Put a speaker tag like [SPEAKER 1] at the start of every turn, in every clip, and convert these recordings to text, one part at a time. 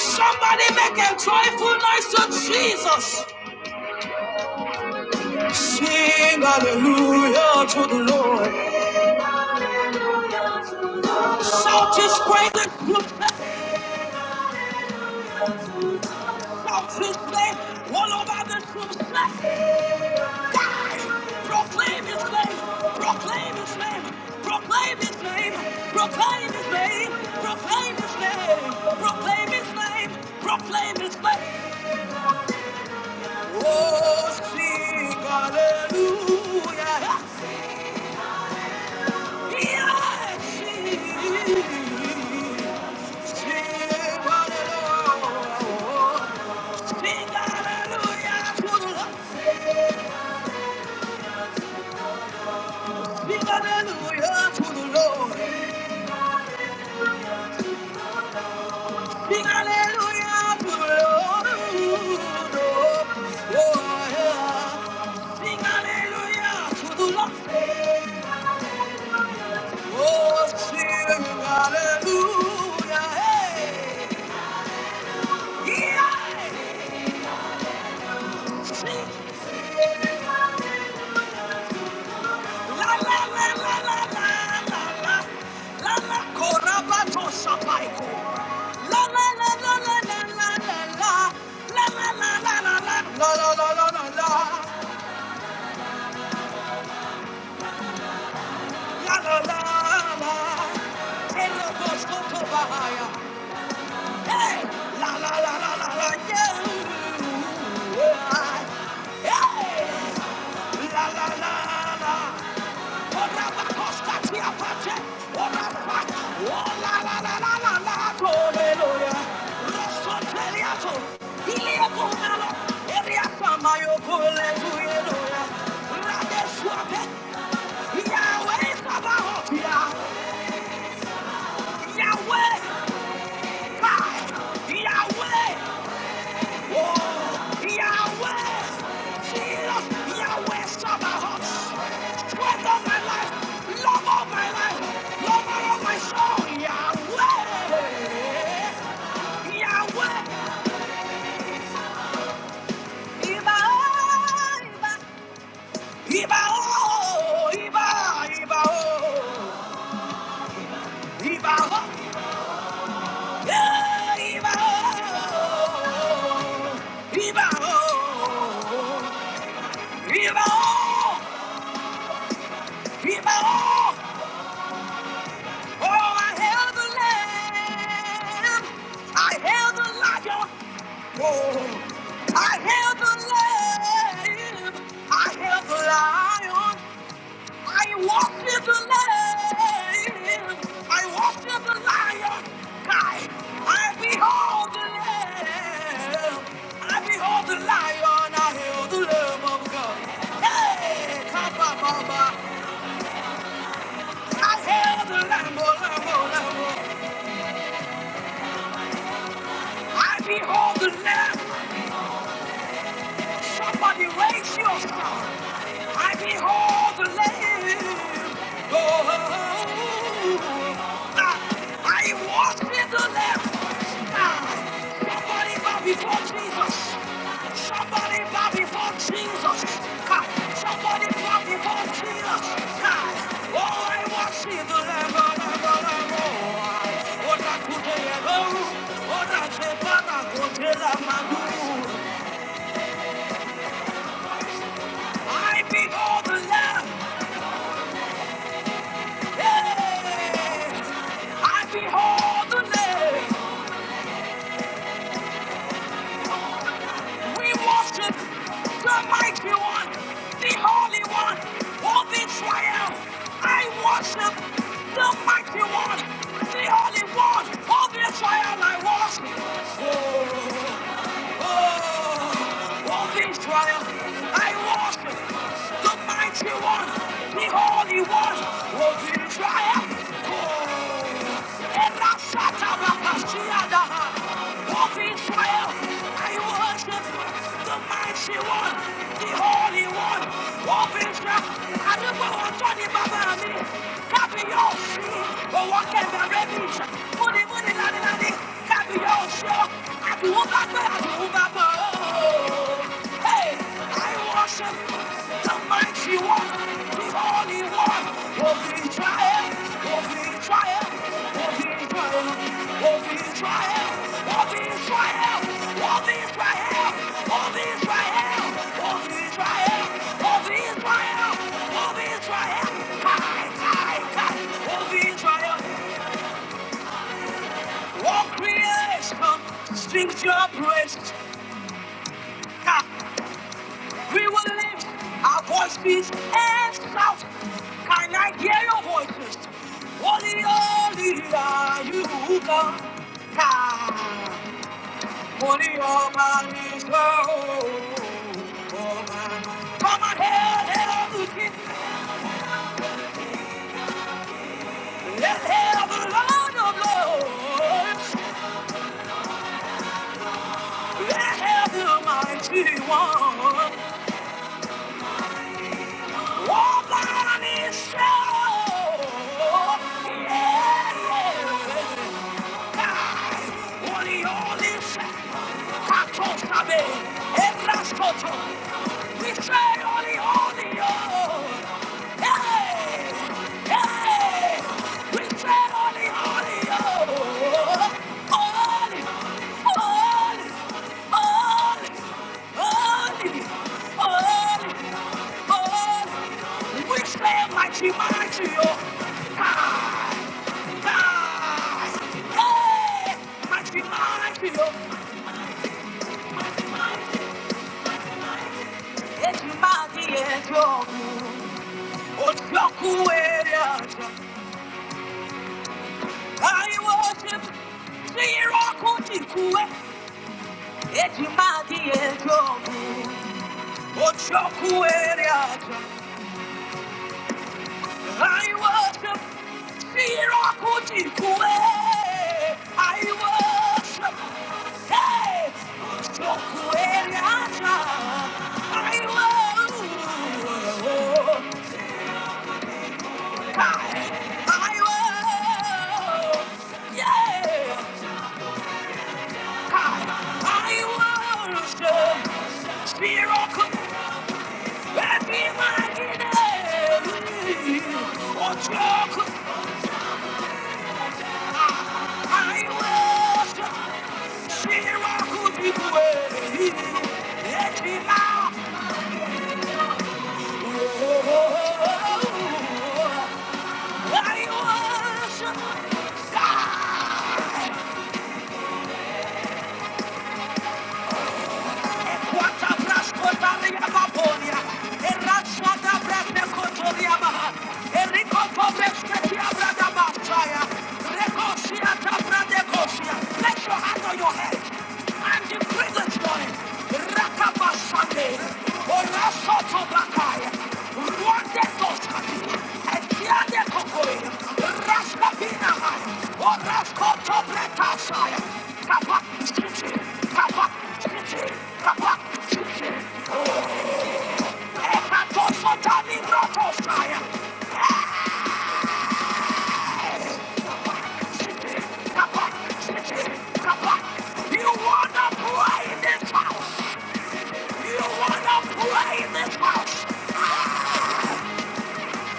[SPEAKER 1] Somebody make a joyful noise to Jesus. Sing hallelujah to the Lord. Shout his praise and confess out his name all over the room. Proclaim his name! Proclaim his name! Proclaim his name! Proclaim his name! Proclaim his name! Proclaim his name! Proclaim his name! Oh, sing hallelujah! Yes, sing, sing hallelujah! Sing hallelujah to the Lord! Sing hallelujah to the Lord! Sing hallelujah to the Lord. Oh, yeah. Sing hallelujah to the Lord. Oh, sing hallelujah. Hey. Yeah. Sing. La, la, la, la, la, la, la, la. La, la, korabato shapaiko. La, la, la, la, la, la, la, la, la. La, la, la, la, la, la, la, la, la, la, la. Yahweh Sabaoth, Yah. Yahweh! Ah! Yahweh! Oh! Yahweh! Jesus! Yahweh, stop my heart! Strength my life! Love of my life! Lover of my soul! Yahweh! Yahweh! Iba! Iba! Iba! Oh! Iba! Iba! Oh! Iba! Oh! Yeah! Oh! Iba! Oh! Give all, give all. Oh, I hail the lamb. I hail the lion. Oh, I hail the lamb. I hail the lion. I worship the lamb. I worship the lion. I, I behold the lamb. I behold the lion. I hail the lamb of God. Hey, Papa, Mama. I held the Lamb, oh, Lamb, oh, Lamb. I behold the Lamb. Somebody raise your song. I behold the Lamb. Oh, I, I worship the Lamb. Ah, Somebody bow before Jesus. Somebody bow before Jesus. Ah, Somebody bow before Jesus. Ah, Oh, I worship the Lamb. ah, Lamb, ah, Lamb, oh, ah. Oh, that could be a Oh, that could be a I behold the Lamb. Yeah. I behold the Lamb. We worship the mighty one, the holy one of Israel. I worship the mighty one, the holy one of Israel. I worship. Oh, walk Israel, I worship the mighty one, the holy one, walk Israel. Oh, and I shut up, I can see Adaha. Walk in triumph. I worship the mighty one, the holy one, walk Israel. I do want to be on the Baba, Owó kẹ̀kẹ́ bẹ́bí. Múnimúni ládíládí. Kábíyọ̀sọ. Àbíwú bá gbé àbíwú bá bọ̀. Hey, I worship the mighty one, the holy one of Israel, of Israel, of Israel, of Israel, of Israel, of Israel, of Israel, of Israel, of Israel, of Israel. Sing your praises. We will lift our voices and shout. Can I hear your voices? Holy, holy are you, God. Ha! Holy, oh man, is the oh man. Come on, hail, hail of the King. Let's hail of the Lord of Lords. Let the mighty one walk on his show. Yeah, yeah. Holy, holy, Kakosabe, Eraskoto. We say holy, holy, oh. Hey, hey. We say holy, holy, oh. Holy, holy, holy, holy, holy, holy. We say mighty, mighty, oh. Ah. I worship the Kutikuwe, Ejimadi Ejogu, Ochoku I worship Shirakutikue. I worship Hey Shokueriata. I worship Kai. I worship Yeah Kai. I worship Shiraku Betty Magine. Oh, Shiraku. I worship Let your hand on your head and decree this morning. You wanna play in this house? You wanna play in this house?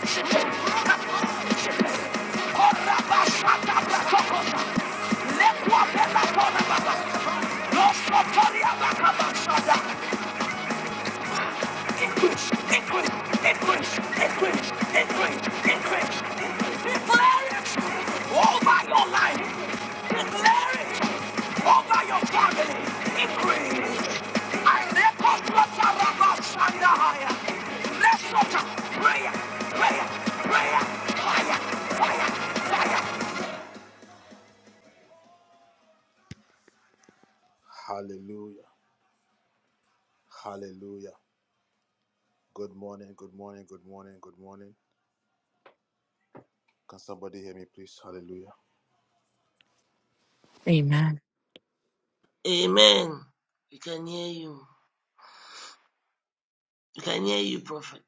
[SPEAKER 1] Shut up! Hallelujah. Hallelujah. Good morning. Good morning. Good morning. Good morning. Can somebody hear me, please? Hallelujah.
[SPEAKER 2] Amen.
[SPEAKER 3] Amen. We can hear you. We can hear you, prophet.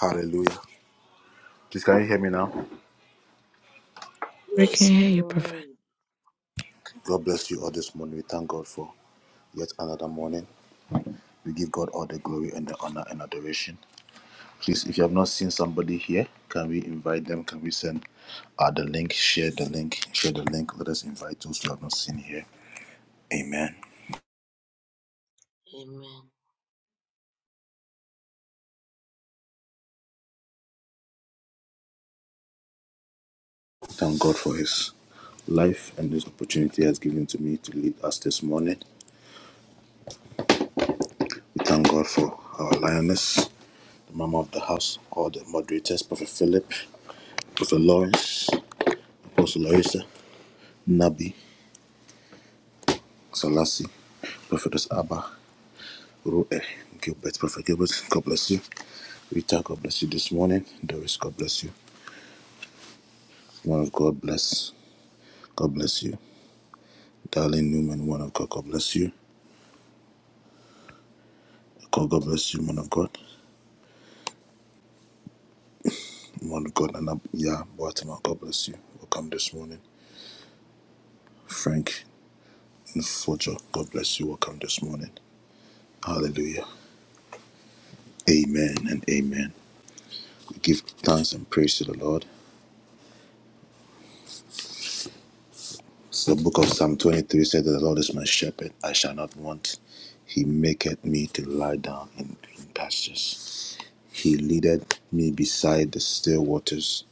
[SPEAKER 1] Hallelujah. Please, can you hear me now?
[SPEAKER 2] We can
[SPEAKER 3] Yes, we
[SPEAKER 2] hear you, Prophet.
[SPEAKER 1] God bless you all this morning. We thank God for yet another morning. We give God all the glory and the honor and adoration. Please, if you have not seen somebody here, can we invite them? Can we send uh, the link? Share the link. Share the link. Let us invite those who have not seen here. Amen.
[SPEAKER 3] can hear
[SPEAKER 1] Thank God for His life and this opportunity He has given to me to lead us this morning. We thank God for our lioness the mama of the house, all the moderators, Prophet Philip, Prophet Lawrence, Apostle Larissa. Nabi, Salasi, Prophetess Abba, Ru'eh, Gilbert, Prophet Gilbert, God bless you. Rita, God bless you this morning. Doris, God bless you. One of God bless, God bless you. Darling Newman, one of God, God bless you. God, God bless you, man of God. One of God, Anab, yeah, Boatima, God bless you. Welcome this morning. Frank Fojo, God bless you. Welcome this morning. Hallelujah. Amen and amen. We give thanks and praise to the Lord. So The book of Psalm 23 said that the Lord is my shepherd, I shall not want. He maketh me to lie down in green pastures. He leadeth me beside the still waters.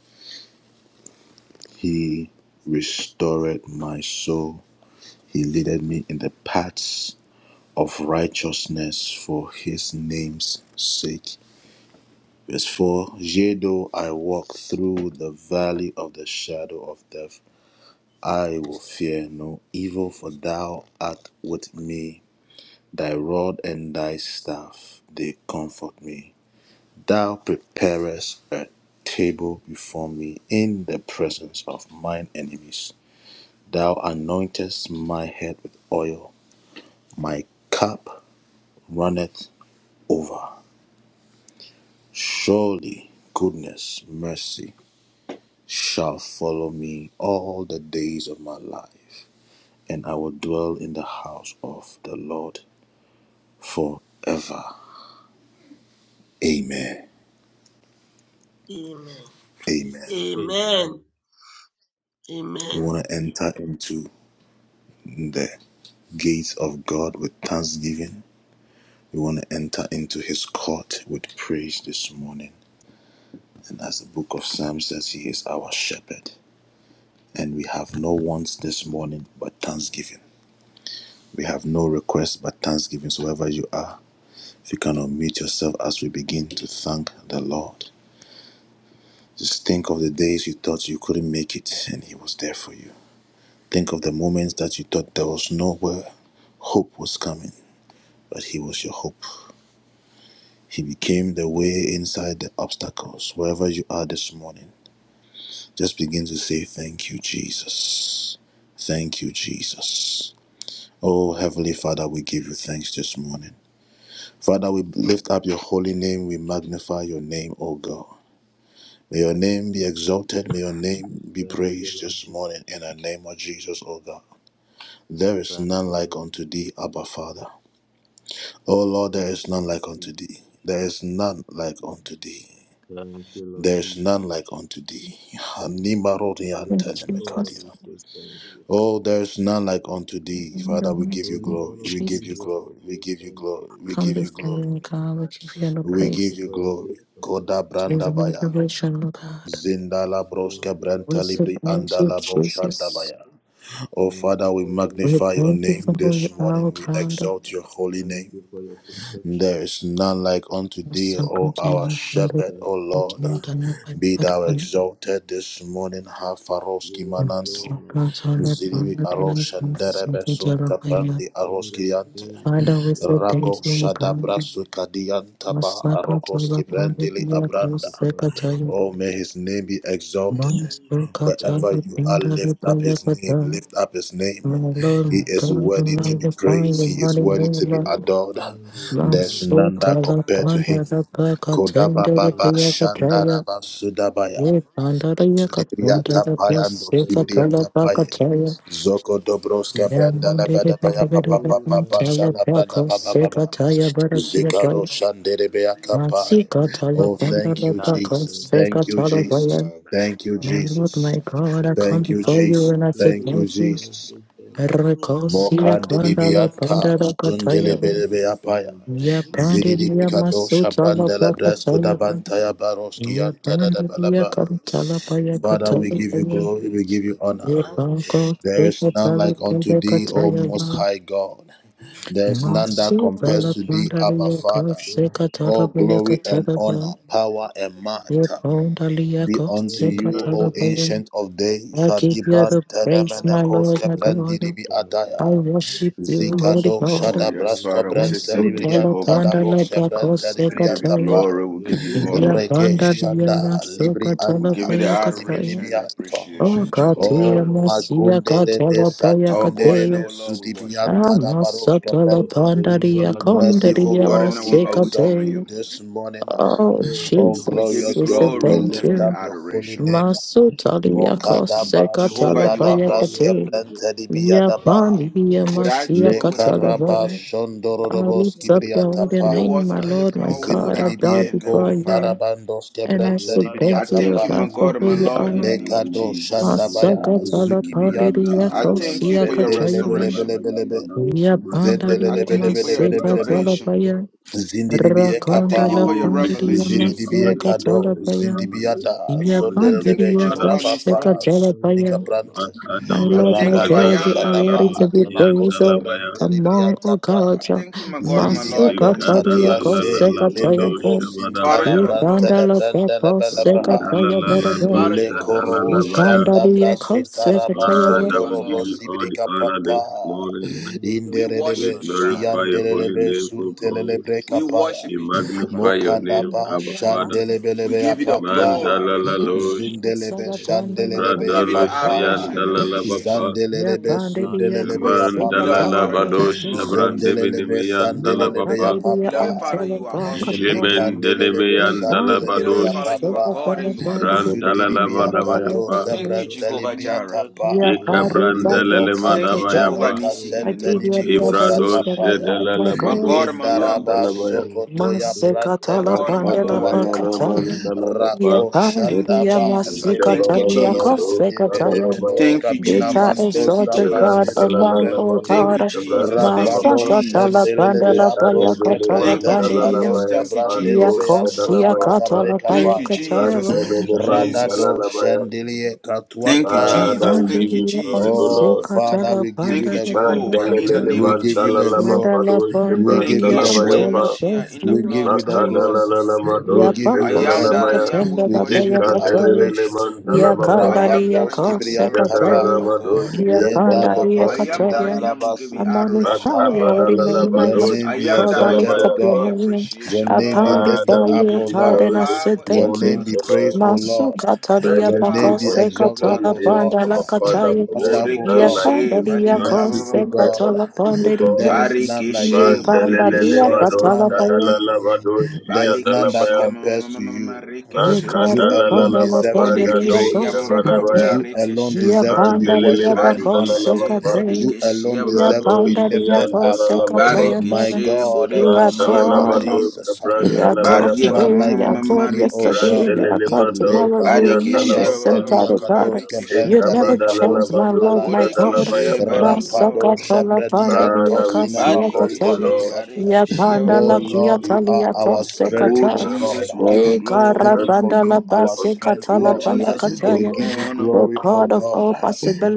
[SPEAKER 1] He restored my soul. He leadeth me in the paths of righteousness for his name's sake. Verse 4 Yea, though I walk through the valley of the shadow of death, I will fear no evil, for thou art with me Thy rod and thy staff, they comfort me. Thou preparest a table before me in the presence of mine enemies. Thou anointest my head with oil, my cup runneth over. Surely goodness, mercy shall follow me all the days of my life, and I will dwell in the house of the Lord forever. Amen.
[SPEAKER 3] you. Amen.
[SPEAKER 1] Amen.
[SPEAKER 4] Amen.
[SPEAKER 3] Amen.
[SPEAKER 1] We
[SPEAKER 3] Amen.
[SPEAKER 1] want to enter into the gates of God with thanksgiving. We want to enter into his court with praise this morning. And as the book of Psalms says, he is our shepherd. And we have no wants this morning but thanksgiving. We have no requests but thanksgiving. So wherever you are, if you can unmute yourself as we begin to thank the Lord. Just think of the days you thought you couldn't make it and he was there for you. Think of the moments that you thought there was nowhere hope was coming. but He was your hope. He became the way inside the obstacles. Wherever you are this morning, just begin to say, Thank you, Jesus. Thank you, Jesus. Oh, Heavenly Father, we give you thanks this morning. Father, we lift up your holy name. We magnify your name, O God. May your name be exalted. May your name be
[SPEAKER 4] Thank you,
[SPEAKER 1] praised
[SPEAKER 4] Lord
[SPEAKER 1] this morning
[SPEAKER 4] Jesus.
[SPEAKER 1] in the name of Jesus, O God. There is
[SPEAKER 4] Thank
[SPEAKER 1] none
[SPEAKER 4] you,
[SPEAKER 1] like
[SPEAKER 4] Lord
[SPEAKER 1] unto thee,
[SPEAKER 4] Jesus.
[SPEAKER 1] Abba Father. O Lord, there
[SPEAKER 4] Thank
[SPEAKER 1] is
[SPEAKER 4] you,
[SPEAKER 1] none
[SPEAKER 4] Lord
[SPEAKER 1] like unto
[SPEAKER 4] Jesus.
[SPEAKER 1] thee. There is none like unto thee.
[SPEAKER 4] Thank you, Lord
[SPEAKER 1] There is none
[SPEAKER 4] Jesus.
[SPEAKER 1] like unto thee. Hanimarodi
[SPEAKER 4] Great
[SPEAKER 2] In
[SPEAKER 4] God,
[SPEAKER 1] antenemekadia.
[SPEAKER 2] Jesus,
[SPEAKER 4] we say thank you.
[SPEAKER 1] Oh, there is none like unto thee.
[SPEAKER 2] in the
[SPEAKER 1] Father, we give
[SPEAKER 2] mighty
[SPEAKER 1] you
[SPEAKER 4] Holy
[SPEAKER 2] name of
[SPEAKER 1] glory.
[SPEAKER 4] One of
[SPEAKER 1] We give you
[SPEAKER 2] Jesus,
[SPEAKER 4] Israel,
[SPEAKER 1] glory.
[SPEAKER 4] we
[SPEAKER 1] We
[SPEAKER 4] say
[SPEAKER 1] give you
[SPEAKER 4] thank you.
[SPEAKER 1] glory. We
[SPEAKER 2] come
[SPEAKER 1] give you
[SPEAKER 2] before
[SPEAKER 1] glory.
[SPEAKER 2] you, O God. We give you the
[SPEAKER 1] We
[SPEAKER 4] Thank
[SPEAKER 1] give
[SPEAKER 2] praise.
[SPEAKER 4] you
[SPEAKER 1] you
[SPEAKER 4] for the
[SPEAKER 1] glory.
[SPEAKER 4] gift of
[SPEAKER 1] Koda
[SPEAKER 4] life.
[SPEAKER 2] We give
[SPEAKER 1] branda
[SPEAKER 2] you
[SPEAKER 1] baya.
[SPEAKER 2] the vision, O God.
[SPEAKER 1] Zindala
[SPEAKER 4] Thank
[SPEAKER 1] broska
[SPEAKER 4] you for
[SPEAKER 1] branta
[SPEAKER 2] We say
[SPEAKER 1] libri
[SPEAKER 4] strength.
[SPEAKER 2] thank you,
[SPEAKER 1] andala boshanda
[SPEAKER 2] Jesus.
[SPEAKER 1] baya. Oh,
[SPEAKER 4] Thank
[SPEAKER 1] Father,
[SPEAKER 4] you
[SPEAKER 1] we
[SPEAKER 4] for your
[SPEAKER 2] We
[SPEAKER 4] love.
[SPEAKER 1] magnify your
[SPEAKER 2] thank you for
[SPEAKER 1] name
[SPEAKER 2] who you
[SPEAKER 1] this
[SPEAKER 2] are, O
[SPEAKER 1] morning. We
[SPEAKER 2] God.
[SPEAKER 1] exalt your holy
[SPEAKER 4] Thank
[SPEAKER 1] name.
[SPEAKER 4] you for your protection.
[SPEAKER 1] There is none like unto
[SPEAKER 2] We
[SPEAKER 1] thee,
[SPEAKER 2] so
[SPEAKER 1] O our
[SPEAKER 2] continue to
[SPEAKER 1] shepherd, O
[SPEAKER 4] Thank you,
[SPEAKER 1] Lord.
[SPEAKER 2] be
[SPEAKER 4] great
[SPEAKER 2] done your
[SPEAKER 4] God.
[SPEAKER 2] way,
[SPEAKER 1] Be
[SPEAKER 2] but
[SPEAKER 1] thou
[SPEAKER 2] um,
[SPEAKER 1] exalted this morning,
[SPEAKER 4] You
[SPEAKER 1] Hafaroski
[SPEAKER 2] we
[SPEAKER 1] Mananto.
[SPEAKER 2] so
[SPEAKER 4] alone are
[SPEAKER 2] continue
[SPEAKER 1] Zilibi
[SPEAKER 2] to
[SPEAKER 1] Aroshanderebe
[SPEAKER 2] be done
[SPEAKER 1] Sunta
[SPEAKER 2] by you.
[SPEAKER 1] Prandi
[SPEAKER 4] King of
[SPEAKER 1] Aroskiante.
[SPEAKER 4] Kings,
[SPEAKER 2] Father,
[SPEAKER 4] the
[SPEAKER 2] we say
[SPEAKER 4] bless
[SPEAKER 2] thank
[SPEAKER 1] Rago
[SPEAKER 2] you, O
[SPEAKER 4] holy
[SPEAKER 2] God.
[SPEAKER 1] Shadabrasu
[SPEAKER 2] We
[SPEAKER 1] Kadiantaba
[SPEAKER 2] so continue to
[SPEAKER 1] Arokoski Brandili
[SPEAKER 2] be
[SPEAKER 4] name. Thank
[SPEAKER 1] Abranda.
[SPEAKER 4] you,
[SPEAKER 2] done by
[SPEAKER 4] Father.
[SPEAKER 2] you.
[SPEAKER 1] Oh, may his name be exalted.
[SPEAKER 2] Mansota
[SPEAKER 1] Wherever
[SPEAKER 4] Thank
[SPEAKER 1] you
[SPEAKER 4] you,
[SPEAKER 1] are,
[SPEAKER 4] Father.
[SPEAKER 1] lift up his name. Lift up his name.
[SPEAKER 2] my
[SPEAKER 1] He
[SPEAKER 2] Lord,
[SPEAKER 1] is
[SPEAKER 4] You are
[SPEAKER 1] worthy to be
[SPEAKER 4] good.
[SPEAKER 1] praised. He is worthy to be
[SPEAKER 4] You
[SPEAKER 1] adored.
[SPEAKER 4] are kind, you are
[SPEAKER 1] There's
[SPEAKER 4] loving.
[SPEAKER 1] none that compared to him. Kodababa
[SPEAKER 4] Thank you, Father.
[SPEAKER 1] Shandaraba Sudabaya. Zudibriata payando
[SPEAKER 4] Thank
[SPEAKER 1] sibriata
[SPEAKER 4] you,
[SPEAKER 1] paye.
[SPEAKER 4] Father.
[SPEAKER 1] Zoko dobroska branda la bada paya papa papa papa
[SPEAKER 4] Adonai, I say
[SPEAKER 1] shada brada
[SPEAKER 4] thank
[SPEAKER 1] baba baba. Zigaro shandere beaka paye. Oh,
[SPEAKER 4] you. El
[SPEAKER 1] thank you,
[SPEAKER 4] Shaddai, there
[SPEAKER 1] Jesus.
[SPEAKER 4] is
[SPEAKER 1] Thank
[SPEAKER 4] none
[SPEAKER 1] you,
[SPEAKER 3] Amen.
[SPEAKER 4] like you.
[SPEAKER 1] Jesus.
[SPEAKER 5] Kela
[SPEAKER 1] Thank you, Jesus.
[SPEAKER 2] my God, I come
[SPEAKER 3] wafuriko
[SPEAKER 1] Thank you,
[SPEAKER 2] before you
[SPEAKER 4] Mighty
[SPEAKER 1] Jesus.
[SPEAKER 3] kwenye
[SPEAKER 2] and I said,
[SPEAKER 1] Thank you,
[SPEAKER 2] Thank you.
[SPEAKER 4] Creator, I
[SPEAKER 1] Jesus.
[SPEAKER 4] say thank
[SPEAKER 3] maeneo yamo
[SPEAKER 2] Rekosia
[SPEAKER 1] Moka
[SPEAKER 2] kanda la
[SPEAKER 1] delibiata
[SPEAKER 2] panda la
[SPEAKER 1] zundele
[SPEAKER 2] kataya ve.
[SPEAKER 1] belebea
[SPEAKER 4] you.
[SPEAKER 1] paya.
[SPEAKER 4] Thank you,
[SPEAKER 2] Ya
[SPEAKER 3] wengi
[SPEAKER 2] pande ya
[SPEAKER 4] Creator.
[SPEAKER 1] Zididibikado
[SPEAKER 2] masuta la
[SPEAKER 1] shabranda la brasku
[SPEAKER 2] pakataya ve.
[SPEAKER 1] davantaya
[SPEAKER 3] wakimbia
[SPEAKER 1] baroski
[SPEAKER 2] Ya
[SPEAKER 1] yanta da da
[SPEAKER 2] pande ya
[SPEAKER 1] balaba.
[SPEAKER 2] kanta la paya
[SPEAKER 1] Father, we
[SPEAKER 2] kataya
[SPEAKER 1] give you
[SPEAKER 4] Antonino
[SPEAKER 2] ve.
[SPEAKER 1] glory, we give you
[SPEAKER 4] Shala
[SPEAKER 1] honor.
[SPEAKER 2] Ya panko
[SPEAKER 4] Abradadesh.
[SPEAKER 1] There
[SPEAKER 2] te
[SPEAKER 1] is none
[SPEAKER 2] katala
[SPEAKER 1] like unto
[SPEAKER 2] pande
[SPEAKER 1] thee, O
[SPEAKER 2] kataya
[SPEAKER 1] Most
[SPEAKER 2] ve.
[SPEAKER 1] High God. There is
[SPEAKER 5] Vadigra
[SPEAKER 1] none that
[SPEAKER 4] The
[SPEAKER 2] Masuta
[SPEAKER 1] compares
[SPEAKER 2] la
[SPEAKER 1] to thee,
[SPEAKER 4] oceans
[SPEAKER 2] panda la
[SPEAKER 1] Abba
[SPEAKER 2] ya
[SPEAKER 4] roar your
[SPEAKER 1] Father.
[SPEAKER 2] kose
[SPEAKER 4] praise.
[SPEAKER 2] katala
[SPEAKER 1] All
[SPEAKER 2] paya
[SPEAKER 1] glory and
[SPEAKER 2] kataya ve.
[SPEAKER 1] honor, power and might.
[SPEAKER 2] Ya panda la ya
[SPEAKER 1] Be unto
[SPEAKER 4] Heaven
[SPEAKER 2] kose
[SPEAKER 4] and
[SPEAKER 1] you,
[SPEAKER 4] earth
[SPEAKER 1] O
[SPEAKER 2] katala
[SPEAKER 4] adore
[SPEAKER 2] paya.
[SPEAKER 1] Ancient
[SPEAKER 4] you.
[SPEAKER 1] of Days,
[SPEAKER 2] I give you
[SPEAKER 1] Hadibran
[SPEAKER 2] the praise, my
[SPEAKER 1] Tenemenekos
[SPEAKER 2] Lord, my
[SPEAKER 4] Thank you,
[SPEAKER 2] God.
[SPEAKER 1] Keprendiribi
[SPEAKER 4] Father.
[SPEAKER 2] I
[SPEAKER 1] Adaya,
[SPEAKER 2] worship you, Holy
[SPEAKER 1] Zikado
[SPEAKER 2] God.
[SPEAKER 6] Oh, yes,
[SPEAKER 4] Thank
[SPEAKER 1] Shadabrasko
[SPEAKER 6] Father, we say
[SPEAKER 4] you, O
[SPEAKER 6] thank you,
[SPEAKER 4] God.
[SPEAKER 1] Brentelibrian
[SPEAKER 2] Masutala
[SPEAKER 6] Jehovah.
[SPEAKER 2] banda
[SPEAKER 1] Tadabo
[SPEAKER 2] la bako
[SPEAKER 6] We give you
[SPEAKER 1] Shebrentelibriata
[SPEAKER 2] sekataya.
[SPEAKER 1] Pai,
[SPEAKER 6] glory, we
[SPEAKER 4] Your
[SPEAKER 6] give you
[SPEAKER 2] Via
[SPEAKER 6] honor,
[SPEAKER 4] goodness
[SPEAKER 1] Rege
[SPEAKER 4] has
[SPEAKER 2] banda dia
[SPEAKER 1] Shanda
[SPEAKER 4] overwhelmed us.
[SPEAKER 6] we
[SPEAKER 2] masukatala
[SPEAKER 6] give you
[SPEAKER 1] Librianta
[SPEAKER 6] the
[SPEAKER 2] paya kataya.
[SPEAKER 6] adoration and
[SPEAKER 1] Zuniminimiato,
[SPEAKER 2] O
[SPEAKER 6] appreciation,
[SPEAKER 4] Your
[SPEAKER 6] Jehovah.
[SPEAKER 1] O
[SPEAKER 2] katia
[SPEAKER 4] love has
[SPEAKER 2] masia
[SPEAKER 4] strengthened us
[SPEAKER 1] Makunderebe
[SPEAKER 4] up.
[SPEAKER 2] katala paya
[SPEAKER 6] Our God and
[SPEAKER 2] kataya.
[SPEAKER 1] Satunderebe
[SPEAKER 6] our Lord, we worship you.
[SPEAKER 1] Sudibianta Dabaros
[SPEAKER 2] Amasatala
[SPEAKER 4] Your
[SPEAKER 3] Thank
[SPEAKER 1] Keprente.
[SPEAKER 2] banda
[SPEAKER 4] favor
[SPEAKER 2] dia
[SPEAKER 4] has
[SPEAKER 6] Our
[SPEAKER 4] exposed
[SPEAKER 1] Merciful
[SPEAKER 2] kondaria
[SPEAKER 4] us.
[SPEAKER 6] God and
[SPEAKER 1] God,
[SPEAKER 6] our
[SPEAKER 1] we
[SPEAKER 6] Lord, we
[SPEAKER 1] exalt
[SPEAKER 6] honor
[SPEAKER 1] you
[SPEAKER 2] masikataya.
[SPEAKER 6] you.
[SPEAKER 1] this morning.
[SPEAKER 2] Oh
[SPEAKER 4] Oh,
[SPEAKER 1] Oh,
[SPEAKER 4] thank
[SPEAKER 6] We give
[SPEAKER 4] you
[SPEAKER 2] Jesus,
[SPEAKER 6] you
[SPEAKER 1] glorious
[SPEAKER 2] we
[SPEAKER 4] for your
[SPEAKER 2] say
[SPEAKER 1] God,
[SPEAKER 6] glory,
[SPEAKER 1] we
[SPEAKER 4] Holy
[SPEAKER 6] we
[SPEAKER 2] thank
[SPEAKER 6] give you
[SPEAKER 1] lift
[SPEAKER 4] Spirit.
[SPEAKER 6] the
[SPEAKER 2] you.
[SPEAKER 1] up your holy
[SPEAKER 6] adoration.
[SPEAKER 1] name.
[SPEAKER 2] Masutalia
[SPEAKER 1] Mokadaba
[SPEAKER 4] Thank
[SPEAKER 6] Jehovah,
[SPEAKER 2] kosekatala
[SPEAKER 6] you
[SPEAKER 1] Sudada
[SPEAKER 6] are
[SPEAKER 4] you
[SPEAKER 2] paya
[SPEAKER 4] for your
[SPEAKER 6] awesome.
[SPEAKER 1] Braske
[SPEAKER 2] kataya.
[SPEAKER 4] angels,
[SPEAKER 1] Plentedi
[SPEAKER 4] oh
[SPEAKER 2] Via
[SPEAKER 4] God.
[SPEAKER 1] Biadabaha
[SPEAKER 2] banda dia
[SPEAKER 6] Without
[SPEAKER 2] masia
[SPEAKER 6] you, where would I
[SPEAKER 2] katala
[SPEAKER 6] be
[SPEAKER 1] Lekaraba
[SPEAKER 2] paya.
[SPEAKER 6] today?
[SPEAKER 2] I
[SPEAKER 4] Thank
[SPEAKER 2] lift
[SPEAKER 1] Shondorodoboski
[SPEAKER 2] up
[SPEAKER 4] you
[SPEAKER 2] your
[SPEAKER 4] for the
[SPEAKER 2] holy
[SPEAKER 6] If
[SPEAKER 4] gift
[SPEAKER 6] it
[SPEAKER 1] Briatapa
[SPEAKER 4] of
[SPEAKER 2] name, my
[SPEAKER 6] wasn't for
[SPEAKER 4] life.
[SPEAKER 6] your
[SPEAKER 2] Lord, my
[SPEAKER 6] power, where would
[SPEAKER 2] God.
[SPEAKER 6] I
[SPEAKER 2] I
[SPEAKER 6] have
[SPEAKER 2] bow
[SPEAKER 6] been,
[SPEAKER 2] before
[SPEAKER 6] Heavenly
[SPEAKER 1] Zindiribieko
[SPEAKER 6] Father?
[SPEAKER 2] you
[SPEAKER 1] Darabandoske
[SPEAKER 2] and I
[SPEAKER 4] You
[SPEAKER 2] say
[SPEAKER 1] Brentedi
[SPEAKER 4] are the
[SPEAKER 6] I
[SPEAKER 2] thank you, O
[SPEAKER 4] air
[SPEAKER 6] thank you,
[SPEAKER 4] that
[SPEAKER 6] my
[SPEAKER 2] God,
[SPEAKER 1] Briatapaya
[SPEAKER 4] we
[SPEAKER 6] God
[SPEAKER 2] for
[SPEAKER 6] and
[SPEAKER 2] who
[SPEAKER 6] my
[SPEAKER 4] breathe.
[SPEAKER 2] you
[SPEAKER 7] Oh, we
[SPEAKER 6] Lord, in the
[SPEAKER 2] are.
[SPEAKER 6] name of
[SPEAKER 1] Lekado
[SPEAKER 6] Jesus.
[SPEAKER 1] Shandabaya
[SPEAKER 2] Masakatala
[SPEAKER 4] Thank you, oh
[SPEAKER 2] pandiria
[SPEAKER 1] Zugibianta
[SPEAKER 4] God.
[SPEAKER 6] I thank you
[SPEAKER 2] kosia
[SPEAKER 6] for your
[SPEAKER 2] katayava.
[SPEAKER 6] restoration.
[SPEAKER 1] Zendelebelebelebelebe
[SPEAKER 2] Ya
[SPEAKER 4] You are
[SPEAKER 6] I
[SPEAKER 4] the
[SPEAKER 2] pandaria
[SPEAKER 6] thank you for
[SPEAKER 4] peace
[SPEAKER 6] your
[SPEAKER 2] masika
[SPEAKER 4] that
[SPEAKER 1] Zendelebelebelebelebe
[SPEAKER 4] we
[SPEAKER 6] intervention.
[SPEAKER 4] enjoy.
[SPEAKER 2] talapaya.
[SPEAKER 1] Zindidibiye
[SPEAKER 6] I
[SPEAKER 2] Rakonda
[SPEAKER 1] kapa,
[SPEAKER 6] thank you
[SPEAKER 2] la
[SPEAKER 6] for your
[SPEAKER 7] give
[SPEAKER 2] pandiria
[SPEAKER 7] you
[SPEAKER 4] Thank
[SPEAKER 6] revelations.
[SPEAKER 7] all
[SPEAKER 1] zindidibiye
[SPEAKER 2] masia
[SPEAKER 7] the
[SPEAKER 4] you, oh
[SPEAKER 1] kado,
[SPEAKER 7] glory
[SPEAKER 4] God.
[SPEAKER 7] and
[SPEAKER 2] katalapaya.
[SPEAKER 7] honor this
[SPEAKER 1] zindibiyada,
[SPEAKER 2] Ya
[SPEAKER 7] morning,
[SPEAKER 6] I
[SPEAKER 7] our
[SPEAKER 6] thank
[SPEAKER 1] zondelelebe,
[SPEAKER 6] you,
[SPEAKER 2] pandiria
[SPEAKER 4] You
[SPEAKER 7] Father.
[SPEAKER 4] are
[SPEAKER 6] Jehovah
[SPEAKER 4] the
[SPEAKER 1] rabapa,
[SPEAKER 6] Nissi.
[SPEAKER 2] kosika
[SPEAKER 4] strength that we
[SPEAKER 1] zindibika
[SPEAKER 2] talapaya.
[SPEAKER 4] move
[SPEAKER 1] brante,
[SPEAKER 4] about
[SPEAKER 2] My
[SPEAKER 4] it.
[SPEAKER 6] I
[SPEAKER 7] Rakadosh,
[SPEAKER 2] Lord, my
[SPEAKER 6] thank you, I
[SPEAKER 1] rabado,
[SPEAKER 2] God, you
[SPEAKER 6] am
[SPEAKER 2] are
[SPEAKER 6] that I
[SPEAKER 1] shadaba,
[SPEAKER 2] worthy
[SPEAKER 6] am.
[SPEAKER 7] Shadalalalaos,
[SPEAKER 2] to be
[SPEAKER 1] adima
[SPEAKER 4] Thank
[SPEAKER 2] praised
[SPEAKER 1] koska
[SPEAKER 2] uh,
[SPEAKER 4] you, oh
[SPEAKER 7] Yandalabaya,
[SPEAKER 1] brante
[SPEAKER 4] God.
[SPEAKER 1] libria
[SPEAKER 2] among all
[SPEAKER 6] I
[SPEAKER 1] tapaya,
[SPEAKER 2] gods. uh,
[SPEAKER 6] thank you, my God and my Lord, in
[SPEAKER 1] zididiado,
[SPEAKER 6] the
[SPEAKER 2] Masuka
[SPEAKER 6] name of
[SPEAKER 2] Tadia
[SPEAKER 4] Mateba
[SPEAKER 6] Jesus.
[SPEAKER 1] shadiante,
[SPEAKER 2] Koseka
[SPEAKER 4] Shashem
[SPEAKER 7] Ikadalalalabadosh,
[SPEAKER 1] lemeko
[SPEAKER 2] Tayaka,
[SPEAKER 6] Father,
[SPEAKER 4] Barabadaba
[SPEAKER 1] sintala
[SPEAKER 6] you
[SPEAKER 7] Shabadabaya,
[SPEAKER 6] are
[SPEAKER 1] brante
[SPEAKER 2] Yikandala
[SPEAKER 6] glorious.
[SPEAKER 1] lebrande
[SPEAKER 2] Peko
[SPEAKER 1] lebele
[SPEAKER 2] Seka
[SPEAKER 1] bahai.
[SPEAKER 2] Taya
[SPEAKER 4] Celebrante
[SPEAKER 2] Barada,
[SPEAKER 6] Father,
[SPEAKER 7] Randalalaladosh,
[SPEAKER 1] Le
[SPEAKER 6] you are awesome.
[SPEAKER 1] korobo
[SPEAKER 4] Beramendinos,
[SPEAKER 7] Shadalalabaya.
[SPEAKER 1] shanda
[SPEAKER 2] Yikandalia
[SPEAKER 1] brasu
[SPEAKER 2] Koseka
[SPEAKER 1] taraba
[SPEAKER 4] Celebrante
[SPEAKER 6] My God,
[SPEAKER 2] Tayaka,
[SPEAKER 7] Father,
[SPEAKER 6] you
[SPEAKER 1] soto
[SPEAKER 6] are
[SPEAKER 7] we
[SPEAKER 4] Beramendinos,
[SPEAKER 7] give
[SPEAKER 1] robo
[SPEAKER 6] Lord.
[SPEAKER 7] you all the
[SPEAKER 1] sibrika
[SPEAKER 7] honor this
[SPEAKER 1] papa.
[SPEAKER 7] morning.
[SPEAKER 6] We
[SPEAKER 4] Ayubadam
[SPEAKER 7] We
[SPEAKER 6] worship
[SPEAKER 1] Inderebe
[SPEAKER 6] you,
[SPEAKER 4] Beraninos,
[SPEAKER 6] Father.
[SPEAKER 7] glorify your holy
[SPEAKER 1] siyanderebe
[SPEAKER 7] name, O
[SPEAKER 4] Sheshketebe,
[SPEAKER 7] God.
[SPEAKER 1] suntelelebre
[SPEAKER 6] We
[SPEAKER 1] kapaya.
[SPEAKER 7] We
[SPEAKER 6] worship you, Jehovah.
[SPEAKER 7] magnify your name,
[SPEAKER 1] Mokadaba
[SPEAKER 7] Abba
[SPEAKER 2] Yikandalia
[SPEAKER 7] Father.
[SPEAKER 6] We
[SPEAKER 1] shandelebelebe ya
[SPEAKER 6] give you the
[SPEAKER 1] papa.
[SPEAKER 6] glory
[SPEAKER 4] Legodo,
[SPEAKER 6] and
[SPEAKER 7] Mandalala
[SPEAKER 6] the honor.
[SPEAKER 7] losh,
[SPEAKER 1] Zundelebe
[SPEAKER 4] Mekun
[SPEAKER 6] We
[SPEAKER 1] shandelelebe ya
[SPEAKER 6] give you the
[SPEAKER 1] papa.
[SPEAKER 4] Meleyetebe,
[SPEAKER 7] bradaloshian
[SPEAKER 6] adoration and
[SPEAKER 7] dalalabapa,
[SPEAKER 6] appreciation.
[SPEAKER 1] Zandelelebe
[SPEAKER 2] Yapandidia
[SPEAKER 1] sundelelebe ya
[SPEAKER 4] Mayegodo,
[SPEAKER 2] Koseka
[SPEAKER 1] papa.
[SPEAKER 6] Beloved
[SPEAKER 7] mandalala
[SPEAKER 2] Tala
[SPEAKER 6] Father,
[SPEAKER 4] Zahinos,
[SPEAKER 2] Paya,
[SPEAKER 6] you are
[SPEAKER 7] badosh,
[SPEAKER 4] Shadebe,
[SPEAKER 6] glorious.
[SPEAKER 1] Zondelelebe
[SPEAKER 7] abrandeminimian
[SPEAKER 1] sandelelebe ya
[SPEAKER 7] dalabapa,
[SPEAKER 2] Yapandidia
[SPEAKER 6] Beloved Father,
[SPEAKER 1] papa.
[SPEAKER 6] you
[SPEAKER 2] Ansela
[SPEAKER 6] are awesome.
[SPEAKER 4] Makibayante
[SPEAKER 7] jemen
[SPEAKER 1] Likandelelebe
[SPEAKER 7] delimian
[SPEAKER 2] Your
[SPEAKER 4] Maniateba,
[SPEAKER 2] God,
[SPEAKER 1] shandelelebe
[SPEAKER 2] we are
[SPEAKER 6] Beloved
[SPEAKER 1] ya
[SPEAKER 7] dalabadosh,
[SPEAKER 2] the
[SPEAKER 6] Father,
[SPEAKER 4] Yabarabadebe.
[SPEAKER 6] you
[SPEAKER 2] same,
[SPEAKER 6] are
[SPEAKER 1] papa.
[SPEAKER 2] the
[SPEAKER 6] God
[SPEAKER 2] one
[SPEAKER 6] and
[SPEAKER 2] that
[SPEAKER 6] you are
[SPEAKER 2] can be
[SPEAKER 6] Lord.
[SPEAKER 2] the best
[SPEAKER 7] brandalala
[SPEAKER 2] and for
[SPEAKER 1] Zundiribia
[SPEAKER 2] the fire
[SPEAKER 1] kato
[SPEAKER 2] of the
[SPEAKER 7] badabayapa,
[SPEAKER 6] Thank
[SPEAKER 4] Prince
[SPEAKER 2] fire.
[SPEAKER 6] you,
[SPEAKER 4] of
[SPEAKER 1] sebrante
[SPEAKER 6] Jehovah
[SPEAKER 1] libria
[SPEAKER 4] Peace,
[SPEAKER 6] Jireh.
[SPEAKER 4] I
[SPEAKER 1] tapa.
[SPEAKER 4] say
[SPEAKER 2] Your
[SPEAKER 7] eka
[SPEAKER 2] God
[SPEAKER 4] thank
[SPEAKER 2] is up
[SPEAKER 1] Lemo
[SPEAKER 2] there,
[SPEAKER 7] brandelele
[SPEAKER 2] set
[SPEAKER 6] Thank
[SPEAKER 1] kadi
[SPEAKER 2] your
[SPEAKER 6] you, Jehovah
[SPEAKER 7] madabayapa,
[SPEAKER 1] areka
[SPEAKER 2] feelings.
[SPEAKER 6] Nisi,
[SPEAKER 4] Oh,
[SPEAKER 6] in
[SPEAKER 2] I
[SPEAKER 6] the name
[SPEAKER 2] give
[SPEAKER 1] senteni
[SPEAKER 4] thank
[SPEAKER 6] of
[SPEAKER 2] you the
[SPEAKER 1] miko
[SPEAKER 4] you,
[SPEAKER 6] Jesus.
[SPEAKER 7] ibrados
[SPEAKER 2] adoration
[SPEAKER 4] Shaddai.
[SPEAKER 2] of my
[SPEAKER 1] satapaya.
[SPEAKER 2] life, my
[SPEAKER 7] delala
[SPEAKER 6] My
[SPEAKER 2] God.
[SPEAKER 6] God and my Lord, I
[SPEAKER 7] badoshian
[SPEAKER 1] Indaraba
[SPEAKER 6] worship you.
[SPEAKER 7] dalabaya,
[SPEAKER 4] Thank
[SPEAKER 1] sokoto
[SPEAKER 4] you,
[SPEAKER 1] ya
[SPEAKER 4] Adonai.
[SPEAKER 1] prante
[SPEAKER 6] My
[SPEAKER 2] Masekatala
[SPEAKER 1] dibi
[SPEAKER 6] God and my Lord, I
[SPEAKER 1] atuata.
[SPEAKER 7] makadalala
[SPEAKER 6] adore you.
[SPEAKER 2] pandela
[SPEAKER 7] mandalabapa,
[SPEAKER 2] Ye
[SPEAKER 1] Rako
[SPEAKER 6] I thank you,
[SPEAKER 2] pandiria
[SPEAKER 1] shandaba
[SPEAKER 4] Thank you,
[SPEAKER 6] Jesus. I thank
[SPEAKER 1] lebreke
[SPEAKER 6] you,
[SPEAKER 4] Jehovah
[SPEAKER 2] masikataria
[SPEAKER 1] dia.
[SPEAKER 4] Nissi.
[SPEAKER 6] Jesus.
[SPEAKER 7] Jabadalalabados,
[SPEAKER 2] kosekataya.
[SPEAKER 7] Babalaba,
[SPEAKER 1] Lemenemenos
[SPEAKER 6] Thank you,
[SPEAKER 1] kabina
[SPEAKER 2] Beta
[SPEAKER 6] Jesus.
[SPEAKER 1] manto
[SPEAKER 6] Thank you,
[SPEAKER 2] exalted God
[SPEAKER 1] zabrandele
[SPEAKER 6] Jesus.
[SPEAKER 4] Great
[SPEAKER 2] among
[SPEAKER 1] aprente.
[SPEAKER 2] all
[SPEAKER 4] God,
[SPEAKER 6] Thank
[SPEAKER 7] Irandalalalabados,
[SPEAKER 4] there
[SPEAKER 2] God.
[SPEAKER 6] you,
[SPEAKER 4] is none
[SPEAKER 6] Jesus.
[SPEAKER 4] like
[SPEAKER 6] Thank
[SPEAKER 4] you.
[SPEAKER 6] you,
[SPEAKER 1] Rapado
[SPEAKER 7] Jabradalabapa,
[SPEAKER 2] Masakatala
[SPEAKER 6] Jesus.
[SPEAKER 1] shendelebe
[SPEAKER 2] pandala paya
[SPEAKER 1] aproske
[SPEAKER 2] katala
[SPEAKER 6] Thank
[SPEAKER 7] Ekadebeleman,
[SPEAKER 4] Thank
[SPEAKER 6] you,
[SPEAKER 1] brentedi
[SPEAKER 4] you, Alpha.
[SPEAKER 6] Jesus.
[SPEAKER 2] pandiria.
[SPEAKER 1] adoska
[SPEAKER 7] Dalalabaya,
[SPEAKER 6] Thank you,
[SPEAKER 3] you.
[SPEAKER 7] Pato,
[SPEAKER 1] brandelebe
[SPEAKER 6] Jesus.
[SPEAKER 1] antona
[SPEAKER 2] Yakosia
[SPEAKER 7] Shadalabaya, Pa,
[SPEAKER 1] makabre
[SPEAKER 4] Thank
[SPEAKER 2] katala
[SPEAKER 4] you,
[SPEAKER 6] Thank
[SPEAKER 2] paya
[SPEAKER 6] you,
[SPEAKER 1] kapaya.
[SPEAKER 4] Omega.
[SPEAKER 6] Jesus.
[SPEAKER 2] kataleva.
[SPEAKER 6] Thank you,
[SPEAKER 7] Randebeleman,
[SPEAKER 6] Jesus.
[SPEAKER 1] Radado
[SPEAKER 7] Dalalabaya.
[SPEAKER 1] shendelie katwa
[SPEAKER 6] Thank you,
[SPEAKER 4] Thank you,
[SPEAKER 1] tayanda.
[SPEAKER 7] Father,
[SPEAKER 6] Jesus.
[SPEAKER 4] our
[SPEAKER 7] we
[SPEAKER 6] Thank
[SPEAKER 7] give
[SPEAKER 6] you,
[SPEAKER 7] you
[SPEAKER 4] God
[SPEAKER 2] Yapandiria
[SPEAKER 4] and
[SPEAKER 7] glory, O
[SPEAKER 4] Lord.
[SPEAKER 6] Jesus.
[SPEAKER 1] Oh,
[SPEAKER 7] Lord.
[SPEAKER 1] Father,
[SPEAKER 2] osikatala
[SPEAKER 1] we give
[SPEAKER 6] Thank
[SPEAKER 1] you
[SPEAKER 6] you,
[SPEAKER 1] the
[SPEAKER 2] pandala
[SPEAKER 1] glory.
[SPEAKER 6] Jehovah, in the
[SPEAKER 4] Thank
[SPEAKER 6] name
[SPEAKER 2] payakatala.
[SPEAKER 1] We
[SPEAKER 4] you,
[SPEAKER 6] of
[SPEAKER 7] Magdaleleman,
[SPEAKER 1] give
[SPEAKER 4] our
[SPEAKER 1] you the
[SPEAKER 6] Jesus.
[SPEAKER 4] Master
[SPEAKER 1] glory.
[SPEAKER 4] and
[SPEAKER 2] Mandala
[SPEAKER 7] Dalalabapado,
[SPEAKER 4] Savior.
[SPEAKER 1] We
[SPEAKER 6] Thank
[SPEAKER 1] give
[SPEAKER 6] you,
[SPEAKER 1] you
[SPEAKER 2] Bomberia
[SPEAKER 1] the
[SPEAKER 6] Yeshua
[SPEAKER 7] Shebrandalabaya,
[SPEAKER 1] glory.
[SPEAKER 2] Antala
[SPEAKER 7] Pa,
[SPEAKER 6] Yamashiach, in the
[SPEAKER 1] We
[SPEAKER 2] Bensi
[SPEAKER 1] give
[SPEAKER 6] blood
[SPEAKER 1] you
[SPEAKER 6] of
[SPEAKER 1] the
[SPEAKER 6] Jesus.
[SPEAKER 1] glory.
[SPEAKER 2] Tayas
[SPEAKER 4] Thank you, our
[SPEAKER 1] We
[SPEAKER 7] Makadalalamados,
[SPEAKER 1] give
[SPEAKER 2] Yapa
[SPEAKER 1] you
[SPEAKER 6] I
[SPEAKER 4] Teacher
[SPEAKER 1] the
[SPEAKER 6] am
[SPEAKER 4] and
[SPEAKER 6] that I
[SPEAKER 1] honor.
[SPEAKER 2] Boseka
[SPEAKER 4] Help.
[SPEAKER 7] Shedalalabaya,
[SPEAKER 6] am, we
[SPEAKER 2] Tenda
[SPEAKER 1] We give you
[SPEAKER 6] worship
[SPEAKER 2] Babaya
[SPEAKER 6] you,
[SPEAKER 1] the
[SPEAKER 6] Lord.
[SPEAKER 1] adoration.
[SPEAKER 2] Katayas
[SPEAKER 7] Ekadeleleman,
[SPEAKER 6] I
[SPEAKER 7] Dalabapa,
[SPEAKER 4] Thank
[SPEAKER 6] am
[SPEAKER 2] Yakandalia
[SPEAKER 6] that
[SPEAKER 4] you,
[SPEAKER 6] I
[SPEAKER 1] Rapandos
[SPEAKER 4] Great
[SPEAKER 6] am, we
[SPEAKER 4] God.
[SPEAKER 2] Koseka
[SPEAKER 1] kibrianta
[SPEAKER 6] glorify you,
[SPEAKER 1] paya.
[SPEAKER 2] Taya
[SPEAKER 6] our
[SPEAKER 7] Jadalalabados,
[SPEAKER 6] God.
[SPEAKER 2] Yakandalia
[SPEAKER 1] Yendaraba
[SPEAKER 7] Yandalabapa,
[SPEAKER 6] I am that I
[SPEAKER 4] Kaleros,
[SPEAKER 2] Kataya
[SPEAKER 6] am, we
[SPEAKER 1] sundaraba
[SPEAKER 6] give you
[SPEAKER 1] sundiri
[SPEAKER 6] adoration,
[SPEAKER 2] Amanify your
[SPEAKER 4] Sharaneros,
[SPEAKER 1] ata.
[SPEAKER 6] Lord.
[SPEAKER 2] holy name, my
[SPEAKER 1] Your
[SPEAKER 4] Shepherdadash.
[SPEAKER 2] Lord,
[SPEAKER 1] name
[SPEAKER 6] I
[SPEAKER 2] my
[SPEAKER 1] be
[SPEAKER 7] Makabadalalabadosia
[SPEAKER 6] am
[SPEAKER 2] God,
[SPEAKER 6] that
[SPEAKER 2] I
[SPEAKER 6] I
[SPEAKER 1] exalted,
[SPEAKER 2] lift
[SPEAKER 6] am,
[SPEAKER 1] O
[SPEAKER 6] we
[SPEAKER 2] up
[SPEAKER 6] give
[SPEAKER 2] your
[SPEAKER 1] God.
[SPEAKER 6] you
[SPEAKER 7] dalabayapa.
[SPEAKER 2] name.
[SPEAKER 1] Your
[SPEAKER 6] appreciation,
[SPEAKER 1] name be
[SPEAKER 6] Lord.
[SPEAKER 2] Upon
[SPEAKER 1] lifted
[SPEAKER 7] Father,
[SPEAKER 2] before
[SPEAKER 7] we
[SPEAKER 2] you,
[SPEAKER 1] up,
[SPEAKER 2] O
[SPEAKER 7] give
[SPEAKER 1] O
[SPEAKER 7] you
[SPEAKER 6] By the
[SPEAKER 2] God,
[SPEAKER 1] Lord.
[SPEAKER 2] and
[SPEAKER 7] glory
[SPEAKER 2] I
[SPEAKER 7] this
[SPEAKER 2] say
[SPEAKER 6] power in
[SPEAKER 1] Your
[SPEAKER 6] the
[SPEAKER 2] thank
[SPEAKER 7] morning,
[SPEAKER 1] name
[SPEAKER 2] you.
[SPEAKER 6] blood
[SPEAKER 1] be
[SPEAKER 7] O
[SPEAKER 6] of
[SPEAKER 7] Lord.
[SPEAKER 1] praised, O
[SPEAKER 4] Ekomaninonojadigatojadebragadash.
[SPEAKER 6] Jesus.
[SPEAKER 2] Masu
[SPEAKER 1] Lord.
[SPEAKER 6] By the
[SPEAKER 2] Katalia
[SPEAKER 1] Your
[SPEAKER 7] Blessed be
[SPEAKER 1] name be
[SPEAKER 6] power
[SPEAKER 7] unto
[SPEAKER 6] in the
[SPEAKER 7] your
[SPEAKER 2] Bakoseka
[SPEAKER 1] exalted,
[SPEAKER 6] blood
[SPEAKER 7] holy
[SPEAKER 2] Tala
[SPEAKER 1] O
[SPEAKER 6] of
[SPEAKER 7] name,
[SPEAKER 1] Lord.
[SPEAKER 7] our
[SPEAKER 6] Jesus.
[SPEAKER 7] Father,
[SPEAKER 2] Bandala
[SPEAKER 7] for there is
[SPEAKER 1] Wonderful
[SPEAKER 7] none
[SPEAKER 1] God,
[SPEAKER 7] like
[SPEAKER 6] Borekeshe,
[SPEAKER 4] Ayikobayeshesh,
[SPEAKER 7] you,
[SPEAKER 2] Yakandalia
[SPEAKER 7] none
[SPEAKER 6] barika, ba- ba-
[SPEAKER 7] to
[SPEAKER 6] ba-
[SPEAKER 2] kose
[SPEAKER 1] merciful
[SPEAKER 4] Ebrenta,
[SPEAKER 6] ba- ba- ba-
[SPEAKER 7] compare
[SPEAKER 6] ba.
[SPEAKER 1] God.
[SPEAKER 7] unto
[SPEAKER 2] katala
[SPEAKER 7] you, O
[SPEAKER 4] Bragadabosh.
[SPEAKER 7] God.
[SPEAKER 1] There
[SPEAKER 2] pandelian.
[SPEAKER 1] is none like
[SPEAKER 2] Ye
[SPEAKER 6] Barekeshe,
[SPEAKER 1] ye.
[SPEAKER 2] pandalia
[SPEAKER 6] borekeshe,
[SPEAKER 1] There
[SPEAKER 6] ba- ba-
[SPEAKER 1] is
[SPEAKER 6] ba- ba- ba-
[SPEAKER 1] none
[SPEAKER 7] Mandelelelebadosia
[SPEAKER 1] like
[SPEAKER 2] katala
[SPEAKER 1] thee. There
[SPEAKER 7] dalalabadosia
[SPEAKER 1] is none that
[SPEAKER 7] dalabaya.
[SPEAKER 6] Badekeshe, ma-
[SPEAKER 4] Akabadembedabadebadabadaba.
[SPEAKER 1] compares
[SPEAKER 6] ma- ma-
[SPEAKER 1] to you. You alone
[SPEAKER 2] Ikarabandala
[SPEAKER 1] deserve
[SPEAKER 7] Makadalalabapa
[SPEAKER 1] to be
[SPEAKER 2] bandalia
[SPEAKER 4] Father
[SPEAKER 7] yadosia
[SPEAKER 1] praised.
[SPEAKER 7] badabaya.
[SPEAKER 2] kosekate.
[SPEAKER 1] You alone
[SPEAKER 2] Ia
[SPEAKER 1] deserve to be
[SPEAKER 7] Mandelele
[SPEAKER 2] pandalia
[SPEAKER 1] worshipped and honored.
[SPEAKER 6] Barikishe,
[SPEAKER 7] mandalalabapa.
[SPEAKER 3] Thank
[SPEAKER 2] bakosekate.
[SPEAKER 1] You alone
[SPEAKER 6] bodikishia, ba- ba- ba-
[SPEAKER 2] Ia
[SPEAKER 6] ba-
[SPEAKER 1] deserve
[SPEAKER 6] ba-
[SPEAKER 1] to be
[SPEAKER 6] ba.
[SPEAKER 2] pandalia
[SPEAKER 1] lifted
[SPEAKER 7] Radosia
[SPEAKER 1] up.
[SPEAKER 7] dalalabapa.
[SPEAKER 2] kosekate. ya
[SPEAKER 1] My
[SPEAKER 2] ben.
[SPEAKER 6] barikishe,
[SPEAKER 1] God and
[SPEAKER 2] You
[SPEAKER 1] my
[SPEAKER 2] are
[SPEAKER 6] bodikishia,
[SPEAKER 1] Master
[SPEAKER 2] called. um,
[SPEAKER 7] Randalalabados,
[SPEAKER 1] Jesus,
[SPEAKER 2] You are
[SPEAKER 1] there
[SPEAKER 2] called
[SPEAKER 1] is
[SPEAKER 6] baria
[SPEAKER 7] Cabrandalabayapa,
[SPEAKER 2] today.
[SPEAKER 6] kama
[SPEAKER 1] none like
[SPEAKER 2] You
[SPEAKER 6] mama
[SPEAKER 2] are
[SPEAKER 1] unto
[SPEAKER 6] mama
[SPEAKER 2] called
[SPEAKER 1] thee, O
[SPEAKER 2] yesterday.
[SPEAKER 1] God.
[SPEAKER 2] You are called
[SPEAKER 7] Randelelemando,
[SPEAKER 2] tomorrow. You remain the same
[SPEAKER 7] Siandalabapa,
[SPEAKER 2] child
[SPEAKER 1] Lekarosiantelia
[SPEAKER 2] of God.
[SPEAKER 1] kados
[SPEAKER 2] You
[SPEAKER 6] barikishe,
[SPEAKER 1] kebrentali
[SPEAKER 2] never change, my
[SPEAKER 1] mahosavina
[SPEAKER 7] Ekabadalalabados,
[SPEAKER 2] Lord, my
[SPEAKER 1] lanta.
[SPEAKER 2] God.
[SPEAKER 6] bodikishe,
[SPEAKER 7] Sadalabayapa.
[SPEAKER 6] barika, ba-
[SPEAKER 1] Rapado
[SPEAKER 2] Masakatala
[SPEAKER 4] of lights,
[SPEAKER 2] bandalia
[SPEAKER 7] Father,
[SPEAKER 1] shebrediantos
[SPEAKER 7] we give you glory, O
[SPEAKER 4] oh,
[SPEAKER 2] kosekate.
[SPEAKER 4] my
[SPEAKER 7] Lord.
[SPEAKER 4] shot,
[SPEAKER 2] Ia
[SPEAKER 6] barikishia,
[SPEAKER 7] We
[SPEAKER 1] Oh
[SPEAKER 2] pandala
[SPEAKER 7] worship
[SPEAKER 1] Lord,
[SPEAKER 7] you,
[SPEAKER 1] you are
[SPEAKER 2] kiatalia
[SPEAKER 1] our
[SPEAKER 7] for there is
[SPEAKER 1] strength,
[SPEAKER 6] Oh
[SPEAKER 2] kosekate.
[SPEAKER 1] oh
[SPEAKER 7] none
[SPEAKER 1] Lord.
[SPEAKER 6] Jesus,
[SPEAKER 7] like
[SPEAKER 6] we give you
[SPEAKER 7] you,
[SPEAKER 2] Eh,
[SPEAKER 1] We thank
[SPEAKER 7] none
[SPEAKER 1] you
[SPEAKER 6] glory.
[SPEAKER 7] to
[SPEAKER 1] for
[SPEAKER 7] be
[SPEAKER 2] karabanda la
[SPEAKER 1] being
[SPEAKER 7] compared
[SPEAKER 1] our
[SPEAKER 2] base
[SPEAKER 7] unto your
[SPEAKER 1] strength,
[SPEAKER 2] katala
[SPEAKER 6] Oh
[SPEAKER 1] Lord.
[SPEAKER 4] Holy
[SPEAKER 2] paya
[SPEAKER 7] supremacy,
[SPEAKER 4] One
[SPEAKER 6] Jesus, we
[SPEAKER 4] of
[SPEAKER 7] O
[SPEAKER 6] give
[SPEAKER 1] We
[SPEAKER 6] you
[SPEAKER 2] kataya,
[SPEAKER 1] give
[SPEAKER 4] Israel,
[SPEAKER 7] God.
[SPEAKER 1] you
[SPEAKER 6] honor.
[SPEAKER 2] The
[SPEAKER 1] glory, oh
[SPEAKER 2] God of
[SPEAKER 1] God.
[SPEAKER 2] all
[SPEAKER 4] Varanirosh,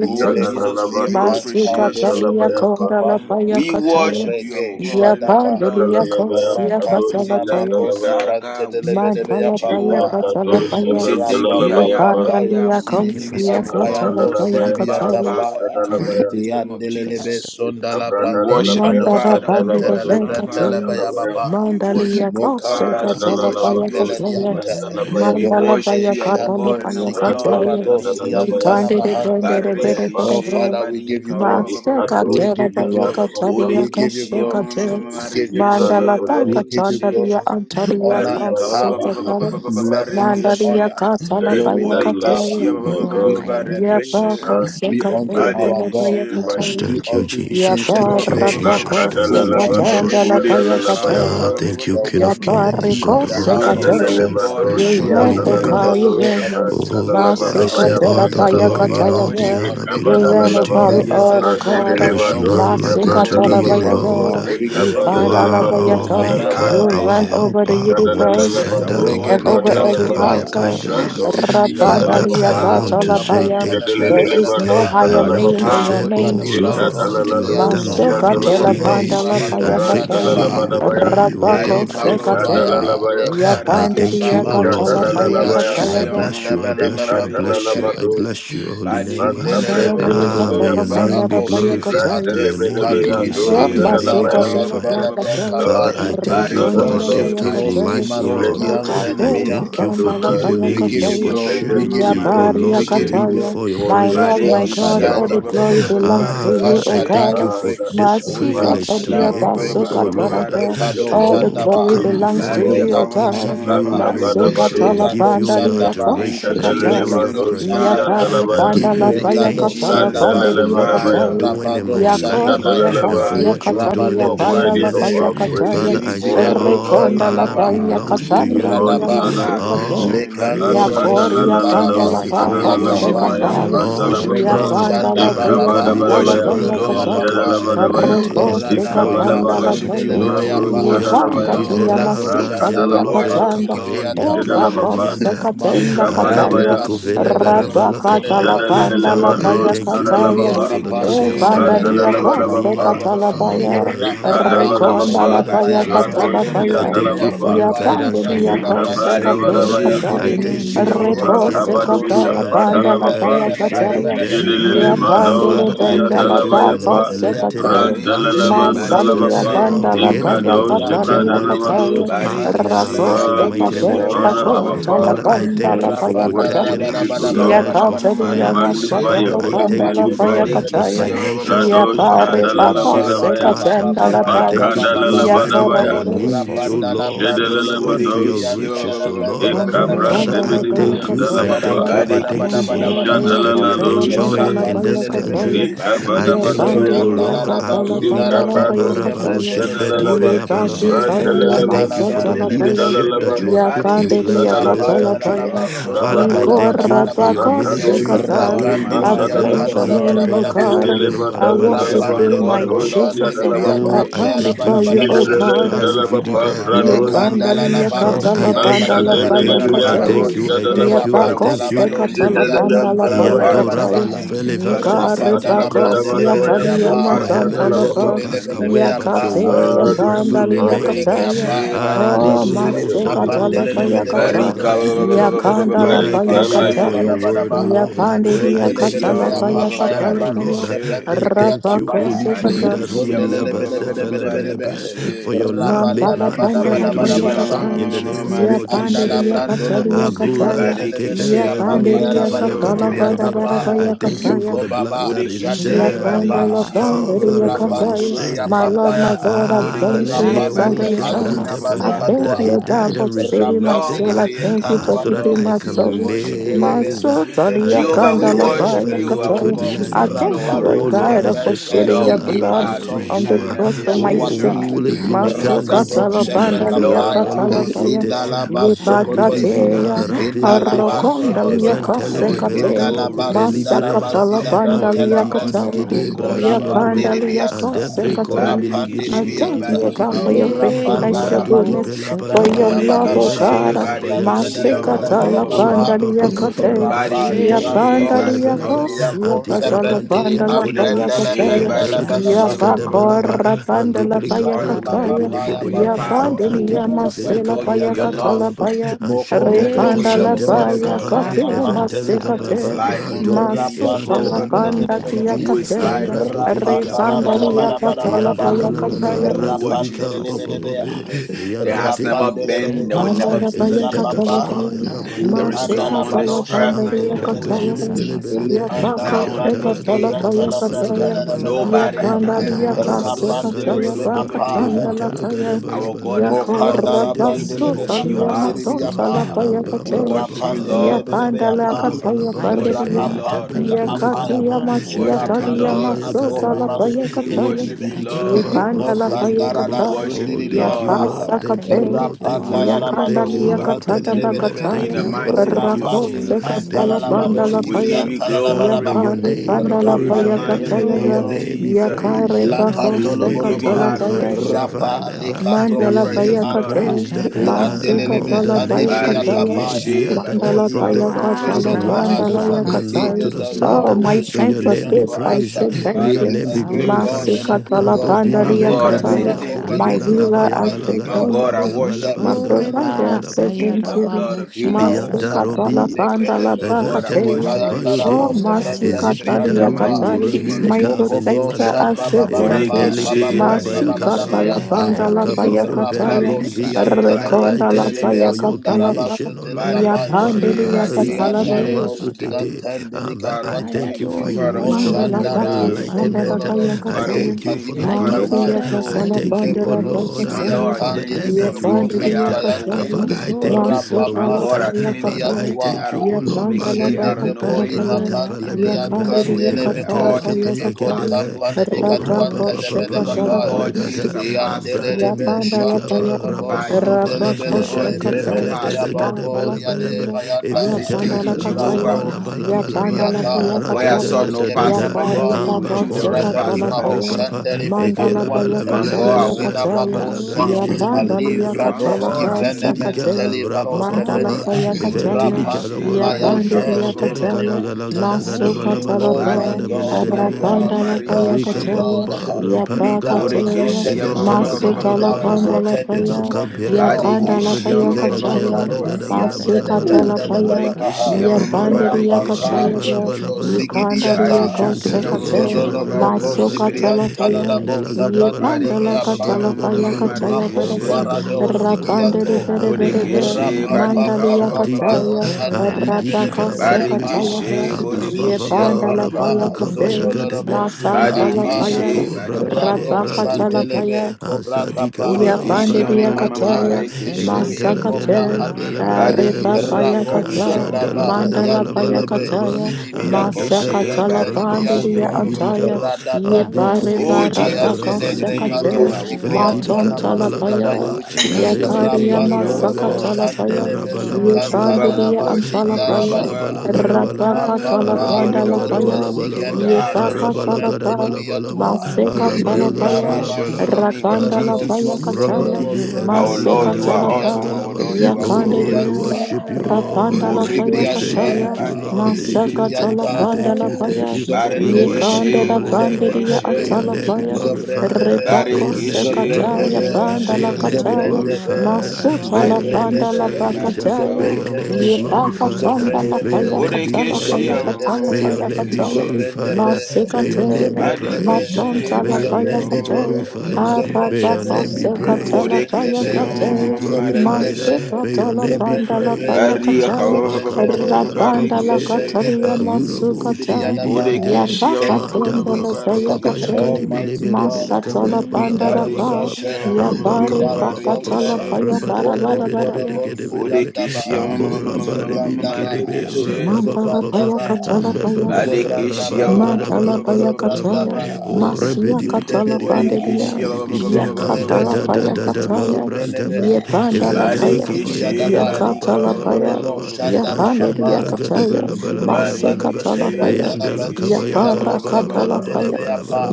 [SPEAKER 6] Oh
[SPEAKER 1] Yele ko
[SPEAKER 6] Jesus, we give
[SPEAKER 1] zidi
[SPEAKER 6] you
[SPEAKER 7] Shadalalabados,
[SPEAKER 2] Masi
[SPEAKER 6] appreciation.
[SPEAKER 2] katalia
[SPEAKER 7] Siandalabayapa,
[SPEAKER 2] konda la paya
[SPEAKER 1] kapando.
[SPEAKER 6] We
[SPEAKER 2] kataya.
[SPEAKER 6] worship
[SPEAKER 4] Above
[SPEAKER 6] you, our
[SPEAKER 1] Rege
[SPEAKER 4] before
[SPEAKER 6] God
[SPEAKER 2] Ya
[SPEAKER 4] you, O
[SPEAKER 6] and our
[SPEAKER 1] shadapa.
[SPEAKER 6] Lord.
[SPEAKER 4] Majesty,
[SPEAKER 2] pandelia kosia
[SPEAKER 7] Shadalalabayapa,
[SPEAKER 8] Thank you,
[SPEAKER 4] and
[SPEAKER 6] We
[SPEAKER 7] Dos,
[SPEAKER 8] my
[SPEAKER 4] I
[SPEAKER 6] say
[SPEAKER 2] katala
[SPEAKER 1] Rakaduna
[SPEAKER 4] say
[SPEAKER 6] thank
[SPEAKER 4] thank
[SPEAKER 2] paya.
[SPEAKER 6] you,
[SPEAKER 1] makosi
[SPEAKER 7] Siandalabaya,
[SPEAKER 6] Father
[SPEAKER 1] kante
[SPEAKER 6] God. We say
[SPEAKER 3] you.
[SPEAKER 6] thank you,
[SPEAKER 2] Mantala paya
[SPEAKER 8] Lord.
[SPEAKER 4] Thank
[SPEAKER 6] Jehovah.
[SPEAKER 1] pampa.
[SPEAKER 4] you for
[SPEAKER 2] katala
[SPEAKER 7] Ekabrados,
[SPEAKER 4] your
[SPEAKER 6] We
[SPEAKER 4] love.
[SPEAKER 2] paya.
[SPEAKER 6] say thank
[SPEAKER 1] Rapa
[SPEAKER 6] you, I
[SPEAKER 2] Ya
[SPEAKER 6] am
[SPEAKER 1] papa
[SPEAKER 7] Sadalabayapa,
[SPEAKER 6] that I
[SPEAKER 3] Thank
[SPEAKER 1] payo
[SPEAKER 6] am.
[SPEAKER 2] pandalia
[SPEAKER 4] Thank
[SPEAKER 6] We
[SPEAKER 4] you
[SPEAKER 6] say
[SPEAKER 8] Thank you
[SPEAKER 4] for
[SPEAKER 8] for
[SPEAKER 6] thank
[SPEAKER 4] your
[SPEAKER 1] sininimi
[SPEAKER 6] you,
[SPEAKER 2] kosia
[SPEAKER 6] our
[SPEAKER 8] strengthening
[SPEAKER 4] protection.
[SPEAKER 6] God,
[SPEAKER 8] us.
[SPEAKER 2] katala
[SPEAKER 1] ampayando
[SPEAKER 2] paya
[SPEAKER 7] Andalalabaya
[SPEAKER 6] by the
[SPEAKER 2] kataya.
[SPEAKER 7] Pado
[SPEAKER 6] power in the
[SPEAKER 1] Tapaya,
[SPEAKER 8] Thank
[SPEAKER 4] Thank
[SPEAKER 8] you
[SPEAKER 7] Shadalabaya
[SPEAKER 4] you
[SPEAKER 6] mighty
[SPEAKER 4] for
[SPEAKER 6] name
[SPEAKER 4] your
[SPEAKER 6] of
[SPEAKER 8] for giving
[SPEAKER 1] Yandelebe
[SPEAKER 8] us
[SPEAKER 4] shelter.
[SPEAKER 8] the
[SPEAKER 6] Jesus.
[SPEAKER 1] Sondala
[SPEAKER 6] We
[SPEAKER 1] Brandibi
[SPEAKER 6] worship you,
[SPEAKER 7] Ikabradalabaya
[SPEAKER 1] Adoske
[SPEAKER 2] Mandala
[SPEAKER 6] Father.
[SPEAKER 4] Thank
[SPEAKER 6] We
[SPEAKER 4] you
[SPEAKER 2] Pandi
[SPEAKER 8] and
[SPEAKER 4] for
[SPEAKER 2] the
[SPEAKER 1] Brentele
[SPEAKER 8] hear
[SPEAKER 6] worship
[SPEAKER 7] Pandalabado
[SPEAKER 6] you,
[SPEAKER 8] your
[SPEAKER 4] soundness
[SPEAKER 1] Brentele
[SPEAKER 4] of
[SPEAKER 6] Father.
[SPEAKER 2] Benkati,
[SPEAKER 4] mind.
[SPEAKER 7] Siandalabaya
[SPEAKER 1] Bayabapai,
[SPEAKER 6] We worship
[SPEAKER 2] Mandalia
[SPEAKER 6] you,
[SPEAKER 1] Moka
[SPEAKER 2] Kose
[SPEAKER 6] Father.
[SPEAKER 4] Thank
[SPEAKER 6] We
[SPEAKER 4] you
[SPEAKER 8] kindness,
[SPEAKER 2] Katala
[SPEAKER 1] Brasidi
[SPEAKER 4] for
[SPEAKER 6] worship you,
[SPEAKER 4] peace.
[SPEAKER 7] Makadalalabado
[SPEAKER 2] Bayakataya,
[SPEAKER 6] Jehovah.
[SPEAKER 1] Apeleniate,
[SPEAKER 8] delivering us,
[SPEAKER 7] Siandalabaya
[SPEAKER 6] We
[SPEAKER 7] Pa
[SPEAKER 2] Mandala
[SPEAKER 1] Re
[SPEAKER 6] worship
[SPEAKER 1] E
[SPEAKER 6] you, our
[SPEAKER 4] Thank
[SPEAKER 2] Bayakatala
[SPEAKER 4] you
[SPEAKER 6] God
[SPEAKER 1] Shando
[SPEAKER 6] and
[SPEAKER 4] for
[SPEAKER 6] our
[SPEAKER 8] Father
[SPEAKER 6] Lord,
[SPEAKER 7] Brado
[SPEAKER 8] God.
[SPEAKER 4] saving
[SPEAKER 6] in
[SPEAKER 2] Bayakataya,
[SPEAKER 6] the
[SPEAKER 4] and
[SPEAKER 1] Sigibarados
[SPEAKER 6] name of
[SPEAKER 4] delivering
[SPEAKER 7] Shadalabaya
[SPEAKER 4] us.
[SPEAKER 1] Yantana
[SPEAKER 6] Jesus.
[SPEAKER 2] Nikandi the
[SPEAKER 1] Mahandi.
[SPEAKER 2] Bende the
[SPEAKER 7] Makadalabaya
[SPEAKER 2] Bede
[SPEAKER 7] Pa
[SPEAKER 1] Oh
[SPEAKER 6] Barikishe
[SPEAKER 1] Father,
[SPEAKER 2] Bede,
[SPEAKER 1] we give you
[SPEAKER 6] badika
[SPEAKER 1] glory.
[SPEAKER 4] Atemenia
[SPEAKER 2] Master
[SPEAKER 4] dabosh,
[SPEAKER 7] Ikado
[SPEAKER 1] We
[SPEAKER 2] Katela
[SPEAKER 1] give you
[SPEAKER 7] Siandalaba
[SPEAKER 1] glory.
[SPEAKER 7] Pa
[SPEAKER 2] Bayakatalia
[SPEAKER 1] We
[SPEAKER 4] yelebrando
[SPEAKER 1] give you
[SPEAKER 6] bodikishe
[SPEAKER 2] Kose
[SPEAKER 1] glory.
[SPEAKER 4] premiera
[SPEAKER 2] Katel,
[SPEAKER 7] We
[SPEAKER 1] We
[SPEAKER 4] dinos,
[SPEAKER 8] God,
[SPEAKER 1] give
[SPEAKER 7] give
[SPEAKER 1] you
[SPEAKER 7] you
[SPEAKER 1] glory.
[SPEAKER 7] honor,
[SPEAKER 2] Mandala
[SPEAKER 7] O
[SPEAKER 1] We
[SPEAKER 7] Lord.
[SPEAKER 1] give you
[SPEAKER 6] barikishe
[SPEAKER 1] glory,
[SPEAKER 2] Pakatandalia
[SPEAKER 4] regedeja
[SPEAKER 7] We
[SPEAKER 4] dabade
[SPEAKER 2] Antalia
[SPEAKER 1] honor and
[SPEAKER 7] glorify
[SPEAKER 6] Barika
[SPEAKER 4] peninos,
[SPEAKER 7] your
[SPEAKER 6] ba-
[SPEAKER 2] Kose
[SPEAKER 6] ba-
[SPEAKER 1] power,
[SPEAKER 6] ba-
[SPEAKER 7] holy
[SPEAKER 6] ba- ba-
[SPEAKER 7] name,
[SPEAKER 6] ba-
[SPEAKER 2] Katel,
[SPEAKER 6] ba- ba-
[SPEAKER 7] our
[SPEAKER 4] yelebadaba,
[SPEAKER 6] ba-
[SPEAKER 7] Father.
[SPEAKER 1] blessings and
[SPEAKER 2] Mandalia
[SPEAKER 6] barikishe
[SPEAKER 1] honor,
[SPEAKER 7] For
[SPEAKER 8] Lord,
[SPEAKER 2] Katala
[SPEAKER 7] there is
[SPEAKER 1] glory and
[SPEAKER 7] none like
[SPEAKER 2] Bayakataya,
[SPEAKER 6] bodikishia
[SPEAKER 1] power,
[SPEAKER 7] you,
[SPEAKER 6] ba- ba-
[SPEAKER 7] my
[SPEAKER 6] ba-
[SPEAKER 8] you
[SPEAKER 6] ba-
[SPEAKER 8] are
[SPEAKER 6] ba-
[SPEAKER 7] God.
[SPEAKER 6] ba-
[SPEAKER 8] my
[SPEAKER 1] wisdom and
[SPEAKER 4] yemperamenera
[SPEAKER 8] everything,
[SPEAKER 2] Yapa
[SPEAKER 1] riches
[SPEAKER 6] barikishe
[SPEAKER 7] None
[SPEAKER 4] dinos,
[SPEAKER 7] we
[SPEAKER 2] Kose
[SPEAKER 1] be
[SPEAKER 8] nothing
[SPEAKER 1] unto
[SPEAKER 7] compare
[SPEAKER 8] that
[SPEAKER 1] our
[SPEAKER 8] I
[SPEAKER 7] unto
[SPEAKER 2] Katel,
[SPEAKER 4] yelebrando
[SPEAKER 7] your
[SPEAKER 8] hope.
[SPEAKER 1] God,
[SPEAKER 6] badikishe
[SPEAKER 4] premiera dinos,
[SPEAKER 7] supremacy,
[SPEAKER 2] Bele
[SPEAKER 1] be
[SPEAKER 7] O
[SPEAKER 6] badika
[SPEAKER 9] Thank you,
[SPEAKER 7] God.
[SPEAKER 1] unto the
[SPEAKER 2] Ya
[SPEAKER 9] Jesus.
[SPEAKER 6] ba-
[SPEAKER 1] ancient
[SPEAKER 6] ba- ba-
[SPEAKER 9] Thank
[SPEAKER 1] of
[SPEAKER 6] ba-
[SPEAKER 9] you,
[SPEAKER 6] ba-
[SPEAKER 2] barra
[SPEAKER 6] ba- ba-
[SPEAKER 1] days,
[SPEAKER 6] ba-
[SPEAKER 8] Mighty
[SPEAKER 9] Jesus.
[SPEAKER 6] ba- ba-
[SPEAKER 2] baka
[SPEAKER 6] ba-
[SPEAKER 8] God
[SPEAKER 2] se
[SPEAKER 4] yemenamenos,
[SPEAKER 9] Thank
[SPEAKER 1] who
[SPEAKER 8] is
[SPEAKER 9] you,
[SPEAKER 8] in
[SPEAKER 1] was and
[SPEAKER 7] Makadalalabado
[SPEAKER 6] ba-
[SPEAKER 2] katanda
[SPEAKER 1] is
[SPEAKER 9] Jesus.
[SPEAKER 2] la
[SPEAKER 1] and is
[SPEAKER 8] the
[SPEAKER 2] paya
[SPEAKER 1] to come,
[SPEAKER 8] Jesus.
[SPEAKER 6] bodikishia
[SPEAKER 7] Shadalalabaya
[SPEAKER 4] yemenamenos,
[SPEAKER 6] ba-
[SPEAKER 7] Pa,
[SPEAKER 2] kataya.
[SPEAKER 6] ba-
[SPEAKER 9] Uh,
[SPEAKER 6] ba-
[SPEAKER 9] thank
[SPEAKER 6] ba- ba-
[SPEAKER 9] you,
[SPEAKER 1] the
[SPEAKER 6] ba- ba-
[SPEAKER 9] King
[SPEAKER 6] ba-
[SPEAKER 2] Ya
[SPEAKER 9] of
[SPEAKER 1] one
[SPEAKER 6] ba- ba-
[SPEAKER 1] with the
[SPEAKER 6] ba-
[SPEAKER 1] key
[SPEAKER 9] Kings and
[SPEAKER 1] of
[SPEAKER 2] bariko
[SPEAKER 9] the
[SPEAKER 1] the
[SPEAKER 8] I
[SPEAKER 9] Lord
[SPEAKER 2] se
[SPEAKER 6] Oh
[SPEAKER 9] of
[SPEAKER 1] house
[SPEAKER 4] Oh,
[SPEAKER 8] thank
[SPEAKER 4] Abba
[SPEAKER 8] you
[SPEAKER 1] of
[SPEAKER 6] yes,
[SPEAKER 8] for
[SPEAKER 9] Lords.
[SPEAKER 7] Ikadelele
[SPEAKER 6] our
[SPEAKER 2] kataya.
[SPEAKER 1] David.
[SPEAKER 9] I
[SPEAKER 6] God
[SPEAKER 8] wisdom
[SPEAKER 6] and
[SPEAKER 7] mados,
[SPEAKER 2] You
[SPEAKER 9] bless
[SPEAKER 8] and
[SPEAKER 1] He
[SPEAKER 9] your
[SPEAKER 6] our
[SPEAKER 1] has
[SPEAKER 2] read
[SPEAKER 9] holy
[SPEAKER 6] Lord,
[SPEAKER 8] knowledge
[SPEAKER 6] we
[SPEAKER 7] yadalala
[SPEAKER 8] for
[SPEAKER 9] name.
[SPEAKER 1] opened
[SPEAKER 8] the
[SPEAKER 1] the
[SPEAKER 2] okay, you
[SPEAKER 6] adore
[SPEAKER 7] bado,
[SPEAKER 1] scroll
[SPEAKER 6] you.
[SPEAKER 2] read
[SPEAKER 1] of the
[SPEAKER 7] kabran,
[SPEAKER 1] book
[SPEAKER 8] increase.
[SPEAKER 1] of
[SPEAKER 6] Oh
[SPEAKER 7] dalala
[SPEAKER 2] Ma
[SPEAKER 9] Oh,
[SPEAKER 1] life
[SPEAKER 7] bado,
[SPEAKER 9] I
[SPEAKER 6] yes,
[SPEAKER 2] se
[SPEAKER 6] our
[SPEAKER 9] say
[SPEAKER 7] baya,
[SPEAKER 1] and
[SPEAKER 6] God
[SPEAKER 9] all
[SPEAKER 2] katera
[SPEAKER 1] he
[SPEAKER 6] and
[SPEAKER 9] the
[SPEAKER 7] pandala
[SPEAKER 1] has
[SPEAKER 6] our
[SPEAKER 2] paya
[SPEAKER 6] Lord,
[SPEAKER 1] written
[SPEAKER 9] glory
[SPEAKER 6] we
[SPEAKER 7] bapa,
[SPEAKER 9] and
[SPEAKER 1] our
[SPEAKER 2] kataya
[SPEAKER 9] all the
[SPEAKER 1] name
[SPEAKER 6] worship
[SPEAKER 2] ve.
[SPEAKER 6] you.
[SPEAKER 1] on
[SPEAKER 9] honor
[SPEAKER 2] You
[SPEAKER 1] it.
[SPEAKER 2] read
[SPEAKER 9] belongs
[SPEAKER 7] ikabadalala
[SPEAKER 2] a
[SPEAKER 9] to
[SPEAKER 7] ba,
[SPEAKER 6] Oh
[SPEAKER 2] bari
[SPEAKER 9] you.
[SPEAKER 1] Therefore,
[SPEAKER 6] yes,
[SPEAKER 8] Father,
[SPEAKER 2] oro
[SPEAKER 6] our
[SPEAKER 1] this
[SPEAKER 6] God
[SPEAKER 1] morning
[SPEAKER 6] and
[SPEAKER 7] andelele
[SPEAKER 1] we
[SPEAKER 9] There
[SPEAKER 2] kada.
[SPEAKER 6] our
[SPEAKER 9] is
[SPEAKER 6] Lord,
[SPEAKER 1] thank
[SPEAKER 6] we
[SPEAKER 8] pray
[SPEAKER 7] mados,
[SPEAKER 2] Ma
[SPEAKER 1] him.
[SPEAKER 9] none
[SPEAKER 6] give
[SPEAKER 8] you
[SPEAKER 6] you
[SPEAKER 2] se
[SPEAKER 9] like
[SPEAKER 8] hear
[SPEAKER 7] bran
[SPEAKER 9] unto
[SPEAKER 6] glory.
[SPEAKER 7] dalala
[SPEAKER 1] We
[SPEAKER 8] our
[SPEAKER 2] katala
[SPEAKER 9] thee, O
[SPEAKER 1] give
[SPEAKER 7] bapa,
[SPEAKER 2] vaya
[SPEAKER 1] him
[SPEAKER 9] Lord.
[SPEAKER 2] ve.
[SPEAKER 1] glory.
[SPEAKER 6] Oh
[SPEAKER 1] We give
[SPEAKER 6] yes,
[SPEAKER 2] You
[SPEAKER 1] him
[SPEAKER 6] our
[SPEAKER 9] You
[SPEAKER 2] find
[SPEAKER 6] God
[SPEAKER 1] glory.
[SPEAKER 7] ikabadalele
[SPEAKER 2] ala
[SPEAKER 6] and
[SPEAKER 9] are
[SPEAKER 6] our
[SPEAKER 2] vaya
[SPEAKER 7] mados,
[SPEAKER 6] Lord,
[SPEAKER 9] our
[SPEAKER 8] prayer.
[SPEAKER 6] we
[SPEAKER 1] Moka
[SPEAKER 6] give
[SPEAKER 2] ka.
[SPEAKER 6] you
[SPEAKER 7] adala
[SPEAKER 1] branda
[SPEAKER 7] baya,
[SPEAKER 9] maker,
[SPEAKER 2] You
[SPEAKER 9] our
[SPEAKER 2] ran
[SPEAKER 6] adoration.
[SPEAKER 1] bababa.
[SPEAKER 2] over the
[SPEAKER 9] helper,
[SPEAKER 8] We
[SPEAKER 9] our
[SPEAKER 6] Oh
[SPEAKER 2] universe
[SPEAKER 7] ishadalala
[SPEAKER 6] yes,
[SPEAKER 8] magnify your
[SPEAKER 9] defender,
[SPEAKER 6] our
[SPEAKER 7] bado,
[SPEAKER 9] our
[SPEAKER 8] name.
[SPEAKER 6] God
[SPEAKER 2] and
[SPEAKER 6] and
[SPEAKER 8] We
[SPEAKER 1] Regede
[SPEAKER 6] our
[SPEAKER 2] over
[SPEAKER 1] bele
[SPEAKER 8] praise
[SPEAKER 6] Lord,
[SPEAKER 7] kapadala
[SPEAKER 6] we
[SPEAKER 2] every
[SPEAKER 9] protector,
[SPEAKER 8] your
[SPEAKER 7] ba,
[SPEAKER 6] give you
[SPEAKER 9] our
[SPEAKER 8] name.
[SPEAKER 1] kobaya.
[SPEAKER 2] altar.
[SPEAKER 8] God,
[SPEAKER 9] guider.
[SPEAKER 6] appreciation.
[SPEAKER 7] randos,
[SPEAKER 4] Father,
[SPEAKER 1] Zinini
[SPEAKER 4] we say
[SPEAKER 6] by
[SPEAKER 7] yadala
[SPEAKER 9] Father,
[SPEAKER 1] miyado
[SPEAKER 6] the
[SPEAKER 4] thank
[SPEAKER 9] I
[SPEAKER 7] bapa,
[SPEAKER 1] shandele
[SPEAKER 6] power
[SPEAKER 9] want
[SPEAKER 8] you
[SPEAKER 9] to
[SPEAKER 1] beka
[SPEAKER 6] in the
[SPEAKER 9] say
[SPEAKER 8] alone,
[SPEAKER 6] name
[SPEAKER 2] Rabadaliakatalapaya.
[SPEAKER 6] of
[SPEAKER 1] brantele
[SPEAKER 9] thank you.
[SPEAKER 2] There
[SPEAKER 7] ishadelele
[SPEAKER 1] brandele
[SPEAKER 2] is
[SPEAKER 6] Jesus,
[SPEAKER 4] thank
[SPEAKER 2] no
[SPEAKER 7] mados,
[SPEAKER 4] you
[SPEAKER 9] I
[SPEAKER 1] baba.
[SPEAKER 2] higher
[SPEAKER 4] for
[SPEAKER 6] by
[SPEAKER 7] kadala
[SPEAKER 6] the
[SPEAKER 9] want
[SPEAKER 2] name
[SPEAKER 9] to
[SPEAKER 7] bapa,
[SPEAKER 4] help.
[SPEAKER 2] than your
[SPEAKER 9] say,
[SPEAKER 6] power
[SPEAKER 1] Zuka
[SPEAKER 6] in
[SPEAKER 2] name,
[SPEAKER 6] the
[SPEAKER 1] di
[SPEAKER 9] Oh
[SPEAKER 6] blood of
[SPEAKER 2] Jesus.
[SPEAKER 1] brantos
[SPEAKER 9] Lord,
[SPEAKER 7] ikadalala
[SPEAKER 9] you have
[SPEAKER 6] Jesus.
[SPEAKER 7] dos,
[SPEAKER 8] you
[SPEAKER 4] Thank
[SPEAKER 9] done
[SPEAKER 1] keleantos
[SPEAKER 4] you
[SPEAKER 2] Masoka
[SPEAKER 4] for
[SPEAKER 8] alone
[SPEAKER 7] yadala
[SPEAKER 8] are
[SPEAKER 4] our
[SPEAKER 2] tela
[SPEAKER 7] bapa,
[SPEAKER 1] kiminiante
[SPEAKER 8] worthy
[SPEAKER 9] marvelously
[SPEAKER 8] to
[SPEAKER 2] pandala
[SPEAKER 4] businesses.
[SPEAKER 8] be
[SPEAKER 6] Borekeshe,
[SPEAKER 1] rabado
[SPEAKER 9] and
[SPEAKER 8] lifted up
[SPEAKER 2] payakataya.
[SPEAKER 7] randalala
[SPEAKER 6] Badekeshe,
[SPEAKER 9] faithfully
[SPEAKER 1] shandabaha.
[SPEAKER 7] bada
[SPEAKER 8] and
[SPEAKER 9] with
[SPEAKER 8] to
[SPEAKER 9] me.
[SPEAKER 8] be
[SPEAKER 7] baya,
[SPEAKER 4] Thank
[SPEAKER 9] You
[SPEAKER 4] you
[SPEAKER 9] have
[SPEAKER 4] for
[SPEAKER 1] E
[SPEAKER 2] Rabako
[SPEAKER 6] Badika,
[SPEAKER 9] dealt
[SPEAKER 4] our
[SPEAKER 8] magnified.
[SPEAKER 9] faithfully with
[SPEAKER 2] sekate.
[SPEAKER 4] finances.
[SPEAKER 7] ikadalala
[SPEAKER 1] makobaya
[SPEAKER 9] me.
[SPEAKER 7] baya,
[SPEAKER 1] le
[SPEAKER 9] I
[SPEAKER 1] kabra
[SPEAKER 9] thank
[SPEAKER 8] I
[SPEAKER 6] Barekeshe.
[SPEAKER 9] you,
[SPEAKER 2] Yapandidia
[SPEAKER 9] O
[SPEAKER 1] babaro
[SPEAKER 8] praise
[SPEAKER 2] katala
[SPEAKER 8] your
[SPEAKER 9] Lord.
[SPEAKER 4] Thank
[SPEAKER 9] I
[SPEAKER 4] you
[SPEAKER 7] ishadalala
[SPEAKER 8] name,
[SPEAKER 4] for
[SPEAKER 8] Most
[SPEAKER 7] baya,
[SPEAKER 9] bless
[SPEAKER 4] all
[SPEAKER 1] sibriante
[SPEAKER 9] you.
[SPEAKER 8] High
[SPEAKER 9] I
[SPEAKER 1] le
[SPEAKER 4] that
[SPEAKER 6] Bodekeshia
[SPEAKER 2] payakataya.
[SPEAKER 8] God.
[SPEAKER 9] bless you.
[SPEAKER 4] concerns
[SPEAKER 9] I
[SPEAKER 1] brandele
[SPEAKER 4] us.
[SPEAKER 9] bless you. I
[SPEAKER 1] babam
[SPEAKER 9] bless
[SPEAKER 6] Marekeshe
[SPEAKER 9] you. I
[SPEAKER 7] Ekadalalabados,
[SPEAKER 1] bomberiate.
[SPEAKER 9] bless you, holy
[SPEAKER 4] You
[SPEAKER 9] name.
[SPEAKER 4] are
[SPEAKER 8] None
[SPEAKER 4] the
[SPEAKER 6] Badekeshia
[SPEAKER 8] like
[SPEAKER 7] Makabren
[SPEAKER 2] Mandara
[SPEAKER 8] you,
[SPEAKER 1] Zundelelebe
[SPEAKER 4] beginning of
[SPEAKER 9] Ah, may
[SPEAKER 4] our
[SPEAKER 2] payakatala
[SPEAKER 9] your
[SPEAKER 8] Jesus.
[SPEAKER 7] Divinimiapa,
[SPEAKER 1] Zonduli
[SPEAKER 4] life.
[SPEAKER 9] name be
[SPEAKER 2] pandara
[SPEAKER 1] Ako
[SPEAKER 6] Barekeshe
[SPEAKER 1] Zibri
[SPEAKER 9] glorified. May your
[SPEAKER 2] payakataya.
[SPEAKER 1] Ate
[SPEAKER 9] name be
[SPEAKER 8] None
[SPEAKER 4] You
[SPEAKER 1] Kadimini
[SPEAKER 4] are
[SPEAKER 8] like
[SPEAKER 7] Randelemenemeados,
[SPEAKER 9] glorified.
[SPEAKER 4] the
[SPEAKER 8] you,
[SPEAKER 9] May
[SPEAKER 6] Bodekeshe
[SPEAKER 9] your
[SPEAKER 4] end
[SPEAKER 9] name
[SPEAKER 8] my
[SPEAKER 4] of
[SPEAKER 1] Atinda
[SPEAKER 9] be
[SPEAKER 8] God.
[SPEAKER 6] badika
[SPEAKER 2] Basika
[SPEAKER 7] Shadalabaya.
[SPEAKER 4] our
[SPEAKER 6] ba-
[SPEAKER 2] tela
[SPEAKER 6] ba-
[SPEAKER 4] life.
[SPEAKER 6] ba-
[SPEAKER 9] glorified.
[SPEAKER 6] ba-
[SPEAKER 2] zaka
[SPEAKER 1] Roshandele
[SPEAKER 6] ba- ba- ba- ba- ba-
[SPEAKER 1] Branka
[SPEAKER 6] ba.
[SPEAKER 2] Masikatela Zakataya,
[SPEAKER 9] Father,
[SPEAKER 7] Lord, we
[SPEAKER 9] I
[SPEAKER 1] Paya
[SPEAKER 7] give you
[SPEAKER 9] thank you
[SPEAKER 7] honor,
[SPEAKER 9] for
[SPEAKER 1] Oh
[SPEAKER 9] the
[SPEAKER 7] O
[SPEAKER 8] None
[SPEAKER 2] Rakandala
[SPEAKER 4] Oh,
[SPEAKER 6] Barekeshe
[SPEAKER 7] Lord.
[SPEAKER 8] like
[SPEAKER 9] gift
[SPEAKER 1] Lefty
[SPEAKER 9] of
[SPEAKER 8] you,
[SPEAKER 4] thank you,
[SPEAKER 1] Oski
[SPEAKER 4] the
[SPEAKER 2] Payakataya,
[SPEAKER 8] God.
[SPEAKER 9] life, O
[SPEAKER 7] We
[SPEAKER 6] badekeshe ba-
[SPEAKER 4] giver
[SPEAKER 6] ba-
[SPEAKER 4] of
[SPEAKER 7] bless
[SPEAKER 9] Lord.
[SPEAKER 6] ba-
[SPEAKER 1] Maroski
[SPEAKER 7] your
[SPEAKER 4] life.
[SPEAKER 6] ba- ba- ba- ba-
[SPEAKER 7] holy
[SPEAKER 1] Antani
[SPEAKER 9] I
[SPEAKER 7] name,
[SPEAKER 2] Makapunda
[SPEAKER 9] thank you for
[SPEAKER 2] Kandala
[SPEAKER 7] Adonai.
[SPEAKER 9] giving
[SPEAKER 1] We
[SPEAKER 9] me
[SPEAKER 1] give
[SPEAKER 9] the
[SPEAKER 1] you
[SPEAKER 2] Payakataya,
[SPEAKER 4] Thank you,
[SPEAKER 1] glory,
[SPEAKER 4] the
[SPEAKER 1] we
[SPEAKER 7] Blessed be
[SPEAKER 1] give
[SPEAKER 2] Yabaria
[SPEAKER 1] you
[SPEAKER 2] Kataya.
[SPEAKER 9] opportunity, O
[SPEAKER 4] promoter of
[SPEAKER 1] glory,
[SPEAKER 7] unto
[SPEAKER 2] yabari ya
[SPEAKER 1] we
[SPEAKER 7] your
[SPEAKER 9] Lord, to
[SPEAKER 1] give
[SPEAKER 7] name
[SPEAKER 1] you
[SPEAKER 4] men.
[SPEAKER 9] be
[SPEAKER 7] this
[SPEAKER 2] kataya.
[SPEAKER 1] glory.
[SPEAKER 9] before your
[SPEAKER 2] My
[SPEAKER 7] morning, O
[SPEAKER 9] presence
[SPEAKER 2] Lord,
[SPEAKER 7] God.
[SPEAKER 2] my
[SPEAKER 1] El
[SPEAKER 9] once
[SPEAKER 7] We
[SPEAKER 2] God,
[SPEAKER 4] There
[SPEAKER 8] Glory
[SPEAKER 1] Shaddai
[SPEAKER 2] all
[SPEAKER 4] is
[SPEAKER 9] more.
[SPEAKER 1] be
[SPEAKER 8] to
[SPEAKER 7] enter
[SPEAKER 2] the
[SPEAKER 8] your
[SPEAKER 7] into
[SPEAKER 4] none
[SPEAKER 2] glory
[SPEAKER 7] your
[SPEAKER 1] praised.
[SPEAKER 8] name.
[SPEAKER 4] like
[SPEAKER 7] gate with
[SPEAKER 4] you.
[SPEAKER 2] belongs
[SPEAKER 9] Ah,
[SPEAKER 2] to
[SPEAKER 1] El
[SPEAKER 9] Father,
[SPEAKER 2] you, O
[SPEAKER 9] I
[SPEAKER 7] thanksgiving,
[SPEAKER 1] Shaddai
[SPEAKER 9] thank
[SPEAKER 2] God.
[SPEAKER 1] be
[SPEAKER 9] you for
[SPEAKER 7] Father,
[SPEAKER 1] praised.
[SPEAKER 7] in
[SPEAKER 9] this
[SPEAKER 7] our
[SPEAKER 4] There is
[SPEAKER 2] Masika
[SPEAKER 1] El
[SPEAKER 7] mouth
[SPEAKER 9] privilege to
[SPEAKER 4] none
[SPEAKER 1] Shaddai
[SPEAKER 2] taya
[SPEAKER 9] be
[SPEAKER 1] be
[SPEAKER 4] like you.
[SPEAKER 9] able,
[SPEAKER 7] as
[SPEAKER 1] praised.
[SPEAKER 9] O
[SPEAKER 2] basuka
[SPEAKER 7] we
[SPEAKER 9] Lord
[SPEAKER 7] enter
[SPEAKER 2] Basukataraka,
[SPEAKER 7] into your
[SPEAKER 1] Rekado
[SPEAKER 9] to
[SPEAKER 2] all
[SPEAKER 7] courts
[SPEAKER 2] the
[SPEAKER 9] go,
[SPEAKER 7] with
[SPEAKER 9] to
[SPEAKER 2] glory
[SPEAKER 1] Shandaba,
[SPEAKER 9] come
[SPEAKER 7] praises, O
[SPEAKER 2] belongs
[SPEAKER 9] before
[SPEAKER 2] to
[SPEAKER 7] God.
[SPEAKER 6] Baria
[SPEAKER 2] you,
[SPEAKER 4] Paravenosa
[SPEAKER 2] O
[SPEAKER 6] kama
[SPEAKER 9] you
[SPEAKER 1] Rekado
[SPEAKER 9] and
[SPEAKER 6] mama
[SPEAKER 2] God.
[SPEAKER 9] give
[SPEAKER 8] I
[SPEAKER 4] pragatero
[SPEAKER 9] you
[SPEAKER 1] Shandaba,
[SPEAKER 9] your
[SPEAKER 4] shirara
[SPEAKER 9] worship
[SPEAKER 7] Makabadabados,
[SPEAKER 9] and
[SPEAKER 2] Masikatala
[SPEAKER 9] give
[SPEAKER 1] Rekado
[SPEAKER 9] you
[SPEAKER 4] teratira
[SPEAKER 9] your
[SPEAKER 2] Pandalia
[SPEAKER 1] Shandaba,
[SPEAKER 6] Thank
[SPEAKER 4] antradia.
[SPEAKER 6] you,
[SPEAKER 9] adoration and give you
[SPEAKER 6] Jesus.
[SPEAKER 2] Kosekataya,
[SPEAKER 9] your
[SPEAKER 1] Rekado
[SPEAKER 6] Thank you,
[SPEAKER 7] Shadalelebados,
[SPEAKER 9] praise uh,
[SPEAKER 8] worship
[SPEAKER 1] Shandaba,
[SPEAKER 6] Father.
[SPEAKER 2] Yabaria
[SPEAKER 9] and
[SPEAKER 7] Yandalabaya.
[SPEAKER 8] you.
[SPEAKER 9] give you
[SPEAKER 2] Pandala
[SPEAKER 9] your
[SPEAKER 6] Thank you,
[SPEAKER 1] Rekado
[SPEAKER 4] Eleanomonosa
[SPEAKER 2] Bayakatala
[SPEAKER 6] Jesus.
[SPEAKER 9] thanksgiving
[SPEAKER 1] Shandaba,
[SPEAKER 9] uh,
[SPEAKER 4] dino
[SPEAKER 6] Thank you,
[SPEAKER 9] for what you are
[SPEAKER 7] Randelelebarabaya.
[SPEAKER 4] shazam
[SPEAKER 2] Pandalia
[SPEAKER 8] You
[SPEAKER 6] Father.
[SPEAKER 9] doing in
[SPEAKER 8] are
[SPEAKER 4] garam
[SPEAKER 1] Rabado
[SPEAKER 9] my
[SPEAKER 7] You
[SPEAKER 8] worthy.
[SPEAKER 6] Thank
[SPEAKER 9] life
[SPEAKER 6] you,
[SPEAKER 9] uh,
[SPEAKER 4] beteisa
[SPEAKER 1] Shandabaya,
[SPEAKER 2] Yakoria
[SPEAKER 4] da
[SPEAKER 6] beloved
[SPEAKER 9] and for
[SPEAKER 6] Father,
[SPEAKER 2] kasia
[SPEAKER 9] what
[SPEAKER 6] in
[SPEAKER 9] you are
[SPEAKER 6] the
[SPEAKER 4] beteisa.
[SPEAKER 6] name
[SPEAKER 9] doing
[SPEAKER 7] you
[SPEAKER 1] Rabado
[SPEAKER 2] kataria
[SPEAKER 6] of
[SPEAKER 9] in
[SPEAKER 7] are
[SPEAKER 9] this
[SPEAKER 2] panda
[SPEAKER 7] worthy
[SPEAKER 2] la
[SPEAKER 7] of
[SPEAKER 6] Jesus.
[SPEAKER 2] baya
[SPEAKER 1] Shandebe,
[SPEAKER 9] ministry.
[SPEAKER 7] our
[SPEAKER 8] You are
[SPEAKER 6] We
[SPEAKER 7] praise
[SPEAKER 2] kataya
[SPEAKER 7] this
[SPEAKER 6] give
[SPEAKER 9] Father,
[SPEAKER 6] you
[SPEAKER 9] I say
[SPEAKER 7] morning,
[SPEAKER 1] Zikado
[SPEAKER 7] O
[SPEAKER 6] glory. We
[SPEAKER 9] all
[SPEAKER 4] Ene
[SPEAKER 7] Lord.
[SPEAKER 6] give
[SPEAKER 2] rekonda
[SPEAKER 6] you
[SPEAKER 2] la
[SPEAKER 4] mene
[SPEAKER 9] honor
[SPEAKER 1] Shandalaba,
[SPEAKER 6] honor.
[SPEAKER 4] mene
[SPEAKER 2] baya
[SPEAKER 7] We
[SPEAKER 4] mene
[SPEAKER 9] belongs to
[SPEAKER 7] give
[SPEAKER 6] Mhm.
[SPEAKER 7] you
[SPEAKER 2] katanda
[SPEAKER 4] abara
[SPEAKER 7] all
[SPEAKER 6] We
[SPEAKER 9] you.
[SPEAKER 2] ria
[SPEAKER 7] the
[SPEAKER 6] give you
[SPEAKER 8] honor.
[SPEAKER 1] Radaba.
[SPEAKER 7] honor.
[SPEAKER 4] beteisa
[SPEAKER 2] masika
[SPEAKER 4] da
[SPEAKER 6] adoration
[SPEAKER 2] ge
[SPEAKER 9] All
[SPEAKER 6] and
[SPEAKER 4] beteisa da
[SPEAKER 9] praise
[SPEAKER 1] Lekandorobo
[SPEAKER 9] and
[SPEAKER 6] appreciation.
[SPEAKER 2] yakoria
[SPEAKER 4] beteisa da
[SPEAKER 9] beauty
[SPEAKER 2] panda
[SPEAKER 1] Sutanaba
[SPEAKER 7] Akadalalala,
[SPEAKER 9] is
[SPEAKER 2] la
[SPEAKER 8] Lord
[SPEAKER 6] We
[SPEAKER 4] beteisa.
[SPEAKER 9] before
[SPEAKER 2] baka
[SPEAKER 8] God, you
[SPEAKER 1] Sidibiata
[SPEAKER 6] worship
[SPEAKER 9] you.
[SPEAKER 6] you,
[SPEAKER 8] alone
[SPEAKER 7] Shadalalababaya,
[SPEAKER 8] I
[SPEAKER 1] Paya
[SPEAKER 6] Lord.
[SPEAKER 2] sekadaya
[SPEAKER 8] live
[SPEAKER 6] We
[SPEAKER 9] All
[SPEAKER 8] for.
[SPEAKER 6] worship you,
[SPEAKER 8] Thank
[SPEAKER 1] Rego
[SPEAKER 7] Pandalabapa,
[SPEAKER 8] you,
[SPEAKER 9] strength, uh,
[SPEAKER 6] Lord.
[SPEAKER 2] yapanda
[SPEAKER 1] Shanda
[SPEAKER 2] la
[SPEAKER 4] Oh
[SPEAKER 2] baya
[SPEAKER 9] Ariko
[SPEAKER 8] Jesus.
[SPEAKER 6] We
[SPEAKER 1] Bababa
[SPEAKER 4] God,
[SPEAKER 9] Vile
[SPEAKER 2] katala
[SPEAKER 7] Ekabadabadabaya,
[SPEAKER 6] worship
[SPEAKER 4] how
[SPEAKER 6] you,
[SPEAKER 4] odd
[SPEAKER 5] Dagada
[SPEAKER 2] baya
[SPEAKER 1] Sogodoboya
[SPEAKER 6] Lord. We
[SPEAKER 9] Gabarabala
[SPEAKER 4] you
[SPEAKER 2] kataya
[SPEAKER 1] Papa
[SPEAKER 9] Kappa,
[SPEAKER 6] worship you,
[SPEAKER 9] and
[SPEAKER 7] Ishadalabadabaya,
[SPEAKER 9] beauty
[SPEAKER 4] are.
[SPEAKER 6] Lord.
[SPEAKER 4] How
[SPEAKER 2] reko
[SPEAKER 9] is
[SPEAKER 8] Thank you,
[SPEAKER 9] before
[SPEAKER 8] Father,
[SPEAKER 6] We
[SPEAKER 8] for
[SPEAKER 9] you.
[SPEAKER 1] Radababa
[SPEAKER 8] the
[SPEAKER 2] sekatanda
[SPEAKER 4] wonderful
[SPEAKER 2] la
[SPEAKER 7] Ekabadabada,
[SPEAKER 4] and
[SPEAKER 6] worship you,
[SPEAKER 2] baya
[SPEAKER 8] opportunity
[SPEAKER 6] Lord.
[SPEAKER 8] that
[SPEAKER 6] We
[SPEAKER 4] amazing
[SPEAKER 7] Rado
[SPEAKER 1] Sundelelebeapa
[SPEAKER 8] we
[SPEAKER 4] you
[SPEAKER 9] Oh,
[SPEAKER 4] are.
[SPEAKER 8] can
[SPEAKER 6] worship you,
[SPEAKER 8] come
[SPEAKER 2] yepanka
[SPEAKER 7] Shadalabaya,
[SPEAKER 8] in your
[SPEAKER 6] Lord.
[SPEAKER 2] tia
[SPEAKER 9] Yastukivela
[SPEAKER 1] Rago
[SPEAKER 2] masuta
[SPEAKER 8] presence.
[SPEAKER 9] Brante
[SPEAKER 6] We
[SPEAKER 1] Shandala
[SPEAKER 2] lia
[SPEAKER 9] Pilove
[SPEAKER 7] Makadalabapa,
[SPEAKER 1] Brando
[SPEAKER 6] worship you,
[SPEAKER 2] katanda
[SPEAKER 6] Lord, in
[SPEAKER 9] Kapayante
[SPEAKER 1] Skibriata
[SPEAKER 6] the
[SPEAKER 8] Mighty
[SPEAKER 6] name
[SPEAKER 9] Blusha
[SPEAKER 6] of
[SPEAKER 1] Paya
[SPEAKER 4] Praise
[SPEAKER 2] Epako
[SPEAKER 8] God,
[SPEAKER 7] Ishadalabapa,
[SPEAKER 8] our
[SPEAKER 4] of
[SPEAKER 9] Dianta
[SPEAKER 8] God,
[SPEAKER 6] Jesus.
[SPEAKER 8] our
[SPEAKER 2] sekatenda
[SPEAKER 4] Jesus,
[SPEAKER 8] higher.
[SPEAKER 4] we
[SPEAKER 8] Thank
[SPEAKER 1] Masundelebe
[SPEAKER 8] you
[SPEAKER 2] kataya
[SPEAKER 7] Ekabadabaya,
[SPEAKER 8] for
[SPEAKER 4] thank you.
[SPEAKER 6] Barikishia
[SPEAKER 9] Aradubakovele
[SPEAKER 6] ba- ba-
[SPEAKER 1] Katundelebe
[SPEAKER 8] favoring
[SPEAKER 6] ba- ba- ba-
[SPEAKER 9] Berabala
[SPEAKER 6] ba- ba-
[SPEAKER 8] us.
[SPEAKER 6] ba- ba-
[SPEAKER 2] Rabakata
[SPEAKER 1] Sundelebe
[SPEAKER 6] ba-
[SPEAKER 2] la
[SPEAKER 9] Kapa.
[SPEAKER 6] ba- ba- ba-
[SPEAKER 2] pandala
[SPEAKER 1] Kapranta
[SPEAKER 4] Mapom
[SPEAKER 9] Father,
[SPEAKER 7] Ishadalalema,
[SPEAKER 6] ba.
[SPEAKER 9] I
[SPEAKER 7] Do
[SPEAKER 2] baya
[SPEAKER 9] thank you, O
[SPEAKER 4] peraniro
[SPEAKER 8] We
[SPEAKER 2] kataya
[SPEAKER 1] Zindibria
[SPEAKER 9] Lord,
[SPEAKER 8] can
[SPEAKER 7] Shadalabapa,
[SPEAKER 9] for
[SPEAKER 4] shkira
[SPEAKER 9] the
[SPEAKER 8] come
[SPEAKER 2] E
[SPEAKER 9] good
[SPEAKER 1] Kapando
[SPEAKER 8] before
[SPEAKER 4] kishira
[SPEAKER 6] Bodekeshe
[SPEAKER 9] health you
[SPEAKER 8] you,
[SPEAKER 9] have
[SPEAKER 6] barika
[SPEAKER 4] bayanga
[SPEAKER 2] Bandalia
[SPEAKER 9] given
[SPEAKER 1] Shebrandebe
[SPEAKER 8] mighty
[SPEAKER 6] ba- ba-
[SPEAKER 9] unto
[SPEAKER 6] ba-
[SPEAKER 4] nino
[SPEAKER 6] ba-
[SPEAKER 8] God.
[SPEAKER 2] Costa
[SPEAKER 6] ba- ba-
[SPEAKER 9] me
[SPEAKER 7] Radalalabadabapa,
[SPEAKER 6] ba-
[SPEAKER 9] and
[SPEAKER 1] Kapampaya
[SPEAKER 6] ba-
[SPEAKER 9] my
[SPEAKER 6] ba.
[SPEAKER 4] shantamina
[SPEAKER 9] family and
[SPEAKER 2] Catalabaya,
[SPEAKER 9] my
[SPEAKER 4] dhirapa.
[SPEAKER 9] household
[SPEAKER 1] Rabapa
[SPEAKER 9] and my
[SPEAKER 2] rekonda la
[SPEAKER 7] Ekadabadabapa,
[SPEAKER 6] Barikeshe
[SPEAKER 1] Lobrampaya
[SPEAKER 9] relatives,
[SPEAKER 2] Paya
[SPEAKER 6] barika
[SPEAKER 9] O
[SPEAKER 6] ba-
[SPEAKER 9] Lord.
[SPEAKER 8] Jesus,
[SPEAKER 6] ba- ba- ba- ba- ba- ba- ba- ba- ba-
[SPEAKER 8] without
[SPEAKER 7] Radosia
[SPEAKER 9] I
[SPEAKER 8] you,
[SPEAKER 2] katalapaya.
[SPEAKER 8] we
[SPEAKER 6] ba-
[SPEAKER 4] Aiba
[SPEAKER 1] Labrandelebe
[SPEAKER 9] thank you
[SPEAKER 8] are
[SPEAKER 9] for
[SPEAKER 7] Dalabapa,
[SPEAKER 9] your
[SPEAKER 2] ya
[SPEAKER 6] ba- ba- ba- ba.
[SPEAKER 1] Papaya
[SPEAKER 4] jamba
[SPEAKER 8] nothing.
[SPEAKER 9] guidance
[SPEAKER 8] We
[SPEAKER 9] and
[SPEAKER 8] are
[SPEAKER 9] your
[SPEAKER 2] Catalapaya,
[SPEAKER 1] Labrasuda
[SPEAKER 4] rabedesha
[SPEAKER 2] kose
[SPEAKER 8] nothing.
[SPEAKER 1] Branta
[SPEAKER 9] protection, O Lord.
[SPEAKER 2] katon Caton
[SPEAKER 7] Ekabrandabadabaya,
[SPEAKER 6] Barikeshe
[SPEAKER 4] darasha
[SPEAKER 9] I
[SPEAKER 1] Zilidi
[SPEAKER 2] Pachaya,
[SPEAKER 8] We are
[SPEAKER 1] bili
[SPEAKER 9] thank you
[SPEAKER 1] bili
[SPEAKER 6] bodekeshia ba-
[SPEAKER 9] for
[SPEAKER 6] ba-
[SPEAKER 4] paradesha.
[SPEAKER 1] bie
[SPEAKER 6] ba-
[SPEAKER 8] nothing
[SPEAKER 6] ba- ba- ba-
[SPEAKER 9] taking
[SPEAKER 6] ba-
[SPEAKER 2] Recosta
[SPEAKER 6] ba-
[SPEAKER 8] without
[SPEAKER 6] ba-
[SPEAKER 9] us
[SPEAKER 1] kapondo,
[SPEAKER 8] you,
[SPEAKER 6] ba- ba.
[SPEAKER 9] to
[SPEAKER 7] Makabadinia
[SPEAKER 6] ba.
[SPEAKER 8] Jesus.
[SPEAKER 9] and
[SPEAKER 1] shabanda le
[SPEAKER 2] Catalabanda
[SPEAKER 9] fro
[SPEAKER 2] la
[SPEAKER 1] benda
[SPEAKER 7] Padalabapa,
[SPEAKER 2] Paya
[SPEAKER 9] every
[SPEAKER 1] bala
[SPEAKER 4] Ihu
[SPEAKER 1] bala
[SPEAKER 9] single
[SPEAKER 2] Cataya,
[SPEAKER 1] bala
[SPEAKER 9] day
[SPEAKER 1] bhe.
[SPEAKER 9] today.
[SPEAKER 8] We
[SPEAKER 6] Barikeshe
[SPEAKER 8] are
[SPEAKER 7] Yedelele
[SPEAKER 9] Uh,
[SPEAKER 6] barika
[SPEAKER 9] uh,
[SPEAKER 6] ba- ba-
[SPEAKER 1] Zuba
[SPEAKER 6] ba-
[SPEAKER 8] nothing
[SPEAKER 2] Yapandere
[SPEAKER 6] ba-
[SPEAKER 9] Father,
[SPEAKER 6] ba- ba-
[SPEAKER 9] I
[SPEAKER 8] without
[SPEAKER 7] Madaosia
[SPEAKER 6] ba-
[SPEAKER 1] benda
[SPEAKER 6] ba- ba-
[SPEAKER 2] Benda
[SPEAKER 1] le
[SPEAKER 6] ba-
[SPEAKER 8] you.
[SPEAKER 2] la
[SPEAKER 9] thank you
[SPEAKER 1] bala
[SPEAKER 6] ba- ba.
[SPEAKER 9] for
[SPEAKER 1] bala
[SPEAKER 4] tavilo
[SPEAKER 2] Papa
[SPEAKER 9] not
[SPEAKER 7] Dalabayapa,
[SPEAKER 1] bala bhe ya
[SPEAKER 9] letting
[SPEAKER 4] shines
[SPEAKER 1] ka
[SPEAKER 8] Without
[SPEAKER 9] the
[SPEAKER 2] Secate.
[SPEAKER 8] you.
[SPEAKER 1] ya
[SPEAKER 9] plans and
[SPEAKER 6] Barikeshe
[SPEAKER 1] dele
[SPEAKER 9] the
[SPEAKER 7] Randalalaman
[SPEAKER 1] son
[SPEAKER 9] works uh,
[SPEAKER 2] Masalia
[SPEAKER 1] delele.
[SPEAKER 6] barikeshia
[SPEAKER 7] Dalabapa,
[SPEAKER 6] ba- ba-
[SPEAKER 9] of
[SPEAKER 2] banda
[SPEAKER 6] ba-
[SPEAKER 2] la
[SPEAKER 9] the
[SPEAKER 6] ba-
[SPEAKER 8] We
[SPEAKER 6] ba- ba-
[SPEAKER 4] roshutu
[SPEAKER 9] enemy
[SPEAKER 6] ba-
[SPEAKER 2] paya
[SPEAKER 8] thank
[SPEAKER 6] ba-
[SPEAKER 9] of
[SPEAKER 8] you
[SPEAKER 7] Ekado
[SPEAKER 9] the
[SPEAKER 6] ba-
[SPEAKER 8] for
[SPEAKER 6] ba-
[SPEAKER 8] your
[SPEAKER 4] pratiro
[SPEAKER 6] ba.
[SPEAKER 9] wicked
[SPEAKER 1] Raka
[SPEAKER 2] katalia
[SPEAKER 9] one
[SPEAKER 8] love.
[SPEAKER 1] ndili
[SPEAKER 4] sheta.
[SPEAKER 8] Thank
[SPEAKER 9] comes
[SPEAKER 8] you
[SPEAKER 7] Shebradalamados.
[SPEAKER 9] to
[SPEAKER 2] kataya,
[SPEAKER 8] for
[SPEAKER 1] adoski
[SPEAKER 8] your
[SPEAKER 9] pass
[SPEAKER 1] ante
[SPEAKER 9] in
[SPEAKER 1] le
[SPEAKER 9] our
[SPEAKER 1] le
[SPEAKER 6] Barekeshe,
[SPEAKER 2] raso
[SPEAKER 8] mercies.
[SPEAKER 9] lives
[SPEAKER 1] baya
[SPEAKER 9] in the
[SPEAKER 1] pa
[SPEAKER 7] God, we
[SPEAKER 9] mighty
[SPEAKER 1] ndili
[SPEAKER 7] give
[SPEAKER 9] name
[SPEAKER 6] Borekeshe,
[SPEAKER 7] you
[SPEAKER 9] of
[SPEAKER 1] bala
[SPEAKER 2] sekate,
[SPEAKER 4] Ihu
[SPEAKER 1] baya
[SPEAKER 7] honor,
[SPEAKER 1] pa.
[SPEAKER 9] Jesus.
[SPEAKER 8] Thank
[SPEAKER 7] our
[SPEAKER 8] you
[SPEAKER 2] rakota
[SPEAKER 8] for
[SPEAKER 2] la
[SPEAKER 8] your
[SPEAKER 9] Father,
[SPEAKER 7] Father.
[SPEAKER 4] medawatas.
[SPEAKER 9] I
[SPEAKER 6] Borekeshe,
[SPEAKER 2] banda
[SPEAKER 9] thank
[SPEAKER 2] la
[SPEAKER 9] you for
[SPEAKER 8] goodness.
[SPEAKER 7] We
[SPEAKER 8] Thank you
[SPEAKER 2] paya
[SPEAKER 8] for
[SPEAKER 1] Rapandala
[SPEAKER 7] worship
[SPEAKER 9] protecting
[SPEAKER 8] your
[SPEAKER 1] bada
[SPEAKER 7] you,
[SPEAKER 9] us
[SPEAKER 7] O
[SPEAKER 9] with
[SPEAKER 1] bada
[SPEAKER 9] the
[SPEAKER 1] bada
[SPEAKER 8] blessing.
[SPEAKER 2] Ia
[SPEAKER 7] Lord.
[SPEAKER 9] hedge
[SPEAKER 1] bada
[SPEAKER 9] of
[SPEAKER 1] bada
[SPEAKER 2] kateri
[SPEAKER 1] bada
[SPEAKER 7] We
[SPEAKER 1] ba.
[SPEAKER 9] fire.
[SPEAKER 2] na
[SPEAKER 4] Ihu
[SPEAKER 7] magnify
[SPEAKER 6] Marekeshe,
[SPEAKER 2] sata
[SPEAKER 9] Father,
[SPEAKER 7] your
[SPEAKER 2] la
[SPEAKER 9] I
[SPEAKER 7] holy
[SPEAKER 1] da
[SPEAKER 2] kanda
[SPEAKER 4] medawatas.
[SPEAKER 1] ba da
[SPEAKER 7] name,
[SPEAKER 9] thank
[SPEAKER 1] ba da
[SPEAKER 2] la
[SPEAKER 9] you
[SPEAKER 7] O
[SPEAKER 8] Thank
[SPEAKER 6] Barekeshe,
[SPEAKER 8] you
[SPEAKER 1] ba da ba. Rapandele
[SPEAKER 9] for
[SPEAKER 2] baya
[SPEAKER 7] God.
[SPEAKER 8] for
[SPEAKER 1] bede
[SPEAKER 8] your
[SPEAKER 1] bede
[SPEAKER 9] the
[SPEAKER 1] bede
[SPEAKER 2] kachaya.
[SPEAKER 1] bede
[SPEAKER 8] care.
[SPEAKER 1] bede
[SPEAKER 9] financial
[SPEAKER 1] bede.
[SPEAKER 8] Thank
[SPEAKER 6] Barekeshe, Borekeshe,
[SPEAKER 8] you,
[SPEAKER 2] Ia
[SPEAKER 7] Rados
[SPEAKER 8] God.
[SPEAKER 9] support
[SPEAKER 2] pare
[SPEAKER 9] that you
[SPEAKER 1] Reba
[SPEAKER 9] have
[SPEAKER 2] paka
[SPEAKER 1] ba
[SPEAKER 6] Barekeshe,
[SPEAKER 9] given
[SPEAKER 1] ba
[SPEAKER 2] se
[SPEAKER 1] ba
[SPEAKER 9] unto
[SPEAKER 7] Dalalabadabaya,
[SPEAKER 1] ba
[SPEAKER 4] He
[SPEAKER 9] us.
[SPEAKER 1] ba
[SPEAKER 9] Um,
[SPEAKER 4] who
[SPEAKER 1] ba
[SPEAKER 2] kachenda
[SPEAKER 8] We
[SPEAKER 2] la
[SPEAKER 1] ba
[SPEAKER 4] made
[SPEAKER 9] I
[SPEAKER 4] the
[SPEAKER 1] ba
[SPEAKER 8] thank you,
[SPEAKER 1] ba
[SPEAKER 2] baya.
[SPEAKER 9] thank you
[SPEAKER 1] ba
[SPEAKER 4] wind,
[SPEAKER 9] for
[SPEAKER 1] ba ba.
[SPEAKER 6] Borekeshe,
[SPEAKER 8] Jesus.
[SPEAKER 9] providing
[SPEAKER 8] Thank you,
[SPEAKER 7] Makadalabadabaya,
[SPEAKER 9] our
[SPEAKER 2] Ia
[SPEAKER 8] Lord, for
[SPEAKER 9] needs, oh
[SPEAKER 1] Rapanda la
[SPEAKER 8] forgiveness
[SPEAKER 9] Lord,
[SPEAKER 8] of
[SPEAKER 4] he
[SPEAKER 1] brandolo
[SPEAKER 4] who
[SPEAKER 8] sin.
[SPEAKER 1] bo
[SPEAKER 9] according
[SPEAKER 4] made
[SPEAKER 9] to
[SPEAKER 4] the
[SPEAKER 9] your
[SPEAKER 7] Jedelelemadaos.
[SPEAKER 1] sudiyan
[SPEAKER 9] riches
[SPEAKER 4] mountains,
[SPEAKER 9] riches,
[SPEAKER 1] kadala
[SPEAKER 9] oh Lord.
[SPEAKER 1] brandala
[SPEAKER 9] Uh,
[SPEAKER 8] We
[SPEAKER 1] bada
[SPEAKER 2] Mandala
[SPEAKER 1] bada
[SPEAKER 9] Father,
[SPEAKER 8] worship
[SPEAKER 1] ba.
[SPEAKER 8] you,
[SPEAKER 9] I
[SPEAKER 2] bandala baya
[SPEAKER 8] God.
[SPEAKER 9] thank
[SPEAKER 8] We
[SPEAKER 9] you.
[SPEAKER 8] say
[SPEAKER 9] I
[SPEAKER 2] katala
[SPEAKER 1] Zudada
[SPEAKER 7] Ekabrandebedebeyandalabapa.
[SPEAKER 9] thank
[SPEAKER 8] thank
[SPEAKER 2] baya.
[SPEAKER 9] you.
[SPEAKER 8] you,
[SPEAKER 1] bada
[SPEAKER 4] Oh,
[SPEAKER 9] I
[SPEAKER 1] bada
[SPEAKER 9] thank
[SPEAKER 1] bada
[SPEAKER 9] you
[SPEAKER 4] thank
[SPEAKER 8] Father,
[SPEAKER 9] for
[SPEAKER 1] bada
[SPEAKER 4] you,
[SPEAKER 9] the
[SPEAKER 2] Mandala
[SPEAKER 1] bada ba. da ba da ba da ba da ba da
[SPEAKER 4] great
[SPEAKER 1] ba.
[SPEAKER 9] peace
[SPEAKER 2] baya
[SPEAKER 9] that we are
[SPEAKER 4] God.
[SPEAKER 2] katala
[SPEAKER 8] that you never
[SPEAKER 7] Jadalalalosa.
[SPEAKER 9] enjoying
[SPEAKER 2] bandala
[SPEAKER 9] in
[SPEAKER 8] leave
[SPEAKER 2] baya
[SPEAKER 1] Rapandele
[SPEAKER 8] us
[SPEAKER 9] this
[SPEAKER 1] lebe
[SPEAKER 9] country.
[SPEAKER 8] alone.
[SPEAKER 1] lebe.
[SPEAKER 2] kataya.
[SPEAKER 8] You're
[SPEAKER 9] I
[SPEAKER 2] Ya
[SPEAKER 8] always
[SPEAKER 9] thank
[SPEAKER 1] Re
[SPEAKER 4] Thank
[SPEAKER 8] with
[SPEAKER 9] you,
[SPEAKER 7] Ekabadabadabaya.
[SPEAKER 9] O
[SPEAKER 4] you,
[SPEAKER 2] bandiri
[SPEAKER 8] us.
[SPEAKER 2] ya
[SPEAKER 1] andala
[SPEAKER 9] Lord.
[SPEAKER 4] great
[SPEAKER 1] da ba
[SPEAKER 2] katala
[SPEAKER 4] God.
[SPEAKER 1] sudala
[SPEAKER 2] bandala baya
[SPEAKER 1] bandos
[SPEAKER 7] Ekabrados.
[SPEAKER 1] ke
[SPEAKER 8] Thank you,
[SPEAKER 2] kataya.
[SPEAKER 1] brandele
[SPEAKER 6] Barekeshe,
[SPEAKER 1] bede
[SPEAKER 8] Jesus.
[SPEAKER 1] bede
[SPEAKER 7] Jadalalaba.
[SPEAKER 2] Ye
[SPEAKER 1] be.
[SPEAKER 8] Thank you,
[SPEAKER 2] baki
[SPEAKER 8] Lord,
[SPEAKER 6] Marekeshe, Barekeshe, Borekeshe,
[SPEAKER 8] that we
[SPEAKER 2] sari
[SPEAKER 8] will
[SPEAKER 9] I
[SPEAKER 2] ya
[SPEAKER 7] Mandalalaba.
[SPEAKER 1] Mokanda
[SPEAKER 9] thank
[SPEAKER 4] Worthy
[SPEAKER 1] la
[SPEAKER 9] you
[SPEAKER 4] is
[SPEAKER 2] masa
[SPEAKER 8] reach
[SPEAKER 9] for
[SPEAKER 4] your
[SPEAKER 9] the
[SPEAKER 6] Barekeshe,
[SPEAKER 8] out,
[SPEAKER 2] tala
[SPEAKER 1] brandele
[SPEAKER 8] God,
[SPEAKER 4] name,
[SPEAKER 1] bede
[SPEAKER 2] baya.
[SPEAKER 4] O
[SPEAKER 1] bede
[SPEAKER 9] leadership
[SPEAKER 1] bede
[SPEAKER 7] Zedalalaba.
[SPEAKER 9] that
[SPEAKER 1] be.
[SPEAKER 9] you
[SPEAKER 8] your
[SPEAKER 9] have
[SPEAKER 2] Ya
[SPEAKER 4] Creator.
[SPEAKER 9] put in
[SPEAKER 8] dear.
[SPEAKER 2] kandiri ya
[SPEAKER 9] place in
[SPEAKER 6] Barikishe,
[SPEAKER 9] this
[SPEAKER 7] Ekadalabaya.
[SPEAKER 2] katala
[SPEAKER 1] Rapanda
[SPEAKER 6] barika,
[SPEAKER 1] la
[SPEAKER 9] country.
[SPEAKER 1] la ba
[SPEAKER 2] baya.
[SPEAKER 6] ba, ba, ba, ba,
[SPEAKER 1] soda
[SPEAKER 8] Father
[SPEAKER 9] Father,
[SPEAKER 1] da
[SPEAKER 6] ba.
[SPEAKER 1] ba
[SPEAKER 8] God,
[SPEAKER 9] I
[SPEAKER 7] Rabados.
[SPEAKER 1] da
[SPEAKER 8] give
[SPEAKER 1] ba da
[SPEAKER 9] thank
[SPEAKER 8] us a
[SPEAKER 1] ba
[SPEAKER 9] you
[SPEAKER 1] da
[SPEAKER 4] There
[SPEAKER 1] ba.
[SPEAKER 9] for
[SPEAKER 8] clean
[SPEAKER 4] is
[SPEAKER 9] your
[SPEAKER 6] Oh,
[SPEAKER 8] heart
[SPEAKER 4] none
[SPEAKER 8] to
[SPEAKER 6] yes,
[SPEAKER 7] Makados.
[SPEAKER 4] like
[SPEAKER 9] ministry.
[SPEAKER 6] my
[SPEAKER 4] you,
[SPEAKER 8] serve
[SPEAKER 2] Ikorabakosekata.
[SPEAKER 6] God
[SPEAKER 4] O
[SPEAKER 8] you
[SPEAKER 6] and my
[SPEAKER 8] and
[SPEAKER 9] Arunibu
[SPEAKER 1] Rakandili
[SPEAKER 2] I
[SPEAKER 8] renew
[SPEAKER 4] Master.
[SPEAKER 6] Lord, we
[SPEAKER 8] our
[SPEAKER 1] biya
[SPEAKER 6] give
[SPEAKER 7] Makadalaba.
[SPEAKER 6] you
[SPEAKER 2] praise
[SPEAKER 8] right
[SPEAKER 9] sevelapa
[SPEAKER 1] tanda
[SPEAKER 2] your
[SPEAKER 1] da ba da
[SPEAKER 6] glory.
[SPEAKER 2] name,
[SPEAKER 8] spirit
[SPEAKER 1] ba
[SPEAKER 2] O
[SPEAKER 1] da
[SPEAKER 9] yakapeya
[SPEAKER 1] ba.
[SPEAKER 8] within
[SPEAKER 2] God.
[SPEAKER 8] us.
[SPEAKER 9] kentebelo
[SPEAKER 2] I
[SPEAKER 6] Oh, yes,
[SPEAKER 2] worship
[SPEAKER 7] Zedelelemandandalaba.
[SPEAKER 6] my
[SPEAKER 2] you,
[SPEAKER 1] Rapandolo
[SPEAKER 6] God
[SPEAKER 2] my
[SPEAKER 6] and
[SPEAKER 1] bo
[SPEAKER 6] my
[SPEAKER 9] parabala
[SPEAKER 7] Kapados.
[SPEAKER 4] Madeoshkina
[SPEAKER 6] Lord, we
[SPEAKER 4] da
[SPEAKER 6] give
[SPEAKER 2] Jesus.
[SPEAKER 1] sandili
[SPEAKER 6] you
[SPEAKER 2] I
[SPEAKER 8] We
[SPEAKER 7] Yadalabapa.
[SPEAKER 9] Oh,
[SPEAKER 8] thank
[SPEAKER 4] barondo
[SPEAKER 9] I
[SPEAKER 8] you,
[SPEAKER 2] bow
[SPEAKER 6] adoration.
[SPEAKER 1] tapaya da
[SPEAKER 9] thank
[SPEAKER 1] ba da
[SPEAKER 9] you,
[SPEAKER 2] before
[SPEAKER 1] ba
[SPEAKER 4] bradiro
[SPEAKER 2] you,
[SPEAKER 1] da
[SPEAKER 8] Jesus.
[SPEAKER 2] O
[SPEAKER 1] ba.
[SPEAKER 9] Jesus.
[SPEAKER 6] Oh,
[SPEAKER 4] shete
[SPEAKER 8] Thank
[SPEAKER 2] God.
[SPEAKER 8] you,
[SPEAKER 6] yes,
[SPEAKER 8] my
[SPEAKER 6] my
[SPEAKER 7] Zedelelendalabapa.
[SPEAKER 6] God and
[SPEAKER 4] bragadenza.
[SPEAKER 8] God,
[SPEAKER 9] Kaluvidiba
[SPEAKER 6] my
[SPEAKER 2] Ye
[SPEAKER 6] Lord, we
[SPEAKER 7] Brados.
[SPEAKER 6] give you
[SPEAKER 9] rebeloha.
[SPEAKER 1] Lekanda
[SPEAKER 6] the
[SPEAKER 1] la
[SPEAKER 2] bandali
[SPEAKER 1] la
[SPEAKER 2] ye
[SPEAKER 8] for my
[SPEAKER 9] Father,
[SPEAKER 1] baroski
[SPEAKER 2] katala
[SPEAKER 6] appreciation.
[SPEAKER 9] I
[SPEAKER 8] hands,
[SPEAKER 1] anta
[SPEAKER 9] thank
[SPEAKER 8] for
[SPEAKER 1] da
[SPEAKER 9] you.
[SPEAKER 1] da
[SPEAKER 2] bandala
[SPEAKER 8] my
[SPEAKER 1] ba
[SPEAKER 9] I
[SPEAKER 1] da
[SPEAKER 4] Femenino
[SPEAKER 1] ba
[SPEAKER 2] baya
[SPEAKER 9] thank
[SPEAKER 1] da ba
[SPEAKER 9] you.
[SPEAKER 8] ears,
[SPEAKER 7] Makadebedebeya.
[SPEAKER 1] da
[SPEAKER 9] I
[SPEAKER 8] for
[SPEAKER 1] ba.
[SPEAKER 6] Father, we
[SPEAKER 8] my
[SPEAKER 4] setende
[SPEAKER 2] kataya.
[SPEAKER 9] thank
[SPEAKER 7] Dos.
[SPEAKER 6] say
[SPEAKER 9] you. I
[SPEAKER 6] thank
[SPEAKER 4] rempe
[SPEAKER 2] Ye
[SPEAKER 6] you.
[SPEAKER 9] thank
[SPEAKER 8] nose,
[SPEAKER 9] you.
[SPEAKER 7] Jadalabapa.
[SPEAKER 9] I
[SPEAKER 6] Father, we
[SPEAKER 1] Rapanda
[SPEAKER 4] bradiro
[SPEAKER 6] say
[SPEAKER 9] thank
[SPEAKER 1] la
[SPEAKER 2] bakos te
[SPEAKER 9] you.
[SPEAKER 1] bado
[SPEAKER 8] for
[SPEAKER 4] shkina
[SPEAKER 6] thank
[SPEAKER 8] my
[SPEAKER 2] katala
[SPEAKER 6] you.
[SPEAKER 1] sibria
[SPEAKER 4] grente
[SPEAKER 8] mouth,
[SPEAKER 1] tampa
[SPEAKER 2] bandala
[SPEAKER 1] la la
[SPEAKER 8] oh
[SPEAKER 1] ba
[SPEAKER 2] baya
[SPEAKER 7] Zedelelendalabaya.
[SPEAKER 1] da
[SPEAKER 6] Father,
[SPEAKER 1] ba
[SPEAKER 6] we
[SPEAKER 4] bradiro.
[SPEAKER 9] Yandora
[SPEAKER 1] da
[SPEAKER 8] God,
[SPEAKER 1] ba.
[SPEAKER 6] say
[SPEAKER 2] kataya.
[SPEAKER 8] for my
[SPEAKER 6] thank you.
[SPEAKER 2] Ye
[SPEAKER 9] balabeleva
[SPEAKER 6] Father, we
[SPEAKER 8] eyes,
[SPEAKER 6] say
[SPEAKER 2] kare
[SPEAKER 9] shabranti
[SPEAKER 1] Rapanda la
[SPEAKER 6] thank you.
[SPEAKER 1] brande
[SPEAKER 2] bakos ye
[SPEAKER 1] lebe
[SPEAKER 9] bilukupaya.
[SPEAKER 8] my
[SPEAKER 1] lebe
[SPEAKER 7] Makabradabanabayas,
[SPEAKER 1] ya
[SPEAKER 2] tali
[SPEAKER 4] Zane
[SPEAKER 8] feet,
[SPEAKER 2] ye
[SPEAKER 1] pa.
[SPEAKER 7] those
[SPEAKER 6] Father,
[SPEAKER 9] For
[SPEAKER 6] we
[SPEAKER 9] heaven
[SPEAKER 4] antama
[SPEAKER 8] oh
[SPEAKER 9] and
[SPEAKER 2] mantantala
[SPEAKER 6] worship
[SPEAKER 9] earth
[SPEAKER 6] you
[SPEAKER 9] will
[SPEAKER 7] Yadalabapa,
[SPEAKER 2] ban.
[SPEAKER 1] Zunde
[SPEAKER 6] in
[SPEAKER 4] rande
[SPEAKER 6] the
[SPEAKER 9] pass
[SPEAKER 1] lebe
[SPEAKER 6] name
[SPEAKER 1] lebe
[SPEAKER 6] of
[SPEAKER 9] away,
[SPEAKER 2] Ye
[SPEAKER 1] ya
[SPEAKER 9] but
[SPEAKER 1] pa.
[SPEAKER 4] bradishe
[SPEAKER 9] your
[SPEAKER 6] Jesus.
[SPEAKER 8] God.
[SPEAKER 9] word
[SPEAKER 8] Father,
[SPEAKER 2] kataya
[SPEAKER 9] will
[SPEAKER 4] kete
[SPEAKER 9] forever
[SPEAKER 7] Hallelujah,
[SPEAKER 1] Zunde
[SPEAKER 2] bandali ye
[SPEAKER 1] lebe
[SPEAKER 7] Father.
[SPEAKER 9] remain.
[SPEAKER 1] lebe
[SPEAKER 4] barashita
[SPEAKER 1] ya
[SPEAKER 2] kataya.
[SPEAKER 1] pa.
[SPEAKER 8] Thank you,
[SPEAKER 6] Bodekeshe,
[SPEAKER 8] God,
[SPEAKER 7] We
[SPEAKER 9] Ah,
[SPEAKER 8] that
[SPEAKER 2] Oh,
[SPEAKER 8] you
[SPEAKER 7] magnify
[SPEAKER 8] have
[SPEAKER 9] lidunimo
[SPEAKER 6] barikeshe.
[SPEAKER 1] Zudibi
[SPEAKER 2] masse
[SPEAKER 7] your holy
[SPEAKER 8] created
[SPEAKER 1] apande
[SPEAKER 7] name,
[SPEAKER 8] me.
[SPEAKER 9] sabranti
[SPEAKER 2] katala
[SPEAKER 1] lebe
[SPEAKER 8] Thank
[SPEAKER 2] baya
[SPEAKER 7] our
[SPEAKER 8] you
[SPEAKER 1] lebe
[SPEAKER 8] for
[SPEAKER 4] Ekone
[SPEAKER 7] Father,
[SPEAKER 1] lebe
[SPEAKER 9] bilivora
[SPEAKER 2] kataya.
[SPEAKER 8] me.
[SPEAKER 1] lebe.
[SPEAKER 6] Barika,
[SPEAKER 4] menino
[SPEAKER 2] Ye
[SPEAKER 9] radibika.
[SPEAKER 7] and
[SPEAKER 1] Zudibi
[SPEAKER 9] Lord,
[SPEAKER 2] kandala
[SPEAKER 7] there is
[SPEAKER 9] I
[SPEAKER 8] Let
[SPEAKER 4] shashanda
[SPEAKER 2] baya
[SPEAKER 8] me
[SPEAKER 7] none
[SPEAKER 9] thank
[SPEAKER 1] apanda
[SPEAKER 9] you
[SPEAKER 1] la
[SPEAKER 4] vati
[SPEAKER 8] be
[SPEAKER 7] like
[SPEAKER 1] la
[SPEAKER 6] barikeshe.
[SPEAKER 9] for
[SPEAKER 8] that
[SPEAKER 1] ba
[SPEAKER 7] you.
[SPEAKER 1] da
[SPEAKER 9] your
[SPEAKER 2] kataya.
[SPEAKER 8] which
[SPEAKER 1] ba da
[SPEAKER 8] you
[SPEAKER 9] word,
[SPEAKER 1] ba.
[SPEAKER 9] O
[SPEAKER 8] have
[SPEAKER 2] Ye
[SPEAKER 8] called.
[SPEAKER 4] bharavati
[SPEAKER 9] Lord.
[SPEAKER 2] pandiri ye
[SPEAKER 9] I
[SPEAKER 1] Zonde lebe
[SPEAKER 9] thank
[SPEAKER 4] kupayati.
[SPEAKER 6] Bodekeshia
[SPEAKER 9] you
[SPEAKER 1] lebe
[SPEAKER 8] in
[SPEAKER 2] katala
[SPEAKER 1] ya
[SPEAKER 9] for
[SPEAKER 8] the
[SPEAKER 9] your
[SPEAKER 1] pa
[SPEAKER 2] baya
[SPEAKER 8] name
[SPEAKER 1] pa
[SPEAKER 8] of
[SPEAKER 1] ya la
[SPEAKER 9] son, O
[SPEAKER 2] katala
[SPEAKER 9] Lord.
[SPEAKER 1] bandos
[SPEAKER 2] baya.
[SPEAKER 8] Jesus.
[SPEAKER 1] ke
[SPEAKER 6] Barikeshe
[SPEAKER 1] brande
[SPEAKER 9] I
[SPEAKER 1] libi ya
[SPEAKER 9] thank you, O
[SPEAKER 2] Rabakos te
[SPEAKER 4] Worthy
[SPEAKER 1] tapaya.
[SPEAKER 8] Walking in
[SPEAKER 4] are
[SPEAKER 8] your
[SPEAKER 9] Likipida
[SPEAKER 4] you, O
[SPEAKER 6] Badekeshia
[SPEAKER 1] Zonde
[SPEAKER 8] presence,
[SPEAKER 9] Rumilia
[SPEAKER 8] in
[SPEAKER 4] God.
[SPEAKER 1] lebe
[SPEAKER 8] your
[SPEAKER 1] lebe
[SPEAKER 8] power,
[SPEAKER 1] lebe
[SPEAKER 9] Basefele
[SPEAKER 1] lebe
[SPEAKER 8] in your authority.
[SPEAKER 9] for
[SPEAKER 6] Barikeshe
[SPEAKER 1] lebe.
[SPEAKER 9] your love made
[SPEAKER 2] Mantala
[SPEAKER 1] Rabandala
[SPEAKER 4] Worthy is
[SPEAKER 1] bada
[SPEAKER 2] panda
[SPEAKER 4] your
[SPEAKER 9] manifest
[SPEAKER 2] la
[SPEAKER 1] bada
[SPEAKER 9] through
[SPEAKER 1] bada
[SPEAKER 4] name,
[SPEAKER 9] your
[SPEAKER 2] paya
[SPEAKER 6] Bodekeshia
[SPEAKER 4] O
[SPEAKER 1] bada
[SPEAKER 9] Son
[SPEAKER 8] Hallelujah,
[SPEAKER 1] baha.
[SPEAKER 2] kataya,
[SPEAKER 9] in the
[SPEAKER 4] Majesty.
[SPEAKER 9] name of the
[SPEAKER 1] Li
[SPEAKER 2] ya
[SPEAKER 8] Jesus.
[SPEAKER 9] Lord
[SPEAKER 8] I
[SPEAKER 1] andala
[SPEAKER 8] thank
[SPEAKER 9] Jesus.
[SPEAKER 2] panderia
[SPEAKER 6] Marikeshe
[SPEAKER 8] you.
[SPEAKER 1] brandolo bo
[SPEAKER 2] kataya
[SPEAKER 9] Abura
[SPEAKER 4] There
[SPEAKER 2] kataya,
[SPEAKER 4] is
[SPEAKER 1] sikandele
[SPEAKER 8] Hallelujah.
[SPEAKER 4] none
[SPEAKER 1] lebelebe
[SPEAKER 6] Barikeshe
[SPEAKER 2] ya
[SPEAKER 1] ya
[SPEAKER 4] like
[SPEAKER 9] kikefela
[SPEAKER 4] you.
[SPEAKER 1] papa
[SPEAKER 9] romili
[SPEAKER 1] ya
[SPEAKER 2] panderia
[SPEAKER 6] Bodekeshia
[SPEAKER 9] kepaya
[SPEAKER 1] rabado
[SPEAKER 8] Eh, ya
[SPEAKER 2] katala
[SPEAKER 8] da,
[SPEAKER 1] sibiri ya
[SPEAKER 8] da,
[SPEAKER 2] bada
[SPEAKER 8] da,
[SPEAKER 9] katimelebe.
[SPEAKER 8] da,
[SPEAKER 2] bada
[SPEAKER 1] tapa.
[SPEAKER 8] da,
[SPEAKER 4] There
[SPEAKER 8] bro.
[SPEAKER 9] I
[SPEAKER 4] is
[SPEAKER 2] paya
[SPEAKER 9] thank you
[SPEAKER 4] none
[SPEAKER 9] for the
[SPEAKER 4] like you.
[SPEAKER 9] blood
[SPEAKER 1] Kobaba
[SPEAKER 9] that is
[SPEAKER 6] Bodekeshe
[SPEAKER 1] jandelebe ya
[SPEAKER 9] shed
[SPEAKER 1] pa.
[SPEAKER 2] Yakanda la
[SPEAKER 9] on
[SPEAKER 6] Barikeshia
[SPEAKER 8] Ikarabahasa
[SPEAKER 2] bandari
[SPEAKER 9] Calvary for my
[SPEAKER 4] Almighty
[SPEAKER 8] dededeka,
[SPEAKER 1] Rapanduli
[SPEAKER 8] da,
[SPEAKER 1] bi
[SPEAKER 2] yakataya.
[SPEAKER 8] da,
[SPEAKER 1] ya
[SPEAKER 9] sins.
[SPEAKER 2] My
[SPEAKER 4] Father,
[SPEAKER 8] ba.
[SPEAKER 1] papa
[SPEAKER 2] Lord,
[SPEAKER 4] you
[SPEAKER 1] ya.
[SPEAKER 2] my
[SPEAKER 4] are.
[SPEAKER 2] God, I
[SPEAKER 9] Ah,
[SPEAKER 2] thank you
[SPEAKER 6] Bodekeshe
[SPEAKER 2] for
[SPEAKER 1] Rapandule
[SPEAKER 6] Barika
[SPEAKER 9] lebinomose
[SPEAKER 2] salvation.
[SPEAKER 1] azina
[SPEAKER 4] Your
[SPEAKER 1] bale
[SPEAKER 2] I
[SPEAKER 4] love
[SPEAKER 8] Akurebahasia
[SPEAKER 9] brantepe,
[SPEAKER 4] is
[SPEAKER 2] thank
[SPEAKER 9] That
[SPEAKER 1] kadua.
[SPEAKER 9] he
[SPEAKER 2] you, God,
[SPEAKER 8] kataraba.
[SPEAKER 9] died
[SPEAKER 4] perfect.
[SPEAKER 2] for
[SPEAKER 9] and
[SPEAKER 2] saving my
[SPEAKER 6] Lord,
[SPEAKER 9] resurrected
[SPEAKER 6] we
[SPEAKER 1] Rapandele
[SPEAKER 2] soul. I
[SPEAKER 9] ah,
[SPEAKER 1] biri
[SPEAKER 6] say
[SPEAKER 1] ya
[SPEAKER 2] thank you
[SPEAKER 9] ah,
[SPEAKER 6] thank
[SPEAKER 2] for
[SPEAKER 1] katwa.
[SPEAKER 6] you,
[SPEAKER 9] so
[SPEAKER 4] Your
[SPEAKER 9] that
[SPEAKER 6] Lord.
[SPEAKER 2] keeping
[SPEAKER 6] We
[SPEAKER 8] Ikarabahaya
[SPEAKER 9] I
[SPEAKER 4] love
[SPEAKER 2] my
[SPEAKER 6] say
[SPEAKER 4] is
[SPEAKER 6] we
[SPEAKER 9] can
[SPEAKER 2] soul.
[SPEAKER 6] worship you.
[SPEAKER 4] everlasting.
[SPEAKER 2] My
[SPEAKER 1] Zindelebe
[SPEAKER 8] katara.
[SPEAKER 9] live
[SPEAKER 2] soul, Tali
[SPEAKER 9] and
[SPEAKER 1] zundelebe
[SPEAKER 6] Jehovah,
[SPEAKER 9] can
[SPEAKER 6] we
[SPEAKER 2] Yakanda la ba
[SPEAKER 9] live
[SPEAKER 6] worship
[SPEAKER 1] zendelebe.
[SPEAKER 9] and
[SPEAKER 4] Your
[SPEAKER 6] you.
[SPEAKER 9] live a
[SPEAKER 6] Our
[SPEAKER 2] yakataya.
[SPEAKER 9] good
[SPEAKER 6] God,
[SPEAKER 8] Praise
[SPEAKER 6] we
[SPEAKER 8] your
[SPEAKER 6] give
[SPEAKER 2] I
[SPEAKER 9] life.
[SPEAKER 6] you
[SPEAKER 4] faithfulness
[SPEAKER 9] uh.
[SPEAKER 8] name,
[SPEAKER 4] is
[SPEAKER 2] thank you,
[SPEAKER 8] O
[SPEAKER 2] Lord
[SPEAKER 9] Oh
[SPEAKER 4] great.
[SPEAKER 6] glory.
[SPEAKER 1] Rapados
[SPEAKER 8] God,
[SPEAKER 9] Lord,
[SPEAKER 2] God,
[SPEAKER 9] I
[SPEAKER 8] and I
[SPEAKER 2] for
[SPEAKER 9] say
[SPEAKER 1] kebrente
[SPEAKER 9] praise
[SPEAKER 2] shedding
[SPEAKER 6] Lord,
[SPEAKER 9] and
[SPEAKER 2] your
[SPEAKER 6] we give
[SPEAKER 1] ili
[SPEAKER 9] honor
[SPEAKER 6] you
[SPEAKER 2] blood
[SPEAKER 9] be to
[SPEAKER 1] asom
[SPEAKER 2] on
[SPEAKER 6] adoration
[SPEAKER 2] the
[SPEAKER 9] you.
[SPEAKER 6] and
[SPEAKER 9] uh.
[SPEAKER 4] And
[SPEAKER 2] cross
[SPEAKER 1] talimini
[SPEAKER 4] your
[SPEAKER 2] for my
[SPEAKER 1] yakwa.
[SPEAKER 8] I
[SPEAKER 9] Oh,
[SPEAKER 6] appreciation
[SPEAKER 4] mercies
[SPEAKER 2] sake.
[SPEAKER 6] in
[SPEAKER 8] thank
[SPEAKER 1] Wata,
[SPEAKER 6] the
[SPEAKER 8] you,
[SPEAKER 4] are
[SPEAKER 9] ule
[SPEAKER 6] name of
[SPEAKER 8] God.
[SPEAKER 4] new
[SPEAKER 2] Maso
[SPEAKER 4] every
[SPEAKER 9] vinikande
[SPEAKER 6] Jesus.
[SPEAKER 1] Ragado
[SPEAKER 4] morning.
[SPEAKER 2] katala
[SPEAKER 9] dikipi
[SPEAKER 2] bandali
[SPEAKER 6] Lord, you
[SPEAKER 8] I
[SPEAKER 6] are
[SPEAKER 1] Shebrekapaya,
[SPEAKER 2] yakatala
[SPEAKER 6] awesome.
[SPEAKER 2] saya.
[SPEAKER 9] yuvarabalubikete
[SPEAKER 4] Oh,
[SPEAKER 6] Lord, you
[SPEAKER 1] Indalaba
[SPEAKER 4] thank
[SPEAKER 6] are
[SPEAKER 4] you,
[SPEAKER 8] that I know you
[SPEAKER 1] Sokotoya,
[SPEAKER 4] gracious
[SPEAKER 6] glorious.
[SPEAKER 8] you
[SPEAKER 4] God.
[SPEAKER 8] are
[SPEAKER 9] anshabidivina
[SPEAKER 2] Yepakateya.
[SPEAKER 8] my Father.
[SPEAKER 6] Our
[SPEAKER 1] Indalaba
[SPEAKER 6] God,
[SPEAKER 8] I
[SPEAKER 9] rapilopeka
[SPEAKER 6] you are
[SPEAKER 8] thank you,
[SPEAKER 2] Arokondali
[SPEAKER 6] awesome.
[SPEAKER 8] God,
[SPEAKER 6] Our
[SPEAKER 8] that
[SPEAKER 4] For
[SPEAKER 1] Sokotoya,
[SPEAKER 8] I
[SPEAKER 4] you
[SPEAKER 6] Lord,
[SPEAKER 8] can
[SPEAKER 6] you
[SPEAKER 9] eventelekepele
[SPEAKER 6] are
[SPEAKER 8] hear
[SPEAKER 4] daily
[SPEAKER 2] yakase
[SPEAKER 8] your
[SPEAKER 4] load
[SPEAKER 1] Indalaba
[SPEAKER 4] me with
[SPEAKER 8] voice.
[SPEAKER 6] glorious.
[SPEAKER 1] Sudaraba
[SPEAKER 9] kapakupelivireapa
[SPEAKER 2] Masakatala
[SPEAKER 1] Sida
[SPEAKER 4] benefits.
[SPEAKER 6] Our God, you
[SPEAKER 1] Brantele
[SPEAKER 2] bandalia
[SPEAKER 6] are
[SPEAKER 1] Brante,
[SPEAKER 6] awesome.
[SPEAKER 2] kataya,
[SPEAKER 6] Our
[SPEAKER 9] antidikidigede
[SPEAKER 4] Thank
[SPEAKER 6] God,
[SPEAKER 4] you,
[SPEAKER 2] ya
[SPEAKER 6] you are
[SPEAKER 4] Father.
[SPEAKER 9] bradimelope
[SPEAKER 2] bandalia
[SPEAKER 8] Akoshandiaya
[SPEAKER 6] glorious.
[SPEAKER 1] Rapandiribiata,
[SPEAKER 2] kosekataya.
[SPEAKER 8] kasatada.
[SPEAKER 4] For
[SPEAKER 2] I
[SPEAKER 4] my
[SPEAKER 6] Barikeshe,
[SPEAKER 2] thank
[SPEAKER 1] Rapandiribiata,
[SPEAKER 4] eyes
[SPEAKER 2] you, O
[SPEAKER 4] have
[SPEAKER 2] God, for
[SPEAKER 4] seen
[SPEAKER 2] your
[SPEAKER 9] andebrenkonimilibidibidigidibidibidibi
[SPEAKER 4] your
[SPEAKER 8] Hey,
[SPEAKER 2] faithfulness, your
[SPEAKER 8] Holy
[SPEAKER 1] Rapandaya
[SPEAKER 4] goodness.
[SPEAKER 6] barika,
[SPEAKER 9] ambraduki
[SPEAKER 1] Bado
[SPEAKER 2] goodness,
[SPEAKER 8] Ghost,
[SPEAKER 2] for your
[SPEAKER 9] pelapalapa
[SPEAKER 1] Shabrandaya
[SPEAKER 2] love, O
[SPEAKER 1] Badabayado
[SPEAKER 6] Borekeshe,
[SPEAKER 9] eventele
[SPEAKER 4] I
[SPEAKER 2] God.
[SPEAKER 8] socorremahosaya.
[SPEAKER 4] have
[SPEAKER 1] Siante de
[SPEAKER 6] Barekeshe, ba-
[SPEAKER 4] tasted
[SPEAKER 8] I
[SPEAKER 4] of
[SPEAKER 9] kapayakadipelebe
[SPEAKER 6] ba- ba- ba-
[SPEAKER 4] your
[SPEAKER 6] ba- ba-
[SPEAKER 1] Lebelebele
[SPEAKER 2] Masikatala
[SPEAKER 8] praise
[SPEAKER 4] love.
[SPEAKER 9] O
[SPEAKER 8] you,
[SPEAKER 1] kapa,
[SPEAKER 8] I
[SPEAKER 9] rapa
[SPEAKER 2] bandalia
[SPEAKER 9] papa
[SPEAKER 8] praise
[SPEAKER 9] papa
[SPEAKER 8] you,
[SPEAKER 9] pa pa
[SPEAKER 2] kataya,
[SPEAKER 8] I
[SPEAKER 4] Thank
[SPEAKER 9] shete
[SPEAKER 2] ya
[SPEAKER 1] Rapali
[SPEAKER 4] you,
[SPEAKER 8] praise
[SPEAKER 4] Most
[SPEAKER 9] breko
[SPEAKER 8] you,
[SPEAKER 6] Barekeshe,
[SPEAKER 1] Anto
[SPEAKER 8] I
[SPEAKER 9] vele
[SPEAKER 4] High
[SPEAKER 2] bandalia
[SPEAKER 6] Barika,
[SPEAKER 9] bele
[SPEAKER 4] God.
[SPEAKER 9] be
[SPEAKER 8] praise
[SPEAKER 1] Zinimia
[SPEAKER 8] you, I
[SPEAKER 2] kosia
[SPEAKER 1] Conse
[SPEAKER 9] antika
[SPEAKER 2] katala
[SPEAKER 8] praise
[SPEAKER 9] pranto
[SPEAKER 1] Brandiri
[SPEAKER 9] pele
[SPEAKER 2] bandala
[SPEAKER 8] you.
[SPEAKER 9] pelebe
[SPEAKER 2] baya
[SPEAKER 9] be
[SPEAKER 1] Aprendele
[SPEAKER 6] Borekeshe,
[SPEAKER 4] The
[SPEAKER 2] kataya,
[SPEAKER 1] Brandele
[SPEAKER 9] eventele
[SPEAKER 8] Mashandi
[SPEAKER 2] ya
[SPEAKER 4] brightness
[SPEAKER 9] kapaya
[SPEAKER 6] Barekeshe,
[SPEAKER 8] de
[SPEAKER 4] of
[SPEAKER 8] de
[SPEAKER 4] the
[SPEAKER 9] kada
[SPEAKER 8] de.
[SPEAKER 1] Beleba.
[SPEAKER 9] bele be
[SPEAKER 4] morning,
[SPEAKER 2] bakora
[SPEAKER 9] ante
[SPEAKER 1] Rebobo
[SPEAKER 2] bandala
[SPEAKER 9] bele
[SPEAKER 2] baya
[SPEAKER 1] shada
[SPEAKER 6] Father,
[SPEAKER 9] kapaya
[SPEAKER 6] we
[SPEAKER 9] kade
[SPEAKER 1] baba
[SPEAKER 2] kataya,
[SPEAKER 6] adore
[SPEAKER 9] bele
[SPEAKER 8] Ikarabaha
[SPEAKER 6] you
[SPEAKER 1] paya
[SPEAKER 9] bele
[SPEAKER 6] for
[SPEAKER 9] be
[SPEAKER 6] your
[SPEAKER 8] Mashandidididi. Ikarabahaya
[SPEAKER 2] ya
[SPEAKER 1] badosi
[SPEAKER 4] the
[SPEAKER 6] power.
[SPEAKER 9] amfrati
[SPEAKER 2] bandilia
[SPEAKER 1] yantada
[SPEAKER 4] beauty
[SPEAKER 1] la
[SPEAKER 9] biku
[SPEAKER 4] of the
[SPEAKER 6] We
[SPEAKER 9] vele
[SPEAKER 2] masela
[SPEAKER 6] adore
[SPEAKER 1] brandali
[SPEAKER 4] world,
[SPEAKER 6] you for
[SPEAKER 9] kapaya
[SPEAKER 2] baya
[SPEAKER 6] your
[SPEAKER 8] dadabohosadadabakasaya.
[SPEAKER 9] kada
[SPEAKER 1] yakapaya.
[SPEAKER 6] love.
[SPEAKER 9] bele
[SPEAKER 2] katala
[SPEAKER 9] be
[SPEAKER 2] baya,
[SPEAKER 6] We
[SPEAKER 1] Mokorobo
[SPEAKER 8] Hey,
[SPEAKER 6] adore you,
[SPEAKER 2] rekandala
[SPEAKER 6] our God
[SPEAKER 9] bele
[SPEAKER 8] Jesus,
[SPEAKER 6] and
[SPEAKER 1] shondorobo
[SPEAKER 2] baya
[SPEAKER 6] our
[SPEAKER 9] kapa
[SPEAKER 1] sudriya
[SPEAKER 6] Lord.
[SPEAKER 4] the
[SPEAKER 2] katima
[SPEAKER 1] pampere
[SPEAKER 9] eventele
[SPEAKER 1] de
[SPEAKER 8] akarabasaya.
[SPEAKER 4] Father
[SPEAKER 6] Who
[SPEAKER 9] kapa
[SPEAKER 4] of
[SPEAKER 1] berebe.
[SPEAKER 6] is
[SPEAKER 9] ba
[SPEAKER 4] our
[SPEAKER 6] like unto
[SPEAKER 4] spirit.
[SPEAKER 9] branto
[SPEAKER 6] thee,
[SPEAKER 2] Masuta
[SPEAKER 8] Worship
[SPEAKER 1] Rapandele
[SPEAKER 9] evanta
[SPEAKER 2] la
[SPEAKER 8] you,
[SPEAKER 1] de
[SPEAKER 9] di
[SPEAKER 6] Jehovah?
[SPEAKER 1] berebe
[SPEAKER 8] God.
[SPEAKER 2] banda
[SPEAKER 9] kiti
[SPEAKER 8] I
[SPEAKER 2] tia
[SPEAKER 9] kiti
[SPEAKER 8] thank
[SPEAKER 6] Who
[SPEAKER 8] you,
[SPEAKER 6] is like
[SPEAKER 2] kataya,
[SPEAKER 9] ambrato
[SPEAKER 6] unto
[SPEAKER 8] Jesus.
[SPEAKER 9] vele
[SPEAKER 6] thee, our
[SPEAKER 1] Rapandala
[SPEAKER 9] kapaya
[SPEAKER 2] resanda
[SPEAKER 1] bada
[SPEAKER 9] kade
[SPEAKER 2] ria
[SPEAKER 1] bada
[SPEAKER 4] Oh,
[SPEAKER 6] God?
[SPEAKER 8] I
[SPEAKER 1] bada
[SPEAKER 8] thank
[SPEAKER 1] bada
[SPEAKER 8] you
[SPEAKER 2] batala
[SPEAKER 1] ba.
[SPEAKER 9] Yanda
[SPEAKER 8] for
[SPEAKER 9] la
[SPEAKER 2] paya
[SPEAKER 9] la
[SPEAKER 6] Who
[SPEAKER 9] la
[SPEAKER 4] Boroshanta
[SPEAKER 6] can
[SPEAKER 9] la,
[SPEAKER 2] kataya,
[SPEAKER 8] delivering
[SPEAKER 6] do
[SPEAKER 8] us.
[SPEAKER 4] Beramia
[SPEAKER 6] what
[SPEAKER 8] Thank
[SPEAKER 6] you
[SPEAKER 8] you
[SPEAKER 9] Bradubika,
[SPEAKER 8] for
[SPEAKER 4] Contura
[SPEAKER 6] do?
[SPEAKER 9] Papa
[SPEAKER 1] Rapandelelebelebe,
[SPEAKER 4] Dia
[SPEAKER 8] saving
[SPEAKER 9] Pape,
[SPEAKER 4] Cobra
[SPEAKER 8] us.
[SPEAKER 6] There
[SPEAKER 9] Yanda
[SPEAKER 6] has
[SPEAKER 9] te
[SPEAKER 4] Diosas.
[SPEAKER 6] never
[SPEAKER 9] bikupa
[SPEAKER 1] rapandelelebe,
[SPEAKER 6] been, there
[SPEAKER 8] Thank you,
[SPEAKER 6] will
[SPEAKER 9] kupa,
[SPEAKER 6] never
[SPEAKER 2] Mandala
[SPEAKER 8] Jesus,
[SPEAKER 1] apandelebea
[SPEAKER 2] Baya
[SPEAKER 8] for
[SPEAKER 9] evete
[SPEAKER 6] be.
[SPEAKER 8] your
[SPEAKER 9] pekapa
[SPEAKER 1] papa,
[SPEAKER 2] Katala
[SPEAKER 8] shed
[SPEAKER 4] You
[SPEAKER 9] kapa,
[SPEAKER 2] Baya,
[SPEAKER 8] blood. I
[SPEAKER 1] li
[SPEAKER 4] Convera
[SPEAKER 6] There
[SPEAKER 9] Rabadabala
[SPEAKER 6] is
[SPEAKER 8] thank
[SPEAKER 4] Nero
[SPEAKER 6] none
[SPEAKER 2] Masika
[SPEAKER 1] andala
[SPEAKER 8] you
[SPEAKER 6] on
[SPEAKER 9] kabadebe,
[SPEAKER 2] Sala
[SPEAKER 1] bado
[SPEAKER 6] this earth,
[SPEAKER 4] Shuntura
[SPEAKER 6] not
[SPEAKER 9] Ante
[SPEAKER 6] in
[SPEAKER 2] Bandaria
[SPEAKER 6] the
[SPEAKER 8] that
[SPEAKER 1] shandelelebelebe,
[SPEAKER 2] Katala,
[SPEAKER 6] ocean,
[SPEAKER 9] Bradubile
[SPEAKER 4] Bemberenda
[SPEAKER 8] ransom
[SPEAKER 9] vele
[SPEAKER 8] us. I
[SPEAKER 9] vele
[SPEAKER 1] li
[SPEAKER 4] Brenda
[SPEAKER 9] be,
[SPEAKER 8] thank
[SPEAKER 4] Dara
[SPEAKER 6] not
[SPEAKER 1] andala
[SPEAKER 2] Yapako
[SPEAKER 8] you
[SPEAKER 6] on
[SPEAKER 9] Ashanta
[SPEAKER 6] the
[SPEAKER 9] da
[SPEAKER 1] brandos ke
[SPEAKER 9] da
[SPEAKER 2] Katala
[SPEAKER 6] earth,
[SPEAKER 9] gada
[SPEAKER 4] Diosas.
[SPEAKER 8] that
[SPEAKER 2] Baya
[SPEAKER 8] you're
[SPEAKER 9] bala
[SPEAKER 1] brantala
[SPEAKER 9] bala
[SPEAKER 8] sitting
[SPEAKER 2] Katala,
[SPEAKER 9] gada
[SPEAKER 8] on
[SPEAKER 1] brandala
[SPEAKER 8] the
[SPEAKER 9] bala ba,
[SPEAKER 8] right
[SPEAKER 6] nobody in
[SPEAKER 1] labadabadaba,
[SPEAKER 8] hand
[SPEAKER 6] the
[SPEAKER 8] of
[SPEAKER 9] Ebrata
[SPEAKER 2] Yakandalia
[SPEAKER 8] God
[SPEAKER 9] bala
[SPEAKER 4] whose
[SPEAKER 6] heavens, no
[SPEAKER 4] voice
[SPEAKER 9] kapaya
[SPEAKER 2] Kasika
[SPEAKER 9] gada
[SPEAKER 6] spirit,
[SPEAKER 4] sounds
[SPEAKER 2] Taya
[SPEAKER 9] bala
[SPEAKER 6] no
[SPEAKER 1] rapandelelebe
[SPEAKER 4] like
[SPEAKER 9] ba,
[SPEAKER 4] the
[SPEAKER 6] human
[SPEAKER 1] apa,
[SPEAKER 8] interceding
[SPEAKER 6] being.
[SPEAKER 8] for
[SPEAKER 4] waves
[SPEAKER 2] Bakatandala
[SPEAKER 4] of
[SPEAKER 9] Eventela gada
[SPEAKER 2] Taya,
[SPEAKER 8] us.
[SPEAKER 4] many
[SPEAKER 9] bala
[SPEAKER 6] Our
[SPEAKER 9] bala
[SPEAKER 4] waters.
[SPEAKER 6] God
[SPEAKER 9] ba
[SPEAKER 6] and our Lord, we
[SPEAKER 1] mokandala
[SPEAKER 6] say
[SPEAKER 2] Yakora
[SPEAKER 9] Arede
[SPEAKER 6] thank you
[SPEAKER 8] Thank
[SPEAKER 2] Basso
[SPEAKER 9] bebebe
[SPEAKER 8] you,
[SPEAKER 6] for
[SPEAKER 1] brandelebe
[SPEAKER 6] who you
[SPEAKER 2] Salia
[SPEAKER 6] are.
[SPEAKER 8] Jesus.
[SPEAKER 2] Matson
[SPEAKER 1] apandelebea
[SPEAKER 9] rapapapa
[SPEAKER 8] Thank you,
[SPEAKER 2] Sala
[SPEAKER 1] pa,
[SPEAKER 2] Baya
[SPEAKER 8] Lord.
[SPEAKER 4] Oh,
[SPEAKER 9] amba
[SPEAKER 6] We
[SPEAKER 8] Thank
[SPEAKER 2] Kataya,
[SPEAKER 8] you,
[SPEAKER 4] thank
[SPEAKER 6] worship you,
[SPEAKER 4] you,
[SPEAKER 9] papapa
[SPEAKER 8] Jesus.
[SPEAKER 6] Lord.
[SPEAKER 4] great
[SPEAKER 9] rapada
[SPEAKER 1] rapandelelebedebe
[SPEAKER 9] bada
[SPEAKER 4] God.
[SPEAKER 2] Yapandala
[SPEAKER 1] apa,
[SPEAKER 9] gada
[SPEAKER 2] Kataya
[SPEAKER 6] We
[SPEAKER 9] balaba. Aredebebebe, rapapapapa, ampapapapa, rapadabadagadabalaba,
[SPEAKER 8] Mighty
[SPEAKER 1] ra
[SPEAKER 6] worship you,
[SPEAKER 2] Bandaria,
[SPEAKER 8] God, I
[SPEAKER 6] Lord.
[SPEAKER 1] apandula
[SPEAKER 8] thank you,
[SPEAKER 4] Who is
[SPEAKER 1] apaya,
[SPEAKER 9] eyantebelebelegadaba,
[SPEAKER 2] Yakatia
[SPEAKER 8] Father.
[SPEAKER 4] man
[SPEAKER 6] We
[SPEAKER 4] that
[SPEAKER 8] Hey,
[SPEAKER 2] Masia
[SPEAKER 4] you are
[SPEAKER 6] worship you,
[SPEAKER 2] Talia
[SPEAKER 1] rapandele
[SPEAKER 6] Lord.
[SPEAKER 4] mindful
[SPEAKER 2] Maso
[SPEAKER 4] of?
[SPEAKER 1] apo
[SPEAKER 2] Sala
[SPEAKER 8] Karabahasaya.
[SPEAKER 9] eventelegabayagadevelebe,
[SPEAKER 2] Baya
[SPEAKER 6] We
[SPEAKER 2] Kataya,
[SPEAKER 6] worship you,
[SPEAKER 1] rabasundelelebedebe,
[SPEAKER 8] that you
[SPEAKER 6] Lord.
[SPEAKER 8] have
[SPEAKER 9] edigidibaraba,
[SPEAKER 4] Thank
[SPEAKER 2] Yapandala
[SPEAKER 4] you,
[SPEAKER 8] provided
[SPEAKER 2] Baya
[SPEAKER 4] great
[SPEAKER 1] Mosandara
[SPEAKER 6] We
[SPEAKER 9] brampedebedobo.
[SPEAKER 1] da
[SPEAKER 8] everything
[SPEAKER 2] Kataya,
[SPEAKER 8] that
[SPEAKER 4] God.
[SPEAKER 6] worship
[SPEAKER 9] Oh,
[SPEAKER 8] we
[SPEAKER 6] you,
[SPEAKER 1] sundiri
[SPEAKER 9] thank
[SPEAKER 8] need,
[SPEAKER 6] Lord.
[SPEAKER 9] you,
[SPEAKER 8] God.
[SPEAKER 1] apa
[SPEAKER 9] Lord.
[SPEAKER 2] Yapasa
[SPEAKER 8] I
[SPEAKER 9] Thank
[SPEAKER 8] thank
[SPEAKER 9] you,
[SPEAKER 8] you
[SPEAKER 2] Kataya.
[SPEAKER 8] that
[SPEAKER 9] Lord.
[SPEAKER 8] you
[SPEAKER 6] We
[SPEAKER 9] Thank
[SPEAKER 8] are
[SPEAKER 9] you,
[SPEAKER 4] Thank
[SPEAKER 1] rapandala
[SPEAKER 6] worship
[SPEAKER 1] da
[SPEAKER 6] you,
[SPEAKER 9] Lord.
[SPEAKER 4] you,
[SPEAKER 2] Yakanda
[SPEAKER 9] Thank
[SPEAKER 4] Holy
[SPEAKER 9] you,
[SPEAKER 1] badosi
[SPEAKER 8] our
[SPEAKER 6] Jehovah.
[SPEAKER 4] One of
[SPEAKER 9] Lord.
[SPEAKER 1] kante
[SPEAKER 2] yakatada
[SPEAKER 1] de
[SPEAKER 9] Thank
[SPEAKER 1] de
[SPEAKER 9] you,
[SPEAKER 4] Israel.
[SPEAKER 1] de
[SPEAKER 8] protector,
[SPEAKER 9] Lord.
[SPEAKER 1] de
[SPEAKER 8] God.
[SPEAKER 6] In
[SPEAKER 9] Thank
[SPEAKER 2] bagataya
[SPEAKER 6] the
[SPEAKER 9] you,
[SPEAKER 8] Help
[SPEAKER 9] Lord.
[SPEAKER 8] us
[SPEAKER 6] mighty
[SPEAKER 8] not
[SPEAKER 9] Thank
[SPEAKER 6] name
[SPEAKER 8] to
[SPEAKER 9] you,
[SPEAKER 6] of
[SPEAKER 9] Lord.
[SPEAKER 8] stray
[SPEAKER 1] rapandeli
[SPEAKER 2] rakose
[SPEAKER 6] Jesus,
[SPEAKER 8] from you
[SPEAKER 4] For
[SPEAKER 2] katala
[SPEAKER 1] andala
[SPEAKER 9] Thank
[SPEAKER 8] in
[SPEAKER 1] la
[SPEAKER 9] you,
[SPEAKER 8] the
[SPEAKER 4] in
[SPEAKER 9] Lord
[SPEAKER 4] you
[SPEAKER 8] name
[SPEAKER 2] bandala
[SPEAKER 1] badoski
[SPEAKER 8] of
[SPEAKER 6] we
[SPEAKER 4] we
[SPEAKER 9] Jesus.
[SPEAKER 6] give
[SPEAKER 2] paya
[SPEAKER 8] Jesus.
[SPEAKER 6] you
[SPEAKER 4] live,
[SPEAKER 1] briantala da
[SPEAKER 9] Ah, may
[SPEAKER 1] badaba
[SPEAKER 6] glory.
[SPEAKER 4] in
[SPEAKER 9] your
[SPEAKER 2] yakare
[SPEAKER 4] you
[SPEAKER 9] name be
[SPEAKER 2] bandala
[SPEAKER 4] we
[SPEAKER 6] In
[SPEAKER 4] move,
[SPEAKER 6] the
[SPEAKER 2] paya
[SPEAKER 8] Thank
[SPEAKER 9] glorified.
[SPEAKER 4] in
[SPEAKER 1] rapandele
[SPEAKER 9] Ah,
[SPEAKER 8] you,
[SPEAKER 1] de
[SPEAKER 4] you
[SPEAKER 1] de
[SPEAKER 6] mighty
[SPEAKER 4] we
[SPEAKER 9] May
[SPEAKER 1] de
[SPEAKER 6] name
[SPEAKER 9] your
[SPEAKER 4] have
[SPEAKER 2] kataya
[SPEAKER 6] of
[SPEAKER 4] our
[SPEAKER 8] Lord.
[SPEAKER 1] de
[SPEAKER 9] name
[SPEAKER 4] being.
[SPEAKER 9] be
[SPEAKER 6] Jesus,
[SPEAKER 8] Thank
[SPEAKER 2] yakare
[SPEAKER 9] praised.
[SPEAKER 8] you,
[SPEAKER 9] Ah,
[SPEAKER 1] La
[SPEAKER 8] Lord,
[SPEAKER 9] May your
[SPEAKER 8] for
[SPEAKER 2] bakose
[SPEAKER 1] candolo
[SPEAKER 6] We
[SPEAKER 9] name be
[SPEAKER 6] give
[SPEAKER 8] every
[SPEAKER 6] you
[SPEAKER 2] katala
[SPEAKER 1] boloboha,
[SPEAKER 8] open
[SPEAKER 4] Oh,
[SPEAKER 2] paya
[SPEAKER 9] glorified
[SPEAKER 4] thank
[SPEAKER 8] door,
[SPEAKER 9] forever
[SPEAKER 6] adoration
[SPEAKER 4] you,
[SPEAKER 8] my
[SPEAKER 1] rapa
[SPEAKER 9] and ever.
[SPEAKER 4] Father.
[SPEAKER 1] leka
[SPEAKER 8] God.
[SPEAKER 6] in
[SPEAKER 9] May
[SPEAKER 1] pro
[SPEAKER 6] the
[SPEAKER 9] your
[SPEAKER 2] Mandala
[SPEAKER 1] sidi
[SPEAKER 9] name
[SPEAKER 6] precious
[SPEAKER 2] Baya
[SPEAKER 9] be
[SPEAKER 6] blood of
[SPEAKER 1] anda,
[SPEAKER 2] Kate,
[SPEAKER 9] praised
[SPEAKER 4] There
[SPEAKER 1] e
[SPEAKER 4] is
[SPEAKER 6] Jesus.
[SPEAKER 9] uh,
[SPEAKER 2] Masi
[SPEAKER 4] none
[SPEAKER 1] andelele
[SPEAKER 4] like
[SPEAKER 1] me
[SPEAKER 9] among the
[SPEAKER 2] Katala Baya
[SPEAKER 1] sandilibia
[SPEAKER 9] nations and
[SPEAKER 2] Kataya,
[SPEAKER 8] Makadabahayadadabohosha.
[SPEAKER 9] among
[SPEAKER 1] tapaya.
[SPEAKER 9] the
[SPEAKER 6] Barikishe,
[SPEAKER 9] earth, uh,
[SPEAKER 1] Oh,
[SPEAKER 2] Mandala
[SPEAKER 1] he
[SPEAKER 9] from
[SPEAKER 4] you,
[SPEAKER 6] badika, ba,
[SPEAKER 9] the
[SPEAKER 1] is
[SPEAKER 2] Baya
[SPEAKER 6] ba,
[SPEAKER 4] none
[SPEAKER 9] east to the
[SPEAKER 2] Katala
[SPEAKER 1] sufficient
[SPEAKER 4] compares
[SPEAKER 1] for
[SPEAKER 9] west,
[SPEAKER 4] to
[SPEAKER 9] to
[SPEAKER 4] you,
[SPEAKER 1] us.
[SPEAKER 9] the,
[SPEAKER 2] Bandala
[SPEAKER 9] from the
[SPEAKER 1] He
[SPEAKER 9] north to
[SPEAKER 2] Yakataya.
[SPEAKER 1] is
[SPEAKER 9] the
[SPEAKER 1] the
[SPEAKER 9] south.
[SPEAKER 8] Akarebahasandididi.
[SPEAKER 1] Lord
[SPEAKER 2] Oh,
[SPEAKER 9] uh,
[SPEAKER 1] who
[SPEAKER 8] In
[SPEAKER 2] my
[SPEAKER 1] is
[SPEAKER 9] May
[SPEAKER 2] friend
[SPEAKER 9] your
[SPEAKER 2] for
[SPEAKER 8] Jesus,
[SPEAKER 9] name
[SPEAKER 4] none
[SPEAKER 1] sufficient
[SPEAKER 9] be
[SPEAKER 2] this,
[SPEAKER 1] for
[SPEAKER 4] rub
[SPEAKER 2] I
[SPEAKER 1] us.
[SPEAKER 9] praised. uh,
[SPEAKER 2] say
[SPEAKER 4] shoulders
[SPEAKER 9] May
[SPEAKER 1] He
[SPEAKER 2] thank
[SPEAKER 4] with
[SPEAKER 9] your
[SPEAKER 6] Father, we
[SPEAKER 1] is
[SPEAKER 2] you.
[SPEAKER 9] name
[SPEAKER 1] a
[SPEAKER 6] say
[SPEAKER 9] be
[SPEAKER 8] I
[SPEAKER 4] you.
[SPEAKER 1] great
[SPEAKER 6] thank
[SPEAKER 1] God
[SPEAKER 6] you.
[SPEAKER 9] glorified.
[SPEAKER 2] Masi
[SPEAKER 9] uh,
[SPEAKER 1] and a
[SPEAKER 8] worship
[SPEAKER 1] good
[SPEAKER 9] And
[SPEAKER 8] you.
[SPEAKER 2] Katala
[SPEAKER 8] I
[SPEAKER 1] God,
[SPEAKER 9] Dobini
[SPEAKER 6] My
[SPEAKER 2] Bandari
[SPEAKER 8] thank
[SPEAKER 9] may
[SPEAKER 8] you,
[SPEAKER 6] God,
[SPEAKER 1] a
[SPEAKER 9] de
[SPEAKER 6] I
[SPEAKER 4] Eternal
[SPEAKER 6] say
[SPEAKER 2] Yakataya.
[SPEAKER 9] Bida
[SPEAKER 8] Lord.
[SPEAKER 4] rock
[SPEAKER 1] miracle
[SPEAKER 8] I
[SPEAKER 4] of
[SPEAKER 6] thank you.
[SPEAKER 2] My
[SPEAKER 1] working
[SPEAKER 9] Kurebela
[SPEAKER 4] ages,
[SPEAKER 8] praise
[SPEAKER 1] God, a
[SPEAKER 2] healer,
[SPEAKER 8] your
[SPEAKER 9] Gabaya
[SPEAKER 2] I
[SPEAKER 4] we
[SPEAKER 1] mighty
[SPEAKER 8] name.
[SPEAKER 2] say
[SPEAKER 4] say
[SPEAKER 6] My
[SPEAKER 9] Balagada
[SPEAKER 4] thank
[SPEAKER 1] God.
[SPEAKER 2] thank
[SPEAKER 9] Bala
[SPEAKER 6] God, I
[SPEAKER 9] Bala
[SPEAKER 2] you.
[SPEAKER 9] Bala
[SPEAKER 1] There
[SPEAKER 6] worship
[SPEAKER 2] My
[SPEAKER 9] Bala
[SPEAKER 1] is
[SPEAKER 6] you
[SPEAKER 9] Gada
[SPEAKER 1] none like
[SPEAKER 9] Bala
[SPEAKER 2] provider, I
[SPEAKER 8] Ikoreba
[SPEAKER 9] Bala
[SPEAKER 1] unto
[SPEAKER 2] say
[SPEAKER 9] Ba.
[SPEAKER 1] him.
[SPEAKER 6] in
[SPEAKER 2] thank
[SPEAKER 6] the
[SPEAKER 2] you.
[SPEAKER 6] blood
[SPEAKER 8] kayarabahu
[SPEAKER 6] of
[SPEAKER 1] Hilao
[SPEAKER 2] Masi
[SPEAKER 6] Jesus.
[SPEAKER 9] Yanda
[SPEAKER 1] sande,
[SPEAKER 8] shatadadadaba.
[SPEAKER 2] Katala
[SPEAKER 9] Robi
[SPEAKER 2] Bandala
[SPEAKER 4] Mantebayuno
[SPEAKER 6] My
[SPEAKER 1] lekelebeko
[SPEAKER 6] God, I
[SPEAKER 9] Eventeli
[SPEAKER 4] Shatoro
[SPEAKER 8] I
[SPEAKER 6] worship
[SPEAKER 2] Bakataya.
[SPEAKER 6] you
[SPEAKER 1] sikitayandara
[SPEAKER 8] worship
[SPEAKER 2] Oh,
[SPEAKER 1] bo
[SPEAKER 9] Kapayote,
[SPEAKER 8] you, I
[SPEAKER 4] Vadanjana
[SPEAKER 2] Masi
[SPEAKER 1] sebrantali
[SPEAKER 4] Krato
[SPEAKER 1] bri
[SPEAKER 8] worship
[SPEAKER 6] in
[SPEAKER 9] Ezikida
[SPEAKER 6] the
[SPEAKER 2] Katala
[SPEAKER 8] you, I
[SPEAKER 4] Pratero
[SPEAKER 6] mighty
[SPEAKER 9] Lubu,
[SPEAKER 1] atapa.
[SPEAKER 6] name
[SPEAKER 8] worship
[SPEAKER 4] Nero
[SPEAKER 2] Yakataya.
[SPEAKER 6] of
[SPEAKER 8] you.
[SPEAKER 2] My
[SPEAKER 9] Rabileka
[SPEAKER 6] Jesus.
[SPEAKER 1] Mokobro
[SPEAKER 4] Shashkata.
[SPEAKER 2] protector, I
[SPEAKER 9] Benimada,
[SPEAKER 1] shamba
[SPEAKER 2] say
[SPEAKER 1] baba
[SPEAKER 2] thank you.
[SPEAKER 1] baba
[SPEAKER 9] Evanteli
[SPEAKER 8] Nakareba
[SPEAKER 1] baba
[SPEAKER 6] Borekeshe,
[SPEAKER 1] bo
[SPEAKER 9] Kebila
[SPEAKER 8] Saya,
[SPEAKER 1] sababa
[SPEAKER 8] lead
[SPEAKER 2] Masika
[SPEAKER 1] da
[SPEAKER 8] us,
[SPEAKER 9] Bayakapa,
[SPEAKER 1] baya
[SPEAKER 2] pala
[SPEAKER 6] Badekeshe,
[SPEAKER 4] The
[SPEAKER 8] Lord,
[SPEAKER 2] banda
[SPEAKER 1] paya.
[SPEAKER 2] la
[SPEAKER 4] heavens
[SPEAKER 8] direct
[SPEAKER 9] Evakapa
[SPEAKER 4] is
[SPEAKER 2] paya
[SPEAKER 8] us and
[SPEAKER 4] your
[SPEAKER 9] Kompeli
[SPEAKER 8] guide
[SPEAKER 2] kataya,
[SPEAKER 1] Rapalo
[SPEAKER 4] throne,
[SPEAKER 8] us
[SPEAKER 4] the
[SPEAKER 9] Bilibi.
[SPEAKER 8] up.
[SPEAKER 1] siyan
[SPEAKER 6] Barekeshe,
[SPEAKER 4] earth
[SPEAKER 9] Father,
[SPEAKER 4] your
[SPEAKER 9] I
[SPEAKER 2] rekonda la
[SPEAKER 1] telebrandele
[SPEAKER 9] thank
[SPEAKER 4] footstool.
[SPEAKER 9] you
[SPEAKER 1] lebe
[SPEAKER 6] Badekeshe,
[SPEAKER 2] paya
[SPEAKER 9] for your
[SPEAKER 1] akunda
[SPEAKER 2] katala
[SPEAKER 1] raba
[SPEAKER 2] pa,
[SPEAKER 9] creation, O
[SPEAKER 1] sotele
[SPEAKER 9] Lord.
[SPEAKER 1] ya
[SPEAKER 2] ya
[SPEAKER 1] paya.
[SPEAKER 9] Father,
[SPEAKER 6] Barekeshe,
[SPEAKER 2] pandeli
[SPEAKER 8] Ikarebo
[SPEAKER 2] ya
[SPEAKER 4] You reign
[SPEAKER 2] katala
[SPEAKER 4] on
[SPEAKER 9] Arikidina
[SPEAKER 2] baya.
[SPEAKER 6] Badekeshe.
[SPEAKER 4] high,
[SPEAKER 1] Iandaleos
[SPEAKER 4] O
[SPEAKER 8] satadababa.
[SPEAKER 4] God.
[SPEAKER 9] Masutete,
[SPEAKER 1] gigantandelika
[SPEAKER 9] Amen.
[SPEAKER 6] Father,
[SPEAKER 9] I
[SPEAKER 6] we
[SPEAKER 8] I
[SPEAKER 9] thank you
[SPEAKER 1] duatai.
[SPEAKER 6] thank you.
[SPEAKER 8] adore
[SPEAKER 9] for your
[SPEAKER 8] you,
[SPEAKER 6] Father, we
[SPEAKER 9] wisdom
[SPEAKER 6] do-
[SPEAKER 8] Lord,
[SPEAKER 9] and
[SPEAKER 8] I
[SPEAKER 2] Mandala
[SPEAKER 9] your
[SPEAKER 6] adore
[SPEAKER 1] Moshandara
[SPEAKER 2] Katala
[SPEAKER 6] you.
[SPEAKER 8] magnify your
[SPEAKER 4] Everlasting
[SPEAKER 2] Bandela
[SPEAKER 9] enlightenment.
[SPEAKER 1] sondololos
[SPEAKER 9] I
[SPEAKER 8] name.
[SPEAKER 4] Father,
[SPEAKER 6] Father,
[SPEAKER 4] I
[SPEAKER 6] we
[SPEAKER 1] kike
[SPEAKER 2] Bayakataya,
[SPEAKER 9] thank
[SPEAKER 4] say
[SPEAKER 9] you for
[SPEAKER 6] thank
[SPEAKER 9] the
[SPEAKER 6] you.
[SPEAKER 8] I
[SPEAKER 1] kadimino
[SPEAKER 4] thank
[SPEAKER 6] Father,
[SPEAKER 8] give you
[SPEAKER 6] we
[SPEAKER 9] plants.
[SPEAKER 2] Mandiria
[SPEAKER 1] pataya.
[SPEAKER 8] thanks,
[SPEAKER 9] I
[SPEAKER 6] adore
[SPEAKER 8] I
[SPEAKER 2] Katala
[SPEAKER 6] you.
[SPEAKER 8] give
[SPEAKER 9] thank
[SPEAKER 8] you
[SPEAKER 9] you, O
[SPEAKER 2] Bandela
[SPEAKER 1] Lebronos
[SPEAKER 8] praise.
[SPEAKER 9] Lord,
[SPEAKER 6] My
[SPEAKER 4] you.
[SPEAKER 2] Bakataya,
[SPEAKER 6] Lord, I
[SPEAKER 9] for the
[SPEAKER 6] thank
[SPEAKER 1] kibriantandini
[SPEAKER 9] air
[SPEAKER 6] you
[SPEAKER 2] Ye
[SPEAKER 8] Sakarabasa.
[SPEAKER 6] for
[SPEAKER 9] that we
[SPEAKER 6] making
[SPEAKER 1] miyokos
[SPEAKER 9] breathe.
[SPEAKER 6] way
[SPEAKER 4] Kombaraninos
[SPEAKER 2] Bandiria
[SPEAKER 6] out of no
[SPEAKER 9] Uh,
[SPEAKER 6] way.
[SPEAKER 1] adibayante.
[SPEAKER 2] Kataya,
[SPEAKER 9] Father, I thank
[SPEAKER 2] La
[SPEAKER 4] Edaparadia
[SPEAKER 9] thank you for the
[SPEAKER 6] My
[SPEAKER 8] Ikorebaka
[SPEAKER 2] Sotala
[SPEAKER 6] God,
[SPEAKER 9] water.
[SPEAKER 1] Rapaparos
[SPEAKER 6] I
[SPEAKER 4] Budabada.
[SPEAKER 6] thank you
[SPEAKER 9] Father,
[SPEAKER 6] for
[SPEAKER 9] I
[SPEAKER 2] Bayakataya,
[SPEAKER 8] satadababa.
[SPEAKER 1] kiminiantwa.
[SPEAKER 6] making
[SPEAKER 9] thank
[SPEAKER 6] out
[SPEAKER 9] you,
[SPEAKER 6] of
[SPEAKER 9] O
[SPEAKER 2] Ye
[SPEAKER 9] Lord.
[SPEAKER 6] making
[SPEAKER 2] Bandala
[SPEAKER 6] way out of
[SPEAKER 4] Remination
[SPEAKER 1] Jeneme
[SPEAKER 4] to
[SPEAKER 6] no
[SPEAKER 9] Badibukope,
[SPEAKER 2] Bakatala
[SPEAKER 6] way.
[SPEAKER 1] koli
[SPEAKER 2] Baya,
[SPEAKER 9] Branta
[SPEAKER 4] Paradino
[SPEAKER 8] Ikaribaya
[SPEAKER 1] makandi
[SPEAKER 8] and
[SPEAKER 2] Ye
[SPEAKER 4] Aro
[SPEAKER 9] Pelebelebe,
[SPEAKER 6] Because with
[SPEAKER 2] Candiria
[SPEAKER 4] Contro
[SPEAKER 1] briantandele
[SPEAKER 6] you,
[SPEAKER 4] Nero
[SPEAKER 2] Katala
[SPEAKER 6] all
[SPEAKER 8] Diakatayaraba.
[SPEAKER 4] Aro
[SPEAKER 1] mekosini
[SPEAKER 6] things are
[SPEAKER 2] Bayakataya,
[SPEAKER 9] Eventelekepeyekedebe,
[SPEAKER 6] possible.
[SPEAKER 1] mikontampane
[SPEAKER 9] O
[SPEAKER 4] Shopra
[SPEAKER 8] I
[SPEAKER 2] Rabba
[SPEAKER 1] mikatuante
[SPEAKER 8] worship
[SPEAKER 1] debede
[SPEAKER 8] you,
[SPEAKER 6] With
[SPEAKER 9] Rapapapa,
[SPEAKER 6] you,
[SPEAKER 2] Sekatala
[SPEAKER 1] babaya.
[SPEAKER 6] all
[SPEAKER 4] Ojongo
[SPEAKER 8] Lord.
[SPEAKER 2] Baya,
[SPEAKER 9] Rabelekata,
[SPEAKER 6] things are
[SPEAKER 4] Donja Vito
[SPEAKER 8] Akidibush.
[SPEAKER 6] possible.
[SPEAKER 9] Ambratimi
[SPEAKER 4] Vito
[SPEAKER 1] Yendelebe
[SPEAKER 2] Yapandala
[SPEAKER 4] Naro
[SPEAKER 9] Dupikapa,
[SPEAKER 8] Straighten
[SPEAKER 2] Paya,
[SPEAKER 1] Shandololobo
[SPEAKER 8] our
[SPEAKER 6] By
[SPEAKER 4] Shikita
[SPEAKER 6] you
[SPEAKER 8] hearts,
[SPEAKER 6] and
[SPEAKER 9] Rapapapa,
[SPEAKER 8] O
[SPEAKER 2] Rapa
[SPEAKER 6] with you,
[SPEAKER 8] God.
[SPEAKER 6] all
[SPEAKER 2] Costa
[SPEAKER 1] Sundelebelebe
[SPEAKER 8] We
[SPEAKER 6] things are
[SPEAKER 2] Catel,
[SPEAKER 8] ask
[SPEAKER 1] Bebelebe
[SPEAKER 8] you,
[SPEAKER 4] Avanesha
[SPEAKER 6] possible.
[SPEAKER 8] Father,
[SPEAKER 2] Mandala
[SPEAKER 1] Yabamboria de
[SPEAKER 9] Eshantelekadebelebelebe,
[SPEAKER 4] Tabayabati
[SPEAKER 2] Paya,
[SPEAKER 1] Bayanda
[SPEAKER 6] I
[SPEAKER 8] to
[SPEAKER 6] say thank you,
[SPEAKER 2] Yapandala
[SPEAKER 8] straighten us, O
[SPEAKER 2] Cataya,
[SPEAKER 6] Jehovah.
[SPEAKER 1] Rapo
[SPEAKER 8] God,
[SPEAKER 4] Avijabadesha
[SPEAKER 8] to do
[SPEAKER 9] Eventelekalabalabalabalaba,
[SPEAKER 8] your
[SPEAKER 2] Yapandala
[SPEAKER 4] Tabrakata
[SPEAKER 8] will,
[SPEAKER 1] Zigidibiata
[SPEAKER 6] Where I
[SPEAKER 8] to
[SPEAKER 6] saw
[SPEAKER 2] Paya
[SPEAKER 1] Lokodos
[SPEAKER 6] no
[SPEAKER 1] Kebina
[SPEAKER 9] Ratadadadada,
[SPEAKER 8] live in
[SPEAKER 1] Babaro
[SPEAKER 6] possibility,
[SPEAKER 2] Yapariba
[SPEAKER 8] you,
[SPEAKER 6] with
[SPEAKER 4] Nanomanosha
[SPEAKER 6] you there
[SPEAKER 9] Ambakumpe,
[SPEAKER 6] is
[SPEAKER 2] Botseka
[SPEAKER 1] Ragati
[SPEAKER 4] Tamanida
[SPEAKER 8] Mashandia.
[SPEAKER 1] Maro
[SPEAKER 6] possibility.
[SPEAKER 2] paya
[SPEAKER 9] Rampekapa,
[SPEAKER 8] Katawahas.
[SPEAKER 4] Ashkatana
[SPEAKER 1] Shandelebre
[SPEAKER 2] Mandala
[SPEAKER 9] Ekela bala
[SPEAKER 1] Aquante
[SPEAKER 2] Bayaka
[SPEAKER 6] My
[SPEAKER 9] bala
[SPEAKER 6] God, I
[SPEAKER 2] Talia
[SPEAKER 9] bala
[SPEAKER 4] Yedi
[SPEAKER 1] Zina
[SPEAKER 6] worship
[SPEAKER 9] bala
[SPEAKER 2] Kataya,
[SPEAKER 8] I
[SPEAKER 6] you.
[SPEAKER 4] Vidisha
[SPEAKER 1] Makosia
[SPEAKER 8] worship
[SPEAKER 4] Tabara
[SPEAKER 8] you,
[SPEAKER 4] Bada
[SPEAKER 2] Yapandalia
[SPEAKER 9] bala
[SPEAKER 1] Alivra
[SPEAKER 4] Bada
[SPEAKER 8] God.
[SPEAKER 6] My
[SPEAKER 4] Bada
[SPEAKER 1] dos
[SPEAKER 2] Katala
[SPEAKER 4] Bada
[SPEAKER 6] God,
[SPEAKER 4] Bada
[SPEAKER 6] I
[SPEAKER 8] Worship-
[SPEAKER 4] Bada
[SPEAKER 6] adore
[SPEAKER 4] Bada
[SPEAKER 1] Kivrenemente
[SPEAKER 2] Pasakataya,
[SPEAKER 9] Antikidiga
[SPEAKER 6] you.
[SPEAKER 9] Braba
[SPEAKER 1] Livaros
[SPEAKER 8] I
[SPEAKER 9] Baba
[SPEAKER 2] Mandala
[SPEAKER 9] Ba
[SPEAKER 1] Kefelia
[SPEAKER 4] Bada
[SPEAKER 2] paya
[SPEAKER 8] worship
[SPEAKER 2] Sayaka
[SPEAKER 4] Bada
[SPEAKER 8] you,
[SPEAKER 4] Bada
[SPEAKER 2] Taya,
[SPEAKER 4] Bada
[SPEAKER 9] Eventiliga
[SPEAKER 8] Father.
[SPEAKER 1] Rapandu
[SPEAKER 6] Borekeshe,
[SPEAKER 8] I
[SPEAKER 9] Bolobo
[SPEAKER 6] barika,
[SPEAKER 1] Mayande
[SPEAKER 6] ba- ba-
[SPEAKER 2] Yapandiria
[SPEAKER 8] worship.
[SPEAKER 6] ba- ba-
[SPEAKER 9] Shebrantele
[SPEAKER 6] ba- ba-
[SPEAKER 1] Lemene
[SPEAKER 4] Raboshan
[SPEAKER 9] Gada
[SPEAKER 6] ba.
[SPEAKER 2] Kataya,
[SPEAKER 9] Gada Gada
[SPEAKER 8] I
[SPEAKER 9] Gada
[SPEAKER 2] Maso
[SPEAKER 1] Kunta
[SPEAKER 9] Bala Bala
[SPEAKER 8] praise
[SPEAKER 4] Tambrakatisha
[SPEAKER 1] Oh
[SPEAKER 8] your
[SPEAKER 9] Bala
[SPEAKER 1] my
[SPEAKER 2] Katalapa,
[SPEAKER 9] Gada
[SPEAKER 8] name. I
[SPEAKER 9] Bele
[SPEAKER 1] God,
[SPEAKER 6] Barekeshe,
[SPEAKER 8] give
[SPEAKER 9] Bele
[SPEAKER 6] ma-
[SPEAKER 1] my
[SPEAKER 8] you
[SPEAKER 4] Nabrakatisha
[SPEAKER 6] ma-
[SPEAKER 9] Bele
[SPEAKER 6] ma-
[SPEAKER 9] Be
[SPEAKER 6] ma-
[SPEAKER 1] God,
[SPEAKER 6] ma-
[SPEAKER 8] glory
[SPEAKER 2] Arapandala
[SPEAKER 1] my
[SPEAKER 8] and I
[SPEAKER 4] Nabrakatisha
[SPEAKER 1] God,
[SPEAKER 2] Bayaka
[SPEAKER 9] Arika
[SPEAKER 1] my
[SPEAKER 8] give
[SPEAKER 6] rekeshe.
[SPEAKER 8] you
[SPEAKER 9] Baba
[SPEAKER 2] Taya,
[SPEAKER 1] God.
[SPEAKER 9] Ba
[SPEAKER 8] honor.
[SPEAKER 9] Rampala
[SPEAKER 1] Be
[SPEAKER 4] Rabba
[SPEAKER 1] thou
[SPEAKER 9] Gada Ba
[SPEAKER 8] I
[SPEAKER 4] Baba
[SPEAKER 2] Yapakataya,
[SPEAKER 8] thank
[SPEAKER 6] Borekeshe,
[SPEAKER 1] exalted
[SPEAKER 8] you,
[SPEAKER 6] ba-
[SPEAKER 1] this
[SPEAKER 4] Badi
[SPEAKER 6] ba- ba-
[SPEAKER 8] Father
[SPEAKER 9] Eventela
[SPEAKER 6] ba- ba-
[SPEAKER 2] Maso
[SPEAKER 1] morning,
[SPEAKER 4] Shita
[SPEAKER 6] ba- ba-
[SPEAKER 8] God,
[SPEAKER 1] be
[SPEAKER 6] ba-
[SPEAKER 9] Gabala
[SPEAKER 6] ba-
[SPEAKER 8] for
[SPEAKER 6] ba.
[SPEAKER 1] thou
[SPEAKER 8] the
[SPEAKER 6] ba.
[SPEAKER 9] Bala
[SPEAKER 4] Brinta
[SPEAKER 9] Ba
[SPEAKER 8] lives
[SPEAKER 2] Talapandala
[SPEAKER 8] of
[SPEAKER 1] exalted
[SPEAKER 8] my
[SPEAKER 1] this
[SPEAKER 2] Paya,
[SPEAKER 9] Ebanka
[SPEAKER 4] Brakatiba
[SPEAKER 1] morning, O
[SPEAKER 9] Pere
[SPEAKER 2] ya
[SPEAKER 8] children.
[SPEAKER 1] Lord.
[SPEAKER 9] Borobo
[SPEAKER 2] kandala
[SPEAKER 6] Barekeshe, ba-
[SPEAKER 2] paya
[SPEAKER 8] I
[SPEAKER 6] ba-
[SPEAKER 2] Yakandala
[SPEAKER 6] ba-
[SPEAKER 9] Rebidika
[SPEAKER 2] Bayaka
[SPEAKER 6] ba- ba-
[SPEAKER 8] thank
[SPEAKER 6] ba-
[SPEAKER 8] you
[SPEAKER 6] ba-
[SPEAKER 9] Gaya
[SPEAKER 8] for
[SPEAKER 6] ba-
[SPEAKER 2] Taya,
[SPEAKER 6] ba.
[SPEAKER 8] the
[SPEAKER 4] Jebradem
[SPEAKER 9] Gada
[SPEAKER 1] Lebrandado,
[SPEAKER 6] ba.
[SPEAKER 9] Gada
[SPEAKER 8] blessings
[SPEAKER 9] Bala
[SPEAKER 4] bradem
[SPEAKER 8] that
[SPEAKER 1] Fianta
[SPEAKER 9] Bala
[SPEAKER 8] you
[SPEAKER 1] de
[SPEAKER 2] Masika
[SPEAKER 8] have
[SPEAKER 9] Bala Gada
[SPEAKER 1] Branda
[SPEAKER 4] brogodom
[SPEAKER 8] given
[SPEAKER 9] Bala
[SPEAKER 8] me,
[SPEAKER 2] Talapaya,
[SPEAKER 9] Ba
[SPEAKER 8] God.
[SPEAKER 6] Borekeshe,
[SPEAKER 1] Labadabaha,
[SPEAKER 4] brigadido
[SPEAKER 6] ma- ma-
[SPEAKER 9] Eva
[SPEAKER 6] ma- ma-
[SPEAKER 9] Baba
[SPEAKER 6] ma-
[SPEAKER 2] Yapandiria
[SPEAKER 4] shogoto
[SPEAKER 9] Baba
[SPEAKER 8] With
[SPEAKER 6] rekeshe.
[SPEAKER 1] Rapampa
[SPEAKER 8] my
[SPEAKER 9] Rabala
[SPEAKER 4] brigadesh
[SPEAKER 2] Kataya,
[SPEAKER 9] Bala
[SPEAKER 1] Rogodo
[SPEAKER 8] children, my
[SPEAKER 9] Bala Ba
[SPEAKER 2] Ikandaria
[SPEAKER 8] grandchildren, I
[SPEAKER 1] Sigidiata,
[SPEAKER 6] Barekeshe,
[SPEAKER 8] thank
[SPEAKER 9] Anshantele
[SPEAKER 8] you
[SPEAKER 6] ba- ba-
[SPEAKER 8] for
[SPEAKER 6] ba-
[SPEAKER 9] gede
[SPEAKER 6] ba- ba-
[SPEAKER 2] kasekate,
[SPEAKER 6] ba-
[SPEAKER 9] bele
[SPEAKER 6] ba-
[SPEAKER 1] Zodolo
[SPEAKER 8] joy,
[SPEAKER 4] redetedim
[SPEAKER 6] ba-
[SPEAKER 9] bele
[SPEAKER 8] oh
[SPEAKER 1] Brogo
[SPEAKER 8] God.
[SPEAKER 9] bele
[SPEAKER 2] maso
[SPEAKER 9] bele be.
[SPEAKER 6] rekeshe.
[SPEAKER 2] katala
[SPEAKER 4] berembadino
[SPEAKER 1] Zibrianta
[SPEAKER 8] I
[SPEAKER 1] da
[SPEAKER 2] paya,
[SPEAKER 8] thank
[SPEAKER 4] shogoto
[SPEAKER 8] you
[SPEAKER 9] Yandela
[SPEAKER 8] for
[SPEAKER 1] Bosha
[SPEAKER 9] gada
[SPEAKER 8] your
[SPEAKER 2] ye
[SPEAKER 9] bala
[SPEAKER 4] bragido
[SPEAKER 2] pandala
[SPEAKER 9] ba.
[SPEAKER 8] peace.
[SPEAKER 6] Barekeshe,
[SPEAKER 4] shogoto
[SPEAKER 2] katala
[SPEAKER 1] Brandelebeapaya.
[SPEAKER 9] Rabada
[SPEAKER 6] ma- ma- ma-
[SPEAKER 9] gada
[SPEAKER 6] ma-
[SPEAKER 2] paya
[SPEAKER 6] ma-
[SPEAKER 4] brigadesh
[SPEAKER 9] bala
[SPEAKER 6] ma-
[SPEAKER 2] kataya
[SPEAKER 9] ba.
[SPEAKER 8] I
[SPEAKER 6] rekeshe.
[SPEAKER 8] bless
[SPEAKER 9] Rabala
[SPEAKER 8] your
[SPEAKER 2] barebe,
[SPEAKER 9] gada
[SPEAKER 1] Makombarado
[SPEAKER 8] name,
[SPEAKER 9] bala bala
[SPEAKER 8] Mama
[SPEAKER 9] ba.
[SPEAKER 2] rapandere
[SPEAKER 8] Kura
[SPEAKER 2] bere
[SPEAKER 1] Sigiato
[SPEAKER 9] Ambe
[SPEAKER 2] bere be,
[SPEAKER 8] Bakatara
[SPEAKER 4] jelabadabal
[SPEAKER 9] brubiri
[SPEAKER 6] Bodekeshe
[SPEAKER 9] biri
[SPEAKER 8] Bahaya.
[SPEAKER 9] va
[SPEAKER 6] Badika ba-
[SPEAKER 2] mandalia
[SPEAKER 6] ba- ba- ba- ba-
[SPEAKER 1] Rapapapapa
[SPEAKER 6] ba-
[SPEAKER 9] santika.
[SPEAKER 6] ba- ba.
[SPEAKER 2] kataya,
[SPEAKER 4] jekoto
[SPEAKER 8] Ikore
[SPEAKER 2] rata
[SPEAKER 9] Arigidika
[SPEAKER 8] Bahashandia
[SPEAKER 4] bragadabadabal
[SPEAKER 1] Yoshandelebedebedebeyapa
[SPEAKER 9] batumiko.
[SPEAKER 2] kasekataya be,
[SPEAKER 8] Kataraba.
[SPEAKER 6] Badekeshe
[SPEAKER 9] Amba ba
[SPEAKER 2] ye
[SPEAKER 9] ba
[SPEAKER 6] Bodekeshe ba-
[SPEAKER 9] ba.
[SPEAKER 6] ba-
[SPEAKER 2] pandala
[SPEAKER 6] ba-
[SPEAKER 8] I
[SPEAKER 6] ba- ba- ba-
[SPEAKER 4] reboshon
[SPEAKER 9] Rabala
[SPEAKER 2] paya
[SPEAKER 6] ba-
[SPEAKER 1] papa
[SPEAKER 8] thank
[SPEAKER 4] to
[SPEAKER 6] ba.
[SPEAKER 8] you,
[SPEAKER 9] kabaya
[SPEAKER 2] kafe,
[SPEAKER 9] gadebe.
[SPEAKER 1] Zondolorobo
[SPEAKER 4] brigadesh
[SPEAKER 8] Jesus.
[SPEAKER 1] Subri
[SPEAKER 8] Sekare
[SPEAKER 2] natantala
[SPEAKER 1] Apa
[SPEAKER 9] Antikida
[SPEAKER 2] paya,
[SPEAKER 4] jelabragadesh
[SPEAKER 6] Badekeshe
[SPEAKER 9] ko.
[SPEAKER 6] Badika
[SPEAKER 8] Basikatara
[SPEAKER 9] Rababe
[SPEAKER 1] Rado
[SPEAKER 4] shatabragadesh
[SPEAKER 9] brate
[SPEAKER 8] Bahaya.
[SPEAKER 2] rapakatala
[SPEAKER 9] tupi.
[SPEAKER 2] paya,
[SPEAKER 1] Shandelebe Cobra
[SPEAKER 9] Ansadika
[SPEAKER 1] Kapa
[SPEAKER 2] Ya
[SPEAKER 9] pa. Ya
[SPEAKER 8] Lord,
[SPEAKER 6] Bodekeshe
[SPEAKER 4] memai
[SPEAKER 8] not
[SPEAKER 9] bala
[SPEAKER 6] ma-
[SPEAKER 1] Ilibri
[SPEAKER 2] bandidia
[SPEAKER 9] bala
[SPEAKER 4] bodom
[SPEAKER 8] like you,
[SPEAKER 9] bala ba.
[SPEAKER 1] Ata
[SPEAKER 2] kataya,
[SPEAKER 8] none can
[SPEAKER 4] jabininos
[SPEAKER 6] Rekeshe
[SPEAKER 1] Zininimie
[SPEAKER 9] Evantela
[SPEAKER 8] compare
[SPEAKER 9] gada
[SPEAKER 1] Cobra
[SPEAKER 8] my
[SPEAKER 2] masakate,
[SPEAKER 9] bala
[SPEAKER 8] God.
[SPEAKER 9] bala
[SPEAKER 1] Hadia
[SPEAKER 8] It
[SPEAKER 9] bala
[SPEAKER 8] is
[SPEAKER 9] gada
[SPEAKER 8] it
[SPEAKER 2] arepa
[SPEAKER 9] bala
[SPEAKER 8] was
[SPEAKER 9] ba.
[SPEAKER 6] Badekeshe
[SPEAKER 2] paya
[SPEAKER 1] Rabo
[SPEAKER 8] so
[SPEAKER 6] Badika
[SPEAKER 8] that
[SPEAKER 2] katla,
[SPEAKER 9] Ashandala
[SPEAKER 1] Shandaba
[SPEAKER 8] I
[SPEAKER 2] mandala
[SPEAKER 9] gadabala
[SPEAKER 2] paya
[SPEAKER 1] Yandelebe
[SPEAKER 9] balabalaba.
[SPEAKER 4] Rejocotom
[SPEAKER 8] He
[SPEAKER 2] kataya,
[SPEAKER 4] the
[SPEAKER 1] Zinimia
[SPEAKER 8] come up
[SPEAKER 4] repatain
[SPEAKER 1] Kose
[SPEAKER 6] Bodekeshe
[SPEAKER 8] but that
[SPEAKER 2] masakatala
[SPEAKER 9] Aradadada
[SPEAKER 1] Brenta
[SPEAKER 4] barabashin
[SPEAKER 8] I
[SPEAKER 9] rabako
[SPEAKER 6] Badekeshe
[SPEAKER 2] bandidia
[SPEAKER 4] to
[SPEAKER 1] Dimianta
[SPEAKER 4] bregatons
[SPEAKER 2] antaya,
[SPEAKER 9] belividigaba.
[SPEAKER 2] ye
[SPEAKER 8] Have
[SPEAKER 1] Radadado
[SPEAKER 8] your
[SPEAKER 4] and
[SPEAKER 9] Ambiku
[SPEAKER 2] bare
[SPEAKER 6] Oh
[SPEAKER 8] way,
[SPEAKER 1] Sikita
[SPEAKER 9] pelebe
[SPEAKER 6] Jesus,
[SPEAKER 8] Lord.
[SPEAKER 6] we
[SPEAKER 2] barabaka
[SPEAKER 6] say
[SPEAKER 8] Have
[SPEAKER 1] Celebre
[SPEAKER 8] your
[SPEAKER 6] thank
[SPEAKER 9] rabalibiduba.
[SPEAKER 8] way,
[SPEAKER 4] Thank
[SPEAKER 6] you,
[SPEAKER 2] sekate,
[SPEAKER 1] Catos
[SPEAKER 8] have
[SPEAKER 4] you.
[SPEAKER 6] our
[SPEAKER 8] your
[SPEAKER 6] God.
[SPEAKER 8] way, have
[SPEAKER 2] maton
[SPEAKER 9] Vantilika
[SPEAKER 1] Kibriantana
[SPEAKER 8] your
[SPEAKER 9] da gala
[SPEAKER 8] way.
[SPEAKER 2] talapaya,
[SPEAKER 9] gadaba.
[SPEAKER 6] Oh
[SPEAKER 1] Masudabaya
[SPEAKER 2] ye
[SPEAKER 8] Have
[SPEAKER 6] Jesus, we
[SPEAKER 8] your
[SPEAKER 6] say
[SPEAKER 8] way
[SPEAKER 2] karia
[SPEAKER 6] thank
[SPEAKER 8] in
[SPEAKER 6] you,
[SPEAKER 8] our
[SPEAKER 6] our
[SPEAKER 1] Rapandorobo
[SPEAKER 9] Aregedegelevelebelebe.
[SPEAKER 2] masakatala
[SPEAKER 8] socket,
[SPEAKER 6] Lord.
[SPEAKER 2] paya,
[SPEAKER 1] Shandelebe
[SPEAKER 8] Debo
[SPEAKER 2] ye
[SPEAKER 6] Jehovah, we
[SPEAKER 1] Sukantana
[SPEAKER 2] bandidia
[SPEAKER 9] Arabalabalabalaba.
[SPEAKER 8] Akatapa.
[SPEAKER 6] worship
[SPEAKER 2] antala
[SPEAKER 6] you,
[SPEAKER 2] paya,
[SPEAKER 6] Yeshua.
[SPEAKER 1] Masindarabaya
[SPEAKER 6] Mm.
[SPEAKER 8] You
[SPEAKER 9] Arabalabalagadaba.
[SPEAKER 2] rabaka
[SPEAKER 8] come with
[SPEAKER 6] We
[SPEAKER 1] Rapapa
[SPEAKER 6] give you the
[SPEAKER 2] talapandala
[SPEAKER 8] Abaya,
[SPEAKER 1] Rokoto
[SPEAKER 6] glory,
[SPEAKER 2] paya,
[SPEAKER 6] we
[SPEAKER 8] Auntie
[SPEAKER 6] give you
[SPEAKER 9] Arabalagadabalaba.
[SPEAKER 6] the
[SPEAKER 8] Debo
[SPEAKER 2] ye
[SPEAKER 1] Sikandelebe
[SPEAKER 8] Sak.
[SPEAKER 2] baka
[SPEAKER 6] adoration,
[SPEAKER 2] talapa,
[SPEAKER 9] Arabalagadabalaba.
[SPEAKER 8] You
[SPEAKER 1] Scobrantinimiatua
[SPEAKER 6] we
[SPEAKER 8] bless
[SPEAKER 2] maseka
[SPEAKER 6] give
[SPEAKER 8] your
[SPEAKER 6] you the
[SPEAKER 8] name,
[SPEAKER 2] talapaya,
[SPEAKER 8] O
[SPEAKER 1] Indaraba
[SPEAKER 6] appreciation
[SPEAKER 8] God.
[SPEAKER 6] in
[SPEAKER 9] Arabalagadabalaba.
[SPEAKER 6] the name of
[SPEAKER 2] Rakanda la
[SPEAKER 1] Sontorobo
[SPEAKER 9] Aradidu
[SPEAKER 2] faya
[SPEAKER 8] You
[SPEAKER 6] Jesus.
[SPEAKER 8] call
[SPEAKER 2] kataya,
[SPEAKER 1] Sontorobo
[SPEAKER 9] rabadive
[SPEAKER 6] Our
[SPEAKER 8] Rebecca
[SPEAKER 6] Lord,
[SPEAKER 2] maseka
[SPEAKER 1] Sontorobo
[SPEAKER 6] you are
[SPEAKER 9] radikadaya
[SPEAKER 8] Talaba.
[SPEAKER 6] awesome.
[SPEAKER 2] talapa,
[SPEAKER 1] Zibriata
[SPEAKER 6] Our
[SPEAKER 9] Galagadaba
[SPEAKER 6] Lord, you are
[SPEAKER 9] Oh, we
[SPEAKER 1] Zibrianta
[SPEAKER 6] glorious.
[SPEAKER 2] yakandiria,
[SPEAKER 9] worship
[SPEAKER 8] Yeah,
[SPEAKER 9] you,
[SPEAKER 2] rapanda
[SPEAKER 9] Lord.
[SPEAKER 2] la
[SPEAKER 9] We
[SPEAKER 2] faya
[SPEAKER 9] say
[SPEAKER 8] yeah,
[SPEAKER 6] Borikeshe,
[SPEAKER 9] thank
[SPEAKER 2] kataya,
[SPEAKER 9] you,
[SPEAKER 8] yeah,
[SPEAKER 1] Zibrianta
[SPEAKER 9] Lord. Thank
[SPEAKER 2] maseka
[SPEAKER 9] you,
[SPEAKER 6] Badekeshe,
[SPEAKER 9] thank
[SPEAKER 1] Zibriata,
[SPEAKER 9] you,
[SPEAKER 8] I
[SPEAKER 2] talapanda
[SPEAKER 9] thank
[SPEAKER 2] la
[SPEAKER 9] you, thank
[SPEAKER 2] paya
[SPEAKER 9] you.
[SPEAKER 8] worship
[SPEAKER 9] We
[SPEAKER 8] you,
[SPEAKER 1] Zobrendebe,
[SPEAKER 9] worship
[SPEAKER 8] Lord
[SPEAKER 9] your
[SPEAKER 2] yekande
[SPEAKER 6] Barikeshe,
[SPEAKER 2] la
[SPEAKER 9] holy
[SPEAKER 8] God,
[SPEAKER 9] name.
[SPEAKER 8] and
[SPEAKER 2] bandiria
[SPEAKER 8] I
[SPEAKER 1] Zobrendebe,
[SPEAKER 9] May
[SPEAKER 6] Bodekeshe,
[SPEAKER 9] your name
[SPEAKER 8] praise
[SPEAKER 9] be
[SPEAKER 8] your
[SPEAKER 2] atalapaya,
[SPEAKER 9] glorified.
[SPEAKER 8] name.
[SPEAKER 1] Zobrendebe,
[SPEAKER 9] May
[SPEAKER 2] repako
[SPEAKER 9] your name be
[SPEAKER 6] Barikeshe,
[SPEAKER 8] You
[SPEAKER 2] sekataya,
[SPEAKER 1] Zobrendebe,
[SPEAKER 9] praised.
[SPEAKER 8] alone
[SPEAKER 2] banda
[SPEAKER 9] May
[SPEAKER 8] are
[SPEAKER 2] la
[SPEAKER 9] your
[SPEAKER 6] Bodekeshe,
[SPEAKER 8] God
[SPEAKER 9] name
[SPEAKER 8] of
[SPEAKER 9] be
[SPEAKER 2] kataya,
[SPEAKER 8] all
[SPEAKER 1] Zobrendebe,
[SPEAKER 9] glorified.
[SPEAKER 8] higher, of all
[SPEAKER 2] masuta
[SPEAKER 9] May
[SPEAKER 2] la
[SPEAKER 9] your
[SPEAKER 8] higher,
[SPEAKER 9] name be
[SPEAKER 2] banda
[SPEAKER 8] of
[SPEAKER 1] Zobrendebe,
[SPEAKER 2] la
[SPEAKER 8] all
[SPEAKER 6] Badekeshe,
[SPEAKER 8] sh-
[SPEAKER 9] praised.
[SPEAKER 4] don't run
[SPEAKER 2] bakataya,
[SPEAKER 9] May your name
[SPEAKER 1] Zobrendebe,
[SPEAKER 9] be
[SPEAKER 6] Barika,
[SPEAKER 4] the
[SPEAKER 2] yepaka
[SPEAKER 9] glorified.
[SPEAKER 2] tanda la
[SPEAKER 8] Jesus,
[SPEAKER 9] May
[SPEAKER 1] Zobrendebe,
[SPEAKER 9] your
[SPEAKER 2] faya
[SPEAKER 9] name be
[SPEAKER 2] katala
[SPEAKER 8] Jesus,
[SPEAKER 6] Borekeshe,
[SPEAKER 2] faya
[SPEAKER 9] praised.
[SPEAKER 8] Jesus.
[SPEAKER 1] Zobrendebe,
[SPEAKER 2] katala
[SPEAKER 9] May your
[SPEAKER 2] faya
[SPEAKER 9] name be
[SPEAKER 2] kataya,
[SPEAKER 6] Marekeshe,
[SPEAKER 1] Zobrendebe,
[SPEAKER 9] glorified. May your name
[SPEAKER 8] Lord,
[SPEAKER 9] be
[SPEAKER 2] masekataya,
[SPEAKER 8] we
[SPEAKER 4] Rekobodomino
[SPEAKER 8] give us
[SPEAKER 1] Zobrendebe,
[SPEAKER 9] praised.
[SPEAKER 6] Madekeshe,
[SPEAKER 2] matonta
[SPEAKER 9] May
[SPEAKER 2] la
[SPEAKER 8] strength.
[SPEAKER 9] your
[SPEAKER 4] Shoshkatambra the
[SPEAKER 2] faya
[SPEAKER 6] Barika,
[SPEAKER 9] name be
[SPEAKER 1] Zobrendebe,
[SPEAKER 4] Benzel
[SPEAKER 2] kataya,
[SPEAKER 4] and
[SPEAKER 8] We are
[SPEAKER 9] glorified.
[SPEAKER 4] Radadesh,
[SPEAKER 9] May
[SPEAKER 2] Araba
[SPEAKER 9] your
[SPEAKER 8] richer,
[SPEAKER 1] Zobrendebe,
[SPEAKER 9] name
[SPEAKER 8] my
[SPEAKER 9] be
[SPEAKER 2] fase
[SPEAKER 8] God.
[SPEAKER 9] praised.
[SPEAKER 2] katala
[SPEAKER 8] that can
[SPEAKER 2] paya
[SPEAKER 1] Zobrendebe,
[SPEAKER 9] May
[SPEAKER 6] Borekeshe, Marekeshe,
[SPEAKER 9] your
[SPEAKER 6] Barika,
[SPEAKER 9] name
[SPEAKER 8] deliver
[SPEAKER 9] be
[SPEAKER 2] kataya,
[SPEAKER 8] us.
[SPEAKER 4] Mosakatava
[SPEAKER 8] you what-
[SPEAKER 1] Zobrendebe,
[SPEAKER 9] glorified.
[SPEAKER 2] mase
[SPEAKER 4] Taser the
[SPEAKER 9] May your
[SPEAKER 2] katala
[SPEAKER 9] name be
[SPEAKER 4] Radadesh,
[SPEAKER 2] panda la
[SPEAKER 9] praised.
[SPEAKER 2] paya
[SPEAKER 6] Barekeshe,
[SPEAKER 1] Zobrendebe,
[SPEAKER 2] kataya,
[SPEAKER 8] Mm,
[SPEAKER 9] Ambakante
[SPEAKER 1] Zebrendebe,
[SPEAKER 4] Racheka
[SPEAKER 2] rabanda la
[SPEAKER 4] Taser
[SPEAKER 9] rapapape
[SPEAKER 4] the
[SPEAKER 1] Zebrendebe,
[SPEAKER 2] katalia masu
[SPEAKER 9] ayurobo
[SPEAKER 8] Jesus,
[SPEAKER 4] Domarante
[SPEAKER 8] Jesus,
[SPEAKER 2] kataya,
[SPEAKER 1] Zibidiyadaba.
[SPEAKER 4] Pronoro
[SPEAKER 9] sividiante
[SPEAKER 2] yaba
[SPEAKER 6] Borekeshe,
[SPEAKER 4] Shakoto
[SPEAKER 1] Thank you,
[SPEAKER 2] katonda
[SPEAKER 4] Radadia,
[SPEAKER 2] la
[SPEAKER 9] madabaka
[SPEAKER 1] Jesus.
[SPEAKER 2] paya
[SPEAKER 6] Barekeshe,
[SPEAKER 9] pakapaya
[SPEAKER 2] kataya,
[SPEAKER 1] Almighty God,
[SPEAKER 9] kadibelebelebele
[SPEAKER 2] masa
[SPEAKER 4] Oh,
[SPEAKER 2] tala
[SPEAKER 9] kabaya
[SPEAKER 1] be
[SPEAKER 2] panda
[SPEAKER 1] thou
[SPEAKER 2] la
[SPEAKER 9] balagada
[SPEAKER 2] pa,
[SPEAKER 9] balaba
[SPEAKER 6] Badekeshe,
[SPEAKER 4] my
[SPEAKER 1] exalted,
[SPEAKER 4] own
[SPEAKER 1] be
[SPEAKER 2] yabare
[SPEAKER 1] thou
[SPEAKER 9] ambakaba
[SPEAKER 2] pa
[SPEAKER 9] papa
[SPEAKER 4] brothers.
[SPEAKER 1] exalted.
[SPEAKER 2] katala
[SPEAKER 6] Barekeshe,
[SPEAKER 9] papa
[SPEAKER 2] paya
[SPEAKER 9] rapada
[SPEAKER 2] para para para.
[SPEAKER 4] Oh,
[SPEAKER 2] bara,
[SPEAKER 1] Mokondorobo
[SPEAKER 4] thank you,
[SPEAKER 9] kadebelebele
[SPEAKER 4] Father.
[SPEAKER 1] Zubrandaba,
[SPEAKER 6] Bodekeshia
[SPEAKER 9] Ambora bari biri
[SPEAKER 1] Zubrandaba,
[SPEAKER 9] kide
[SPEAKER 4] Thank
[SPEAKER 9] be
[SPEAKER 4] you,
[SPEAKER 6] Marekeshe.
[SPEAKER 4] Father.
[SPEAKER 9] raba ba
[SPEAKER 2] manta
[SPEAKER 9] ba
[SPEAKER 2] la
[SPEAKER 9] ba ba.
[SPEAKER 2] paya
[SPEAKER 1] Zubrandaba,
[SPEAKER 2] katala
[SPEAKER 9] Amba
[SPEAKER 8] Jesus,
[SPEAKER 9] ba
[SPEAKER 2] paya,
[SPEAKER 9] ba
[SPEAKER 4] Thank
[SPEAKER 9] ba
[SPEAKER 4] you,
[SPEAKER 9] raba
[SPEAKER 6] Badekeshia
[SPEAKER 4] Father.
[SPEAKER 1] Zubrandaba,
[SPEAKER 9] gada ba
[SPEAKER 2] Madala
[SPEAKER 9] la ba la
[SPEAKER 2] paya
[SPEAKER 9] ba
[SPEAKER 2] kataya,
[SPEAKER 1] Zubrandaba,
[SPEAKER 4] Thank
[SPEAKER 8] Jesus,
[SPEAKER 9] O
[SPEAKER 4] you,
[SPEAKER 9] rebe
[SPEAKER 2] masia
[SPEAKER 4] Father.
[SPEAKER 9] di
[SPEAKER 8] Jesus.
[SPEAKER 9] bidi
[SPEAKER 2] katala
[SPEAKER 9] bidi
[SPEAKER 1] Zundelebea,
[SPEAKER 9] bidi bidi
[SPEAKER 6] Bodekeshia
[SPEAKER 2] banderia,
[SPEAKER 9] bidi bi.
[SPEAKER 4] Thank
[SPEAKER 2] ya
[SPEAKER 4] you, El
[SPEAKER 9] Anda
[SPEAKER 1] Zundelebea,
[SPEAKER 2] katala
[SPEAKER 8] Jesus,
[SPEAKER 4] Shaddai.
[SPEAKER 9] da da
[SPEAKER 2] baya
[SPEAKER 9] da da
[SPEAKER 8] Jesus,
[SPEAKER 9] ba
[SPEAKER 2] kataya,
[SPEAKER 9] branda
[SPEAKER 1] Zundelebea,
[SPEAKER 2] ye
[SPEAKER 9] ba.
[SPEAKER 4] Thank you, I
[SPEAKER 2] bandala
[SPEAKER 4] am, I
[SPEAKER 9] Eventela
[SPEAKER 8] Jesus,
[SPEAKER 2] baya,
[SPEAKER 8] I
[SPEAKER 4] am.
[SPEAKER 6] Badekeshe
[SPEAKER 9] kapaya
[SPEAKER 8] will
[SPEAKER 2] ya
[SPEAKER 9] gada
[SPEAKER 1] Zundibiyadaba,
[SPEAKER 8] go
[SPEAKER 9] ba la
[SPEAKER 8] up
[SPEAKER 9] ba
[SPEAKER 6] Barika
[SPEAKER 9] la
[SPEAKER 2] katala
[SPEAKER 1] Bakapa,
[SPEAKER 9] ba
[SPEAKER 8] to
[SPEAKER 9] la
[SPEAKER 2] baya,
[SPEAKER 4] Thank
[SPEAKER 1] Rebo
[SPEAKER 4] you,
[SPEAKER 8] it
[SPEAKER 2] ya
[SPEAKER 1] Shanda
[SPEAKER 2] banderia
[SPEAKER 9] Ashandela
[SPEAKER 1] Bakapaya,
[SPEAKER 9] gada ba
[SPEAKER 2] kataya,
[SPEAKER 9] la
[SPEAKER 8] in
[SPEAKER 9] ba
[SPEAKER 8] the
[SPEAKER 9] la ba
[SPEAKER 4] Jireh.
[SPEAKER 9] la
[SPEAKER 8] name
[SPEAKER 2] masi
[SPEAKER 4] Thank
[SPEAKER 8] of
[SPEAKER 4] you,
[SPEAKER 1] Zubrigatandos
[SPEAKER 6] Barekeshe
[SPEAKER 2] katala
[SPEAKER 4] Adonai.
[SPEAKER 8] Jesus,
[SPEAKER 2] paya,
[SPEAKER 1] Cabrandela
[SPEAKER 9] Eyandela
[SPEAKER 2] ya
[SPEAKER 6] Bodekeshia.
[SPEAKER 9] kabaya gala
[SPEAKER 2] para
[SPEAKER 1] Bandidibiacos
[SPEAKER 9] ba la ba
[SPEAKER 2] katala
[SPEAKER 9] la
[SPEAKER 1] Cabrante
[SPEAKER 9] ba
[SPEAKER 1] de
[SPEAKER 8] Jesus,
[SPEAKER 2] paya.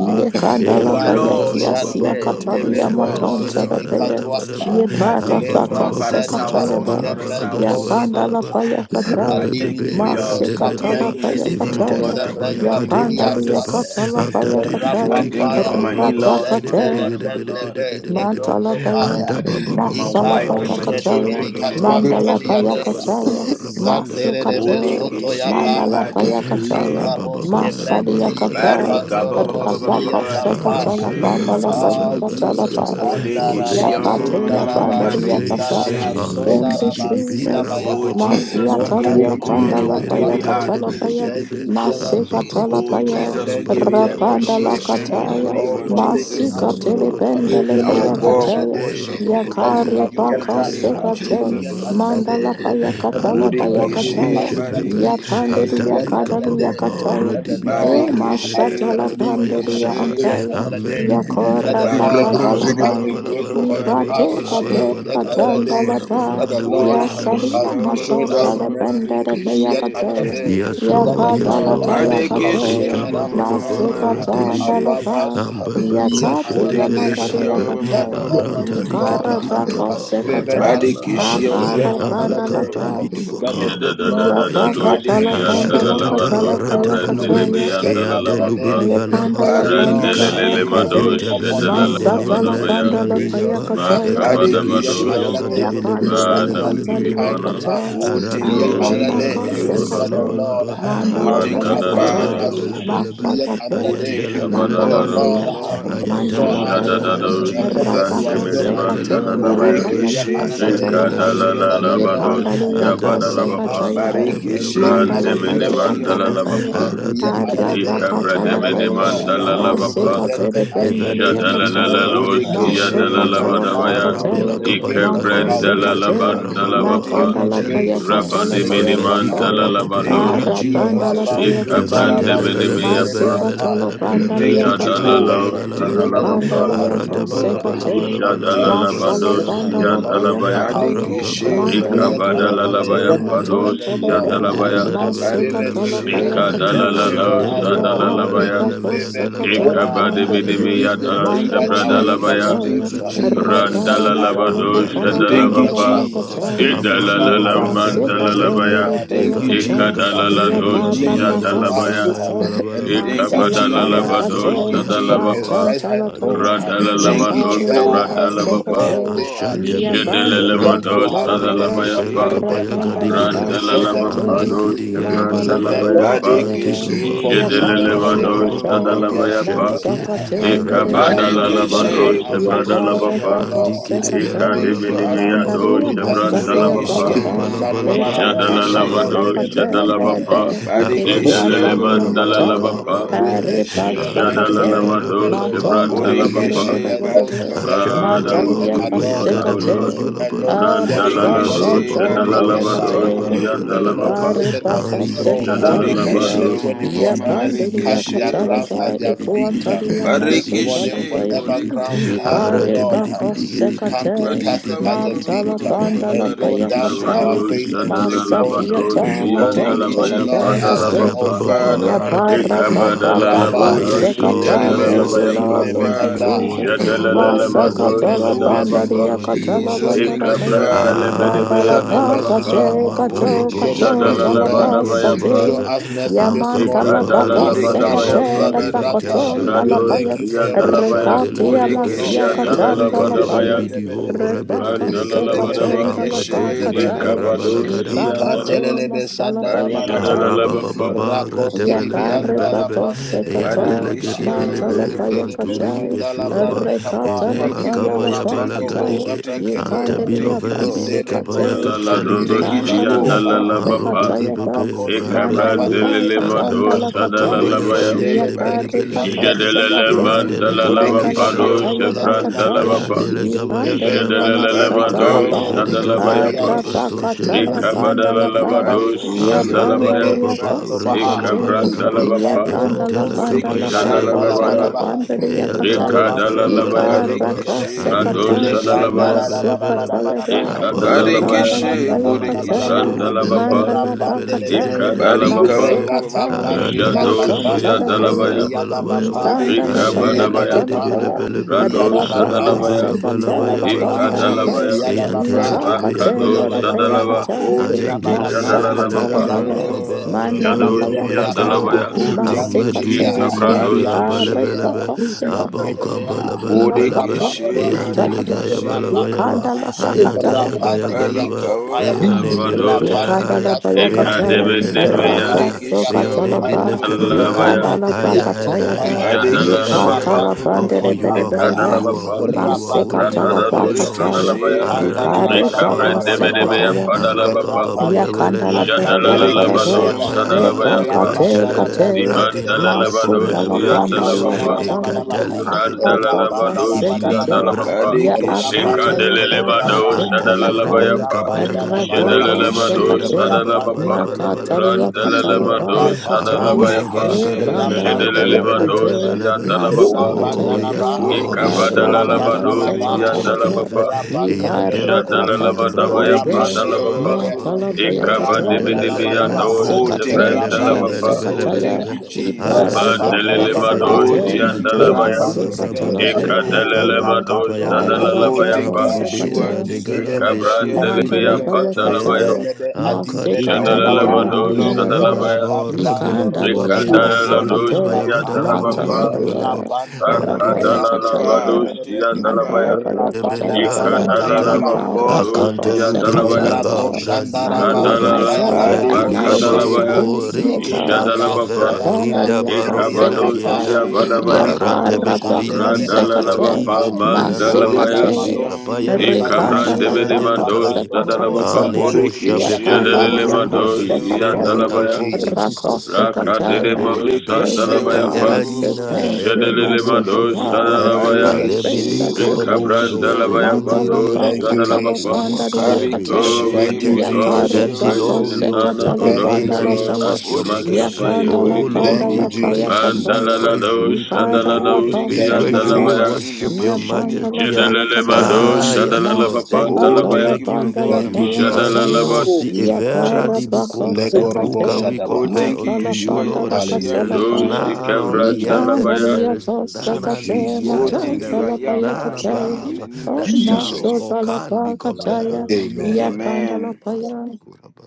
[SPEAKER 9] ba.
[SPEAKER 4] There is none like you.
[SPEAKER 2] kandala
[SPEAKER 6] Oh
[SPEAKER 9] Yandala
[SPEAKER 2] baya
[SPEAKER 1] Rando
[SPEAKER 6] Lord,
[SPEAKER 9] Gaba
[SPEAKER 6] you are
[SPEAKER 9] Baba
[SPEAKER 2] kiasia
[SPEAKER 1] Shande,
[SPEAKER 8] in the
[SPEAKER 9] Baba
[SPEAKER 6] glorious,
[SPEAKER 2] kataria
[SPEAKER 6] you are
[SPEAKER 4] There
[SPEAKER 1] Lemeco
[SPEAKER 8] air.
[SPEAKER 9] Tempelo
[SPEAKER 4] is
[SPEAKER 2] maton
[SPEAKER 9] Bada
[SPEAKER 4] none
[SPEAKER 6] awesome.
[SPEAKER 9] Bada
[SPEAKER 4] like
[SPEAKER 2] tarabaya,
[SPEAKER 9] Bada
[SPEAKER 4] you.
[SPEAKER 9] Bada Ba
[SPEAKER 1] Zinimicatuata,
[SPEAKER 2] ye
[SPEAKER 6] I
[SPEAKER 2] para
[SPEAKER 6] thank
[SPEAKER 8] Jesus,
[SPEAKER 6] you
[SPEAKER 9] Hamba
[SPEAKER 6] for my
[SPEAKER 9] Baba
[SPEAKER 2] bakose
[SPEAKER 1] Lebranda
[SPEAKER 6] father's
[SPEAKER 4] There
[SPEAKER 8] Jesus,
[SPEAKER 1] di
[SPEAKER 4] is
[SPEAKER 9] Baba
[SPEAKER 6] house, for
[SPEAKER 2] kataya
[SPEAKER 4] none
[SPEAKER 6] my
[SPEAKER 1] Baros
[SPEAKER 2] ba,
[SPEAKER 9] Rabala
[SPEAKER 4] like
[SPEAKER 8] Jesus,
[SPEAKER 6] mother's
[SPEAKER 9] Bala Gada
[SPEAKER 2] ya
[SPEAKER 1] Cabranto
[SPEAKER 9] Bala
[SPEAKER 6] house.
[SPEAKER 9] Bala
[SPEAKER 2] bandala
[SPEAKER 9] Ba
[SPEAKER 1] Minanta,
[SPEAKER 2] baya
[SPEAKER 6] I
[SPEAKER 2] kataya,
[SPEAKER 4] you.
[SPEAKER 6] thank you
[SPEAKER 4] the
[SPEAKER 9] Arabebe
[SPEAKER 6] for your
[SPEAKER 1] Aliminimico
[SPEAKER 2] masi
[SPEAKER 9] Brante
[SPEAKER 4] mountains were
[SPEAKER 6] healing
[SPEAKER 9] Belaba
[SPEAKER 2] katala
[SPEAKER 6] hands
[SPEAKER 2] paya
[SPEAKER 4] raging.
[SPEAKER 6] upon my
[SPEAKER 1] Saprantinimico
[SPEAKER 4] By
[SPEAKER 2] kataya,
[SPEAKER 9] Evantela
[SPEAKER 6] mother in
[SPEAKER 9] Kabaya
[SPEAKER 6] the
[SPEAKER 1] Sabranca
[SPEAKER 6] name
[SPEAKER 8] Jesus,
[SPEAKER 9] Kade
[SPEAKER 6] of
[SPEAKER 2] Yapanda
[SPEAKER 1] Pilia
[SPEAKER 9] Brada
[SPEAKER 2] liya
[SPEAKER 9] Ba
[SPEAKER 2] katala
[SPEAKER 6] Jesus.
[SPEAKER 1] Duate,
[SPEAKER 9] Anta
[SPEAKER 2] paya
[SPEAKER 4] the
[SPEAKER 6] I
[SPEAKER 2] kataya.
[SPEAKER 9] Dedicati
[SPEAKER 6] thank
[SPEAKER 4] ocean
[SPEAKER 6] you
[SPEAKER 9] Gada
[SPEAKER 4] is
[SPEAKER 6] for
[SPEAKER 1] Rapapaya,
[SPEAKER 6] my
[SPEAKER 1] No
[SPEAKER 4] coming
[SPEAKER 6] in
[SPEAKER 9] Rabba
[SPEAKER 2] Rapa
[SPEAKER 9] de
[SPEAKER 4] to
[SPEAKER 6] laws,
[SPEAKER 9] Bede
[SPEAKER 6] my
[SPEAKER 2] kate
[SPEAKER 1] Shende
[SPEAKER 9] Bede
[SPEAKER 6] God and
[SPEAKER 4] existence
[SPEAKER 9] Bede
[SPEAKER 6] my
[SPEAKER 9] Bede
[SPEAKER 6] Lord.
[SPEAKER 9] Bede
[SPEAKER 4] by
[SPEAKER 1] Lebrandebe,
[SPEAKER 9] Bede
[SPEAKER 4] your
[SPEAKER 9] Bede
[SPEAKER 1] Lebrondo
[SPEAKER 9] Bede
[SPEAKER 4] handiwork.
[SPEAKER 1] Baya,
[SPEAKER 9] Anta
[SPEAKER 2] Mandalabaya,
[SPEAKER 6] I thank
[SPEAKER 9] Baba
[SPEAKER 6] you for my
[SPEAKER 9] Baba Ba
[SPEAKER 6] wife and
[SPEAKER 2] Masalabaya
[SPEAKER 1] Rosh
[SPEAKER 6] my
[SPEAKER 9] Rabala Bala
[SPEAKER 6] children
[SPEAKER 4] Oh,
[SPEAKER 2] Kataya,
[SPEAKER 1] Kedimini
[SPEAKER 9] Bala
[SPEAKER 4] the
[SPEAKER 6] in the
[SPEAKER 1] Katwan
[SPEAKER 9] Ba
[SPEAKER 6] name
[SPEAKER 4] moon
[SPEAKER 5] Goodness,
[SPEAKER 4] was
[SPEAKER 6] of
[SPEAKER 9] Rabala
[SPEAKER 4] made
[SPEAKER 2] Mandalabaya
[SPEAKER 9] Bada
[SPEAKER 4] by
[SPEAKER 1] Tediadea
[SPEAKER 9] Bala
[SPEAKER 4] you.
[SPEAKER 2] Kataya,
[SPEAKER 9] Ba
[SPEAKER 6] Jesus.
[SPEAKER 9] Rabada Bada Bada Ba
[SPEAKER 1] Zanderebe
[SPEAKER 4] Thank
[SPEAKER 2] Masikataya,
[SPEAKER 4] you,
[SPEAKER 9] Rabada
[SPEAKER 4] Father.
[SPEAKER 9] Bada
[SPEAKER 6] Bodekeshe,
[SPEAKER 1] Sotoyakaya
[SPEAKER 9] Bada Ba
[SPEAKER 2] Mandalabaya Kataya,
[SPEAKER 6] Badekeshe,
[SPEAKER 9] Rababa
[SPEAKER 1] Likaros
[SPEAKER 2] Masadia
[SPEAKER 9] Rabala Gada
[SPEAKER 1] Kebrentibia
[SPEAKER 2] Kataya,
[SPEAKER 4] Unto
[SPEAKER 9] Ba
[SPEAKER 6] Barika,
[SPEAKER 4] the
[SPEAKER 1] Pandorobo
[SPEAKER 4] days of
[SPEAKER 9] Rababa
[SPEAKER 4] the
[SPEAKER 1] Sibria
[SPEAKER 4] days
[SPEAKER 2] Rabakosa
[SPEAKER 4] of the
[SPEAKER 9] Aram
[SPEAKER 1] Tapaya
[SPEAKER 2] Katala
[SPEAKER 4] breath
[SPEAKER 9] pela
[SPEAKER 4] of
[SPEAKER 6] Barikeshe,
[SPEAKER 4] the
[SPEAKER 9] bela
[SPEAKER 2] Pandala
[SPEAKER 8] Jesus, Jesus,
[SPEAKER 9] bela
[SPEAKER 2] Saya
[SPEAKER 9] bela
[SPEAKER 1] Oh
[SPEAKER 9] bela
[SPEAKER 8] Jesus,
[SPEAKER 2] Katala
[SPEAKER 9] bela
[SPEAKER 1] Jesus
[SPEAKER 9] bela.
[SPEAKER 2] Paya,
[SPEAKER 9] Oh,
[SPEAKER 4] You
[SPEAKER 6] Bodekeshe,
[SPEAKER 4] are
[SPEAKER 9] thank
[SPEAKER 1] Andaraba
[SPEAKER 9] you, Lord.
[SPEAKER 4] good,
[SPEAKER 2] Yakataya
[SPEAKER 9] Thank
[SPEAKER 4] you
[SPEAKER 9] you,
[SPEAKER 4] are
[SPEAKER 1] Sundaraba
[SPEAKER 9] King of
[SPEAKER 2] Pandaria
[SPEAKER 4] kind,
[SPEAKER 9] Kings.
[SPEAKER 4] you
[SPEAKER 8] Jesus,
[SPEAKER 2] Kataya,
[SPEAKER 1] Sindaraba
[SPEAKER 4] are
[SPEAKER 6] Marikeshe.
[SPEAKER 4] loving.
[SPEAKER 2] thank
[SPEAKER 8] Jesus.
[SPEAKER 2] you,
[SPEAKER 1] Sundaraba
[SPEAKER 9] Aribidibidibi,
[SPEAKER 2] Jesus.
[SPEAKER 8] Jesus,
[SPEAKER 6] Oh
[SPEAKER 1] Sidabaya
[SPEAKER 9] rabababa.
[SPEAKER 4] Oh,
[SPEAKER 6] Jesus, we
[SPEAKER 4] thank
[SPEAKER 6] give
[SPEAKER 4] you,
[SPEAKER 6] you
[SPEAKER 2] Masiataria
[SPEAKER 8] We
[SPEAKER 4] God.
[SPEAKER 1] Mokandibria
[SPEAKER 6] honor,
[SPEAKER 9] Antapakobeke
[SPEAKER 8] live
[SPEAKER 2] Pandala
[SPEAKER 6] we
[SPEAKER 9] bere
[SPEAKER 6] give
[SPEAKER 2] Paya
[SPEAKER 6] you
[SPEAKER 9] bere
[SPEAKER 8] around
[SPEAKER 9] bere
[SPEAKER 2] Katala
[SPEAKER 8] like
[SPEAKER 9] bere
[SPEAKER 1] Katwate
[SPEAKER 2] Paya,
[SPEAKER 9] gede
[SPEAKER 6] adoration.
[SPEAKER 1] Thank
[SPEAKER 9] be.
[SPEAKER 1] you dear Lord
[SPEAKER 4] Oh, thank
[SPEAKER 1] Jesus
[SPEAKER 2] Masikatala
[SPEAKER 6] Oh,
[SPEAKER 4] you,
[SPEAKER 2] Paya,
[SPEAKER 9] Ambabababa,
[SPEAKER 6] Jesus,
[SPEAKER 4] Father.
[SPEAKER 6] we
[SPEAKER 1] Thank you
[SPEAKER 6] give it
[SPEAKER 1] dear Lord
[SPEAKER 9] rabalabalaba,
[SPEAKER 2] Rapandala
[SPEAKER 8] Nakura
[SPEAKER 1] Jesus
[SPEAKER 6] appreciation in the
[SPEAKER 2] Kataya.
[SPEAKER 6] name
[SPEAKER 1] Oh
[SPEAKER 6] of
[SPEAKER 1] for
[SPEAKER 9] rabalabalabalaba,
[SPEAKER 4] Oh,
[SPEAKER 1] taking
[SPEAKER 8] in
[SPEAKER 4] thank
[SPEAKER 6] Jesus.
[SPEAKER 8] you,
[SPEAKER 2] Masika
[SPEAKER 1] us
[SPEAKER 4] you,
[SPEAKER 2] tele
[SPEAKER 8] Lord.
[SPEAKER 4] great
[SPEAKER 1] through
[SPEAKER 9] rabalabalabalaba.
[SPEAKER 4] God.
[SPEAKER 2] bendele
[SPEAKER 6] Our
[SPEAKER 1] yet
[SPEAKER 2] peya
[SPEAKER 6] God, we
[SPEAKER 1] another
[SPEAKER 2] katele
[SPEAKER 1] day
[SPEAKER 9] Arabababe,
[SPEAKER 8] Jesus.
[SPEAKER 1] day
[SPEAKER 6] worship you, we
[SPEAKER 4] You're
[SPEAKER 9] rabababe,
[SPEAKER 1] that you
[SPEAKER 4] the
[SPEAKER 6] honor
[SPEAKER 2] yakari
[SPEAKER 1] have
[SPEAKER 6] you
[SPEAKER 4] brother of
[SPEAKER 6] in
[SPEAKER 1] kept
[SPEAKER 6] the
[SPEAKER 2] baka
[SPEAKER 9] rabababe,
[SPEAKER 1] us
[SPEAKER 4] the
[SPEAKER 8] I
[SPEAKER 6] name
[SPEAKER 1] uh,
[SPEAKER 6] of
[SPEAKER 8] lift up
[SPEAKER 1] in
[SPEAKER 2] sekate
[SPEAKER 8] your
[SPEAKER 1] yet
[SPEAKER 9] rabalabalaba,
[SPEAKER 4] Ramidos,
[SPEAKER 8] name
[SPEAKER 1] another
[SPEAKER 8] and
[SPEAKER 6] Jesus.
[SPEAKER 4] the
[SPEAKER 8] I'm
[SPEAKER 1] day
[SPEAKER 2] mandala
[SPEAKER 8] like,
[SPEAKER 9] rabalaba.
[SPEAKER 4] brother
[SPEAKER 2] paya
[SPEAKER 4] of
[SPEAKER 1] that the
[SPEAKER 2] katala
[SPEAKER 1] Lord
[SPEAKER 2] paya
[SPEAKER 9] Aradebelobo,
[SPEAKER 6] Bodekeshe,
[SPEAKER 1] has
[SPEAKER 2] kataya
[SPEAKER 1] kept
[SPEAKER 9] shepebe.
[SPEAKER 1] you
[SPEAKER 4] Oh,
[SPEAKER 6] Badekeshe,
[SPEAKER 2] yapandeli
[SPEAKER 4] thank
[SPEAKER 1] yet another
[SPEAKER 2] yakadali
[SPEAKER 8] we
[SPEAKER 1] day
[SPEAKER 9] Antadekapababa,
[SPEAKER 8] call
[SPEAKER 2] yakataya
[SPEAKER 1] that the Lord
[SPEAKER 2] e
[SPEAKER 9] radibidibido,
[SPEAKER 1] has
[SPEAKER 6] Barekeshe,
[SPEAKER 2] masatala
[SPEAKER 1] kept
[SPEAKER 9] vedebere,
[SPEAKER 1] you
[SPEAKER 2] pandeli ya
[SPEAKER 9] gabayagadaba.
[SPEAKER 6] Bodekeshe,
[SPEAKER 1] just
[SPEAKER 2] antaya
[SPEAKER 1] another day
[SPEAKER 9] Ambeli bidi
[SPEAKER 1] that
[SPEAKER 9] gada
[SPEAKER 2] yakora
[SPEAKER 1] the
[SPEAKER 9] baya
[SPEAKER 1] Lord
[SPEAKER 2] baka
[SPEAKER 9] bala
[SPEAKER 6] Barika,
[SPEAKER 2] dala
[SPEAKER 9] bala
[SPEAKER 6] ba- ba-
[SPEAKER 1] has
[SPEAKER 6] ba- ba-
[SPEAKER 9] bala
[SPEAKER 6] ba-
[SPEAKER 2] paya
[SPEAKER 1] been
[SPEAKER 9] bala
[SPEAKER 1] grateful
[SPEAKER 9] bala gada
[SPEAKER 1] unto
[SPEAKER 9] bala
[SPEAKER 1] us
[SPEAKER 2] ikate
[SPEAKER 9] bala
[SPEAKER 2] kate
[SPEAKER 9] bala bala
[SPEAKER 1] yet
[SPEAKER 9] gada
[SPEAKER 1] another
[SPEAKER 9] bala
[SPEAKER 2] katanda
[SPEAKER 1] day
[SPEAKER 2] la
[SPEAKER 9] bala bala
[SPEAKER 2] da
[SPEAKER 1] that the
[SPEAKER 9] gada baya
[SPEAKER 1] Lord
[SPEAKER 9] gada bala
[SPEAKER 1] has
[SPEAKER 2] yasalia
[SPEAKER 9] bala
[SPEAKER 1] been
[SPEAKER 9] bala
[SPEAKER 1] showing
[SPEAKER 9] bala
[SPEAKER 2] matonta
[SPEAKER 1] us
[SPEAKER 9] bala.
[SPEAKER 2] le
[SPEAKER 1] mercy
[SPEAKER 2] bendele peya
[SPEAKER 1] yet another
[SPEAKER 2] kataya
[SPEAKER 1] day
[SPEAKER 9] Yes,
[SPEAKER 1] that
[SPEAKER 9] Lord.
[SPEAKER 1] the
[SPEAKER 9] Yes,
[SPEAKER 8] in the
[SPEAKER 2] yakadala
[SPEAKER 1] Lord
[SPEAKER 9] Lord.
[SPEAKER 8] midst
[SPEAKER 2] paya
[SPEAKER 9] Yes,
[SPEAKER 1] has
[SPEAKER 9] Lord. Eka
[SPEAKER 2] kataya
[SPEAKER 1] lifted
[SPEAKER 9] ba
[SPEAKER 1] up
[SPEAKER 9] ba
[SPEAKER 1] his
[SPEAKER 9] ba ba.
[SPEAKER 1] hands
[SPEAKER 2] masika tanda
[SPEAKER 4] you,
[SPEAKER 9] Ratedive.
[SPEAKER 2] la
[SPEAKER 1] above
[SPEAKER 4] Father.
[SPEAKER 2] paya
[SPEAKER 1] us
[SPEAKER 9] Amba ba bo
[SPEAKER 1] yet
[SPEAKER 2] Yakati
[SPEAKER 9] shade
[SPEAKER 1] another
[SPEAKER 9] vele
[SPEAKER 1] day day
[SPEAKER 6] Bodekeshi,
[SPEAKER 9] vele
[SPEAKER 2] Yamandari
[SPEAKER 1] uh,
[SPEAKER 9] bele
[SPEAKER 4] Thank
[SPEAKER 9] be.
[SPEAKER 4] you,
[SPEAKER 1] that
[SPEAKER 2] Yakata,
[SPEAKER 1] the
[SPEAKER 4] Father.
[SPEAKER 9] Aranta
[SPEAKER 1] Almighty
[SPEAKER 7] Da
[SPEAKER 9] like
[SPEAKER 1] God
[SPEAKER 9] de
[SPEAKER 7] da
[SPEAKER 1] uh,
[SPEAKER 7] da da
[SPEAKER 9] bilika
[SPEAKER 2] Yikarabako
[SPEAKER 1] has
[SPEAKER 9] ba
[SPEAKER 1] favored
[SPEAKER 7] da da
[SPEAKER 4] Thank
[SPEAKER 2] Sekata,
[SPEAKER 7] da
[SPEAKER 4] you,
[SPEAKER 9] bampranti
[SPEAKER 1] us,
[SPEAKER 7] da
[SPEAKER 9] di
[SPEAKER 1] uh,
[SPEAKER 4] Father.
[SPEAKER 6] Badekeshi,
[SPEAKER 9] bas.
[SPEAKER 1] yet another
[SPEAKER 2] Aparabanda
[SPEAKER 1] day
[SPEAKER 9] Avakanta
[SPEAKER 1] uh,
[SPEAKER 2] Lapa,
[SPEAKER 9] bidu
[SPEAKER 1] that the
[SPEAKER 4] You
[SPEAKER 9] baka
[SPEAKER 4] are
[SPEAKER 9] ba
[SPEAKER 1] good
[SPEAKER 7] da.
[SPEAKER 9] kwa
[SPEAKER 4] God
[SPEAKER 7] da
[SPEAKER 1] Lord
[SPEAKER 7] da
[SPEAKER 1] of
[SPEAKER 9] kaba
[SPEAKER 4] all
[SPEAKER 7] da
[SPEAKER 4] by
[SPEAKER 1] Kings
[SPEAKER 9] yake.
[SPEAKER 1] of
[SPEAKER 4] yourself.
[SPEAKER 1] Kings
[SPEAKER 2] Yapakatala
[SPEAKER 7] Dosia
[SPEAKER 1] uh,
[SPEAKER 6] Badekeshi,
[SPEAKER 7] da la
[SPEAKER 9] Ayata
[SPEAKER 2] Pandala
[SPEAKER 7] la
[SPEAKER 1] has
[SPEAKER 7] la do
[SPEAKER 9] tata
[SPEAKER 2] Katala
[SPEAKER 1] kept
[SPEAKER 9] rata
[SPEAKER 1] us, uh,
[SPEAKER 7] kebrandele
[SPEAKER 9] pelube.
[SPEAKER 4] You
[SPEAKER 2] Payakataya,
[SPEAKER 4] are
[SPEAKER 7] meyan
[SPEAKER 1] yet
[SPEAKER 7] da la
[SPEAKER 4] God
[SPEAKER 9] Eyande
[SPEAKER 4] all
[SPEAKER 1] another
[SPEAKER 7] Iya
[SPEAKER 4] by
[SPEAKER 9] lube
[SPEAKER 7] pa
[SPEAKER 1] day
[SPEAKER 4] yourself.
[SPEAKER 9] livana
[SPEAKER 1] that
[SPEAKER 2] Yapandala
[SPEAKER 1] the
[SPEAKER 9] masa
[SPEAKER 1] Lord
[SPEAKER 2] Pandala
[SPEAKER 9] dinaka.
[SPEAKER 1] uh,
[SPEAKER 6] Barekeshi,
[SPEAKER 7] Brandelele
[SPEAKER 1] has looked
[SPEAKER 2] Pakate,
[SPEAKER 9] Ebente
[SPEAKER 7] madosh
[SPEAKER 1] upon
[SPEAKER 7] da
[SPEAKER 9] bele
[SPEAKER 6] Bodekeshi,
[SPEAKER 8] of
[SPEAKER 7] la
[SPEAKER 9] li
[SPEAKER 7] la
[SPEAKER 1] us
[SPEAKER 8] your
[SPEAKER 7] la
[SPEAKER 1] uh,
[SPEAKER 7] ba
[SPEAKER 9] nene
[SPEAKER 4] Barimideidala
[SPEAKER 2] Masatala
[SPEAKER 8] needs,
[SPEAKER 1] and
[SPEAKER 7] do
[SPEAKER 1] been
[SPEAKER 4] Bradiro
[SPEAKER 9] mesurandi
[SPEAKER 8] near
[SPEAKER 1] gracious
[SPEAKER 9] yaba.
[SPEAKER 1] to
[SPEAKER 4] Shakata.
[SPEAKER 2] Pandala
[SPEAKER 1] us, uh,
[SPEAKER 9] Ekanta
[SPEAKER 1] yet
[SPEAKER 9] lika
[SPEAKER 6] Badekeshi.
[SPEAKER 9] ba
[SPEAKER 7] Makabadabados.
[SPEAKER 8] the
[SPEAKER 1] another
[SPEAKER 8] sun
[SPEAKER 9] yaga de
[SPEAKER 1] day
[SPEAKER 9] bele bele
[SPEAKER 8] God.
[SPEAKER 1] that
[SPEAKER 9] bele
[SPEAKER 1] He
[SPEAKER 2] Yapandemia
[SPEAKER 7] Father,
[SPEAKER 1] has
[SPEAKER 4] Niante
[SPEAKER 7] we
[SPEAKER 9] bele
[SPEAKER 7] give
[SPEAKER 1] been
[SPEAKER 9] bele
[SPEAKER 7] you
[SPEAKER 2] Antalya
[SPEAKER 1] kind
[SPEAKER 9] bele be
[SPEAKER 7] honor.
[SPEAKER 1] to
[SPEAKER 4] Mereniro
[SPEAKER 1] us, uh,
[SPEAKER 2] Kachai,
[SPEAKER 6] Oh,
[SPEAKER 9] arada
[SPEAKER 6] thank
[SPEAKER 1] yet
[SPEAKER 6] you,
[SPEAKER 9] da
[SPEAKER 7] Oh,
[SPEAKER 9] da
[SPEAKER 7] we
[SPEAKER 1] another
[SPEAKER 9] da
[SPEAKER 8] I
[SPEAKER 7] thank
[SPEAKER 2] Adrataka
[SPEAKER 8] thank
[SPEAKER 1] day
[SPEAKER 7] you,
[SPEAKER 8] you,
[SPEAKER 7] O
[SPEAKER 9] arada
[SPEAKER 4] Shkelembrengadiro
[SPEAKER 1] that
[SPEAKER 7] Lord
[SPEAKER 6] Jesus.
[SPEAKER 9] bala
[SPEAKER 1] the
[SPEAKER 7] God.
[SPEAKER 2] Sekate,
[SPEAKER 9] bala
[SPEAKER 1] Lord
[SPEAKER 9] ba
[SPEAKER 1] uh,
[SPEAKER 6] Oh,
[SPEAKER 2] Mandala
[SPEAKER 1] has
[SPEAKER 4] Shketaila
[SPEAKER 1] not
[SPEAKER 6] thank
[SPEAKER 8] Jesus,
[SPEAKER 9] abanka
[SPEAKER 6] you,
[SPEAKER 2] Paya
[SPEAKER 9] ba ya
[SPEAKER 1] abandoned
[SPEAKER 9] gada
[SPEAKER 2] Kachai,
[SPEAKER 6] Father.
[SPEAKER 1] us,
[SPEAKER 7] Mandaladados,
[SPEAKER 9] bala
[SPEAKER 1] uh,
[SPEAKER 9] bala ba
[SPEAKER 1] yet another
[SPEAKER 6] Oh,
[SPEAKER 2] Mafakate,
[SPEAKER 1] day
[SPEAKER 9] ayanda
[SPEAKER 6] thank you,
[SPEAKER 9] la la
[SPEAKER 6] my
[SPEAKER 9] la
[SPEAKER 1] that
[SPEAKER 9] la
[SPEAKER 1] the
[SPEAKER 2] Mandala
[SPEAKER 9] la
[SPEAKER 6] God
[SPEAKER 9] la
[SPEAKER 6] and my
[SPEAKER 7] Jabadados,
[SPEAKER 1] Lord
[SPEAKER 2] Paya,
[SPEAKER 9] ba
[SPEAKER 8] that you
[SPEAKER 1] God
[SPEAKER 6] Lord,
[SPEAKER 1] uh,
[SPEAKER 6] in
[SPEAKER 4] Yekete
[SPEAKER 8] never
[SPEAKER 6] the
[SPEAKER 9] ayanda
[SPEAKER 1] saw
[SPEAKER 9] la
[SPEAKER 2] Mandala
[SPEAKER 9] la
[SPEAKER 6] mighty
[SPEAKER 9] la
[SPEAKER 8] change,
[SPEAKER 1] us
[SPEAKER 8] you
[SPEAKER 9] la
[SPEAKER 2] Paya,
[SPEAKER 6] name
[SPEAKER 9] la la
[SPEAKER 6] of
[SPEAKER 9] la
[SPEAKER 7] Jadadados,
[SPEAKER 1] uh,
[SPEAKER 8] remain
[SPEAKER 9] ba
[SPEAKER 4] maningo
[SPEAKER 1] and
[SPEAKER 8] the
[SPEAKER 1] he said, You
[SPEAKER 6] Jesus.
[SPEAKER 4] baye
[SPEAKER 1] are
[SPEAKER 2] Rapaka
[SPEAKER 1] still
[SPEAKER 9] ashanda
[SPEAKER 7] Brandemene
[SPEAKER 8] same.
[SPEAKER 4] kotu
[SPEAKER 9] la
[SPEAKER 1] my
[SPEAKER 9] la
[SPEAKER 2] Sekate,
[SPEAKER 9] la la
[SPEAKER 4] brada
[SPEAKER 1] people.
[SPEAKER 9] la
[SPEAKER 4] ba
[SPEAKER 1] uh,
[SPEAKER 9] la
[SPEAKER 2] Mandala
[SPEAKER 7] Mandalabaya,
[SPEAKER 9] la ba
[SPEAKER 2] Paya
[SPEAKER 1] Yet
[SPEAKER 2] Kia
[SPEAKER 6] Borekeshe,
[SPEAKER 1] another day
[SPEAKER 9] ashanda
[SPEAKER 2] Satala
[SPEAKER 9] la
[SPEAKER 1] uh,
[SPEAKER 9] la
[SPEAKER 2] Paya,
[SPEAKER 9] la
[SPEAKER 6] Badekeshia,
[SPEAKER 9] la la
[SPEAKER 1] that
[SPEAKER 9] la
[SPEAKER 1] the
[SPEAKER 9] la
[SPEAKER 4] yoyo
[SPEAKER 9] la ba
[SPEAKER 1] Lord
[SPEAKER 7] Ekadalalabados,
[SPEAKER 4] to
[SPEAKER 2] Yepandalia
[SPEAKER 1] uh,
[SPEAKER 9] anda
[SPEAKER 4] bara
[SPEAKER 1] has
[SPEAKER 9] ba ba
[SPEAKER 1] seen
[SPEAKER 4] maso
[SPEAKER 7] Yabadalabafa,
[SPEAKER 9] ba
[SPEAKER 1] us uh,
[SPEAKER 4] koto
[SPEAKER 9] branda
[SPEAKER 2] Kosekataya,
[SPEAKER 9] bela
[SPEAKER 1] and
[SPEAKER 4] brada
[SPEAKER 6] Barekeshe,
[SPEAKER 1] given
[SPEAKER 9] govele
[SPEAKER 1] us
[SPEAKER 2] Mandala
[SPEAKER 4] ba
[SPEAKER 9] be
[SPEAKER 7] Brandemene
[SPEAKER 1] freedom
[SPEAKER 2] Paya
[SPEAKER 9] arada
[SPEAKER 1] and
[SPEAKER 6] Bodekeshia,
[SPEAKER 9] da
[SPEAKER 2] Katala
[SPEAKER 9] da
[SPEAKER 7] Mandalabafa,
[SPEAKER 2] Paya,
[SPEAKER 1] liberty.
[SPEAKER 9] aratu
[SPEAKER 1] Yet
[SPEAKER 9] bikiri
[SPEAKER 4] yoyo
[SPEAKER 1] another
[SPEAKER 9] bala
[SPEAKER 1] day
[SPEAKER 2] Arapaka
[SPEAKER 4] mintu
[SPEAKER 8] Jesus,
[SPEAKER 9] ba ba
[SPEAKER 2] Tala
[SPEAKER 1] that
[SPEAKER 9] ba
[SPEAKER 7] Ekabrademene
[SPEAKER 1] the
[SPEAKER 9] ba ba
[SPEAKER 2] Paya,
[SPEAKER 8] Jesus,
[SPEAKER 4] verekete
[SPEAKER 1] Lord
[SPEAKER 6] Badekeshia,
[SPEAKER 1] uh,
[SPEAKER 4] jala
[SPEAKER 9] radika ba
[SPEAKER 7] Mandalabafa,
[SPEAKER 4] brada
[SPEAKER 9] yaka
[SPEAKER 1] presented
[SPEAKER 2] Masekate
[SPEAKER 1] us
[SPEAKER 4] yada
[SPEAKER 1] with
[SPEAKER 2] Bendalia
[SPEAKER 1] gifts
[SPEAKER 9] eventili
[SPEAKER 4] ba
[SPEAKER 1] and
[SPEAKER 9] bili
[SPEAKER 8] Jesus, Jesus,
[SPEAKER 2] Kachaya,
[SPEAKER 7] Jadalalalos,
[SPEAKER 1] presents
[SPEAKER 9] varumili
[SPEAKER 1] uh,
[SPEAKER 9] ya bala
[SPEAKER 6] Bodekeshe,
[SPEAKER 1] the
[SPEAKER 9] gada
[SPEAKER 1] gift
[SPEAKER 9] ba
[SPEAKER 1] of
[SPEAKER 2] Nasokatala
[SPEAKER 6] Barika.
[SPEAKER 1] life,
[SPEAKER 7] Yadalabadabaya,
[SPEAKER 4] jala
[SPEAKER 1] uh,
[SPEAKER 2] Pakataya,
[SPEAKER 9] Arabela
[SPEAKER 1] the
[SPEAKER 4] baron
[SPEAKER 9] kabaya
[SPEAKER 1] gift of
[SPEAKER 4] kutu
[SPEAKER 9] gade
[SPEAKER 2] Mako
[SPEAKER 9] bele
[SPEAKER 4] brada
[SPEAKER 8] Jesus,
[SPEAKER 9] bele
[SPEAKER 4] ba
[SPEAKER 9] be
[SPEAKER 1] salvation, uh,
[SPEAKER 2] Sekate,
[SPEAKER 6] Oh,
[SPEAKER 1] the
[SPEAKER 4] jala
[SPEAKER 7] Ekabrandalabandalabafa,
[SPEAKER 9] rababa
[SPEAKER 6] thank
[SPEAKER 1] gift
[SPEAKER 6] you,
[SPEAKER 2] Makanda
[SPEAKER 1] of
[SPEAKER 2] la
[SPEAKER 9] rindali
[SPEAKER 4] birende
[SPEAKER 1] grace, uh,
[SPEAKER 4] jala
[SPEAKER 9] kobo
[SPEAKER 2] Payakata la
[SPEAKER 8] Jesus.
[SPEAKER 1] the
[SPEAKER 4] brada
[SPEAKER 7] Rabandemene
[SPEAKER 1] gift
[SPEAKER 4] yada
[SPEAKER 1] of
[SPEAKER 4] ba
[SPEAKER 6] Jesus.
[SPEAKER 9] evetika
[SPEAKER 2] Payakataya,
[SPEAKER 9] baba
[SPEAKER 1] anointing.
[SPEAKER 9] be
[SPEAKER 6] Thank
[SPEAKER 7] Mandalabados,
[SPEAKER 6] you,
[SPEAKER 1] uh,
[SPEAKER 9] radina
[SPEAKER 2] Arabanda
[SPEAKER 9] mas
[SPEAKER 2] la
[SPEAKER 6] Jesus. Thank
[SPEAKER 4] yekete
[SPEAKER 6] you,
[SPEAKER 1] Rabasunda
[SPEAKER 2] Payakataya,
[SPEAKER 4] baron
[SPEAKER 9] evantele
[SPEAKER 7] Ekabrandemene
[SPEAKER 9] lele
[SPEAKER 4] kutu
[SPEAKER 9] bele
[SPEAKER 4] koto
[SPEAKER 7] Meyafa,
[SPEAKER 9] bele
[SPEAKER 6] Jesus.
[SPEAKER 9] bele
[SPEAKER 1] Rabasundelebe
[SPEAKER 2] Masekata
[SPEAKER 4] brada
[SPEAKER 2] la
[SPEAKER 9] bele
[SPEAKER 4] yada
[SPEAKER 9] bele bele
[SPEAKER 6] Thank
[SPEAKER 1] Yet
[SPEAKER 6] you,
[SPEAKER 9] bele
[SPEAKER 1] another
[SPEAKER 9] gaya
[SPEAKER 4] baron
[SPEAKER 2] Pandaliakataya,
[SPEAKER 9] gada
[SPEAKER 7] Jadalala
[SPEAKER 1] day
[SPEAKER 6] Jehovah.
[SPEAKER 4] kutu
[SPEAKER 9] gala
[SPEAKER 6] Thank
[SPEAKER 9] bala
[SPEAKER 6] you,
[SPEAKER 4] koto
[SPEAKER 1] that
[SPEAKER 9] ba
[SPEAKER 6] my
[SPEAKER 1] the
[SPEAKER 4] brada ya
[SPEAKER 1] Lord
[SPEAKER 7] Sadalabapa
[SPEAKER 4] da,
[SPEAKER 6] God
[SPEAKER 1] has
[SPEAKER 2] Yepandalia
[SPEAKER 6] and my
[SPEAKER 1] been
[SPEAKER 9] arada
[SPEAKER 2] to
[SPEAKER 1] good
[SPEAKER 9] bala
[SPEAKER 6] Lord, in
[SPEAKER 9] bala
[SPEAKER 1] uh,
[SPEAKER 6] the
[SPEAKER 9] bala
[SPEAKER 6] name
[SPEAKER 2] Sekate,
[SPEAKER 6] of
[SPEAKER 9] bala
[SPEAKER 1] unto your
[SPEAKER 9] gaya bala
[SPEAKER 4] Oh,
[SPEAKER 2] Masala
[SPEAKER 1] children,
[SPEAKER 7] Jadalalabado
[SPEAKER 9] baya
[SPEAKER 6] Jesus.
[SPEAKER 9] gada
[SPEAKER 2] Banda
[SPEAKER 4] Baraba
[SPEAKER 2] la
[SPEAKER 1] uh,
[SPEAKER 9] bala ba
[SPEAKER 1] unto
[SPEAKER 4] Shaka
[SPEAKER 1] your
[SPEAKER 7] Siandalabaya
[SPEAKER 2] Payakataya,
[SPEAKER 9] rampa
[SPEAKER 1] household.
[SPEAKER 4] Baraba
[SPEAKER 1] uh,
[SPEAKER 9] baba
[SPEAKER 6] Barikishe,
[SPEAKER 9] be
[SPEAKER 4] Deja
[SPEAKER 2] Mandala
[SPEAKER 1] Yet
[SPEAKER 4] da
[SPEAKER 6] barika, ba-
[SPEAKER 1] another
[SPEAKER 6] ba-
[SPEAKER 9] rampa
[SPEAKER 4] Brada.
[SPEAKER 1] day
[SPEAKER 9] bele
[SPEAKER 7] Ekabadalalabaya
[SPEAKER 2] Payakate,
[SPEAKER 9] bele bele
[SPEAKER 7] Pado
[SPEAKER 1] that
[SPEAKER 2] Maton
[SPEAKER 1] the Lord
[SPEAKER 2] Chadape,
[SPEAKER 9] evendele
[SPEAKER 7] Siandalabaya
[SPEAKER 4] Oh,
[SPEAKER 1] uh,
[SPEAKER 9] gare
[SPEAKER 1] has
[SPEAKER 9] bele bele
[SPEAKER 1] favored
[SPEAKER 2] Nasekata
[SPEAKER 4] Baraba
[SPEAKER 2] la
[SPEAKER 9] bele
[SPEAKER 1] you.
[SPEAKER 4] Deja
[SPEAKER 6] barikishe,
[SPEAKER 9] bele
[SPEAKER 8] I
[SPEAKER 1] uh,
[SPEAKER 9] be
[SPEAKER 8] give
[SPEAKER 1] He
[SPEAKER 4] da
[SPEAKER 2] Payakataya.
[SPEAKER 8] up,
[SPEAKER 6] barikishe,
[SPEAKER 7] Ekadalalala
[SPEAKER 1] favored
[SPEAKER 9] arante
[SPEAKER 4] Brada.
[SPEAKER 1] us
[SPEAKER 9] bele bele
[SPEAKER 4] Shaka
[SPEAKER 1] all.
[SPEAKER 9] bele
[SPEAKER 2] Yapare
[SPEAKER 7] Sadalalabaya
[SPEAKER 1] He
[SPEAKER 9] bele
[SPEAKER 4] Brada
[SPEAKER 9] be
[SPEAKER 2] Pato
[SPEAKER 9] ya
[SPEAKER 4] Kila
[SPEAKER 1] favored
[SPEAKER 9] gada
[SPEAKER 1] you
[SPEAKER 4] Baya
[SPEAKER 9] bele
[SPEAKER 2] Sekata
[SPEAKER 1] and
[SPEAKER 2] la
[SPEAKER 9] bele
[SPEAKER 1] I,
[SPEAKER 4] Deja.
[SPEAKER 9] bele
[SPEAKER 1] uh,
[SPEAKER 9] gare be ya
[SPEAKER 2] Pandilias,
[SPEAKER 9] be
[SPEAKER 1] even
[SPEAKER 9] gare
[SPEAKER 7] Ekabademidemiyada
[SPEAKER 9] bele
[SPEAKER 6] Thank you,
[SPEAKER 1] despite
[SPEAKER 2] Mandala
[SPEAKER 9] gare be
[SPEAKER 1] our
[SPEAKER 9] ya
[SPEAKER 4] Kila
[SPEAKER 9] gada
[SPEAKER 7] Sebradalabaya
[SPEAKER 6] Jesus.
[SPEAKER 9] bele
[SPEAKER 4] Baraba
[SPEAKER 6] Thank
[SPEAKER 2] Payakataya,
[SPEAKER 9] bele
[SPEAKER 1] stubbornness,
[SPEAKER 6] you,
[SPEAKER 1] uh,
[SPEAKER 4] Do
[SPEAKER 9] bele bele
[SPEAKER 4] Shaka
[SPEAKER 9] gada
[SPEAKER 2] Rabanda
[SPEAKER 9] be
[SPEAKER 1] despite
[SPEAKER 6] Jesus.
[SPEAKER 2] la
[SPEAKER 4] Brada
[SPEAKER 1] our
[SPEAKER 2] paya
[SPEAKER 4] Kila
[SPEAKER 7] Randalalabado
[SPEAKER 9] amba
[SPEAKER 4] Baya
[SPEAKER 1] iniquity
[SPEAKER 2] katala
[SPEAKER 4] da
[SPEAKER 9] brata
[SPEAKER 1] and
[SPEAKER 6] Thank
[SPEAKER 2] kanda
[SPEAKER 4] Bada
[SPEAKER 6] you,
[SPEAKER 9] bala
[SPEAKER 2] la
[SPEAKER 7] Shadalabapa
[SPEAKER 4] Bada.
[SPEAKER 9] bala ba
[SPEAKER 1] trespasses, uh,
[SPEAKER 6] Jesus.
[SPEAKER 2] pakataya.
[SPEAKER 6] Thank
[SPEAKER 8] Jesus,
[SPEAKER 6] you,
[SPEAKER 9] amba
[SPEAKER 1] despite
[SPEAKER 9] baba
[SPEAKER 1] our
[SPEAKER 2] Yeta
[SPEAKER 4] Kila
[SPEAKER 6] Jesus.
[SPEAKER 9] brante bele
[SPEAKER 2] seka
[SPEAKER 4] Baraba
[SPEAKER 1] transgressions
[SPEAKER 9] bele
[SPEAKER 1] and
[SPEAKER 2] tende
[SPEAKER 9] be
[SPEAKER 7] Edalalalambandalabaya
[SPEAKER 2] le
[SPEAKER 1] our
[SPEAKER 6] Thank
[SPEAKER 2] teya
[SPEAKER 4] Baya
[SPEAKER 6] you,
[SPEAKER 9] evantele
[SPEAKER 2] kata.
[SPEAKER 4] Do
[SPEAKER 1] disobedience. uh,
[SPEAKER 9] gaba
[SPEAKER 6] Jesus.
[SPEAKER 9] ya
[SPEAKER 2] Ya
[SPEAKER 8] Jesus.
[SPEAKER 6] Thank
[SPEAKER 9] gala
[SPEAKER 6] you,
[SPEAKER 1] He
[SPEAKER 7] Ekadalalado
[SPEAKER 2] pa
[SPEAKER 9] bala
[SPEAKER 2] pa
[SPEAKER 1] looked
[SPEAKER 8] Lord.
[SPEAKER 9] bala
[SPEAKER 2] pa
[SPEAKER 1] unto
[SPEAKER 9] bala
[SPEAKER 2] kasa
[SPEAKER 9] bala
[SPEAKER 7] Siandalabaya
[SPEAKER 1] us
[SPEAKER 6] Jesus.
[SPEAKER 9] ba
[SPEAKER 1] uh,
[SPEAKER 4] Kila
[SPEAKER 9] bala
[SPEAKER 1] and
[SPEAKER 9] bala
[SPEAKER 1] he
[SPEAKER 2] Ma
[SPEAKER 9] bala ba
[SPEAKER 6] Thank you,
[SPEAKER 2] sala
[SPEAKER 1] interceded for
[SPEAKER 2] paya
[SPEAKER 9] yes
[SPEAKER 6] Jesus.
[SPEAKER 1] us
[SPEAKER 7] Ikabadalalabado
[SPEAKER 6] Thank
[SPEAKER 9] lord
[SPEAKER 1] uh,
[SPEAKER 4] Baraba
[SPEAKER 2] kate.
[SPEAKER 6] you,
[SPEAKER 9] yes
[SPEAKER 4] Do
[SPEAKER 1] from
[SPEAKER 2] Ma
[SPEAKER 1] his
[SPEAKER 4] Shaka
[SPEAKER 9] lord
[SPEAKER 7] Sadalabapa
[SPEAKER 1] right
[SPEAKER 4] Brada
[SPEAKER 6] Jesus.
[SPEAKER 2] chanta la
[SPEAKER 1] hand throne.
[SPEAKER 2] paya.
[SPEAKER 4] Kila
[SPEAKER 1] Uh,
[SPEAKER 9] andiki bara
[SPEAKER 2] Ya
[SPEAKER 1] And
[SPEAKER 6] Thank
[SPEAKER 9] bala
[SPEAKER 1] he
[SPEAKER 6] you,
[SPEAKER 7] Radalalamado
[SPEAKER 2] kare
[SPEAKER 1] said,
[SPEAKER 2] pa
[SPEAKER 9] bara ba
[SPEAKER 1] uh,
[SPEAKER 6] Jehovah.
[SPEAKER 9] ba
[SPEAKER 2] kasa
[SPEAKER 9] ba
[SPEAKER 6] Thank you,
[SPEAKER 7] Kabradalabapa
[SPEAKER 6] my
[SPEAKER 1] Oh,
[SPEAKER 2] kate.
[SPEAKER 1] they are
[SPEAKER 6] God.
[SPEAKER 9] Anshante
[SPEAKER 1] in
[SPEAKER 2] Ya
[SPEAKER 1] me,
[SPEAKER 9] bebe
[SPEAKER 4] Baya
[SPEAKER 2] kande ya
[SPEAKER 7] Jedelelemado
[SPEAKER 1] so
[SPEAKER 4] da
[SPEAKER 9] bradiko
[SPEAKER 1] have
[SPEAKER 2] katala
[SPEAKER 9] fa bare
[SPEAKER 1] mercy
[SPEAKER 2] paya.
[SPEAKER 4] Bada
[SPEAKER 9] bele
[SPEAKER 7] Sadalabayapa
[SPEAKER 6] Borekeshe,
[SPEAKER 1] upon them.
[SPEAKER 9] kabaya
[SPEAKER 4] Bada.
[SPEAKER 2] Rabanda
[SPEAKER 1] Uh,
[SPEAKER 2] la
[SPEAKER 6] Badekeshe,
[SPEAKER 9] gadi
[SPEAKER 6] ah, bah,
[SPEAKER 2] pasa
[SPEAKER 1] Show
[SPEAKER 6] bah, bah, bah, bah,
[SPEAKER 1] them
[SPEAKER 6] bah,
[SPEAKER 4] Thank
[SPEAKER 6] bah, bah,
[SPEAKER 2] kate.
[SPEAKER 6] bah.
[SPEAKER 7] Randalalamapado
[SPEAKER 9] Andikidi
[SPEAKER 1] mercy,
[SPEAKER 9] yara
[SPEAKER 2] Manda
[SPEAKER 9] bala
[SPEAKER 2] la
[SPEAKER 1] show
[SPEAKER 9] bala
[SPEAKER 2] paya
[SPEAKER 1] them
[SPEAKER 9] ba
[SPEAKER 7] Kevrandalabayapa
[SPEAKER 2] kataya
[SPEAKER 9] Branti
[SPEAKER 1] mercy,
[SPEAKER 2] ba.
[SPEAKER 9] Baba
[SPEAKER 6] Badekeshe,
[SPEAKER 2] Ya
[SPEAKER 1] forgive them,
[SPEAKER 2] panda
[SPEAKER 9] Ampa
[SPEAKER 1] for they
[SPEAKER 2] la
[SPEAKER 6] Bodekeshe,
[SPEAKER 2] ya
[SPEAKER 6] ah,
[SPEAKER 9] Papa
[SPEAKER 7] Jedelelemado
[SPEAKER 1] don't
[SPEAKER 6] bah,
[SPEAKER 1] know
[SPEAKER 9] Papa
[SPEAKER 6] bah, bah, bah, bah,
[SPEAKER 1] what
[SPEAKER 2] kataya.
[SPEAKER 9] Papa
[SPEAKER 1] they
[SPEAKER 6] bah,
[SPEAKER 1] are
[SPEAKER 6] bah.
[SPEAKER 2] Ma
[SPEAKER 7] Sadalabayapa
[SPEAKER 1] doing.
[SPEAKER 9] Shadike
[SPEAKER 2] saka
[SPEAKER 1] Uh,
[SPEAKER 2] tende
[SPEAKER 1] May
[SPEAKER 2] le
[SPEAKER 9] Aradi
[SPEAKER 1] you have
[SPEAKER 9] Bidi
[SPEAKER 2] tende
[SPEAKER 9] Bidi
[SPEAKER 1] mercy
[SPEAKER 9] Bi
[SPEAKER 7] Ikabadalalabado
[SPEAKER 1] upon
[SPEAKER 6] Badekeshe,
[SPEAKER 9] Rabba
[SPEAKER 1] us this
[SPEAKER 9] Baba
[SPEAKER 6] Bodekeshe,
[SPEAKER 2] Yakara
[SPEAKER 1] morning,
[SPEAKER 6] ah,
[SPEAKER 1] O
[SPEAKER 7] Sebradalabapa
[SPEAKER 6] bah, bah,
[SPEAKER 2] Bako
[SPEAKER 1] Lord. Uh,
[SPEAKER 9] Andikidi
[SPEAKER 6] bah, bah,
[SPEAKER 9] gala
[SPEAKER 1] May
[SPEAKER 6] bah,
[SPEAKER 1] you
[SPEAKER 2] Sekate,
[SPEAKER 9] bala
[SPEAKER 1] show
[SPEAKER 9] ba
[SPEAKER 1] us
[SPEAKER 9] Rabba
[SPEAKER 1] mercy, oh,
[SPEAKER 7] Ikadibinimiyado
[SPEAKER 2] Mandalia
[SPEAKER 1] we
[SPEAKER 9] Baba
[SPEAKER 1] thank you,
[SPEAKER 2] Masakia
[SPEAKER 1] God. Uh,
[SPEAKER 9] Amba
[SPEAKER 6] Borekeshe,
[SPEAKER 7] Sebrandalabapa
[SPEAKER 6] ah,
[SPEAKER 9] kampa
[SPEAKER 2] Talaba,
[SPEAKER 9] la bala ba
[SPEAKER 2] Eja
[SPEAKER 1] Sadobarada
[SPEAKER 9] Meka
[SPEAKER 2] Baka
[SPEAKER 9] Baba Di
[SPEAKER 7] Jadalalamado
[SPEAKER 9] Bidi
[SPEAKER 2] Sekate,
[SPEAKER 9] Bidi Bidi
[SPEAKER 1] sirabrandelebre
[SPEAKER 9] Bi
[SPEAKER 7] Shadalabapa
[SPEAKER 2] Bede,
[SPEAKER 1] we thank
[SPEAKER 9] Avanda
[SPEAKER 1] you for
[SPEAKER 6] ah,
[SPEAKER 1] your
[SPEAKER 2] Equantalia
[SPEAKER 1] mercy,
[SPEAKER 9] Balabalabala
[SPEAKER 1] Lord.
[SPEAKER 2] Matara,
[SPEAKER 7] Idelelemandalalabapa
[SPEAKER 9] Kaba
[SPEAKER 1] We
[SPEAKER 9] Babe
[SPEAKER 1] thank you for
[SPEAKER 2] Ariba
[SPEAKER 1] your kindness and
[SPEAKER 9] Arigiri
[SPEAKER 1] your
[SPEAKER 2] Sakate,
[SPEAKER 7] Jadalalamado,
[SPEAKER 1] goodness, O Lord.
[SPEAKER 2] Maton
[SPEAKER 9] Garabalaba Rede Mele
[SPEAKER 2] Telebere,
[SPEAKER 7] Shebrandalabapa.
[SPEAKER 1] You
[SPEAKER 9] Mele
[SPEAKER 2] Bede,
[SPEAKER 9] be
[SPEAKER 1] alone
[SPEAKER 6] Badika, ah,
[SPEAKER 2] Bede,
[SPEAKER 6] bah,
[SPEAKER 1] deserve to be
[SPEAKER 9] Ashabela
[SPEAKER 7] Father, we
[SPEAKER 1] praised
[SPEAKER 9] ba
[SPEAKER 1] and
[SPEAKER 2] Matalia
[SPEAKER 9] ka
[SPEAKER 7] give
[SPEAKER 9] ba
[SPEAKER 7] you
[SPEAKER 9] ya
[SPEAKER 1] adored.
[SPEAKER 7] honor, O
[SPEAKER 9] gada bala
[SPEAKER 7] Lord.
[SPEAKER 1] You
[SPEAKER 2] Kasekate,
[SPEAKER 9] bala bala
[SPEAKER 1] alone
[SPEAKER 9] ba.
[SPEAKER 2] Ah,
[SPEAKER 1] deserve to be
[SPEAKER 9] Ampa pa
[SPEAKER 7] Brandalalado,
[SPEAKER 2] Matanton
[SPEAKER 1] worshipped
[SPEAKER 9] pa pa
[SPEAKER 1] and
[SPEAKER 9] pa pa
[SPEAKER 2] Talabaya
[SPEAKER 9] pa
[SPEAKER 1] magnified.
[SPEAKER 6] ah,
[SPEAKER 7] Shadalalabado,
[SPEAKER 9] ra pa la
[SPEAKER 2] Kate,
[SPEAKER 9] pa la
[SPEAKER 1] The
[SPEAKER 9] pa la
[SPEAKER 1] Lord
[SPEAKER 9] pa.
[SPEAKER 7] Siandalabapa.
[SPEAKER 1] seated
[SPEAKER 2] Ibariba
[SPEAKER 1] on his
[SPEAKER 9] Ali gidi
[SPEAKER 1] throne,
[SPEAKER 9] gidi bidi bidi
[SPEAKER 1] and
[SPEAKER 6] Bodekeshi
[SPEAKER 2] Kosekatala
[SPEAKER 1] the
[SPEAKER 7] Jadalalabado,
[SPEAKER 9] gidi bidi
[SPEAKER 2] yeah,
[SPEAKER 1] 24
[SPEAKER 9] bidi
[SPEAKER 4] you.
[SPEAKER 9] bidi
[SPEAKER 1] elders
[SPEAKER 9] gidi
[SPEAKER 2] Pandalia
[SPEAKER 1] cast
[SPEAKER 9] bidi
[SPEAKER 1] their
[SPEAKER 9] bidi
[SPEAKER 6] Marekeshe
[SPEAKER 1] crowns
[SPEAKER 9] gidi
[SPEAKER 1] at
[SPEAKER 2] Catalafai,
[SPEAKER 1] their
[SPEAKER 9] bidi
[SPEAKER 4] Thank you.
[SPEAKER 9] bidi
[SPEAKER 1] feet.
[SPEAKER 9] gidi bidi
[SPEAKER 2] Equantalia
[SPEAKER 1] This
[SPEAKER 9] bidi bidi
[SPEAKER 2] Maso
[SPEAKER 1] morning,
[SPEAKER 6] Barekeshe
[SPEAKER 9] bidi
[SPEAKER 2] Talafai,
[SPEAKER 9] bidi
[SPEAKER 1] whatever
[SPEAKER 9] bidi.
[SPEAKER 1] crown we have,
[SPEAKER 6] Borekeshe
[SPEAKER 1] O
[SPEAKER 9] Ara de
[SPEAKER 2] Vicare
[SPEAKER 1] Lord,
[SPEAKER 9] bidi
[SPEAKER 2] Baco
[SPEAKER 9] bidi gidi
[SPEAKER 1] we've
[SPEAKER 9] bidi
[SPEAKER 1] come to
[SPEAKER 9] bidi
[SPEAKER 2] Secate,
[SPEAKER 1] cast
[SPEAKER 9] gidi
[SPEAKER 1] it
[SPEAKER 9] bidi
[SPEAKER 1] at your
[SPEAKER 9] bidi
[SPEAKER 2] Matala
[SPEAKER 1] feet
[SPEAKER 6] Badika
[SPEAKER 9] bidi bidi gidi
[SPEAKER 2] Pandala
[SPEAKER 1] and go
[SPEAKER 2] Paya
[SPEAKER 9] bidi
[SPEAKER 1] down
[SPEAKER 9] gidi
[SPEAKER 1] to
[SPEAKER 6] Barekeshe
[SPEAKER 9] gidi
[SPEAKER 1] our
[SPEAKER 2] Cataya,
[SPEAKER 7] Shadalabado,
[SPEAKER 9] gidi
[SPEAKER 1] face
[SPEAKER 9] bidi
[SPEAKER 1] and
[SPEAKER 9] gidi
[SPEAKER 1] say,
[SPEAKER 9] bidi
[SPEAKER 1] Holy.
[SPEAKER 9] gidi
[SPEAKER 7] Shadalalabado,
[SPEAKER 9] bidi
[SPEAKER 2] Masakiata
[SPEAKER 6] Oh
[SPEAKER 9] bidi gidi
[SPEAKER 6] thank
[SPEAKER 1] Holy,
[SPEAKER 2] Maton
[SPEAKER 1] holy,
[SPEAKER 6] you
[SPEAKER 9] gidi
[SPEAKER 1] O
[SPEAKER 9] gidi.
[SPEAKER 7] Siandalabaya,
[SPEAKER 1] Lord,
[SPEAKER 6] Jesus
[SPEAKER 1] as you,
[SPEAKER 9] Ara
[SPEAKER 2] Telepecate,
[SPEAKER 6] thank
[SPEAKER 1] O
[SPEAKER 6] you
[SPEAKER 9] ba
[SPEAKER 7] Padalabapa.
[SPEAKER 9] ba
[SPEAKER 1] God
[SPEAKER 9] ba
[SPEAKER 6] Father
[SPEAKER 9] ra
[SPEAKER 1] Almighty.
[SPEAKER 9] dia.
[SPEAKER 2] Yapara Baba
[SPEAKER 9] Ah,
[SPEAKER 6] Oh
[SPEAKER 1] Rabba
[SPEAKER 2] Baco
[SPEAKER 7] Ekabadalalabada,
[SPEAKER 9] yes,
[SPEAKER 6] thank you
[SPEAKER 9] Lord,
[SPEAKER 2] Secata,
[SPEAKER 9] you are
[SPEAKER 1] Sunderebe
[SPEAKER 2] thank
[SPEAKER 6] Jesus
[SPEAKER 2] you,
[SPEAKER 7] Shiadalalabaya,
[SPEAKER 9] worthy,
[SPEAKER 6] thank
[SPEAKER 9] you
[SPEAKER 6] you
[SPEAKER 9] are
[SPEAKER 2] Lord,
[SPEAKER 1] Zundebe
[SPEAKER 2] thank
[SPEAKER 9] worthy,
[SPEAKER 2] you,
[SPEAKER 9] you are
[SPEAKER 6] Father
[SPEAKER 1] Kabra.
[SPEAKER 2] Jesus,
[SPEAKER 9] worthy, you are worthy,
[SPEAKER 1] Oh,
[SPEAKER 9] you are
[SPEAKER 1] mercy,
[SPEAKER 7] Jadalalamado,
[SPEAKER 9] worthy, you are
[SPEAKER 1] mercy,
[SPEAKER 2] Masakatala
[SPEAKER 6] Oh
[SPEAKER 9] worthy, you are worthy, you
[SPEAKER 6] thank
[SPEAKER 9] are
[SPEAKER 6] you
[SPEAKER 7] Shadalabapa.
[SPEAKER 2] Pandalia
[SPEAKER 1] mercy.
[SPEAKER 9] worthy, you are
[SPEAKER 2] Catala
[SPEAKER 1] Show
[SPEAKER 6] Jesus
[SPEAKER 9] worthy,
[SPEAKER 1] me
[SPEAKER 6] thank
[SPEAKER 2] Bandala
[SPEAKER 6] you
[SPEAKER 1] mercy,
[SPEAKER 2] Paya,
[SPEAKER 1] Lord.
[SPEAKER 6] Father
[SPEAKER 7] Ekabrandalemenemeya,
[SPEAKER 1] Show
[SPEAKER 2] Mandala
[SPEAKER 1] me
[SPEAKER 2] Baca
[SPEAKER 1] mercy,
[SPEAKER 7] Dalabapa.
[SPEAKER 1] Lord.
[SPEAKER 9] Ama ba ba
[SPEAKER 2] Secato
[SPEAKER 9] ba,
[SPEAKER 1] Show me
[SPEAKER 2] Caton
[SPEAKER 6] Borekeshe
[SPEAKER 1] mercy,
[SPEAKER 9] rabadi
[SPEAKER 1] Lord.
[SPEAKER 9] ba ba ba
[SPEAKER 7] Jadalalabadabayapa.
[SPEAKER 1] Show
[SPEAKER 2] Talapa
[SPEAKER 9] leve,
[SPEAKER 1] us
[SPEAKER 6] Barekeshe
[SPEAKER 1] mercy this
[SPEAKER 2] Yamanta
[SPEAKER 1] morning.
[SPEAKER 9] ankampa
[SPEAKER 2] la
[SPEAKER 9] ba ba la
[SPEAKER 2] baka
[SPEAKER 9] ba la kaba,
[SPEAKER 7] Ikadalalabadabaya
[SPEAKER 1] Rabbo
[SPEAKER 6] Bodekeshe,
[SPEAKER 7] pa
[SPEAKER 2] sekatenda
[SPEAKER 9] evantela
[SPEAKER 1] Sadibrata.
[SPEAKER 9] bela
[SPEAKER 2] bakotonda
[SPEAKER 6] Badekeshe,
[SPEAKER 1] We
[SPEAKER 2] la
[SPEAKER 9] bela
[SPEAKER 7] Rados
[SPEAKER 9] be,
[SPEAKER 1] thank
[SPEAKER 2] baya
[SPEAKER 1] you for your mercy
[SPEAKER 7] Yandalabaya
[SPEAKER 1] this
[SPEAKER 9] ashandele
[SPEAKER 2] rekati
[SPEAKER 1] morning,
[SPEAKER 9] bela
[SPEAKER 1] O
[SPEAKER 9] be,
[SPEAKER 1] Lord.
[SPEAKER 2] amasia
[SPEAKER 6] Bodekeshe,
[SPEAKER 2] katanda
[SPEAKER 9] abanka
[SPEAKER 2] la baya
[SPEAKER 7] Yadalalabadabaya
[SPEAKER 6] Badekeshe,
[SPEAKER 9] balibidi ho, rebele
[SPEAKER 1] Regedebedebedebedebe.
[SPEAKER 2] rebaka
[SPEAKER 9] vede kapa,
[SPEAKER 7] Mandalalabadaba
[SPEAKER 4] Thank
[SPEAKER 2] sekatonda la
[SPEAKER 9] ampako
[SPEAKER 6] Bodekeshe,
[SPEAKER 2] baka
[SPEAKER 4] you.
[SPEAKER 9] vidi
[SPEAKER 1] Regedebedebedebedebe.
[SPEAKER 2] taya
[SPEAKER 9] barabala
[SPEAKER 6] Badekeshe,
[SPEAKER 7] Ikabados
[SPEAKER 9] gada
[SPEAKER 2] ibaka
[SPEAKER 9] balaba.
[SPEAKER 7] Yandalaba
[SPEAKER 2] tema
[SPEAKER 1] Ikandelelebe shandala
[SPEAKER 2] salabaya
[SPEAKER 6] Badika,
[SPEAKER 1] balabaha.
[SPEAKER 2] kataya
[SPEAKER 7] Jadalalabapa
[SPEAKER 9] Rabababara
[SPEAKER 1] Rako sidibi
[SPEAKER 2] Yakarika
[SPEAKER 1] antala
[SPEAKER 9] tebelebelebelebe
[SPEAKER 1] brandelebe
[SPEAKER 2] Fosekata,
[SPEAKER 1] kaduata.
[SPEAKER 6] Badekeshe.
[SPEAKER 2] Mantala
[SPEAKER 9] eyandelegedebelebe
[SPEAKER 1] Zindelebe
[SPEAKER 9] franturi
[SPEAKER 2] Payakataya,
[SPEAKER 1] zundala
[SPEAKER 9] besuaba
[SPEAKER 1] brande
[SPEAKER 2] Rekata
[SPEAKER 1] kapae.
[SPEAKER 9] even
[SPEAKER 2] La
[SPEAKER 6] Thank
[SPEAKER 9] la
[SPEAKER 6] you,
[SPEAKER 2] Panda La
[SPEAKER 9] kabaya
[SPEAKER 6] Lord. Thank you,
[SPEAKER 1] Rapado
[SPEAKER 2] Pakataya,
[SPEAKER 6] Lord.
[SPEAKER 9] balagadebe
[SPEAKER 6] Thank you,
[SPEAKER 1] jabrekedia.
[SPEAKER 6] Lord. Thank
[SPEAKER 2] Yikandelia
[SPEAKER 6] you,
[SPEAKER 9] antebilove
[SPEAKER 6] Lord.
[SPEAKER 1] Indele
[SPEAKER 9] bilikabaya
[SPEAKER 2] Pasukate,
[SPEAKER 1] brosu
[SPEAKER 9] kashali
[SPEAKER 6] Thank
[SPEAKER 7] Alalados
[SPEAKER 6] you,
[SPEAKER 1] kandiridibi
[SPEAKER 9] binimade
[SPEAKER 2] Yikandalia
[SPEAKER 6] Jehovah.
[SPEAKER 1] atosa.
[SPEAKER 7] Yadalalabapa
[SPEAKER 1] Adina
[SPEAKER 2] Posekataya,
[SPEAKER 9] marobebebebe
[SPEAKER 1] mako zibrika
[SPEAKER 2] Mandala
[SPEAKER 9] brabeleve
[SPEAKER 1] pandele breka
[SPEAKER 2] Pakatanda
[SPEAKER 7] Ikabrandelelemados
[SPEAKER 2] La
[SPEAKER 1] duate.
[SPEAKER 2] Kataya,
[SPEAKER 9] ampekabakabaya
[SPEAKER 7] Adalalabaya
[SPEAKER 6] Bodekeshe,
[SPEAKER 1] Zondele breki
[SPEAKER 2] Yakarika
[SPEAKER 6] Badekeshe,
[SPEAKER 1] brante
[SPEAKER 9] galibelebelebelebe
[SPEAKER 1] dibri
[SPEAKER 7] Jadalele
[SPEAKER 1] atosi.
[SPEAKER 2] Fosekate,
[SPEAKER 9] eyandele kabaya
[SPEAKER 2] Mandala
[SPEAKER 1] Adina
[SPEAKER 7] Mandalalabapa
[SPEAKER 6] Bodekeshe,
[SPEAKER 7] Dos
[SPEAKER 1] mako
[SPEAKER 2] Kataya
[SPEAKER 9] gadabalabalaba
[SPEAKER 2] Pakataya,
[SPEAKER 1] terminanta.
[SPEAKER 7] Brandalabapa
[SPEAKER 6] Badekeshe,
[SPEAKER 9] ayandele kabaya
[SPEAKER 1] Zundebe
[SPEAKER 2] Yikandelia
[SPEAKER 1] kadibri
[SPEAKER 9] galabalabalaba
[SPEAKER 2] Masata
[SPEAKER 6] Barika,
[SPEAKER 2] La
[SPEAKER 7] Jadalelemados
[SPEAKER 1] akwate.
[SPEAKER 2] Pa,
[SPEAKER 9] eveli kabaya
[SPEAKER 7] Adalabayapa
[SPEAKER 9] de
[SPEAKER 6] Badekeshe.
[SPEAKER 1] Zibiatuse.
[SPEAKER 9] batosha
[SPEAKER 2] Arabakata La Panda
[SPEAKER 1] Azingidi
[SPEAKER 2] La Ba.
[SPEAKER 9] bilibilibilibilibi
[SPEAKER 7] Ikabadalalabados
[SPEAKER 1] bigabando.
[SPEAKER 2] Ya
[SPEAKER 6] Badekeshe,
[SPEAKER 9] Amba ba
[SPEAKER 7] Yandalabaya
[SPEAKER 9] ba
[SPEAKER 2] bandali
[SPEAKER 1] Rege
[SPEAKER 9] ba
[SPEAKER 2] ya
[SPEAKER 9] ba
[SPEAKER 1] shando
[SPEAKER 2] kose
[SPEAKER 9] rabala
[SPEAKER 6] Badekeshe,
[SPEAKER 1] baha.
[SPEAKER 2] kate.
[SPEAKER 9] bala kaba
[SPEAKER 2] Ya
[SPEAKER 7] Ekabrandalavapa,
[SPEAKER 2] kanda la
[SPEAKER 1] Ikandorobo
[SPEAKER 9] evantela
[SPEAKER 2] banda
[SPEAKER 9] kaba
[SPEAKER 1] suki
[SPEAKER 9] ya
[SPEAKER 2] la
[SPEAKER 9] gada
[SPEAKER 6] Bodekeshe,
[SPEAKER 1] tayandala
[SPEAKER 9] bala
[SPEAKER 2] bakota la
[SPEAKER 6] Badika,
[SPEAKER 7] Janalalabaya,
[SPEAKER 9] bala ba
[SPEAKER 1] badabaha.
[SPEAKER 2] bandali ya
[SPEAKER 9] eya da
[SPEAKER 2] kataya.
[SPEAKER 9] gala bala
[SPEAKER 1] Rapandelele
[SPEAKER 9] bala
[SPEAKER 1] bede
[SPEAKER 7] Ekadalalabaya,
[SPEAKER 9] bala
[SPEAKER 4] Thank
[SPEAKER 1] bede
[SPEAKER 2] Ikara
[SPEAKER 9] ba
[SPEAKER 4] you
[SPEAKER 1] bede
[SPEAKER 4] for
[SPEAKER 1] be.
[SPEAKER 4] my
[SPEAKER 2] kose
[SPEAKER 6] Badekeshe,
[SPEAKER 4] family,
[SPEAKER 2] kata.
[SPEAKER 9] ayantela gada bala
[SPEAKER 7] Bradosadalabaya,
[SPEAKER 1] Lekandara
[SPEAKER 6] Bodekeshe,
[SPEAKER 9] bala
[SPEAKER 2] Maso
[SPEAKER 1] bada
[SPEAKER 9] bala
[SPEAKER 1] bada
[SPEAKER 9] ba
[SPEAKER 2] kataya
[SPEAKER 1] bada
[SPEAKER 2] da.
[SPEAKER 1] baha.
[SPEAKER 4] for my
[SPEAKER 9] apaka di bi
[SPEAKER 2] Ikanda
[SPEAKER 7] Ekadalalabaya,
[SPEAKER 9] di
[SPEAKER 4] family, your
[SPEAKER 2] la
[SPEAKER 6] Badekeshe,
[SPEAKER 9] bi
[SPEAKER 1] Rapandala
[SPEAKER 2] paya
[SPEAKER 1] bada
[SPEAKER 9] vante
[SPEAKER 1] bada
[SPEAKER 2] kataya.
[SPEAKER 9] brando
[SPEAKER 1] baha.
[SPEAKER 9] le bele
[SPEAKER 6] Bodekeshe,
[SPEAKER 7] Brandalavapa,
[SPEAKER 9] bele
[SPEAKER 2] Mandala
[SPEAKER 9] bele
[SPEAKER 4] family.
[SPEAKER 9] bele
[SPEAKER 1] Rapandele
[SPEAKER 9] gada
[SPEAKER 1] bede be.
[SPEAKER 2] bakataya.
[SPEAKER 9] bele bele
[SPEAKER 6] Badika,
[SPEAKER 9] bele
[SPEAKER 4] Thank
[SPEAKER 7] Ekadalavapa,
[SPEAKER 2] Mase
[SPEAKER 9] be
[SPEAKER 4] you for
[SPEAKER 1] Regata
[SPEAKER 4] making
[SPEAKER 2] kataya.
[SPEAKER 4] them the
[SPEAKER 9] arada
[SPEAKER 1] prandilia
[SPEAKER 9] da
[SPEAKER 4] salt
[SPEAKER 2] Maton
[SPEAKER 9] kaba
[SPEAKER 6] Badekeshe,
[SPEAKER 4] of
[SPEAKER 9] ya
[SPEAKER 4] the
[SPEAKER 2] tada
[SPEAKER 4] earth,
[SPEAKER 1] kataya.
[SPEAKER 9] gala
[SPEAKER 2] paya.
[SPEAKER 7] Jadosiadalabaya,
[SPEAKER 9] bala bala ba ya ba
[SPEAKER 1] Yadabapa.
[SPEAKER 4] for
[SPEAKER 2] Ikanda la
[SPEAKER 4] making
[SPEAKER 2] paya
[SPEAKER 6] Bodekeshe,
[SPEAKER 4] them
[SPEAKER 9] ayantela
[SPEAKER 4] the
[SPEAKER 7] Ekabadabaya,
[SPEAKER 9] gada
[SPEAKER 2] katala
[SPEAKER 1] Yadabapa.
[SPEAKER 4] light
[SPEAKER 9] bele
[SPEAKER 4] of
[SPEAKER 2] paya.
[SPEAKER 4] the
[SPEAKER 9] bele
[SPEAKER 6] Badika.
[SPEAKER 9] be
[SPEAKER 4] world.
[SPEAKER 1] Yadabapa.
[SPEAKER 2] Rapapa
[SPEAKER 9] arada
[SPEAKER 7] Bradosadalabaya,
[SPEAKER 9] bala bala ba
[SPEAKER 2] sekata
[SPEAKER 6] Oh,
[SPEAKER 9] ya
[SPEAKER 2] la
[SPEAKER 9] bala
[SPEAKER 1] Yadabapa.
[SPEAKER 6] thank you,
[SPEAKER 9] ba
[SPEAKER 2] banda
[SPEAKER 9] ya
[SPEAKER 2] la
[SPEAKER 9] ba
[SPEAKER 6] Jesus.
[SPEAKER 7] Ekadalabaya,
[SPEAKER 2] bas.
[SPEAKER 6] Thank you,
[SPEAKER 1] Yadabapa.
[SPEAKER 9] eyantela
[SPEAKER 6] Father.
[SPEAKER 2] Ikanka
[SPEAKER 9] kebe ya ba ya
[SPEAKER 2] chemba
[SPEAKER 9] ba
[SPEAKER 2] da
[SPEAKER 1] Yadabapa.
[SPEAKER 9] ya ba
[SPEAKER 2] paya
[SPEAKER 9] ya ba
[SPEAKER 7] Vakadosadalava,
[SPEAKER 1] Rabapa,
[SPEAKER 6] Oh,
[SPEAKER 2] kataya.
[SPEAKER 6] thank you,
[SPEAKER 9] ayandele le le
[SPEAKER 1] Rabadapa,
[SPEAKER 9] le
[SPEAKER 6] Jesus.
[SPEAKER 4] Romo
[SPEAKER 9] le
[SPEAKER 6] Thank
[SPEAKER 2] Masakatala
[SPEAKER 9] Ayandelelelelele,
[SPEAKER 6] you,
[SPEAKER 7] Jadalalabapa,
[SPEAKER 4] Shoko,
[SPEAKER 6] my
[SPEAKER 2] Paya,
[SPEAKER 1] Yandelebe,
[SPEAKER 6] God.
[SPEAKER 9] Rabababa,
[SPEAKER 2] Mandala Paya
[SPEAKER 9] Rabalakaba,
[SPEAKER 1] Yedebeyapa,
[SPEAKER 2] Kataya,
[SPEAKER 9] Yagadaba,
[SPEAKER 7] Jadosiadalabaya,
[SPEAKER 6] Oh,
[SPEAKER 4] Rando
[SPEAKER 6] thank you,
[SPEAKER 4] Kori, Tabaran,
[SPEAKER 1] Yandulibia,
[SPEAKER 2] Masikataya
[SPEAKER 6] Jesus.
[SPEAKER 2] Pa,
[SPEAKER 9] Amaduribiribi,
[SPEAKER 4] Taria,
[SPEAKER 7] Ekabrados,
[SPEAKER 1] Yandulibia,
[SPEAKER 9] Rabalebelebe,
[SPEAKER 2] Arifaka
[SPEAKER 6] Barikishia.
[SPEAKER 2] Sikataya,
[SPEAKER 1] Yandelebea,
[SPEAKER 4] Tabaran, Ojo, Tobo,
[SPEAKER 9] Abankambalabelebelebe,
[SPEAKER 2] Makatala
[SPEAKER 1] Rapapua,
[SPEAKER 6] Bodekeshe,
[SPEAKER 2] Paya,
[SPEAKER 4] Tobo,
[SPEAKER 6] Badekeshe,
[SPEAKER 1] Rapapua,
[SPEAKER 9] Eyandelegayabalaba,
[SPEAKER 2] Ikandala
[SPEAKER 4] Tobo, Tobo,
[SPEAKER 2] Sakatala,
[SPEAKER 4] Tobo,
[SPEAKER 1] Rapandibiria
[SPEAKER 6] Barika,
[SPEAKER 9] Ayantayagayagalaba. May your
[SPEAKER 1] Topaya,
[SPEAKER 9] name be
[SPEAKER 4] Shkele,
[SPEAKER 7] Lavados,
[SPEAKER 9] lifted
[SPEAKER 4] Tobo, Tobo,
[SPEAKER 2] Ikandala
[SPEAKER 9] higher.
[SPEAKER 1] Rapandibiria
[SPEAKER 4] Tobo,
[SPEAKER 2] Paya
[SPEAKER 9] May your name
[SPEAKER 4] Tobo,
[SPEAKER 1] Topaya,
[SPEAKER 2] Kataya,
[SPEAKER 9] be lifted on
[SPEAKER 4] Shkele, Tobo,
[SPEAKER 7] Ekademedemea
[SPEAKER 9] higher.
[SPEAKER 2] Rabaso
[SPEAKER 1] Rapandibiria
[SPEAKER 4] Tobo,
[SPEAKER 9] May
[SPEAKER 6] Bodekeshe,
[SPEAKER 9] your
[SPEAKER 2] Katala
[SPEAKER 4] Tobo,
[SPEAKER 9] name be
[SPEAKER 2] Pa,
[SPEAKER 1] Topaya,
[SPEAKER 9] lifted on higher,
[SPEAKER 7] Dalabaya,
[SPEAKER 4] Rabo
[SPEAKER 2] Ikandala
[SPEAKER 1] Rapandibiria
[SPEAKER 9] higher
[SPEAKER 4] Shoko,
[SPEAKER 9] and
[SPEAKER 2] Pakataya
[SPEAKER 9] higher
[SPEAKER 1] Topaya,
[SPEAKER 2] Pa,
[SPEAKER 4] Tobo,
[SPEAKER 9] and
[SPEAKER 4] Tobo,
[SPEAKER 9] higher and
[SPEAKER 6] Badekeshe,
[SPEAKER 4] Tobo,
[SPEAKER 9] higher.
[SPEAKER 7] Jadalalabapa,
[SPEAKER 2] Ikatala
[SPEAKER 4] Tobo,
[SPEAKER 9] Oh,
[SPEAKER 3] you.
[SPEAKER 1] Rapandibiria
[SPEAKER 9] for
[SPEAKER 2] Pandere
[SPEAKER 4] Tobo,
[SPEAKER 9] you
[SPEAKER 2] Bere
[SPEAKER 9] are
[SPEAKER 2] Bere
[SPEAKER 1] Tampaya,
[SPEAKER 9] holy,
[SPEAKER 2] Bere,
[SPEAKER 9] you are
[SPEAKER 7] Ekadalabapa,
[SPEAKER 9] holy, you are
[SPEAKER 4] Oh, I
[SPEAKER 9] holy,
[SPEAKER 4] thank
[SPEAKER 9] you
[SPEAKER 2] Masikatala
[SPEAKER 9] are holy,
[SPEAKER 7] Radadados,
[SPEAKER 1] Rapandelebedebedebe,
[SPEAKER 9] Lord
[SPEAKER 2] Pakataya,
[SPEAKER 7] Sadalabaya,
[SPEAKER 6] Bodekeshe,
[SPEAKER 9] aradini kaba
[SPEAKER 6] Badekeshe,
[SPEAKER 2] Ikarifaka
[SPEAKER 9] yaba
[SPEAKER 6] Badika,
[SPEAKER 9] yaba
[SPEAKER 7] Ekabrendemenemea,
[SPEAKER 2] Sikataya,
[SPEAKER 9] araka
[SPEAKER 7] Padalabapa,
[SPEAKER 9] kaba
[SPEAKER 2] Ya
[SPEAKER 1] Rapandi di di
[SPEAKER 2] kandala
[SPEAKER 9] yabelebe
[SPEAKER 2] bara
[SPEAKER 1] apranda
[SPEAKER 2] bara
[SPEAKER 1] la
[SPEAKER 2] bara
[SPEAKER 1] bada
[SPEAKER 6] Bodekeshe,
[SPEAKER 9] yambelebe
[SPEAKER 2] bara
[SPEAKER 1] bada
[SPEAKER 7] Jadalalalabados,
[SPEAKER 1] ba.
[SPEAKER 9] yaba
[SPEAKER 2] re
[SPEAKER 9] yala
[SPEAKER 2] banka
[SPEAKER 7] Sadalabayapa,
[SPEAKER 2] te
[SPEAKER 1] Rapanda la
[SPEAKER 6] Marekeshe,
[SPEAKER 9] evantelele
[SPEAKER 2] kate
[SPEAKER 1] brande
[SPEAKER 2] ya
[SPEAKER 1] le
[SPEAKER 7] Iman
[SPEAKER 1] bede
[SPEAKER 9] bradino
[SPEAKER 1] bede be.
[SPEAKER 2] masu
[SPEAKER 9] bekobe
[SPEAKER 7] Dalalabados,
[SPEAKER 2] pala
[SPEAKER 9] bradika
[SPEAKER 2] bandali
[SPEAKER 6] Bodekeshe,
[SPEAKER 1] Rapanda
[SPEAKER 2] ya
[SPEAKER 1] la
[SPEAKER 7] Yadalabapa,
[SPEAKER 1] bada bada
[SPEAKER 2] kataya
[SPEAKER 1] ba.
[SPEAKER 9] ekantali
[SPEAKER 2] akata
[SPEAKER 9] keduko
[SPEAKER 2] ta
[SPEAKER 1] Rapanda la
[SPEAKER 7] Randalalabados
[SPEAKER 2] se
[SPEAKER 1] bada bada
[SPEAKER 9] ivindi
[SPEAKER 1] ba.
[SPEAKER 2] kate
[SPEAKER 7] Yadalabapa
[SPEAKER 9] bradiko
[SPEAKER 2] ya
[SPEAKER 9] topo
[SPEAKER 2] akata
[SPEAKER 6] Badekeshe,
[SPEAKER 1] Rapande
[SPEAKER 9] ravela
[SPEAKER 1] de
[SPEAKER 2] la
[SPEAKER 1] bede
[SPEAKER 9] kaba
[SPEAKER 1] be
[SPEAKER 2] kata
[SPEAKER 6] Bodekeshe,
[SPEAKER 7] Ekadelelebados
[SPEAKER 9] ante
[SPEAKER 2] tenda
[SPEAKER 1] apa.
[SPEAKER 2] la kaya
[SPEAKER 9] shorebele
[SPEAKER 7] Sadalalabayapa
[SPEAKER 9] kaba
[SPEAKER 1] Rapanda la
[SPEAKER 2] re
[SPEAKER 9] yagada
[SPEAKER 1] bada
[SPEAKER 9] bala
[SPEAKER 1] ba.
[SPEAKER 2] boko
[SPEAKER 9] bala
[SPEAKER 2] se
[SPEAKER 9] bala
[SPEAKER 7] Jedalalabados
[SPEAKER 6] Bodekeshe,
[SPEAKER 9] gada bala
[SPEAKER 2] kate
[SPEAKER 6] Badika,
[SPEAKER 9] bala
[SPEAKER 1] Rapande de
[SPEAKER 9] bala
[SPEAKER 7] Sadalabapa
[SPEAKER 1] bede
[SPEAKER 9] bala
[SPEAKER 1] bede
[SPEAKER 9] bala
[SPEAKER 1] be.
[SPEAKER 2] makatali
[SPEAKER 9] bala
[SPEAKER 2] ya
[SPEAKER 9] gada
[SPEAKER 4] you.
[SPEAKER 2] katala
[SPEAKER 9] bala bala
[SPEAKER 2] kaya
[SPEAKER 1] Repa
[SPEAKER 7] Randalalabados
[SPEAKER 1] pa pa.
[SPEAKER 2] kataya
[SPEAKER 4] I
[SPEAKER 9] arabada
[SPEAKER 7] Sadalabayapa
[SPEAKER 9] bala
[SPEAKER 4] thank
[SPEAKER 6] Bodekeshe,
[SPEAKER 2] e
[SPEAKER 4] you,
[SPEAKER 9] gada
[SPEAKER 4] Lord
[SPEAKER 9] bele
[SPEAKER 4] God,
[SPEAKER 2] bandala
[SPEAKER 9] bele
[SPEAKER 6] Barika,
[SPEAKER 1] Rapande
[SPEAKER 4] for
[SPEAKER 1] le
[SPEAKER 9] bele
[SPEAKER 4] the
[SPEAKER 2] baya
[SPEAKER 1] bede
[SPEAKER 9] bele
[SPEAKER 4] peace,
[SPEAKER 1] bede
[SPEAKER 9] bele
[SPEAKER 7] Jedalalabados
[SPEAKER 1] be.
[SPEAKER 2] kate
[SPEAKER 9] bele bele
[SPEAKER 2] masa
[SPEAKER 4] for the
[SPEAKER 7] Yadalabapa
[SPEAKER 9] Oh,
[SPEAKER 1] Rapanda
[SPEAKER 2] kataya
[SPEAKER 1] la ba.
[SPEAKER 9] yes,
[SPEAKER 4] investment,
[SPEAKER 2] baya
[SPEAKER 4] for the
[SPEAKER 9] Lord,
[SPEAKER 6] Bodekeshe,
[SPEAKER 9] yes,
[SPEAKER 4] financial,
[SPEAKER 9] Lord, yes,
[SPEAKER 2] arabaka
[SPEAKER 1] Rapanda la
[SPEAKER 7] Ekabadalalabados
[SPEAKER 9] Lord.
[SPEAKER 2] se
[SPEAKER 1] ba.
[SPEAKER 4] for the
[SPEAKER 9] Manto
[SPEAKER 2] katala
[SPEAKER 6] Marekeshe,
[SPEAKER 2] kaya
[SPEAKER 4] health,
[SPEAKER 9] keve,
[SPEAKER 4] for
[SPEAKER 7] Yadalabapa
[SPEAKER 4] the
[SPEAKER 1] Rapande de
[SPEAKER 4] strength,
[SPEAKER 1] bede
[SPEAKER 9] eyandelo
[SPEAKER 2] ikara
[SPEAKER 1] bede be.
[SPEAKER 2] baka
[SPEAKER 9] kobia,
[SPEAKER 2] se
[SPEAKER 4] for the
[SPEAKER 9] brandidu
[SPEAKER 7] Jadalalababayapa
[SPEAKER 2] kate
[SPEAKER 4] angels,
[SPEAKER 9] barabala
[SPEAKER 4] for
[SPEAKER 7] Dalabapa
[SPEAKER 1] Rapandelebedebe,
[SPEAKER 4] the
[SPEAKER 9] kapa,
[SPEAKER 4] Holy
[SPEAKER 2] Metala
[SPEAKER 4] Spirit.
[SPEAKER 2] paya
[SPEAKER 6] Bodekeshe.
[SPEAKER 4] I thank
[SPEAKER 2] kataya,
[SPEAKER 9] ashandela
[SPEAKER 4] you
[SPEAKER 1] Rapandalabadaba,
[SPEAKER 9] lelebe,
[SPEAKER 7] Ekabademinimiados
[SPEAKER 6] Oh,
[SPEAKER 9] brate
[SPEAKER 6] thank
[SPEAKER 2] masukate
[SPEAKER 6] you,
[SPEAKER 9] kebele
[SPEAKER 4] for
[SPEAKER 9] bele
[SPEAKER 2] papo
[SPEAKER 9] bele
[SPEAKER 6] Jesus.
[SPEAKER 7] Evrandalabapa
[SPEAKER 9] bele
[SPEAKER 6] Oh,
[SPEAKER 4] protection,
[SPEAKER 1] Rapandelebedebe,
[SPEAKER 4] for
[SPEAKER 9] bele
[SPEAKER 6] thank
[SPEAKER 2] sekataya,
[SPEAKER 9] be,
[SPEAKER 6] you,
[SPEAKER 4] shelter.
[SPEAKER 2] ibari
[SPEAKER 6] Jesus.
[SPEAKER 9] aradebe kume
[SPEAKER 2] papo
[SPEAKER 4] for
[SPEAKER 9] keve
[SPEAKER 1] Rapandalabadaba,
[SPEAKER 4] rest,
[SPEAKER 7] Mandelelemados
[SPEAKER 6] Oh,
[SPEAKER 9] debe,
[SPEAKER 4] for
[SPEAKER 2] sekate,
[SPEAKER 6] thank you,
[SPEAKER 4] peace.
[SPEAKER 9] brantelo
[SPEAKER 7] Yandalabaya.
[SPEAKER 9] koba,
[SPEAKER 6] Jesus. Thank
[SPEAKER 2] masikatala
[SPEAKER 1] Rapandelebedebe,
[SPEAKER 6] you,
[SPEAKER 4] I
[SPEAKER 9] rabababe,
[SPEAKER 2] paya
[SPEAKER 4] thank you,
[SPEAKER 6] Jehovah.
[SPEAKER 7] Ikadelele
[SPEAKER 4] O God.
[SPEAKER 2] kataya,
[SPEAKER 9] abanka paya
[SPEAKER 7] madosa
[SPEAKER 1] Rapando
[SPEAKER 7] dalala Ikadelelemados
[SPEAKER 9] gadaba,
[SPEAKER 6] Oh,
[SPEAKER 2] arabapo
[SPEAKER 6] thank
[SPEAKER 7] sadalalabayapa.
[SPEAKER 1] Adimiante,
[SPEAKER 6] you,
[SPEAKER 9] rabababe,
[SPEAKER 2] sekata,
[SPEAKER 6] Yeshua. Thank you,
[SPEAKER 9] radegala
[SPEAKER 1] Zindelebe,
[SPEAKER 6] Yamashia.
[SPEAKER 9] vesura
[SPEAKER 6] In the
[SPEAKER 2] Mandala
[SPEAKER 6] name
[SPEAKER 9] dimiko
[SPEAKER 7] Ikabrandelemeyapan
[SPEAKER 6] of
[SPEAKER 1] Adundelebe,
[SPEAKER 2] baya
[SPEAKER 9] paya
[SPEAKER 7] dalabaya.
[SPEAKER 9] fe,
[SPEAKER 6] Jesus,
[SPEAKER 2] kataya,
[SPEAKER 1] Adundelebe,
[SPEAKER 2] mase
[SPEAKER 9] ankati
[SPEAKER 1] Adimbedebe,
[SPEAKER 6] our
[SPEAKER 9] bidi
[SPEAKER 2] katala
[SPEAKER 6] God
[SPEAKER 9] bidi
[SPEAKER 6] and
[SPEAKER 2] baya
[SPEAKER 9] bidi
[SPEAKER 1] Kaba,
[SPEAKER 6] our
[SPEAKER 7] Jadalelemados
[SPEAKER 6] Lord,
[SPEAKER 9] bi,
[SPEAKER 6] we
[SPEAKER 2] katala
[SPEAKER 4] Worthy
[SPEAKER 2] ba,
[SPEAKER 4] is
[SPEAKER 6] worship
[SPEAKER 7] sadalabaya.
[SPEAKER 4] your
[SPEAKER 6] you.
[SPEAKER 9] rabalaba,
[SPEAKER 4] holy
[SPEAKER 9] rebelo
[SPEAKER 4] name.
[SPEAKER 2] likandali
[SPEAKER 9] koba,
[SPEAKER 1] Rapampandorobo,
[SPEAKER 6] Our
[SPEAKER 9] bremba
[SPEAKER 6] God
[SPEAKER 9] debele
[SPEAKER 6] and
[SPEAKER 1] Shandiribiye,
[SPEAKER 7] Ikadalalados
[SPEAKER 6] our
[SPEAKER 9] gabaya
[SPEAKER 6] Lord,
[SPEAKER 1] Kapa,
[SPEAKER 6] we
[SPEAKER 9] gadaba, la
[SPEAKER 6] adore
[SPEAKER 4] I
[SPEAKER 9] bala
[SPEAKER 7] yandalabapa.
[SPEAKER 6] you.
[SPEAKER 9] bala
[SPEAKER 4] thank you,
[SPEAKER 9] bala
[SPEAKER 4] O God.
[SPEAKER 1] Rapandolobo,
[SPEAKER 2] rapaya
[SPEAKER 9] Andebi
[SPEAKER 6] Thank you,
[SPEAKER 2] katala
[SPEAKER 7] Akadalalabados
[SPEAKER 6] Father.
[SPEAKER 2] ba,
[SPEAKER 1] Sandelebedebe,
[SPEAKER 6] Thank you,
[SPEAKER 4] I thank
[SPEAKER 7] yandalabaya.
[SPEAKER 4] you, O
[SPEAKER 2] baya
[SPEAKER 6] Father.
[SPEAKER 4] God.
[SPEAKER 2] katala
[SPEAKER 9] ebeleba ya
[SPEAKER 2] baya,
[SPEAKER 6] Thank you,
[SPEAKER 9] dada
[SPEAKER 6] my
[SPEAKER 1] Rapandalabadabadabadaba,
[SPEAKER 2] likara
[SPEAKER 6] God and
[SPEAKER 7] Ikadalalabapados
[SPEAKER 6] my
[SPEAKER 9] akante
[SPEAKER 6] Lord, in
[SPEAKER 9] luke
[SPEAKER 6] the name
[SPEAKER 7] yandalabaya.
[SPEAKER 6] of
[SPEAKER 9] vilaba
[SPEAKER 1] Rako
[SPEAKER 4] Father of
[SPEAKER 9] brandi
[SPEAKER 6] Jesus.
[SPEAKER 2] My
[SPEAKER 4] all
[SPEAKER 9] akantelu
[SPEAKER 1] Shandara
[SPEAKER 9] kevelaba
[SPEAKER 2] Lord,
[SPEAKER 9] brandibikoba
[SPEAKER 2] my
[SPEAKER 4] spirits,
[SPEAKER 7] Brandalala
[SPEAKER 1] Basutaya
[SPEAKER 2] God, I
[SPEAKER 1] Nabrako
[SPEAKER 2] acknowledge your
[SPEAKER 6] Badekeshe,
[SPEAKER 7] makadalabaya.
[SPEAKER 1] Sidianta
[SPEAKER 9] evedilikababo
[SPEAKER 2] supremacy,
[SPEAKER 6] badika,
[SPEAKER 2] O
[SPEAKER 4] Father of
[SPEAKER 2] God.
[SPEAKER 9] rikata
[SPEAKER 1] Ilabra
[SPEAKER 4] love,
[SPEAKER 7] Jadalabapa.
[SPEAKER 1] Suta
[SPEAKER 9] shove
[SPEAKER 1] Pra
[SPEAKER 9] inda
[SPEAKER 2] Rakandari ya
[SPEAKER 1] Zibria
[SPEAKER 2] kase
[SPEAKER 9] baromela
[SPEAKER 7] Ikabados
[SPEAKER 9] kiada
[SPEAKER 2] kataya,
[SPEAKER 1] Kapaya
[SPEAKER 6] bodekeshe,
[SPEAKER 4] thank you, O
[SPEAKER 7] yabadabaya.
[SPEAKER 6] badika,
[SPEAKER 4] God.
[SPEAKER 9] arante
[SPEAKER 1] Lebrono
[SPEAKER 2] yakara
[SPEAKER 9] beko baromelakiada
[SPEAKER 2] baka
[SPEAKER 1] Shandelebe
[SPEAKER 2] se
[SPEAKER 9] arantebekovilibida
[SPEAKER 1] Abranka
[SPEAKER 7] Radalalabapa
[SPEAKER 1] Pai
[SPEAKER 4] Thank
[SPEAKER 9] sadiveli
[SPEAKER 4] you, O God.
[SPEAKER 7] mandalabaya.
[SPEAKER 9] nanamakove
[SPEAKER 6] bodekeshe,
[SPEAKER 1] Ilamano Sinimi
[SPEAKER 9] kapayande
[SPEAKER 1] Katuan
[SPEAKER 2] Rekanda
[SPEAKER 4] Father,
[SPEAKER 7] Ikabrande
[SPEAKER 2] la
[SPEAKER 4] thank
[SPEAKER 7] bene
[SPEAKER 1] Teneme
[SPEAKER 4] you,
[SPEAKER 6] marekeshe.
[SPEAKER 2] papa
[SPEAKER 4] O
[SPEAKER 7] mandos
[SPEAKER 9] idesiandelekaye
[SPEAKER 4] God.
[SPEAKER 1] Kapandorobos
[SPEAKER 7] dadalabapa.
[SPEAKER 2] sekataya,
[SPEAKER 9] anemo
[SPEAKER 1] Kobrantibiria
[SPEAKER 6] Borekeshe,
[SPEAKER 2] yakanda
[SPEAKER 7] Jadelele
[SPEAKER 2] la
[SPEAKER 1] Kapa
[SPEAKER 2] papa
[SPEAKER 7] mandos
[SPEAKER 4] Velvera
[SPEAKER 6] Borekeshia,
[SPEAKER 9] shabekovelurode sedi
[SPEAKER 2] sekataya,
[SPEAKER 1] Thank
[SPEAKER 4] sopra
[SPEAKER 1] you
[SPEAKER 7] yandalabaya.
[SPEAKER 9] akove
[SPEAKER 2] rako
[SPEAKER 1] Jesus
[SPEAKER 4] shakatavaya.
[SPEAKER 7] Raka dede mos
[SPEAKER 9] kukosiketiandelekada
[SPEAKER 2] Merciful
[SPEAKER 6] Borekeshia,
[SPEAKER 1] Thank you
[SPEAKER 4] Vela
[SPEAKER 2] God, I
[SPEAKER 4] brada
[SPEAKER 1] Jesus
[SPEAKER 2] say
[SPEAKER 9] vekelalina
[SPEAKER 2] thank
[SPEAKER 4] badai
[SPEAKER 2] you.
[SPEAKER 4] vada
[SPEAKER 9] remelo
[SPEAKER 7] Jadelele
[SPEAKER 9] bo
[SPEAKER 4] brata
[SPEAKER 2] Merciful
[SPEAKER 7] mandos
[SPEAKER 4] vedada.
[SPEAKER 2] God, I
[SPEAKER 9] shofiaba
[SPEAKER 1] Thank
[SPEAKER 2] give
[SPEAKER 1] you
[SPEAKER 2] you
[SPEAKER 7] sadalabaya.
[SPEAKER 2] the praise. I
[SPEAKER 6] Barekeshe,
[SPEAKER 9] alebedeka
[SPEAKER 2] say
[SPEAKER 1] Jesus
[SPEAKER 4] Ojolo
[SPEAKER 2] thank you.
[SPEAKER 6] Borekeshia,
[SPEAKER 9] babowavose
[SPEAKER 4] baramani
[SPEAKER 7] Ikabrandalabaya
[SPEAKER 2] Mantala
[SPEAKER 7] mandos
[SPEAKER 4] shakabariya
[SPEAKER 1] Thank
[SPEAKER 9] yindiriako
[SPEAKER 1] you
[SPEAKER 2] pakatala
[SPEAKER 7] dadalabapa.
[SPEAKER 4] barabada.
[SPEAKER 1] Jesus
[SPEAKER 2] pandaria
[SPEAKER 9] kuwakayadri
[SPEAKER 2] kataya,
[SPEAKER 7] Oh, we
[SPEAKER 6] Barekeshe,
[SPEAKER 1] Thank
[SPEAKER 7] give
[SPEAKER 1] you
[SPEAKER 9] kazuate
[SPEAKER 7] you all the
[SPEAKER 2] yakare
[SPEAKER 1] Jesus
[SPEAKER 2] pako
[SPEAKER 7] praise
[SPEAKER 9] evendilo
[SPEAKER 7] and
[SPEAKER 6] Borekeshia,
[SPEAKER 7] honor,
[SPEAKER 9] yose
[SPEAKER 7] O
[SPEAKER 2] sekatala
[SPEAKER 1] Thank
[SPEAKER 7] Lord
[SPEAKER 1] you
[SPEAKER 9] evina
[SPEAKER 2] pandala
[SPEAKER 7] God,
[SPEAKER 9] nina
[SPEAKER 2] paya,
[SPEAKER 7] as we
[SPEAKER 1] Jesus
[SPEAKER 4] Thank
[SPEAKER 9] masobika
[SPEAKER 7] magnify
[SPEAKER 4] you,
[SPEAKER 7] your
[SPEAKER 6] Borekeshe,
[SPEAKER 4] Abba
[SPEAKER 2] yakanda
[SPEAKER 7] holy
[SPEAKER 9] oh
[SPEAKER 4] Father.
[SPEAKER 7] name.
[SPEAKER 9] lord
[SPEAKER 1] Thank you
[SPEAKER 9] we
[SPEAKER 2] pandala paya
[SPEAKER 9] praise
[SPEAKER 1] Jesus
[SPEAKER 9] you
[SPEAKER 6] Barika.
[SPEAKER 9] we
[SPEAKER 2] kataya,
[SPEAKER 9] praise you
[SPEAKER 7] Mandalalados,
[SPEAKER 9] we
[SPEAKER 2] yukara
[SPEAKER 9] praise
[SPEAKER 4] Thank
[SPEAKER 9] you
[SPEAKER 6] Oh,
[SPEAKER 7] Shadalados,
[SPEAKER 4] you,
[SPEAKER 2] papa
[SPEAKER 4] Abba
[SPEAKER 6] thank
[SPEAKER 9] we
[SPEAKER 6] you,
[SPEAKER 1] Thank
[SPEAKER 4] Father.
[SPEAKER 1] you,
[SPEAKER 9] praise you we
[SPEAKER 6] Jehovah,
[SPEAKER 2] sekataya,
[SPEAKER 7] Yandalabaya,
[SPEAKER 6] in
[SPEAKER 1] Jesus.
[SPEAKER 6] the
[SPEAKER 9] worship your
[SPEAKER 6] mighty name
[SPEAKER 2] yakanda
[SPEAKER 6] of
[SPEAKER 9] majesty ah
[SPEAKER 2] paya
[SPEAKER 7] Jedelele
[SPEAKER 1] Thank you,
[SPEAKER 2] kataya.
[SPEAKER 6] Jesus.
[SPEAKER 7] Mados,
[SPEAKER 9] ah, yes lord
[SPEAKER 4] Thank
[SPEAKER 1] Jesus.
[SPEAKER 2] Masaka
[SPEAKER 4] you,
[SPEAKER 9] thank
[SPEAKER 6] Oh,
[SPEAKER 4] Abba
[SPEAKER 9] you
[SPEAKER 7] Shadalalabapa,
[SPEAKER 2] Masakatala
[SPEAKER 6] thank you,
[SPEAKER 9] thank
[SPEAKER 4] Father.
[SPEAKER 9] you
[SPEAKER 6] my
[SPEAKER 2] la
[SPEAKER 6] God
[SPEAKER 9] thank
[SPEAKER 1] Thank
[SPEAKER 6] and
[SPEAKER 9] you
[SPEAKER 1] you,
[SPEAKER 6] my
[SPEAKER 2] paya
[SPEAKER 6] Lord,
[SPEAKER 9] and
[SPEAKER 6] in
[SPEAKER 9] you
[SPEAKER 6] the
[SPEAKER 2] kataya
[SPEAKER 7] Jadalalaba
[SPEAKER 9] know
[SPEAKER 1] Jesus.
[SPEAKER 9] see
[SPEAKER 6] mighty
[SPEAKER 2] ya
[SPEAKER 6] name of
[SPEAKER 9] evera
[SPEAKER 2] para
[SPEAKER 9] di
[SPEAKER 6] Jesus.
[SPEAKER 2] bako
[SPEAKER 9] bukoba
[SPEAKER 4] Thank
[SPEAKER 9] who
[SPEAKER 4] you,
[SPEAKER 1] Lekorobo
[SPEAKER 9] can
[SPEAKER 2] sekate
[SPEAKER 9] we
[SPEAKER 4] Abba
[SPEAKER 6] Oh,
[SPEAKER 1] Shadaba.
[SPEAKER 4] Father.
[SPEAKER 9] compare
[SPEAKER 6] thank you,
[SPEAKER 9] unto
[SPEAKER 2] matala
[SPEAKER 9] you
[SPEAKER 6] Yeshua
[SPEAKER 9] lord
[SPEAKER 2] bandala
[SPEAKER 6] Yamashiach,
[SPEAKER 9] there
[SPEAKER 2] katala
[SPEAKER 1] Hallelujah.
[SPEAKER 6] in
[SPEAKER 9] is
[SPEAKER 6] the
[SPEAKER 7] dosi
[SPEAKER 2] paya
[SPEAKER 6] mighty
[SPEAKER 9] none
[SPEAKER 6] name
[SPEAKER 9] on
[SPEAKER 6] of
[SPEAKER 9] the earth, and
[SPEAKER 7] kavrandalabaya.
[SPEAKER 6] Jesus.
[SPEAKER 2] nikandeli
[SPEAKER 9] there
[SPEAKER 2] ya
[SPEAKER 9] is
[SPEAKER 4] Thank
[SPEAKER 2] to
[SPEAKER 4] you,
[SPEAKER 9] none
[SPEAKER 1] In
[SPEAKER 4] great
[SPEAKER 2] sekate
[SPEAKER 9] under
[SPEAKER 4] God.
[SPEAKER 9] the
[SPEAKER 1] Jesus'
[SPEAKER 6] Oh,
[SPEAKER 9] earth,
[SPEAKER 1] mighty
[SPEAKER 9] and
[SPEAKER 6] thank
[SPEAKER 9] there
[SPEAKER 1] name,
[SPEAKER 6] you, I
[SPEAKER 2] matala
[SPEAKER 9] is
[SPEAKER 6] am
[SPEAKER 2] paya
[SPEAKER 6] that
[SPEAKER 9] none
[SPEAKER 6] I am,
[SPEAKER 9] above
[SPEAKER 6] in
[SPEAKER 2] kataya
[SPEAKER 6] the name
[SPEAKER 2] o
[SPEAKER 6] of
[SPEAKER 9] that
[SPEAKER 1] we
[SPEAKER 9] shall
[SPEAKER 1] pray.
[SPEAKER 2] naso
[SPEAKER 6] Jesus.
[SPEAKER 9] or
[SPEAKER 2] tala
[SPEAKER 9] can be
[SPEAKER 2] paya
[SPEAKER 4] Thank
[SPEAKER 9] compared
[SPEAKER 2] kataya
[SPEAKER 4] you,
[SPEAKER 9] unto
[SPEAKER 4] Abba
[SPEAKER 9] you,
[SPEAKER 1] Amen.
[SPEAKER 2] ya
[SPEAKER 4] Father.
[SPEAKER 9] Lord.
[SPEAKER 2] bandala
[SPEAKER 6] Amen.
[SPEAKER 2] paya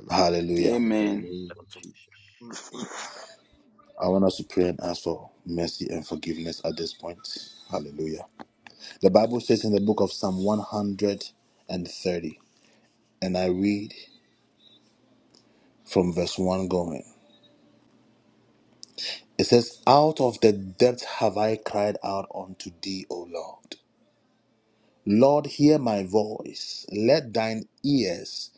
[SPEAKER 1] Hallelujah.
[SPEAKER 4] In the
[SPEAKER 6] Amen.
[SPEAKER 4] name of Jesus.
[SPEAKER 1] I want us to pray and ask for mercy and forgiveness at this point. Hallelujah. The Bible says in the book of Psalm 130, and thirty, and I read from verse 1 going. It says, Out of the depth have I cried out unto thee, O Lord. Lord, hear my voice. Let thine ears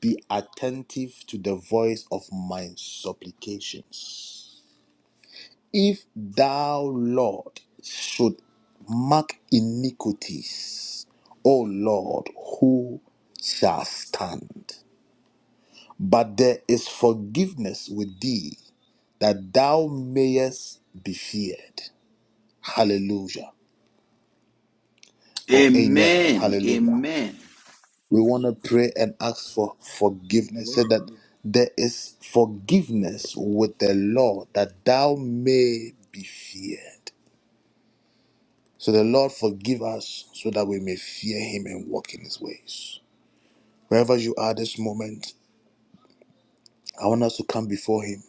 [SPEAKER 1] be attentive to the voice of my supplications. If thou, Lord, should mark iniquities, O Lord, who shall stand? But there is forgiveness with thee, that thou mayest be feared. Hallelujah. Oh, amen.
[SPEAKER 6] Amen.
[SPEAKER 1] Hallelujah.
[SPEAKER 6] Amen.
[SPEAKER 1] We want to pray and ask for forgiveness. Say that there is forgiveness with the Lord that thou may be feared. So the Lord forgive us so that we may fear him and walk in his ways. Wherever you are this moment, I want us to come before him.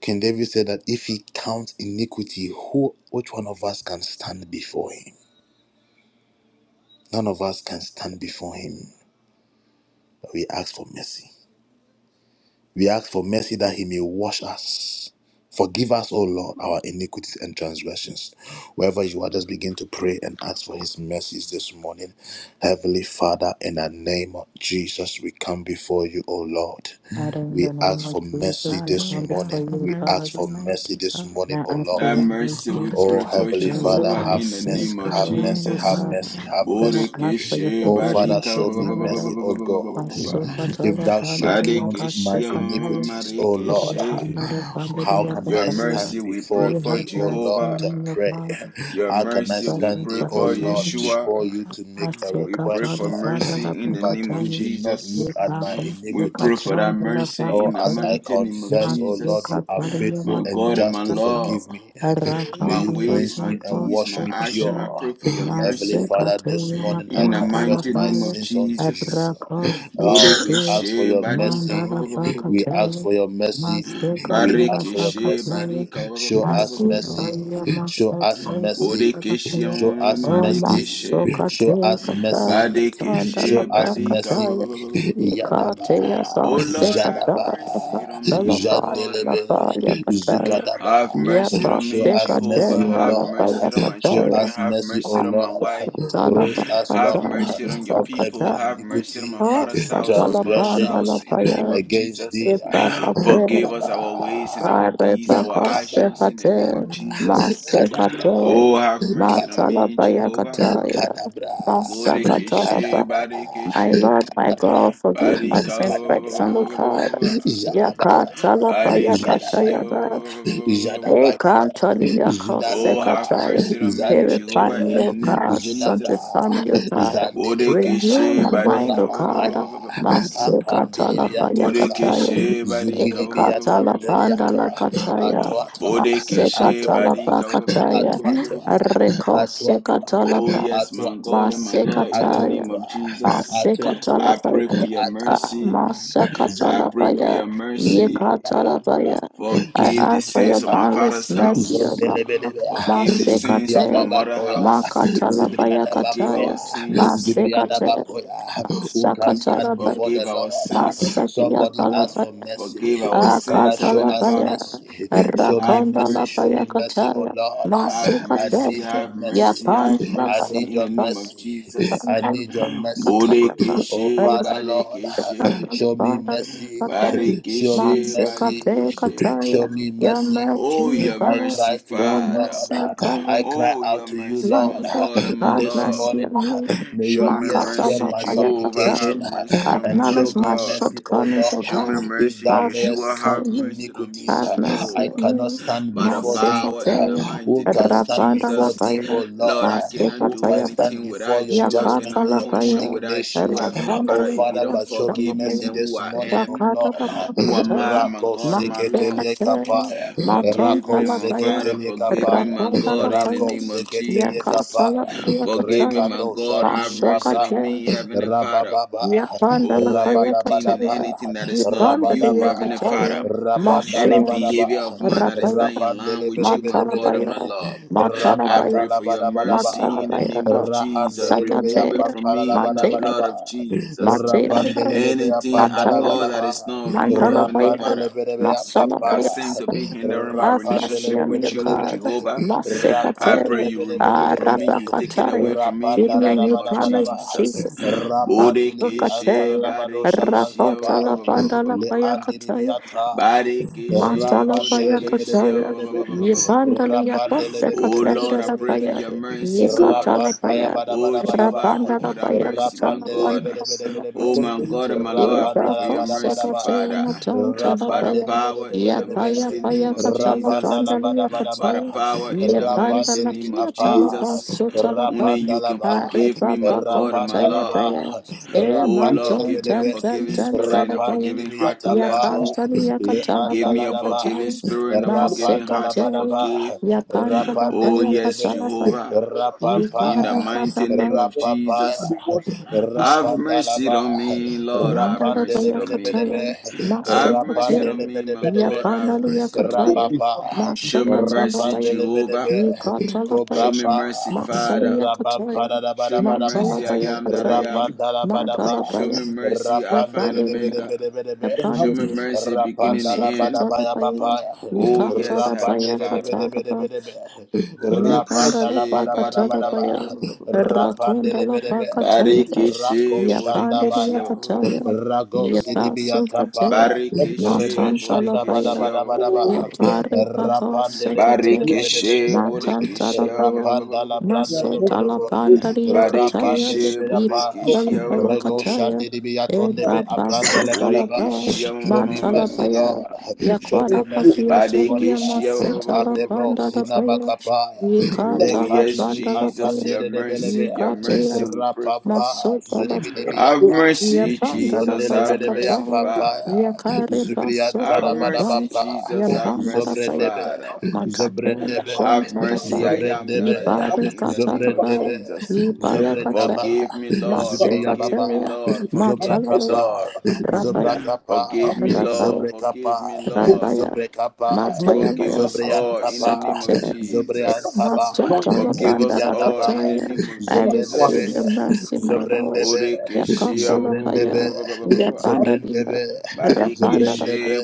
[SPEAKER 1] King David said that if he counts iniquity, who which one of us can stand before him? None of us can stand before him. But we ask for mercy. We ask for mercy that he may wash us. Forgive us, O Lord, our iniquities and transgressions. Wherever you are, just begin to pray and ask for his mercies this morning. Heavenly Father, in the name of Jesus, we come before you, O Lord.
[SPEAKER 2] Father, in
[SPEAKER 1] We
[SPEAKER 2] the name
[SPEAKER 1] ask
[SPEAKER 2] of
[SPEAKER 1] for
[SPEAKER 2] Jesus,
[SPEAKER 1] mercy
[SPEAKER 2] we
[SPEAKER 8] Father,
[SPEAKER 1] this
[SPEAKER 8] we
[SPEAKER 2] come before
[SPEAKER 8] ask
[SPEAKER 1] morning.
[SPEAKER 8] for
[SPEAKER 2] you,
[SPEAKER 1] We ask
[SPEAKER 2] Father.
[SPEAKER 8] mercy,
[SPEAKER 1] for mercy
[SPEAKER 8] mighty
[SPEAKER 1] this
[SPEAKER 8] God.
[SPEAKER 2] And
[SPEAKER 1] morning,
[SPEAKER 2] I
[SPEAKER 1] O
[SPEAKER 2] ask for
[SPEAKER 1] Lord.
[SPEAKER 6] That
[SPEAKER 2] your
[SPEAKER 6] mercy
[SPEAKER 8] We
[SPEAKER 6] we
[SPEAKER 2] mercy.
[SPEAKER 8] ask you
[SPEAKER 1] Oh,
[SPEAKER 6] pray
[SPEAKER 8] to
[SPEAKER 6] for
[SPEAKER 2] I
[SPEAKER 1] Heavenly
[SPEAKER 8] forgive us
[SPEAKER 1] Father,
[SPEAKER 2] lay
[SPEAKER 8] of
[SPEAKER 6] Jehovah
[SPEAKER 2] my
[SPEAKER 8] our
[SPEAKER 1] have
[SPEAKER 6] in the
[SPEAKER 2] sins
[SPEAKER 8] sins,
[SPEAKER 1] mercy,
[SPEAKER 6] name of
[SPEAKER 8] God,
[SPEAKER 1] have
[SPEAKER 2] before you,
[SPEAKER 8] knowing
[SPEAKER 1] mercy,
[SPEAKER 2] O
[SPEAKER 8] and
[SPEAKER 1] have
[SPEAKER 6] Jesus.
[SPEAKER 2] God.
[SPEAKER 1] mercy,
[SPEAKER 8] unknowing, oh
[SPEAKER 1] have
[SPEAKER 2] I
[SPEAKER 8] God,
[SPEAKER 2] must
[SPEAKER 1] mercy.
[SPEAKER 2] ask for your
[SPEAKER 6] Borekeshe
[SPEAKER 1] Oh, Father,
[SPEAKER 2] forgiveness,
[SPEAKER 8] Jesus.
[SPEAKER 6] barika
[SPEAKER 2] O
[SPEAKER 6] ba-
[SPEAKER 1] show
[SPEAKER 6] ba-
[SPEAKER 1] me
[SPEAKER 6] ba- ba- ba- ba-
[SPEAKER 2] Zavada.
[SPEAKER 1] mercy, O
[SPEAKER 6] ba- ba- ba-
[SPEAKER 1] God.
[SPEAKER 6] ba- ba- ba-
[SPEAKER 8] Be
[SPEAKER 6] ba.
[SPEAKER 1] If
[SPEAKER 8] merciful
[SPEAKER 2] Asokatala
[SPEAKER 1] thou should
[SPEAKER 2] Pandaria
[SPEAKER 1] count my
[SPEAKER 6] Barekeshe ma- ma- ma- ma-
[SPEAKER 2] Kasukataya.
[SPEAKER 6] ma-
[SPEAKER 1] iniquities, O Lord,
[SPEAKER 6] rekeshe.
[SPEAKER 2] Arashandala
[SPEAKER 8] Mercy
[SPEAKER 1] how
[SPEAKER 2] Pandaria
[SPEAKER 8] for
[SPEAKER 1] can
[SPEAKER 8] my
[SPEAKER 6] Your
[SPEAKER 1] I
[SPEAKER 2] Kataya.
[SPEAKER 8] God,
[SPEAKER 6] mercy
[SPEAKER 1] stand
[SPEAKER 6] we
[SPEAKER 2] May
[SPEAKER 1] before
[SPEAKER 6] pray
[SPEAKER 2] you
[SPEAKER 6] for
[SPEAKER 2] have
[SPEAKER 1] thee, O
[SPEAKER 2] mercy on
[SPEAKER 1] Lord, to
[SPEAKER 2] me,
[SPEAKER 6] Jehovah.
[SPEAKER 2] O
[SPEAKER 1] pray?
[SPEAKER 2] God.
[SPEAKER 6] Your
[SPEAKER 1] How can I
[SPEAKER 6] mercy, we
[SPEAKER 1] stand thee,
[SPEAKER 6] pray
[SPEAKER 2] Mandala
[SPEAKER 1] O
[SPEAKER 6] for
[SPEAKER 8] merciful,
[SPEAKER 1] Lord,
[SPEAKER 8] my
[SPEAKER 6] Yeshua.
[SPEAKER 1] before you
[SPEAKER 8] God,
[SPEAKER 1] to make a
[SPEAKER 6] We pray
[SPEAKER 1] request?
[SPEAKER 6] for mercy in the
[SPEAKER 1] But
[SPEAKER 6] name of
[SPEAKER 1] you do not look
[SPEAKER 6] Jesus.
[SPEAKER 1] at my
[SPEAKER 6] We pray
[SPEAKER 1] iniquities.
[SPEAKER 6] for that mercy
[SPEAKER 1] Oh,
[SPEAKER 6] in the
[SPEAKER 1] as I
[SPEAKER 6] mighty name of
[SPEAKER 1] confess, O Lord,
[SPEAKER 6] Jesus.
[SPEAKER 1] you are faithful
[SPEAKER 6] My
[SPEAKER 1] and
[SPEAKER 6] God and
[SPEAKER 1] just
[SPEAKER 6] my
[SPEAKER 1] to
[SPEAKER 6] Lord,
[SPEAKER 1] forgive me. May
[SPEAKER 6] my
[SPEAKER 1] you
[SPEAKER 6] ways,
[SPEAKER 1] cleanse
[SPEAKER 6] my
[SPEAKER 1] me and
[SPEAKER 6] deeds,
[SPEAKER 1] wash
[SPEAKER 6] my
[SPEAKER 1] me
[SPEAKER 6] action, I pray
[SPEAKER 1] pure.
[SPEAKER 6] for your
[SPEAKER 1] Heavenly
[SPEAKER 6] mercy
[SPEAKER 1] Father, this morning I
[SPEAKER 6] in the
[SPEAKER 1] confess
[SPEAKER 6] mighty
[SPEAKER 1] my
[SPEAKER 6] name of
[SPEAKER 1] sins unto
[SPEAKER 6] Jesus.
[SPEAKER 1] you. Oh, we ask for
[SPEAKER 6] Bodekeshe
[SPEAKER 1] your
[SPEAKER 6] barika
[SPEAKER 1] mercy. We ask
[SPEAKER 2] Bakataya,
[SPEAKER 1] for your mercy.
[SPEAKER 2] Master
[SPEAKER 1] We
[SPEAKER 2] Katala
[SPEAKER 1] ask for your
[SPEAKER 6] barikeshe
[SPEAKER 2] Bakataya,
[SPEAKER 1] mercy.
[SPEAKER 6] barika
[SPEAKER 1] Show us
[SPEAKER 8] mercy,
[SPEAKER 2] Masu
[SPEAKER 8] Lord,
[SPEAKER 2] taya
[SPEAKER 1] mercy.
[SPEAKER 8] mercy,
[SPEAKER 1] Show
[SPEAKER 2] masu
[SPEAKER 1] us
[SPEAKER 2] taya
[SPEAKER 1] mercy.
[SPEAKER 2] taya
[SPEAKER 6] bodekeshe
[SPEAKER 8] and
[SPEAKER 1] Show us
[SPEAKER 2] O
[SPEAKER 1] mercy.
[SPEAKER 6] marekeshe
[SPEAKER 2] masoka
[SPEAKER 1] Show
[SPEAKER 2] kate
[SPEAKER 1] us
[SPEAKER 2] kata
[SPEAKER 1] mercy.
[SPEAKER 2] tanda
[SPEAKER 1] Show
[SPEAKER 2] la
[SPEAKER 6] Badikishe,
[SPEAKER 2] pa
[SPEAKER 1] us
[SPEAKER 6] badika.
[SPEAKER 1] mercy.
[SPEAKER 2] kataya. Ika
[SPEAKER 1] Yadaba,
[SPEAKER 2] taya sa
[SPEAKER 6] Oh
[SPEAKER 2] se
[SPEAKER 6] Lord, have
[SPEAKER 1] Jadaba,
[SPEAKER 2] kataya pa
[SPEAKER 6] mercy on me,
[SPEAKER 2] tala
[SPEAKER 6] my
[SPEAKER 2] pa
[SPEAKER 6] God and
[SPEAKER 2] tala
[SPEAKER 6] my
[SPEAKER 1] Jandelebe,
[SPEAKER 6] Lord.
[SPEAKER 2] ya kataya.
[SPEAKER 6] Have
[SPEAKER 2] Ya
[SPEAKER 6] mercy
[SPEAKER 1] Zugadaba.
[SPEAKER 2] pa
[SPEAKER 6] on
[SPEAKER 1] Show
[SPEAKER 2] se
[SPEAKER 6] me,
[SPEAKER 1] us mercy,
[SPEAKER 6] Jehovah.
[SPEAKER 1] O
[SPEAKER 2] katenda
[SPEAKER 6] Have
[SPEAKER 2] la
[SPEAKER 1] Lord.
[SPEAKER 2] pa
[SPEAKER 6] mercy
[SPEAKER 2] ya
[SPEAKER 6] on my
[SPEAKER 1] Show
[SPEAKER 6] children.
[SPEAKER 2] kataya.
[SPEAKER 1] us
[SPEAKER 6] Have
[SPEAKER 1] mercy, O
[SPEAKER 6] mercy on my
[SPEAKER 1] Lord.
[SPEAKER 2] Masu
[SPEAKER 6] wife.
[SPEAKER 2] katala sakata.
[SPEAKER 1] Raise us,
[SPEAKER 6] Have
[SPEAKER 1] Lord,
[SPEAKER 2] katanda
[SPEAKER 6] mercy
[SPEAKER 2] la
[SPEAKER 6] on your
[SPEAKER 2] sa
[SPEAKER 1] of every
[SPEAKER 6] people.
[SPEAKER 2] kataya.
[SPEAKER 6] Have mercy on
[SPEAKER 1] iniquity,
[SPEAKER 6] my father's
[SPEAKER 2] Sa
[SPEAKER 6] house, my
[SPEAKER 2] tala
[SPEAKER 6] mother's
[SPEAKER 1] transgressions
[SPEAKER 2] la
[SPEAKER 6] house, in
[SPEAKER 2] pa
[SPEAKER 6] the name
[SPEAKER 2] ya.
[SPEAKER 6] of
[SPEAKER 1] against
[SPEAKER 6] Jesus.
[SPEAKER 1] thee.
[SPEAKER 6] Forgive us our ways and
[SPEAKER 8] mercy,
[SPEAKER 6] our
[SPEAKER 1] Abba.
[SPEAKER 6] deeds, our
[SPEAKER 1] Kaba,
[SPEAKER 6] actions, in the name of
[SPEAKER 2] Sarebakasekate,
[SPEAKER 8] We never
[SPEAKER 6] Jesus.
[SPEAKER 1] Kadabra,
[SPEAKER 2] Masekate,
[SPEAKER 6] Oh, have mercy on
[SPEAKER 1] Kadabra,
[SPEAKER 6] me, Jehovah.
[SPEAKER 2] Matalabayakataya,
[SPEAKER 1] Kadabra,
[SPEAKER 6] Bodekeshe,
[SPEAKER 2] Masakatalaba.
[SPEAKER 1] Kadabra,
[SPEAKER 2] My
[SPEAKER 6] Badekeshe,
[SPEAKER 2] Lord, my
[SPEAKER 1] Kadabra,
[SPEAKER 2] God, forgive my
[SPEAKER 6] Badika,
[SPEAKER 2] transgression, O
[SPEAKER 1] Kadabra,
[SPEAKER 2] God.
[SPEAKER 1] Jadabaya,
[SPEAKER 6] Badekeshe,
[SPEAKER 1] Jadabaya,
[SPEAKER 2] Yakatalapayakataya,
[SPEAKER 1] Jadabaya.
[SPEAKER 2] Ekantania
[SPEAKER 6] Oh,
[SPEAKER 1] Zudalaba,
[SPEAKER 6] have
[SPEAKER 2] Kosekataya.
[SPEAKER 6] mercy on me,
[SPEAKER 2] Purify
[SPEAKER 1] Zandelebe,
[SPEAKER 6] Jehovah,
[SPEAKER 2] me,
[SPEAKER 6] in the
[SPEAKER 2] O
[SPEAKER 6] name of
[SPEAKER 2] God,
[SPEAKER 6] Jesus.
[SPEAKER 1] Zudabra,
[SPEAKER 2] sanctify me, O God.
[SPEAKER 1] Zandelebia,
[SPEAKER 2] Renew
[SPEAKER 6] Bodekeshe,
[SPEAKER 2] my mind,
[SPEAKER 6] Badika,
[SPEAKER 2] O God.
[SPEAKER 1] Orabapaya,
[SPEAKER 2] Masekatala
[SPEAKER 1] Apandelebia Tosa,
[SPEAKER 2] Payakataya.
[SPEAKER 6] Bodekeshe, Badika,
[SPEAKER 1] Zugidibia
[SPEAKER 2] Ekatala Pandala
[SPEAKER 1] Tampeliata,
[SPEAKER 2] Kataya.
[SPEAKER 1] Atuata,
[SPEAKER 6] Bodekeshe,
[SPEAKER 2] Masekatala
[SPEAKER 1] Atuata,
[SPEAKER 2] Pakataya.
[SPEAKER 1] Atuata,
[SPEAKER 6] Badika,
[SPEAKER 1] Atuata,
[SPEAKER 2] Rekosekatala
[SPEAKER 6] Oh,
[SPEAKER 2] Pa.
[SPEAKER 6] yes, my God
[SPEAKER 1] Atuata,
[SPEAKER 6] and my Lord, in the
[SPEAKER 2] Masekataya.
[SPEAKER 6] name of
[SPEAKER 1] Atuata,
[SPEAKER 6] Jesus,
[SPEAKER 2] Masekatala
[SPEAKER 1] Atuata,
[SPEAKER 6] I pray
[SPEAKER 2] Paya.
[SPEAKER 6] for your
[SPEAKER 2] Ah,
[SPEAKER 1] Atuata,
[SPEAKER 6] mercy. I
[SPEAKER 2] Masekatala
[SPEAKER 1] Zadaba.
[SPEAKER 6] pray for
[SPEAKER 2] Paya.
[SPEAKER 6] your mercy.
[SPEAKER 2] Yekatala Paya. I
[SPEAKER 6] Forgive the
[SPEAKER 2] ask for your
[SPEAKER 6] sins of
[SPEAKER 1] Zibriata,
[SPEAKER 6] my
[SPEAKER 2] boundless
[SPEAKER 6] father's
[SPEAKER 2] mercy, O
[SPEAKER 6] house.
[SPEAKER 2] God.
[SPEAKER 1] Zondelebedebea,
[SPEAKER 6] Forgive the sins of my
[SPEAKER 1] Zibriada
[SPEAKER 2] Masekate,
[SPEAKER 6] mother's
[SPEAKER 1] Bapoya,
[SPEAKER 6] house.
[SPEAKER 1] Zibriada
[SPEAKER 6] Forgive
[SPEAKER 1] Bapoya,
[SPEAKER 6] our
[SPEAKER 2] Makatalabayakataya,
[SPEAKER 6] sins.
[SPEAKER 1] Zibriada
[SPEAKER 2] Masekate,
[SPEAKER 1] Bapoya. Who can stand
[SPEAKER 2] Masakatalabaya,
[SPEAKER 1] before the
[SPEAKER 6] Forgive our
[SPEAKER 1] Lord?
[SPEAKER 6] sins.
[SPEAKER 1] Somebody ask for
[SPEAKER 2] Masakiatalabaya,
[SPEAKER 6] Forgive
[SPEAKER 1] mercy.
[SPEAKER 6] our
[SPEAKER 1] Father,
[SPEAKER 6] sins,
[SPEAKER 1] show
[SPEAKER 6] Heavenly
[SPEAKER 1] us
[SPEAKER 6] Father.
[SPEAKER 2] Akatalabaya,
[SPEAKER 1] mercy. Show me
[SPEAKER 6] Have
[SPEAKER 1] mercy, show me
[SPEAKER 6] mercy.
[SPEAKER 1] mercy, oh
[SPEAKER 2] Rakondalabayakataya,
[SPEAKER 1] Lord.
[SPEAKER 6] Have
[SPEAKER 1] I
[SPEAKER 6] mercy.
[SPEAKER 1] need
[SPEAKER 2] Masekate,
[SPEAKER 1] your
[SPEAKER 6] Have
[SPEAKER 1] mercy.
[SPEAKER 6] mercy.
[SPEAKER 2] Yapan
[SPEAKER 6] Have
[SPEAKER 1] I
[SPEAKER 6] mercy
[SPEAKER 1] need
[SPEAKER 6] in
[SPEAKER 1] your
[SPEAKER 6] the
[SPEAKER 2] Labayakata,
[SPEAKER 6] name of
[SPEAKER 1] mercy.
[SPEAKER 6] Jesus.
[SPEAKER 2] your
[SPEAKER 1] I
[SPEAKER 2] mercy,
[SPEAKER 1] need your
[SPEAKER 2] God,
[SPEAKER 1] mercy. Oh,
[SPEAKER 6] Bodekeshe,
[SPEAKER 1] Father, Lord, show
[SPEAKER 6] Badekeshe.
[SPEAKER 1] me mercy. Show me
[SPEAKER 6] Barikishe,
[SPEAKER 1] mercy.
[SPEAKER 6] barikishe.
[SPEAKER 1] Show me mercy.
[SPEAKER 6] Oh, your
[SPEAKER 1] I
[SPEAKER 6] mercy,
[SPEAKER 1] cry to
[SPEAKER 2] your
[SPEAKER 1] you,
[SPEAKER 6] Father.
[SPEAKER 1] Lord.
[SPEAKER 2] mercy,
[SPEAKER 1] I
[SPEAKER 2] God,
[SPEAKER 1] cry
[SPEAKER 6] Oh,
[SPEAKER 1] out
[SPEAKER 6] your
[SPEAKER 2] over
[SPEAKER 1] to
[SPEAKER 2] my
[SPEAKER 1] you,
[SPEAKER 6] mercy,
[SPEAKER 1] Lord.
[SPEAKER 6] my
[SPEAKER 2] life,
[SPEAKER 6] God and my
[SPEAKER 2] have
[SPEAKER 1] This
[SPEAKER 6] Lord.
[SPEAKER 2] mercy on
[SPEAKER 1] morning,
[SPEAKER 2] me.
[SPEAKER 1] may your
[SPEAKER 6] Show me
[SPEAKER 1] ears hear
[SPEAKER 6] mercy,
[SPEAKER 2] Makatala
[SPEAKER 1] my
[SPEAKER 6] Jehovah.
[SPEAKER 1] supplication
[SPEAKER 6] Have
[SPEAKER 2] Bayakatari,
[SPEAKER 6] mercy on me,
[SPEAKER 1] and
[SPEAKER 6] my
[SPEAKER 1] show
[SPEAKER 2] acknowledge
[SPEAKER 1] me
[SPEAKER 2] my
[SPEAKER 6] God.
[SPEAKER 1] mercy, O
[SPEAKER 2] shortcomings,
[SPEAKER 1] Lord.
[SPEAKER 2] O
[SPEAKER 6] Show me
[SPEAKER 2] God,
[SPEAKER 1] If
[SPEAKER 6] mercy,
[SPEAKER 1] thou
[SPEAKER 2] have
[SPEAKER 1] mayest
[SPEAKER 6] Yeshua.
[SPEAKER 2] mercy
[SPEAKER 6] Have
[SPEAKER 1] count
[SPEAKER 2] on me,
[SPEAKER 6] mercy on me,
[SPEAKER 1] iniquities,
[SPEAKER 2] have mercy
[SPEAKER 1] I
[SPEAKER 2] on
[SPEAKER 6] Jehovah.
[SPEAKER 1] cannot
[SPEAKER 2] me.
[SPEAKER 1] stand
[SPEAKER 6] By the
[SPEAKER 1] before thee.
[SPEAKER 6] power in the
[SPEAKER 2] Masekataya,
[SPEAKER 6] mighty
[SPEAKER 1] Who can
[SPEAKER 6] name of
[SPEAKER 1] stand
[SPEAKER 2] Rabanda
[SPEAKER 1] before
[SPEAKER 6] Jesus.
[SPEAKER 1] thee,
[SPEAKER 2] Labaya,
[SPEAKER 1] O Lord?
[SPEAKER 6] Lord, I cannot
[SPEAKER 1] Who
[SPEAKER 6] do
[SPEAKER 1] can
[SPEAKER 2] Masikataya.
[SPEAKER 1] stand
[SPEAKER 6] anything
[SPEAKER 1] before your
[SPEAKER 6] without you. I
[SPEAKER 1] judgment
[SPEAKER 6] cannot
[SPEAKER 1] and your
[SPEAKER 6] function
[SPEAKER 2] Yakatalapaya,
[SPEAKER 1] indignation?
[SPEAKER 6] without
[SPEAKER 1] foundation.
[SPEAKER 6] you. Heavenly
[SPEAKER 1] Oh,
[SPEAKER 6] Father, if you
[SPEAKER 1] Father,
[SPEAKER 6] don't
[SPEAKER 2] Rakandalapaya,
[SPEAKER 1] but show me
[SPEAKER 6] forgive me,
[SPEAKER 1] mercy
[SPEAKER 6] then
[SPEAKER 2] Talapaya,
[SPEAKER 6] who
[SPEAKER 1] this
[SPEAKER 6] I
[SPEAKER 1] morning, oh
[SPEAKER 6] am?
[SPEAKER 1] Lord.
[SPEAKER 6] Who am I,
[SPEAKER 2] Rakadalapaya,
[SPEAKER 6] my
[SPEAKER 1] Rako
[SPEAKER 6] God and my Lord?
[SPEAKER 1] seketelia
[SPEAKER 2] Masekate,
[SPEAKER 1] kapaya.
[SPEAKER 6] Forgive me,
[SPEAKER 1] Rako
[SPEAKER 6] my
[SPEAKER 2] Matontalapaya,
[SPEAKER 6] Father.
[SPEAKER 1] seketelia
[SPEAKER 6] Forgive me,
[SPEAKER 1] kapaya.
[SPEAKER 6] my God, in the
[SPEAKER 1] Rako
[SPEAKER 2] Rakandalapaya,
[SPEAKER 6] name of
[SPEAKER 1] seketelia
[SPEAKER 6] Jesus.
[SPEAKER 1] kapaya.
[SPEAKER 2] Yakatalapaya
[SPEAKER 6] Forgive me,
[SPEAKER 2] Kataya,
[SPEAKER 6] my
[SPEAKER 1] Rekado
[SPEAKER 6] God. Have
[SPEAKER 1] shandili
[SPEAKER 6] mercy
[SPEAKER 1] abra.
[SPEAKER 6] on
[SPEAKER 2] Masokate,
[SPEAKER 6] me, Heavenly Father.
[SPEAKER 1] Rabababa.
[SPEAKER 6] Oh,
[SPEAKER 2] Yapandalapaya
[SPEAKER 6] everything and
[SPEAKER 1] Rabadabadaba.
[SPEAKER 2] Kataya,
[SPEAKER 6] anything that is not of you,
[SPEAKER 2] Yapandalapaya
[SPEAKER 1] Rabadaba.
[SPEAKER 6] Heavenly
[SPEAKER 2] Kataya,
[SPEAKER 6] Father. Any
[SPEAKER 2] Masea,
[SPEAKER 1] Rapandalabadaba.
[SPEAKER 6] behavior of mine that is
[SPEAKER 2] Rapaya,
[SPEAKER 6] not in line with you, my God and
[SPEAKER 1] Rapandelebedebedebedebe.
[SPEAKER 6] my
[SPEAKER 2] Matalabaya,
[SPEAKER 6] Lord. I
[SPEAKER 2] Matalabaya,
[SPEAKER 6] pray for your
[SPEAKER 1] Rapandalabadabadaba.
[SPEAKER 6] mercy in the name
[SPEAKER 2] Matalabaya,
[SPEAKER 6] of Jesus.
[SPEAKER 1] Rahandelelebeya
[SPEAKER 6] Remove it
[SPEAKER 2] Masakatea,
[SPEAKER 6] from me in the
[SPEAKER 1] badaba
[SPEAKER 2] Matea,
[SPEAKER 6] blood of Jesus.
[SPEAKER 2] Matea,
[SPEAKER 1] rapandelelebea
[SPEAKER 6] Anything at
[SPEAKER 1] pandala
[SPEAKER 2] Matala,
[SPEAKER 6] all that is
[SPEAKER 1] badaba
[SPEAKER 6] not of you,
[SPEAKER 2] Mantala
[SPEAKER 6] Heavenly
[SPEAKER 2] Paya,
[SPEAKER 6] Father
[SPEAKER 1] rapandelebelebea
[SPEAKER 2] Masala
[SPEAKER 1] papa
[SPEAKER 6] that
[SPEAKER 2] Paya,
[SPEAKER 6] seem to be hindering my
[SPEAKER 2] Aflasia
[SPEAKER 6] relationship with you,
[SPEAKER 1] rapandelebelebelebe
[SPEAKER 2] Mirkada,
[SPEAKER 6] Jehovah. I pray
[SPEAKER 2] Masekateria,
[SPEAKER 6] you remove it from
[SPEAKER 1] rakandelebelebelebe
[SPEAKER 6] me, you take it away
[SPEAKER 2] Arabakataya,
[SPEAKER 6] from me
[SPEAKER 2] give
[SPEAKER 6] in
[SPEAKER 2] me
[SPEAKER 6] the
[SPEAKER 1] rapandala
[SPEAKER 2] a new
[SPEAKER 6] name of
[SPEAKER 2] promise,
[SPEAKER 1] badabadaba
[SPEAKER 6] Jesus.
[SPEAKER 2] Jesus.
[SPEAKER 1] rapandelibi
[SPEAKER 6] Bodekeshe,
[SPEAKER 1] antala
[SPEAKER 2] Masakateria,
[SPEAKER 1] badosha
[SPEAKER 6] barekeshe,
[SPEAKER 1] blanca
[SPEAKER 6] ba-
[SPEAKER 2] Rakota
[SPEAKER 6] ba- ba-
[SPEAKER 2] la
[SPEAKER 1] paya
[SPEAKER 6] ba- ba- ba- ba- ba-
[SPEAKER 2] Bandala
[SPEAKER 6] ba-
[SPEAKER 1] le
[SPEAKER 6] ba- ba.
[SPEAKER 2] Paya
[SPEAKER 1] andelibiata
[SPEAKER 6] Barekeshe,
[SPEAKER 2] Masala paya
[SPEAKER 6] bodekeshe,
[SPEAKER 2] kataya,
[SPEAKER 6] ba- ba-
[SPEAKER 1] rapandelebelebelebe
[SPEAKER 6] ba- ba- ba- ba-
[SPEAKER 2] ye
[SPEAKER 6] ba- ba- ba- ba-
[SPEAKER 2] pandali ya
[SPEAKER 6] ba.
[SPEAKER 2] kose
[SPEAKER 6] Oh Lord,
[SPEAKER 2] katenda
[SPEAKER 6] I
[SPEAKER 2] da
[SPEAKER 6] pray for
[SPEAKER 1] rapandelebelebelebe
[SPEAKER 2] paya,
[SPEAKER 6] your mercy,
[SPEAKER 2] ye
[SPEAKER 6] Lord.
[SPEAKER 2] katala
[SPEAKER 1] rapampaya
[SPEAKER 2] paya,
[SPEAKER 6] Oh Jehovah,
[SPEAKER 1] badabadabadaba
[SPEAKER 6] I pray
[SPEAKER 2] rabanda da
[SPEAKER 6] for that
[SPEAKER 2] paya
[SPEAKER 6] mercy, my
[SPEAKER 2] katala
[SPEAKER 1] Rapandele
[SPEAKER 2] panda
[SPEAKER 6] God.
[SPEAKER 1] bede bede bede bede.
[SPEAKER 6] Oh my God and my Lord, I
[SPEAKER 2] Yapanda
[SPEAKER 6] pray for
[SPEAKER 2] la
[SPEAKER 1] Rapandala
[SPEAKER 6] your
[SPEAKER 1] bada
[SPEAKER 2] paya
[SPEAKER 1] bada
[SPEAKER 6] mercy,
[SPEAKER 1] ba
[SPEAKER 6] Father
[SPEAKER 2] katala
[SPEAKER 6] by the power in the
[SPEAKER 1] Rapandelebelebelebelebe.
[SPEAKER 2] paya,
[SPEAKER 6] mighty name
[SPEAKER 2] paya
[SPEAKER 6] of
[SPEAKER 2] katala
[SPEAKER 6] Jesus,
[SPEAKER 2] panda liya
[SPEAKER 1] Rapandalabadabadaba.
[SPEAKER 6] by
[SPEAKER 1] ba.
[SPEAKER 6] the
[SPEAKER 2] kataya.
[SPEAKER 6] power
[SPEAKER 1] Rapandalabadabadaba.
[SPEAKER 6] in
[SPEAKER 2] Ya
[SPEAKER 6] the
[SPEAKER 2] panda
[SPEAKER 6] mighty
[SPEAKER 2] la
[SPEAKER 1] Rapandelebi
[SPEAKER 6] name
[SPEAKER 2] kia
[SPEAKER 6] of
[SPEAKER 1] apa.
[SPEAKER 2] tala
[SPEAKER 6] Jesus.
[SPEAKER 2] baso tala
[SPEAKER 6] Only
[SPEAKER 2] pa.
[SPEAKER 6] you
[SPEAKER 1] Rapandala
[SPEAKER 6] can
[SPEAKER 1] ba.
[SPEAKER 2] Hari
[SPEAKER 6] forgive me, my
[SPEAKER 2] papa
[SPEAKER 6] God and my
[SPEAKER 2] kota
[SPEAKER 1] Rapandala
[SPEAKER 2] ya
[SPEAKER 6] Lord.
[SPEAKER 1] ba.
[SPEAKER 2] paya e
[SPEAKER 6] Oh
[SPEAKER 2] ma
[SPEAKER 6] Lord,
[SPEAKER 1] Rapandele
[SPEAKER 2] ton
[SPEAKER 6] give
[SPEAKER 1] bede
[SPEAKER 6] me a
[SPEAKER 2] tan
[SPEAKER 1] bede.
[SPEAKER 2] tan
[SPEAKER 6] forgiving
[SPEAKER 2] tan
[SPEAKER 6] spirit and
[SPEAKER 2] tala
[SPEAKER 6] a
[SPEAKER 2] paya.
[SPEAKER 1] Rapandele
[SPEAKER 6] forgiving
[SPEAKER 1] bi
[SPEAKER 6] heart to
[SPEAKER 2] Ya
[SPEAKER 6] let
[SPEAKER 1] atapa.
[SPEAKER 6] go.
[SPEAKER 2] kanta liya
[SPEAKER 1] Le
[SPEAKER 2] katala
[SPEAKER 6] Give me a
[SPEAKER 2] paya
[SPEAKER 1] Rapandalaba.
[SPEAKER 6] forgiving
[SPEAKER 2] kataya.
[SPEAKER 6] spirit
[SPEAKER 1] Rapandalaba. Rapandelebelebe. ba. Leandaladaba.
[SPEAKER 6] and a
[SPEAKER 2] Ma
[SPEAKER 6] forgiving
[SPEAKER 2] seka
[SPEAKER 6] heart to
[SPEAKER 1] Rapandalabadaba.
[SPEAKER 6] forgive. Oh yes,
[SPEAKER 1] Rapandelebelebe.
[SPEAKER 6] Jehovah,
[SPEAKER 1] Rapampa.
[SPEAKER 6] in the mighty
[SPEAKER 2] you
[SPEAKER 6] name of Jesus.
[SPEAKER 1] Rapapaya,
[SPEAKER 6] Have mercy
[SPEAKER 1] Rapandalaba,
[SPEAKER 6] on me, Lord, have
[SPEAKER 2] Mandala
[SPEAKER 6] mercy
[SPEAKER 2] Baya
[SPEAKER 6] on
[SPEAKER 1] Rapandelebedebedebe,
[SPEAKER 6] me.
[SPEAKER 2] Kataya,
[SPEAKER 6] Have mercy
[SPEAKER 2] Masekate,
[SPEAKER 6] on me, my
[SPEAKER 1] Rapandelebedebedebe,
[SPEAKER 6] God, have
[SPEAKER 2] Yapanalia
[SPEAKER 6] mercy on me.
[SPEAKER 2] Kataya,
[SPEAKER 1] Rabapa,
[SPEAKER 6] Show me
[SPEAKER 2] Masakatala
[SPEAKER 6] mercy,
[SPEAKER 2] Baya,
[SPEAKER 6] Jehovah.
[SPEAKER 1] Rapandelebedebe,
[SPEAKER 2] Yukatala Baya,
[SPEAKER 6] Show me
[SPEAKER 1] Cobrapa,
[SPEAKER 6] mercy, Father.
[SPEAKER 2] Masalia Kataya,
[SPEAKER 6] Show me
[SPEAKER 2] Matala
[SPEAKER 6] mercy,
[SPEAKER 1] Rabampadabadabadaba,
[SPEAKER 6] I
[SPEAKER 2] Baya
[SPEAKER 6] am that I
[SPEAKER 2] Kataya,
[SPEAKER 6] am.
[SPEAKER 1] Rapandalabadaba,
[SPEAKER 2] Mandala
[SPEAKER 6] Show
[SPEAKER 2] Baya,
[SPEAKER 6] me mercy, Alpha and
[SPEAKER 2] Yapanina,
[SPEAKER 6] Omega.
[SPEAKER 1] Rapandelebedebedebe,
[SPEAKER 6] Show me
[SPEAKER 2] Yapanina,
[SPEAKER 6] mercy, beginning and end.
[SPEAKER 2] Masakatala Baya,
[SPEAKER 1] Rapandalabadabayabapaya,
[SPEAKER 6] Oh, yes,
[SPEAKER 2] Yukatala
[SPEAKER 6] Heavenly
[SPEAKER 2] Baya
[SPEAKER 6] Father.
[SPEAKER 2] Katala
[SPEAKER 1] Rapandelebedebedebe,
[SPEAKER 2] Yapanda la
[SPEAKER 6] Bodekeshe
[SPEAKER 2] paka tada
[SPEAKER 6] badika
[SPEAKER 2] paya.
[SPEAKER 1] Rapandalabadabadabadaba,
[SPEAKER 2] Rakonda
[SPEAKER 1] rapandele
[SPEAKER 2] la
[SPEAKER 1] bedebe,
[SPEAKER 2] paka taya da.
[SPEAKER 1] rako
[SPEAKER 6] Barikeshe
[SPEAKER 2] Yapanda la
[SPEAKER 6] bodekeshe
[SPEAKER 2] yaka
[SPEAKER 1] shandabaya,
[SPEAKER 2] taya.
[SPEAKER 1] rago
[SPEAKER 2] Yapasu kate.
[SPEAKER 1] sidibiyatapa,
[SPEAKER 6] Barikeshe
[SPEAKER 1] rebe
[SPEAKER 2] Matanta la
[SPEAKER 6] bodekeshe
[SPEAKER 2] paya.
[SPEAKER 1] shandabadabadabadaba,
[SPEAKER 2] Yapare paka
[SPEAKER 1] rapandele
[SPEAKER 2] sekate.
[SPEAKER 6] Barikeshe
[SPEAKER 1] bedebedebedebe,
[SPEAKER 2] Matanta la
[SPEAKER 6] bodekeshe
[SPEAKER 2] paya.
[SPEAKER 1] rapandala
[SPEAKER 2] Naso
[SPEAKER 1] brandolo
[SPEAKER 2] tala
[SPEAKER 1] bodobo,
[SPEAKER 2] panda la yaka taya.
[SPEAKER 1] rapandele
[SPEAKER 6] Barikeshe
[SPEAKER 1] bedapa,
[SPEAKER 2] Yapanda la
[SPEAKER 6] bodekeshe
[SPEAKER 2] paya
[SPEAKER 1] rego
[SPEAKER 2] kataya. Epa
[SPEAKER 1] shandidibiyatondebe
[SPEAKER 2] baso
[SPEAKER 1] aprandele
[SPEAKER 2] tala
[SPEAKER 1] beleba.
[SPEAKER 2] pa.
[SPEAKER 6] Bodekeshia
[SPEAKER 1] Show me
[SPEAKER 2] Matala
[SPEAKER 1] mercy,
[SPEAKER 2] paya.
[SPEAKER 1] Lord. Show me
[SPEAKER 2] Yakwara
[SPEAKER 1] mercy
[SPEAKER 2] pakia
[SPEAKER 1] this
[SPEAKER 2] tari
[SPEAKER 1] morning.
[SPEAKER 6] Badekeshia
[SPEAKER 2] yamaseta la
[SPEAKER 1] Adebro
[SPEAKER 2] panda la paya.
[SPEAKER 1] sinamakapaya,
[SPEAKER 6] Oh
[SPEAKER 2] Yikata la
[SPEAKER 6] yes,
[SPEAKER 1] lekadibri
[SPEAKER 2] banda la
[SPEAKER 6] Jesus,
[SPEAKER 2] baya.
[SPEAKER 6] your mercy,
[SPEAKER 1] Yandelebelebea,
[SPEAKER 6] your
[SPEAKER 2] Yikatea
[SPEAKER 6] mercy we pray for.
[SPEAKER 1] Rapapa,
[SPEAKER 2] masota la baya.
[SPEAKER 6] Have
[SPEAKER 1] Zudibidibiapa,
[SPEAKER 6] mercy,
[SPEAKER 2] Yapanda la
[SPEAKER 6] Jesus,
[SPEAKER 2] baya
[SPEAKER 6] have mercy,
[SPEAKER 2] kataya.
[SPEAKER 1] Zondelebelebeapa,
[SPEAKER 6] Father.
[SPEAKER 2] Yakare
[SPEAKER 6] Have
[SPEAKER 2] basota la
[SPEAKER 6] mercy,
[SPEAKER 2] baya.
[SPEAKER 1] Zubriantarabadabapa,
[SPEAKER 6] Jesus, have
[SPEAKER 2] Yapanda la
[SPEAKER 6] mercy,
[SPEAKER 2] baya.
[SPEAKER 1] Zobrendebe,
[SPEAKER 6] Father.
[SPEAKER 2] Makate la
[SPEAKER 1] Zobrendebe,
[SPEAKER 6] Have
[SPEAKER 2] konta la
[SPEAKER 6] mercy,
[SPEAKER 2] baya.
[SPEAKER 6] I am
[SPEAKER 1] Zobrendebe,
[SPEAKER 6] that I am
[SPEAKER 2] Yipare
[SPEAKER 6] in the
[SPEAKER 2] kata
[SPEAKER 6] name
[SPEAKER 2] la
[SPEAKER 6] of
[SPEAKER 2] baya.
[SPEAKER 1] Zobrendebe,
[SPEAKER 6] Jesus.
[SPEAKER 2] Yipaya kataya.
[SPEAKER 1] Zobrendaba,
[SPEAKER 6] Forgive me, Lord,
[SPEAKER 2] Maseka
[SPEAKER 6] forgive
[SPEAKER 1] Zubriababa,
[SPEAKER 6] me,
[SPEAKER 2] teya.
[SPEAKER 6] Lord, forgive
[SPEAKER 2] Matala
[SPEAKER 6] me,
[SPEAKER 2] baya.
[SPEAKER 1] Zobrakapa,
[SPEAKER 6] Lord.
[SPEAKER 1] Zobrakapa,
[SPEAKER 6] Forgive me,
[SPEAKER 2] Rabaya.
[SPEAKER 6] Lord.
[SPEAKER 1] Zobrekapa,
[SPEAKER 6] Forgive me, Lord.
[SPEAKER 2] Rabaya,
[SPEAKER 1] Zobrekapa,
[SPEAKER 2] Mataya
[SPEAKER 6] Forgive
[SPEAKER 2] Vaya,
[SPEAKER 6] us all in the
[SPEAKER 1] Zobriantaba,
[SPEAKER 6] name of
[SPEAKER 2] Sakate,
[SPEAKER 6] Jesus.
[SPEAKER 2] Masotara
[SPEAKER 6] Forgive
[SPEAKER 1] Zobriantaba,
[SPEAKER 6] us
[SPEAKER 2] Bandara
[SPEAKER 6] all
[SPEAKER 1] Yadaba,
[SPEAKER 6] in the
[SPEAKER 2] Kataya.
[SPEAKER 6] name of
[SPEAKER 2] I
[SPEAKER 1] Zobrendebe,
[SPEAKER 2] receive the
[SPEAKER 6] Jesus.
[SPEAKER 2] mercy, my Lord.
[SPEAKER 1] Zobrendebe,
[SPEAKER 6] Bodekeshia.
[SPEAKER 2] Yakata
[SPEAKER 1] Zobrendebe,
[SPEAKER 2] Rabaya, Yapanda
[SPEAKER 1] Zobrendebe,
[SPEAKER 2] Dina, Rapanda Rabaya.
[SPEAKER 1] Zobrendebe,
[SPEAKER 6] Badekeshe,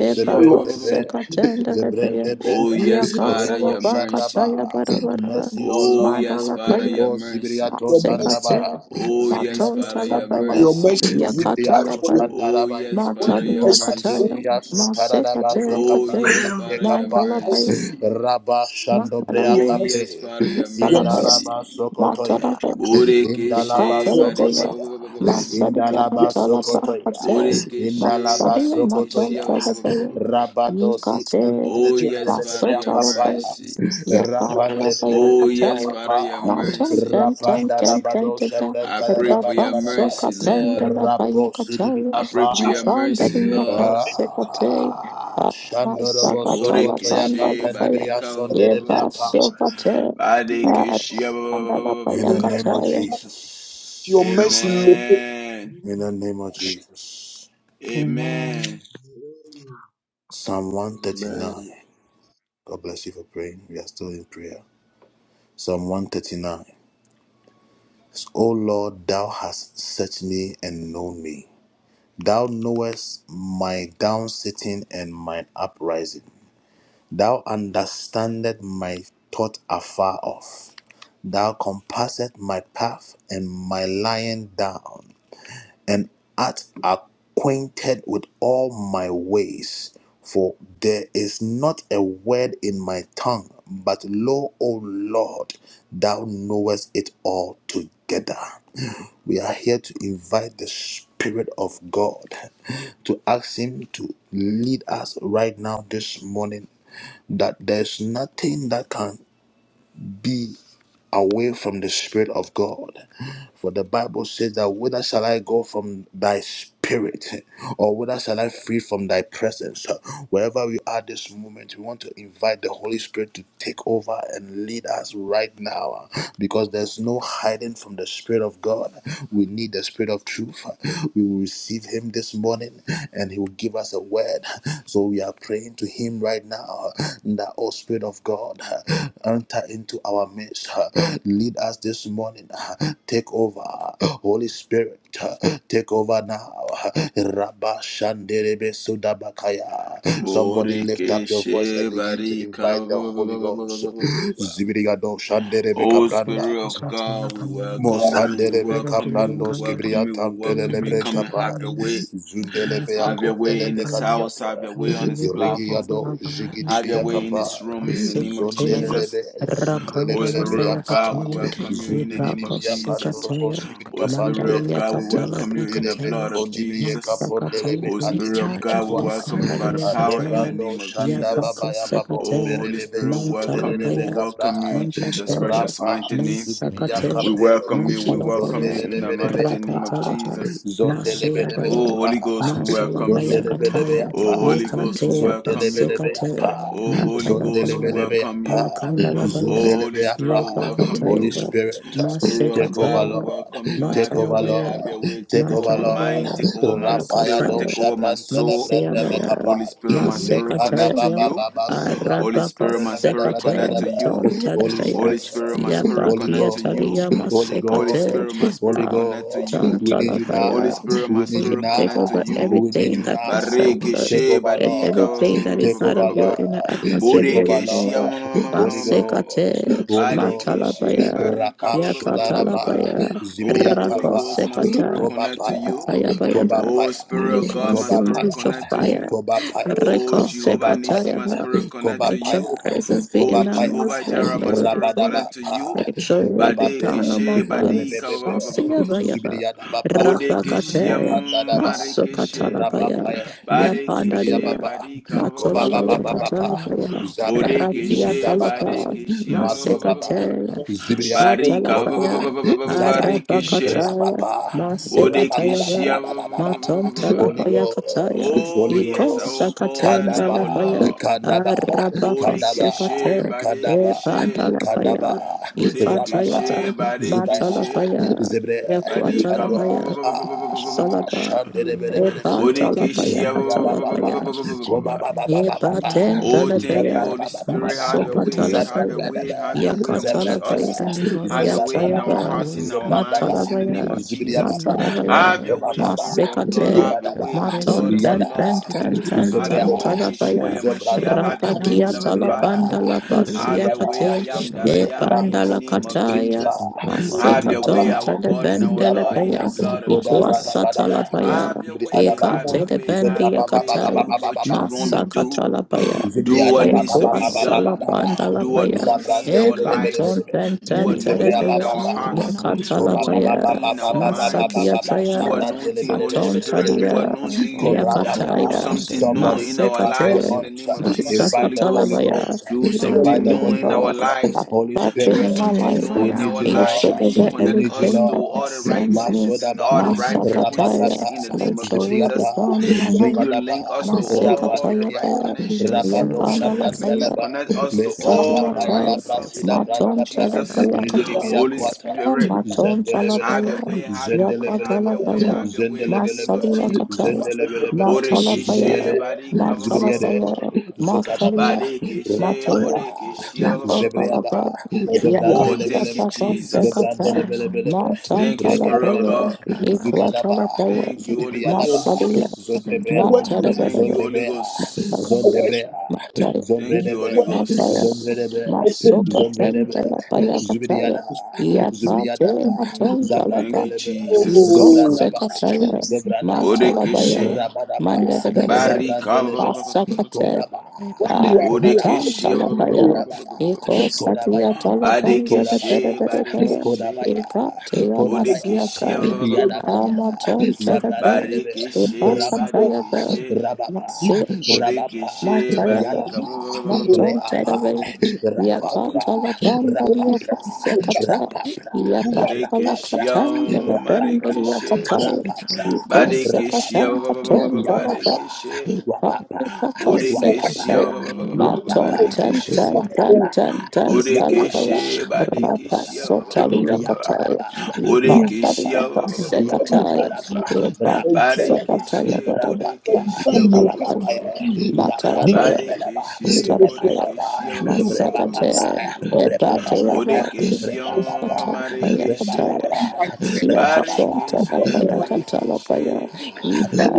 [SPEAKER 2] Eba
[SPEAKER 1] Zobrendebe,
[SPEAKER 2] sekatenda rebeya,
[SPEAKER 1] Zobrendebe,
[SPEAKER 6] Oh, yes,
[SPEAKER 2] yakata
[SPEAKER 6] Father,
[SPEAKER 1] Rebo
[SPEAKER 2] la
[SPEAKER 6] your mercy.
[SPEAKER 2] bakataya
[SPEAKER 1] Shandaba,
[SPEAKER 2] bara
[SPEAKER 1] Mercy, O
[SPEAKER 6] Oh, yes,
[SPEAKER 2] bara
[SPEAKER 1] Lord,
[SPEAKER 6] Father,
[SPEAKER 2] bara,
[SPEAKER 6] your
[SPEAKER 1] O
[SPEAKER 6] mercy.
[SPEAKER 1] Zibriato Sandabaya,
[SPEAKER 2] Masekatele,
[SPEAKER 6] Oh, yes,
[SPEAKER 1] Zibriato
[SPEAKER 6] Father, your
[SPEAKER 2] Matontalabaya,
[SPEAKER 1] Zandabaya,
[SPEAKER 6] mercy.
[SPEAKER 1] Zibriato
[SPEAKER 2] Yakatalabaya,
[SPEAKER 6] Oh,
[SPEAKER 1] Sandarabaya,
[SPEAKER 6] yes, Father,
[SPEAKER 2] Matadi
[SPEAKER 6] your
[SPEAKER 2] Yakataya,
[SPEAKER 6] mercy.
[SPEAKER 1] Mokandiribia Sotaradaba
[SPEAKER 2] Masekate,
[SPEAKER 6] Oh,
[SPEAKER 2] Kate,
[SPEAKER 6] yes, Father, your
[SPEAKER 1] Sokapandiribiekapaya,
[SPEAKER 2] Mantalabais,
[SPEAKER 6] mercy.
[SPEAKER 1] Rabba Shandobrea
[SPEAKER 6] Oh,
[SPEAKER 2] Matalabaya,
[SPEAKER 6] yes,
[SPEAKER 1] Kapte,
[SPEAKER 6] Father, your
[SPEAKER 1] Indalaba
[SPEAKER 6] mercy.
[SPEAKER 1] Sokotoya.
[SPEAKER 2] Salabaya,
[SPEAKER 1] Indalaba
[SPEAKER 6] Borekeshe barika
[SPEAKER 2] Katelebeye,
[SPEAKER 1] Sokotoya.
[SPEAKER 2] Masadia
[SPEAKER 1] Indalaba
[SPEAKER 2] Antala
[SPEAKER 1] Sokotoya.
[SPEAKER 2] Pakate,
[SPEAKER 6] Borekeshe
[SPEAKER 1] Indalaba
[SPEAKER 2] Masadia Maton
[SPEAKER 6] barekeshe
[SPEAKER 1] Sokotoya.
[SPEAKER 2] Telebeye,
[SPEAKER 1] Rabadosi ante de
[SPEAKER 2] Nikate,
[SPEAKER 6] Oh
[SPEAKER 1] de de de
[SPEAKER 6] yes,
[SPEAKER 1] de de
[SPEAKER 6] Father,
[SPEAKER 1] de
[SPEAKER 6] your
[SPEAKER 2] Masotalabaya,
[SPEAKER 1] papaya.
[SPEAKER 6] mercy.
[SPEAKER 1] Rapande de de de
[SPEAKER 2] Yakatalabaya
[SPEAKER 1] de
[SPEAKER 6] Oh
[SPEAKER 1] de
[SPEAKER 6] yes,
[SPEAKER 2] Kataya,
[SPEAKER 6] Father,
[SPEAKER 1] papa.
[SPEAKER 6] your
[SPEAKER 2] Matan
[SPEAKER 6] mercy.
[SPEAKER 2] ten ten
[SPEAKER 1] Rapanda da
[SPEAKER 2] ten ten
[SPEAKER 1] bado
[SPEAKER 2] ten ten,
[SPEAKER 6] I
[SPEAKER 1] shebrenta da
[SPEAKER 6] pray
[SPEAKER 1] da
[SPEAKER 6] for
[SPEAKER 1] ba da
[SPEAKER 6] your
[SPEAKER 1] ba da
[SPEAKER 2] Rabaso
[SPEAKER 1] ba.
[SPEAKER 6] mercy, Lord.
[SPEAKER 2] Katendela
[SPEAKER 1] Rapo sidibi
[SPEAKER 2] Bayakataya,
[SPEAKER 6] I pray for
[SPEAKER 1] apai.
[SPEAKER 6] your mercy,
[SPEAKER 2] Nishandaria
[SPEAKER 6] Lord.
[SPEAKER 2] Kosekate,
[SPEAKER 1] Ah, Shandorobo
[SPEAKER 2] Masakatala
[SPEAKER 1] Sokotoya
[SPEAKER 6] Borekeshe
[SPEAKER 2] Pandala
[SPEAKER 1] kapendi
[SPEAKER 2] Fire,
[SPEAKER 1] bria
[SPEAKER 6] barika
[SPEAKER 1] sonde de be
[SPEAKER 2] Yebaso
[SPEAKER 1] apai.
[SPEAKER 2] Kate,
[SPEAKER 6] Barekeshe
[SPEAKER 2] Rabandala
[SPEAKER 1] In the name of
[SPEAKER 2] Bayakataya.
[SPEAKER 1] Jesus.
[SPEAKER 6] Amen.
[SPEAKER 1] In the name of Jesus.
[SPEAKER 2] Amen.
[SPEAKER 6] Amen.
[SPEAKER 1] Psalm
[SPEAKER 5] man.
[SPEAKER 1] 139. God bless you for praying. We are still in prayer. Psalm 139. O Lord, thou hast set me and known me. Thou knowest my down sitting and mine uprising. Thou understandest my thought afar off. Thou compassest my path and my lying down. and art acquainted with all my ways. For there is not a word in my tongue, but lo, O Lord, thou knowest it all together. We are here to invite the Spirit of God to ask Him to lead us right now this morning that there's nothing that can be away from the Spirit of God. For the Bible says that whither shall I go from thy spirit, or whither shall I flee from thy presence? Wherever we are this moment, we want to invite the Holy Spirit to take over and lead us right now because there's no hiding from the Spirit of God. We need the Spirit of truth. We will receive Him this morning and He will give us a word. So we are praying to him right now that, oh Spirit of God, enter into our midst. Lead us this morning. Take over. Holy Spirit, take over now. Rabba Shanderebe Sudabakaya. Somebody lift up your voice and
[SPEAKER 6] Borekeshe
[SPEAKER 1] begin to
[SPEAKER 6] barika.
[SPEAKER 1] invite the Holy Ghost. Zibiriga do Shanderebe
[SPEAKER 6] Oh,
[SPEAKER 1] Kapranda.
[SPEAKER 2] Spirit
[SPEAKER 6] Spirit of
[SPEAKER 2] of
[SPEAKER 6] God, we welcome you, we
[SPEAKER 2] the
[SPEAKER 1] Mosandelebe
[SPEAKER 6] welcome you,
[SPEAKER 2] living
[SPEAKER 6] we
[SPEAKER 1] kaprandos
[SPEAKER 2] God,
[SPEAKER 1] kibria
[SPEAKER 6] welcome you, we
[SPEAKER 2] being
[SPEAKER 1] tampelele
[SPEAKER 6] welcome you. Come
[SPEAKER 2] ventured
[SPEAKER 1] brenka
[SPEAKER 6] and
[SPEAKER 2] in
[SPEAKER 6] have
[SPEAKER 2] our
[SPEAKER 1] kapai.
[SPEAKER 6] your way.
[SPEAKER 2] midst,
[SPEAKER 1] Zundelebe
[SPEAKER 6] Have
[SPEAKER 2] manifestation
[SPEAKER 6] your
[SPEAKER 2] of
[SPEAKER 6] way
[SPEAKER 2] every
[SPEAKER 6] in
[SPEAKER 1] yakundelebe
[SPEAKER 6] this
[SPEAKER 2] prayer,
[SPEAKER 6] house, have
[SPEAKER 1] kadiata.
[SPEAKER 6] your way on this
[SPEAKER 2] revealing both in
[SPEAKER 6] platform,
[SPEAKER 2] front
[SPEAKER 1] Irigiado
[SPEAKER 2] of our
[SPEAKER 6] have your
[SPEAKER 8] do
[SPEAKER 1] jigidibia
[SPEAKER 2] atmosphere,
[SPEAKER 6] way in
[SPEAKER 8] one
[SPEAKER 6] this
[SPEAKER 1] kapai.
[SPEAKER 6] room
[SPEAKER 2] and
[SPEAKER 6] in the name of
[SPEAKER 2] secretary,
[SPEAKER 8] way.
[SPEAKER 6] Jesus.
[SPEAKER 1] Zondelelebe
[SPEAKER 6] Oh,
[SPEAKER 2] Rakanda
[SPEAKER 1] zundelebelebe
[SPEAKER 8] We
[SPEAKER 6] Spirit
[SPEAKER 2] Losaya
[SPEAKER 6] of
[SPEAKER 8] ask
[SPEAKER 1] yapa.
[SPEAKER 6] God,
[SPEAKER 8] you
[SPEAKER 6] we
[SPEAKER 8] to
[SPEAKER 2] Kataya,
[SPEAKER 6] welcome
[SPEAKER 8] take
[SPEAKER 6] you in the
[SPEAKER 8] over,
[SPEAKER 6] name of
[SPEAKER 2] Ipako
[SPEAKER 1] Zundidibia
[SPEAKER 8] take charge
[SPEAKER 6] Jesus.
[SPEAKER 2] Sekataya,
[SPEAKER 1] pandorobos
[SPEAKER 8] of
[SPEAKER 1] kibrika
[SPEAKER 6] O
[SPEAKER 8] God,
[SPEAKER 6] Spirit
[SPEAKER 1] pampe.
[SPEAKER 6] of
[SPEAKER 2] Mandalia
[SPEAKER 6] God, we
[SPEAKER 8] everything
[SPEAKER 2] Katala
[SPEAKER 8] that
[SPEAKER 6] welcome
[SPEAKER 8] we
[SPEAKER 6] you in
[SPEAKER 8] do.
[SPEAKER 6] the
[SPEAKER 1] Zundelebe
[SPEAKER 2] Kataya,
[SPEAKER 6] blood of
[SPEAKER 8] Take
[SPEAKER 1] kondibriye
[SPEAKER 2] Nasa
[SPEAKER 6] Jesus.
[SPEAKER 2] Katala
[SPEAKER 1] kapondelebe
[SPEAKER 6] O
[SPEAKER 8] take
[SPEAKER 6] Spirit
[SPEAKER 2] Kataya,
[SPEAKER 6] of
[SPEAKER 8] charge
[SPEAKER 6] God,
[SPEAKER 8] of
[SPEAKER 6] we
[SPEAKER 8] this
[SPEAKER 1] adiminikatwa.
[SPEAKER 6] welcome you by the
[SPEAKER 2] Wakandalia
[SPEAKER 8] service, our
[SPEAKER 6] power in the
[SPEAKER 8] God,
[SPEAKER 2] Kataya,
[SPEAKER 1] Alebrando
[SPEAKER 6] name of
[SPEAKER 1] shanda
[SPEAKER 6] Jesus.
[SPEAKER 2] Yapako
[SPEAKER 1] babaya ya babo.
[SPEAKER 6] O
[SPEAKER 2] Sekataya,
[SPEAKER 6] Holy
[SPEAKER 1] Berelebe
[SPEAKER 6] Spirit, we welcome you. We
[SPEAKER 2] Mantalapaya,
[SPEAKER 6] welcome you
[SPEAKER 1] Lebekaprai,
[SPEAKER 6] in Jesus' precious
[SPEAKER 1] Rapa
[SPEAKER 6] mighty name.
[SPEAKER 8] in the
[SPEAKER 1] Zubidia
[SPEAKER 8] name
[SPEAKER 2] Masakate,
[SPEAKER 8] of
[SPEAKER 6] We
[SPEAKER 1] Cabre,
[SPEAKER 6] welcome you. We welcome you
[SPEAKER 2] Matalabaya,
[SPEAKER 8] Jesus,
[SPEAKER 6] in the
[SPEAKER 8] take
[SPEAKER 6] mighty name
[SPEAKER 8] control,
[SPEAKER 6] of
[SPEAKER 8] take
[SPEAKER 1] Zondelebelebeapa,
[SPEAKER 2] Rakatalaba,
[SPEAKER 6] Jesus.
[SPEAKER 8] control, I pray.
[SPEAKER 6] Oh,
[SPEAKER 2] Masayabaya,
[SPEAKER 1] Zondelebelebeapa,
[SPEAKER 6] Holy Ghost, we welcome
[SPEAKER 8] We
[SPEAKER 2] Masalabaya
[SPEAKER 6] you.
[SPEAKER 8] surrender
[SPEAKER 2] Kataya,
[SPEAKER 8] to
[SPEAKER 6] Oh,
[SPEAKER 8] you,
[SPEAKER 6] Holy
[SPEAKER 8] my
[SPEAKER 6] Ghost, we
[SPEAKER 2] Yikatea
[SPEAKER 6] welcome you.
[SPEAKER 2] Basikate,
[SPEAKER 1] Zondelebelebeapa,
[SPEAKER 8] surrender
[SPEAKER 6] Oh,
[SPEAKER 1] Zondelebelebeapa,
[SPEAKER 6] Holy
[SPEAKER 8] all
[SPEAKER 6] Ghost, we
[SPEAKER 2] Matalabaya,
[SPEAKER 6] welcome you.
[SPEAKER 1] Zondelebelebeapa,
[SPEAKER 8] our wills
[SPEAKER 6] Oh,
[SPEAKER 2] Yakandalabaya,
[SPEAKER 8] to
[SPEAKER 6] Holy
[SPEAKER 1] Zundelebeapa.
[SPEAKER 6] Spirit, we welcome
[SPEAKER 8] you,
[SPEAKER 1] Holy
[SPEAKER 2] Yabakataya,
[SPEAKER 6] you.
[SPEAKER 1] Spirit,
[SPEAKER 6] Spirit of
[SPEAKER 1] take over,
[SPEAKER 6] God, we
[SPEAKER 2] Masikataya,
[SPEAKER 1] Lord,
[SPEAKER 6] welcome you.
[SPEAKER 1] take
[SPEAKER 6] Have your
[SPEAKER 1] over,
[SPEAKER 6] way,
[SPEAKER 2] Matalabaya,
[SPEAKER 6] have your
[SPEAKER 1] Lord,
[SPEAKER 6] way. Take
[SPEAKER 1] take
[SPEAKER 6] over
[SPEAKER 1] over,
[SPEAKER 6] my
[SPEAKER 1] Lord.
[SPEAKER 6] mind,
[SPEAKER 2] Matalabaya,
[SPEAKER 8] your
[SPEAKER 6] take over
[SPEAKER 8] glory.
[SPEAKER 6] my
[SPEAKER 1] Rapaya
[SPEAKER 6] spirit,
[SPEAKER 2] Yakata,
[SPEAKER 6] take
[SPEAKER 1] dosha
[SPEAKER 6] over my
[SPEAKER 1] brantele
[SPEAKER 6] soul.
[SPEAKER 1] brande
[SPEAKER 2] Masiavaya,
[SPEAKER 6] Holy
[SPEAKER 1] bekapa,
[SPEAKER 6] Spirit,
[SPEAKER 8] for
[SPEAKER 6] my
[SPEAKER 8] your
[SPEAKER 6] spirit
[SPEAKER 1] lekada
[SPEAKER 6] connect to
[SPEAKER 2] Masekatayava,
[SPEAKER 1] baba
[SPEAKER 6] you.
[SPEAKER 1] baba
[SPEAKER 6] Holy
[SPEAKER 1] suda
[SPEAKER 2] Arabako
[SPEAKER 6] Spirit, my spirit connect
[SPEAKER 2] Sekate,
[SPEAKER 6] to you.
[SPEAKER 2] Maton
[SPEAKER 1] Holy
[SPEAKER 2] Telefaya,
[SPEAKER 1] Spirit,
[SPEAKER 6] Holy Spirit, my spirit
[SPEAKER 1] Holy
[SPEAKER 6] connect
[SPEAKER 2] Yapatia
[SPEAKER 6] to you.
[SPEAKER 1] Ghost,
[SPEAKER 2] Talia
[SPEAKER 8] glory
[SPEAKER 1] Holy
[SPEAKER 6] Holy
[SPEAKER 2] Masekate,
[SPEAKER 6] Spirit,
[SPEAKER 1] Ghost,
[SPEAKER 6] my
[SPEAKER 1] Holy
[SPEAKER 6] spirit connect to
[SPEAKER 1] Ghost,
[SPEAKER 2] Maton
[SPEAKER 6] you.
[SPEAKER 1] we need you
[SPEAKER 6] Holy
[SPEAKER 2] Talapaya.
[SPEAKER 1] now,
[SPEAKER 6] Spirit,
[SPEAKER 1] we
[SPEAKER 6] my
[SPEAKER 1] need you
[SPEAKER 2] We
[SPEAKER 6] spirit
[SPEAKER 2] take
[SPEAKER 6] connect to
[SPEAKER 2] over
[SPEAKER 1] now,
[SPEAKER 6] you.
[SPEAKER 1] we need
[SPEAKER 2] everything
[SPEAKER 1] you
[SPEAKER 2] that
[SPEAKER 1] now.
[SPEAKER 2] concerns
[SPEAKER 6] Bareke
[SPEAKER 2] us
[SPEAKER 1] Take
[SPEAKER 8] and
[SPEAKER 6] she
[SPEAKER 1] over,
[SPEAKER 2] and
[SPEAKER 6] badika
[SPEAKER 1] Lord,
[SPEAKER 2] everything that is
[SPEAKER 1] take
[SPEAKER 2] not
[SPEAKER 1] over,
[SPEAKER 2] of you in the
[SPEAKER 1] Lord,
[SPEAKER 2] atmosphere
[SPEAKER 1] take
[SPEAKER 2] be
[SPEAKER 1] over,
[SPEAKER 6] Bodeke she
[SPEAKER 2] removed.
[SPEAKER 1] Lord, Holy Ghost,
[SPEAKER 2] Masekate,
[SPEAKER 1] Holy
[SPEAKER 6] Badeke
[SPEAKER 1] Ghost,
[SPEAKER 6] she
[SPEAKER 2] Matalabaya,
[SPEAKER 1] Rapa Sudaraba,
[SPEAKER 6] barika
[SPEAKER 2] Yakatalabaya,
[SPEAKER 6] Oh Holy Ghost, my
[SPEAKER 1] Zibidiatapa,
[SPEAKER 6] spirit
[SPEAKER 2] Rakosekata.
[SPEAKER 6] connect to you.
[SPEAKER 1] Kobapaya,
[SPEAKER 6] Oh Spirit
[SPEAKER 2] You
[SPEAKER 6] of
[SPEAKER 1] Kobapaya,
[SPEAKER 6] God, my
[SPEAKER 1] Kobapaya,
[SPEAKER 2] consume us
[SPEAKER 6] spirit
[SPEAKER 8] glory.
[SPEAKER 2] with your
[SPEAKER 6] connect to
[SPEAKER 2] fire.
[SPEAKER 6] you.
[SPEAKER 1] Kobapaya,
[SPEAKER 6] Oh,
[SPEAKER 2] Record
[SPEAKER 6] Jehovah
[SPEAKER 1] Kobapaya,
[SPEAKER 6] Nisi, my
[SPEAKER 2] Sekatayana.
[SPEAKER 6] spirit connect to
[SPEAKER 2] Let your
[SPEAKER 1] Kobapaya,
[SPEAKER 6] you.
[SPEAKER 2] presence be
[SPEAKER 6] Oh,
[SPEAKER 2] in our
[SPEAKER 1] Kobapaya,
[SPEAKER 6] Jehovah
[SPEAKER 2] midst like
[SPEAKER 6] Jireh,
[SPEAKER 1] Kobapaya,
[SPEAKER 6] my
[SPEAKER 2] never
[SPEAKER 6] spirit
[SPEAKER 2] before.
[SPEAKER 6] connect to
[SPEAKER 1] Rabadabapa,
[SPEAKER 6] you.
[SPEAKER 2] Let your will be
[SPEAKER 6] Bade
[SPEAKER 1] Rababe,
[SPEAKER 2] done
[SPEAKER 6] keshe,
[SPEAKER 2] among
[SPEAKER 8] It
[SPEAKER 6] bade
[SPEAKER 2] us.
[SPEAKER 6] ka-
[SPEAKER 8] is
[SPEAKER 1] Rebebebe,
[SPEAKER 2] Asiyabayaba.
[SPEAKER 1] Zubidiyadabapa,
[SPEAKER 6] Bode keshe,
[SPEAKER 8] strength
[SPEAKER 2] Rabakataya.
[SPEAKER 6] mm,
[SPEAKER 1] Mokandadaba,
[SPEAKER 6] mare
[SPEAKER 8] that
[SPEAKER 6] keshe.
[SPEAKER 8] can
[SPEAKER 2] Masukatalabaya.
[SPEAKER 1] Rabapaya,
[SPEAKER 8] help
[SPEAKER 6] Bade keshe,
[SPEAKER 2] Yapanaria.
[SPEAKER 1] Zibidiyababa,
[SPEAKER 6] bade
[SPEAKER 8] each
[SPEAKER 2] Matolabaya
[SPEAKER 8] and every
[SPEAKER 1] Kobababababa,
[SPEAKER 2] katalabaya.
[SPEAKER 8] life
[SPEAKER 1] Zabra,
[SPEAKER 6] Bode
[SPEAKER 2] Ratia
[SPEAKER 8] that
[SPEAKER 6] keshe,
[SPEAKER 8] is
[SPEAKER 1] Zabababa,
[SPEAKER 6] bade
[SPEAKER 2] talaba.
[SPEAKER 8] present here
[SPEAKER 6] keshe,
[SPEAKER 8] in
[SPEAKER 1] Mazobaba,
[SPEAKER 8] the name
[SPEAKER 2] Masekataya.
[SPEAKER 8] of Jesus.
[SPEAKER 1] Zibidia.
[SPEAKER 6] Barika,
[SPEAKER 1] Koba,
[SPEAKER 6] ba-
[SPEAKER 2] Ipatalabaya.
[SPEAKER 1] Zaba,
[SPEAKER 8] Akareba,
[SPEAKER 2] Arabakataya.
[SPEAKER 1] Rababa,
[SPEAKER 6] Bodekeshia.
[SPEAKER 2] Masekatayaba.
[SPEAKER 1] Rababa, Holy
[SPEAKER 2] Matontalabaya kataya.
[SPEAKER 1] Ghost,
[SPEAKER 6] Oh,
[SPEAKER 1] Holy
[SPEAKER 6] yes,
[SPEAKER 2] Iko
[SPEAKER 6] I will
[SPEAKER 1] Ghost,
[SPEAKER 6] call on
[SPEAKER 2] sakatenda la
[SPEAKER 6] our
[SPEAKER 1] Kandaba,
[SPEAKER 2] faya,
[SPEAKER 8] Akareba,
[SPEAKER 6] Lord.
[SPEAKER 1] Kandaba,
[SPEAKER 2] arabaka
[SPEAKER 1] Kandaba,
[SPEAKER 2] sekate,
[SPEAKER 6] Bodekeshe,
[SPEAKER 2] e
[SPEAKER 1] Kandaba,
[SPEAKER 6] Badekeshe,
[SPEAKER 2] panta la faya,
[SPEAKER 1] Kandaba,
[SPEAKER 2] ikataya
[SPEAKER 1] Rabapa,
[SPEAKER 6] Bodekeshe,
[SPEAKER 2] ta, mata la
[SPEAKER 1] Zubaya,
[SPEAKER 6] Badekeshe,
[SPEAKER 2] faya,
[SPEAKER 1] Zebre,
[SPEAKER 2] yakuata
[SPEAKER 6] Badika,
[SPEAKER 2] la
[SPEAKER 1] Adwa,
[SPEAKER 2] faya,
[SPEAKER 8] Jesus.
[SPEAKER 1] Ah,
[SPEAKER 2] salaba,
[SPEAKER 1] Shandere,
[SPEAKER 8] Every
[SPEAKER 1] Bere,
[SPEAKER 2] e
[SPEAKER 8] holy
[SPEAKER 1] Bere, Bere, Bere,
[SPEAKER 2] panta la faya,
[SPEAKER 1] Zubria,
[SPEAKER 2] kata la
[SPEAKER 1] Baba,
[SPEAKER 2] faya.
[SPEAKER 8] touch each and
[SPEAKER 1] Koba,
[SPEAKER 8] every
[SPEAKER 1] Baba,
[SPEAKER 6] Bodekeshia.
[SPEAKER 2] Ye
[SPEAKER 1] Baba,
[SPEAKER 8] heart.
[SPEAKER 1] Baba,
[SPEAKER 2] patent
[SPEAKER 8] Deliver
[SPEAKER 6] Oh,
[SPEAKER 8] us,
[SPEAKER 6] thank
[SPEAKER 1] Zabra,
[SPEAKER 6] you,
[SPEAKER 2] talabaya
[SPEAKER 6] Holy
[SPEAKER 1] Baba,
[SPEAKER 2] Yepatentalabaya,
[SPEAKER 8] oh
[SPEAKER 6] Spirit. Have
[SPEAKER 1] Baba,
[SPEAKER 8] God,
[SPEAKER 6] your
[SPEAKER 8] from
[SPEAKER 6] way, have your
[SPEAKER 8] self.
[SPEAKER 2] Masopatalabaya,
[SPEAKER 6] way,
[SPEAKER 8] In
[SPEAKER 1] Zabrandaba,
[SPEAKER 6] have your way amongst
[SPEAKER 1] Zabrandaba,
[SPEAKER 8] Jesus,
[SPEAKER 6] us.
[SPEAKER 2] Yakatalabaya,
[SPEAKER 8] deliver
[SPEAKER 6] Have
[SPEAKER 8] us,
[SPEAKER 6] your
[SPEAKER 8] King
[SPEAKER 6] way in
[SPEAKER 8] of
[SPEAKER 1] Zabrandaba,
[SPEAKER 6] our
[SPEAKER 2] Yatayaba,
[SPEAKER 6] hearts, in
[SPEAKER 8] glory. I
[SPEAKER 6] our
[SPEAKER 1] Zabrandaba,
[SPEAKER 8] pray.
[SPEAKER 6] minds, in the
[SPEAKER 8] We
[SPEAKER 6] name
[SPEAKER 2] Matalabaya,
[SPEAKER 6] of
[SPEAKER 8] need you. We
[SPEAKER 6] Jesus.
[SPEAKER 1] Zibriababa,
[SPEAKER 8] need your
[SPEAKER 2] Matalabaya,
[SPEAKER 6] Have your way,
[SPEAKER 8] anointing.
[SPEAKER 1] Tobababa,
[SPEAKER 6] Spirit of God.
[SPEAKER 8] We need
[SPEAKER 2] Masekate,
[SPEAKER 6] Have your
[SPEAKER 8] your
[SPEAKER 6] way,
[SPEAKER 1] Tobadaba,
[SPEAKER 6] my God
[SPEAKER 2] Maton
[SPEAKER 6] and
[SPEAKER 8] presence.
[SPEAKER 6] my
[SPEAKER 8] We
[SPEAKER 2] ten
[SPEAKER 1] Yada,
[SPEAKER 6] Lord.
[SPEAKER 2] ten
[SPEAKER 8] ask you to
[SPEAKER 2] ten
[SPEAKER 8] have
[SPEAKER 2] ten
[SPEAKER 8] your
[SPEAKER 6] Have
[SPEAKER 1] Zebria,
[SPEAKER 6] your
[SPEAKER 2] ten
[SPEAKER 6] way,
[SPEAKER 8] way
[SPEAKER 6] Yeshua,
[SPEAKER 2] talabaya,
[SPEAKER 8] Have your
[SPEAKER 6] Yamashia.
[SPEAKER 1] Zobrandaba,
[SPEAKER 8] way
[SPEAKER 6] Have your
[SPEAKER 8] in
[SPEAKER 6] way,
[SPEAKER 2] Rapakia
[SPEAKER 8] us,
[SPEAKER 6] beloved
[SPEAKER 8] O
[SPEAKER 1] Zibriaba,
[SPEAKER 6] Father.
[SPEAKER 8] God.
[SPEAKER 2] talabanda la
[SPEAKER 8] We
[SPEAKER 6] Have
[SPEAKER 8] ask
[SPEAKER 6] your
[SPEAKER 1] Zibriaba,
[SPEAKER 8] that
[SPEAKER 6] way,
[SPEAKER 8] you
[SPEAKER 6] I
[SPEAKER 2] pasiakate,
[SPEAKER 6] am
[SPEAKER 8] fill
[SPEAKER 6] that I
[SPEAKER 8] us
[SPEAKER 2] e
[SPEAKER 8] up,
[SPEAKER 1] Zibriaba,
[SPEAKER 6] am, in
[SPEAKER 8] Holy
[SPEAKER 6] the
[SPEAKER 2] la
[SPEAKER 6] name of
[SPEAKER 8] Spirit,
[SPEAKER 2] kataya,
[SPEAKER 8] until
[SPEAKER 1] Zibriaba,
[SPEAKER 6] Jesus.
[SPEAKER 8] we
[SPEAKER 6] Have your
[SPEAKER 8] overflow,
[SPEAKER 1] Zibriaba,
[SPEAKER 6] way,
[SPEAKER 2] Masekaton
[SPEAKER 8] God.
[SPEAKER 6] our God and our
[SPEAKER 2] telebende
[SPEAKER 1] Zibriaba,
[SPEAKER 6] Lord, in
[SPEAKER 8] Fill
[SPEAKER 6] the
[SPEAKER 2] lepaya,
[SPEAKER 8] us
[SPEAKER 6] blood
[SPEAKER 8] up,
[SPEAKER 6] of
[SPEAKER 1] Koda
[SPEAKER 8] Akara.
[SPEAKER 6] Jesus.
[SPEAKER 2] Iguasa
[SPEAKER 1] Bradabadaba,
[SPEAKER 2] talabaya,
[SPEAKER 6] Have your way,
[SPEAKER 1] Zibriadaba,
[SPEAKER 6] have your
[SPEAKER 2] Ekate
[SPEAKER 6] way, have your
[SPEAKER 1] Zebrababa,
[SPEAKER 6] way.
[SPEAKER 1] Baba,
[SPEAKER 2] lebendi
[SPEAKER 6] Do
[SPEAKER 1] Baba,
[SPEAKER 6] what
[SPEAKER 1] Baba.
[SPEAKER 6] you want to do.
[SPEAKER 2] Masakatalapaya.
[SPEAKER 1] Zebri
[SPEAKER 6] Do
[SPEAKER 1] ada
[SPEAKER 8] Be
[SPEAKER 6] what
[SPEAKER 1] ba
[SPEAKER 2] E
[SPEAKER 8] in
[SPEAKER 1] ba
[SPEAKER 6] needs to
[SPEAKER 1] ba
[SPEAKER 2] koa
[SPEAKER 1] ba
[SPEAKER 8] us,
[SPEAKER 6] be
[SPEAKER 8] O
[SPEAKER 1] ba ba
[SPEAKER 8] God.
[SPEAKER 1] ba
[SPEAKER 2] sala
[SPEAKER 1] ba
[SPEAKER 6] done.
[SPEAKER 1] ba.
[SPEAKER 2] panda la
[SPEAKER 8] Pray,
[SPEAKER 6] Do
[SPEAKER 2] paya.
[SPEAKER 8] Holy
[SPEAKER 6] anointing
[SPEAKER 1] Zabran
[SPEAKER 6] in
[SPEAKER 1] de de
[SPEAKER 2] E
[SPEAKER 6] our
[SPEAKER 1] de de
[SPEAKER 8] Spirit,
[SPEAKER 1] de de
[SPEAKER 8] uh,
[SPEAKER 6] lives.
[SPEAKER 2] kanton
[SPEAKER 1] de.
[SPEAKER 2] ten
[SPEAKER 6] Do
[SPEAKER 2] ten
[SPEAKER 8] live
[SPEAKER 2] tele
[SPEAKER 8] in
[SPEAKER 1] Zebri ba
[SPEAKER 6] anointing in
[SPEAKER 8] us,
[SPEAKER 1] ba
[SPEAKER 6] our
[SPEAKER 1] ba.
[SPEAKER 8] rule
[SPEAKER 2] Ya
[SPEAKER 8] in
[SPEAKER 6] hearts.
[SPEAKER 8] us,
[SPEAKER 2] kata
[SPEAKER 1] Ko
[SPEAKER 2] la
[SPEAKER 1] ba
[SPEAKER 6] Do
[SPEAKER 1] ba
[SPEAKER 8] reign
[SPEAKER 1] ba
[SPEAKER 8] in
[SPEAKER 2] paya.
[SPEAKER 6] anointing in
[SPEAKER 8] us,
[SPEAKER 6] our
[SPEAKER 8] in the name of
[SPEAKER 6] minds.
[SPEAKER 2] Masakia
[SPEAKER 6] Do
[SPEAKER 2] paya.
[SPEAKER 8] Jesus.
[SPEAKER 6] anointing,
[SPEAKER 8] uh,
[SPEAKER 6] Holy
[SPEAKER 2] Maton
[SPEAKER 6] Spirit.
[SPEAKER 8] That
[SPEAKER 6] Do
[SPEAKER 2] tadia.
[SPEAKER 8] wherever
[SPEAKER 6] anointing.
[SPEAKER 2] Ya
[SPEAKER 8] we go,
[SPEAKER 6] Do
[SPEAKER 2] kataya.
[SPEAKER 8] God, they
[SPEAKER 6] something new
[SPEAKER 8] know
[SPEAKER 1] Somebody
[SPEAKER 6] in our
[SPEAKER 1] lift up your
[SPEAKER 6] lives
[SPEAKER 2] Masekate.
[SPEAKER 6] in
[SPEAKER 8] the
[SPEAKER 6] the
[SPEAKER 1] voice.
[SPEAKER 6] name
[SPEAKER 8] is.
[SPEAKER 6] of
[SPEAKER 8] uh,
[SPEAKER 6] Jesus,
[SPEAKER 1] Invite
[SPEAKER 6] Holy
[SPEAKER 1] the
[SPEAKER 2] Masakata la
[SPEAKER 1] Holy
[SPEAKER 6] Ghost.
[SPEAKER 2] paya.
[SPEAKER 1] Ghost.
[SPEAKER 6] Do
[SPEAKER 2] Spirit
[SPEAKER 8] Father,
[SPEAKER 2] of the
[SPEAKER 1] Invite
[SPEAKER 6] something
[SPEAKER 1] the
[SPEAKER 6] new
[SPEAKER 2] living
[SPEAKER 1] Holy
[SPEAKER 6] in our
[SPEAKER 2] God,
[SPEAKER 1] Ghost.
[SPEAKER 2] I
[SPEAKER 6] lives.
[SPEAKER 1] Holy
[SPEAKER 2] invite you
[SPEAKER 6] Do
[SPEAKER 2] in my
[SPEAKER 1] Spirit,
[SPEAKER 6] something
[SPEAKER 2] life.
[SPEAKER 6] new
[SPEAKER 1] we
[SPEAKER 8] deliver
[SPEAKER 6] in
[SPEAKER 8] our
[SPEAKER 1] need
[SPEAKER 6] our
[SPEAKER 1] you,
[SPEAKER 2] May you
[SPEAKER 1] Lord.
[SPEAKER 6] lives.
[SPEAKER 2] take
[SPEAKER 6] May
[SPEAKER 8] nations,
[SPEAKER 6] you
[SPEAKER 2] over
[SPEAKER 1] We
[SPEAKER 6] connect
[SPEAKER 1] need you,
[SPEAKER 6] us
[SPEAKER 2] everything
[SPEAKER 1] Lord.
[SPEAKER 2] that
[SPEAKER 6] to all the right
[SPEAKER 2] concerns me.
[SPEAKER 6] places and
[SPEAKER 1] Masodaba,
[SPEAKER 6] all the
[SPEAKER 8] In
[SPEAKER 6] right
[SPEAKER 8] the name of
[SPEAKER 6] frequencies
[SPEAKER 2] Masakataya.
[SPEAKER 6] in the
[SPEAKER 8] Jesus,
[SPEAKER 1] Rabatata,
[SPEAKER 6] name
[SPEAKER 2] Let
[SPEAKER 6] of
[SPEAKER 8] my
[SPEAKER 2] your will be
[SPEAKER 6] Jesus.
[SPEAKER 1] Zibriapa,
[SPEAKER 2] done in my
[SPEAKER 6] May you
[SPEAKER 2] life.
[SPEAKER 1] Zogadaba,
[SPEAKER 6] link us to
[SPEAKER 8] Father,
[SPEAKER 6] all the
[SPEAKER 2] Masekataya.
[SPEAKER 6] right
[SPEAKER 1] Rapandibia,
[SPEAKER 6] connections
[SPEAKER 8] deliver
[SPEAKER 1] Rabado
[SPEAKER 8] us,
[SPEAKER 2] Yakanda
[SPEAKER 8] O
[SPEAKER 2] la
[SPEAKER 8] Lord,
[SPEAKER 6] May you
[SPEAKER 2] fire,
[SPEAKER 1] Shabranteleba,
[SPEAKER 6] connect us to
[SPEAKER 1] Lekata
[SPEAKER 6] all
[SPEAKER 2] Sakila
[SPEAKER 6] the
[SPEAKER 8] deliver
[SPEAKER 6] right
[SPEAKER 2] Toy,
[SPEAKER 1] Payala
[SPEAKER 8] us,
[SPEAKER 6] plugs
[SPEAKER 8] even
[SPEAKER 6] in
[SPEAKER 1] Brasida
[SPEAKER 6] the name of
[SPEAKER 2] Maton
[SPEAKER 1] Brantapa,
[SPEAKER 6] Jesus.
[SPEAKER 2] Telepaya
[SPEAKER 8] by your
[SPEAKER 2] Katoy,
[SPEAKER 1] Liribia
[SPEAKER 6] Holy
[SPEAKER 1] Quata,
[SPEAKER 2] O
[SPEAKER 8] Spirit.
[SPEAKER 6] Spirit,
[SPEAKER 2] Maton
[SPEAKER 6] have your
[SPEAKER 8] God,
[SPEAKER 2] Talapaya,
[SPEAKER 6] way,
[SPEAKER 1] Zendelebelebe,
[SPEAKER 6] have your way, have
[SPEAKER 1] Zendelebelebe,
[SPEAKER 2] Yakatala
[SPEAKER 6] your way,
[SPEAKER 2] Fire,
[SPEAKER 6] have your way in
[SPEAKER 2] la
[SPEAKER 6] the name of
[SPEAKER 1] Zendelebelebe,
[SPEAKER 6] Jesus.
[SPEAKER 2] Katoy,
[SPEAKER 1] Zendelebelebe,
[SPEAKER 8] such
[SPEAKER 2] Matala
[SPEAKER 6] Borekeshe
[SPEAKER 2] Fire,
[SPEAKER 1] Zibriade,
[SPEAKER 6] barika ba- ba-
[SPEAKER 2] Matala
[SPEAKER 8] such
[SPEAKER 6] ba- ba- ba-
[SPEAKER 1] Zibriade,
[SPEAKER 6] ba- ba- ba-
[SPEAKER 2] Fire,
[SPEAKER 6] ba.
[SPEAKER 1] Zogadaba,
[SPEAKER 2] Masalia,
[SPEAKER 6] Barekeshe,
[SPEAKER 2] Matea,
[SPEAKER 1] Rapapa,
[SPEAKER 6] borekeshe ba- ba- ba- ba- ba- ba- ba.
[SPEAKER 2] Nakotala
[SPEAKER 1] Zebriaba,
[SPEAKER 6] ba.
[SPEAKER 2] Fire,
[SPEAKER 8] way in
[SPEAKER 6] Oh,
[SPEAKER 2] Yakanda
[SPEAKER 6] thank
[SPEAKER 1] Zebrandelebelebe,
[SPEAKER 6] you,
[SPEAKER 8] us.
[SPEAKER 2] Sasa
[SPEAKER 6] Jesus.
[SPEAKER 2] Sekata,
[SPEAKER 8] Direct
[SPEAKER 1] Zebrandelebelebe,
[SPEAKER 8] us,
[SPEAKER 2] Matan
[SPEAKER 8] I
[SPEAKER 6] Thank you,
[SPEAKER 8] pray,
[SPEAKER 6] Spirit of
[SPEAKER 1] Regebelebe,
[SPEAKER 2] Talapaya,
[SPEAKER 6] God.
[SPEAKER 8] God, Rabbi,
[SPEAKER 1] Zigadaba,
[SPEAKER 2] Equatala
[SPEAKER 6] Thank
[SPEAKER 2] Fire,
[SPEAKER 6] you, Holy
[SPEAKER 8] Holy
[SPEAKER 1] Zudibiadaba,
[SPEAKER 8] Spirit,
[SPEAKER 2] Masalia,
[SPEAKER 6] Ghost.
[SPEAKER 8] send
[SPEAKER 1] Zondebrea,
[SPEAKER 8] your
[SPEAKER 2] Matala
[SPEAKER 8] word.
[SPEAKER 6] Thank
[SPEAKER 2] Fire,
[SPEAKER 6] you, Holy
[SPEAKER 1] Zondebrea,
[SPEAKER 8] We
[SPEAKER 2] Mataya.
[SPEAKER 8] go up
[SPEAKER 6] Ghost.
[SPEAKER 1] Zondebrea,
[SPEAKER 2] mataya.
[SPEAKER 6] Thank you,
[SPEAKER 1] Zomredebe,
[SPEAKER 6] Holy
[SPEAKER 2] Mataya,
[SPEAKER 8] in
[SPEAKER 1] Zomredebe,
[SPEAKER 6] Ghost.
[SPEAKER 2] Masoka
[SPEAKER 1] Zomredebe,
[SPEAKER 2] Tentala Payakataya,
[SPEAKER 1] Zubriada,
[SPEAKER 8] us,
[SPEAKER 1] Zubriada,
[SPEAKER 2] Yapate
[SPEAKER 8] we pray.
[SPEAKER 6] Thank
[SPEAKER 2] Atontalaba,
[SPEAKER 6] you,
[SPEAKER 1] Zabrandelebe,
[SPEAKER 8] Help us not
[SPEAKER 6] Jesus.
[SPEAKER 2] Eko
[SPEAKER 8] to go
[SPEAKER 1] Zobradaba,
[SPEAKER 8] straight
[SPEAKER 2] Sekataya,
[SPEAKER 1] Zobrandaba,
[SPEAKER 2] Matalabaya,
[SPEAKER 6] Mordekeshe
[SPEAKER 1] Rabadaba,
[SPEAKER 2] Manda de
[SPEAKER 8] presence.
[SPEAKER 2] Bedere,
[SPEAKER 6] Barika
[SPEAKER 1] Zabrandelebe,
[SPEAKER 2] Basakate,
[SPEAKER 1] Kobraba,
[SPEAKER 8] Rebecca,
[SPEAKER 1] Kobadaba,
[SPEAKER 6] Mordekeshe
[SPEAKER 2] Atantalabaya,
[SPEAKER 1] Kodaba,
[SPEAKER 2] Eko
[SPEAKER 1] Kodabaya,
[SPEAKER 2] Satia Talapanza de
[SPEAKER 6] Badekeshe
[SPEAKER 1] Kodabaya,
[SPEAKER 2] Bedere,
[SPEAKER 6] Badekeshe
[SPEAKER 1] Kodabaya,
[SPEAKER 2] Ekatea
[SPEAKER 1] Kodabaya,
[SPEAKER 6] Mordekeshe
[SPEAKER 8] Rebecca,
[SPEAKER 2] Masiata,
[SPEAKER 1] Yadabalaba,
[SPEAKER 8] Rebecca,
[SPEAKER 2] Amaton
[SPEAKER 8] Rebecca,
[SPEAKER 2] Tadabel,
[SPEAKER 1] Yabrandelebe,
[SPEAKER 6] Barekeshe
[SPEAKER 1] Rabapa,
[SPEAKER 2] Epakataya,
[SPEAKER 6] Badekeshe
[SPEAKER 1] Rabapa,
[SPEAKER 2] Masia.
[SPEAKER 1] Rabapa,
[SPEAKER 6] Mordekeshe
[SPEAKER 2] Matayaba,
[SPEAKER 6] Barika
[SPEAKER 1] Yadaba,
[SPEAKER 2] Maton
[SPEAKER 6] Mordekeshe
[SPEAKER 1] Reapa,
[SPEAKER 2] Tedaway,
[SPEAKER 1] Rapapra,
[SPEAKER 2] Yakata la Banda,
[SPEAKER 1] Rapapra,
[SPEAKER 2] Yakasakata,
[SPEAKER 1] Rapapra,
[SPEAKER 2] Yapata la
[SPEAKER 1] Rapapra,
[SPEAKER 2] Katan, the Benda
[SPEAKER 1] Rapapra,
[SPEAKER 6] Marekeshe
[SPEAKER 2] Yakata,
[SPEAKER 8] Without
[SPEAKER 1] Rapapra,
[SPEAKER 8] you, Holy
[SPEAKER 6] Badekeshe
[SPEAKER 1] Rapapra,
[SPEAKER 2] Yakosakasan,
[SPEAKER 8] Spirit, here
[SPEAKER 2] Katon
[SPEAKER 8] I was,
[SPEAKER 1] Yapapa,
[SPEAKER 2] Talaba,
[SPEAKER 6] Barekeshe
[SPEAKER 1] Wapapa wapapa,
[SPEAKER 6] Bodekeshe
[SPEAKER 8] no
[SPEAKER 6] ba-
[SPEAKER 2] Karikakosekata,
[SPEAKER 8] one
[SPEAKER 6] ba- ba- ba-
[SPEAKER 8] in
[SPEAKER 6] ba- ba-
[SPEAKER 8] a
[SPEAKER 6] ba-
[SPEAKER 2] Maton
[SPEAKER 1] wapapa,
[SPEAKER 2] Ten
[SPEAKER 6] barekeshe.
[SPEAKER 2] Ten
[SPEAKER 8] Korabasaya.
[SPEAKER 2] Ten
[SPEAKER 1] wapapa,
[SPEAKER 8] I
[SPEAKER 2] Ten Ten
[SPEAKER 1] yapalaba,
[SPEAKER 2] Salaya,
[SPEAKER 6] Bodekeshe
[SPEAKER 8] shall
[SPEAKER 2] Rata
[SPEAKER 6] badekeshe
[SPEAKER 1] yapalaba,
[SPEAKER 6] ba- ba- ba- ba-
[SPEAKER 2] Sotali
[SPEAKER 6] ba- ba- ba- ba.
[SPEAKER 2] Yakata,
[SPEAKER 1] yapalaba,
[SPEAKER 8] be
[SPEAKER 2] Yapata
[SPEAKER 6] Bodekeshe
[SPEAKER 1] yapapaya,
[SPEAKER 6] ba- ba- ba- ba- ba- ba- ba- ba- ba- ba-
[SPEAKER 2] Yakasekata,
[SPEAKER 6] ba-
[SPEAKER 1] yapaparaba,
[SPEAKER 6] ba.
[SPEAKER 8] each my
[SPEAKER 2] Yapata
[SPEAKER 1] rapampeleba,
[SPEAKER 2] Sakata
[SPEAKER 6] Barekeshe
[SPEAKER 2] Yakata,
[SPEAKER 1] rapatwa,
[SPEAKER 6] bodekeshe ba- ba- ba- ba- ba-
[SPEAKER 2] Matalabaya.
[SPEAKER 6] ba-
[SPEAKER 1] yalapaya,
[SPEAKER 6] ba- ba- ba-
[SPEAKER 8] spirit
[SPEAKER 6] ba.
[SPEAKER 2] Matalabaya.
[SPEAKER 1] yapandelebeleba,
[SPEAKER 6] Badekeshe
[SPEAKER 8] free this
[SPEAKER 2] Tarabaya,
[SPEAKER 6] bodekeshe
[SPEAKER 1] rebapapaya,
[SPEAKER 6] ba-
[SPEAKER 8] morning.
[SPEAKER 6] ba- ba- ba- ba- ba- ba- ba-
[SPEAKER 2] Masakate,
[SPEAKER 6] ba-
[SPEAKER 1] rebapapaya,
[SPEAKER 6] ba- ba-
[SPEAKER 8] Send your
[SPEAKER 6] ba.
[SPEAKER 8] word
[SPEAKER 1] rebapapaya,
[SPEAKER 2] Ebatea
[SPEAKER 6] Bodekeshe
[SPEAKER 8] free
[SPEAKER 6] ma-
[SPEAKER 8] this
[SPEAKER 6] ma- ma- ma- ma-
[SPEAKER 1] rebapapaya,
[SPEAKER 8] morning.
[SPEAKER 2] Katalapaya
[SPEAKER 6] rekeshe.
[SPEAKER 2] Kataya,
[SPEAKER 1] rebapapaya,
[SPEAKER 2] Masia
[SPEAKER 8] My sugar,
[SPEAKER 2] Katon
[SPEAKER 8] but
[SPEAKER 6] Barekeshe
[SPEAKER 2] Talapaya
[SPEAKER 1] rebapapaya,
[SPEAKER 2] Katalapaya,
[SPEAKER 6] bodekeshe.
[SPEAKER 1] Holy Ghost, Holy Ghost, Holy Ghost,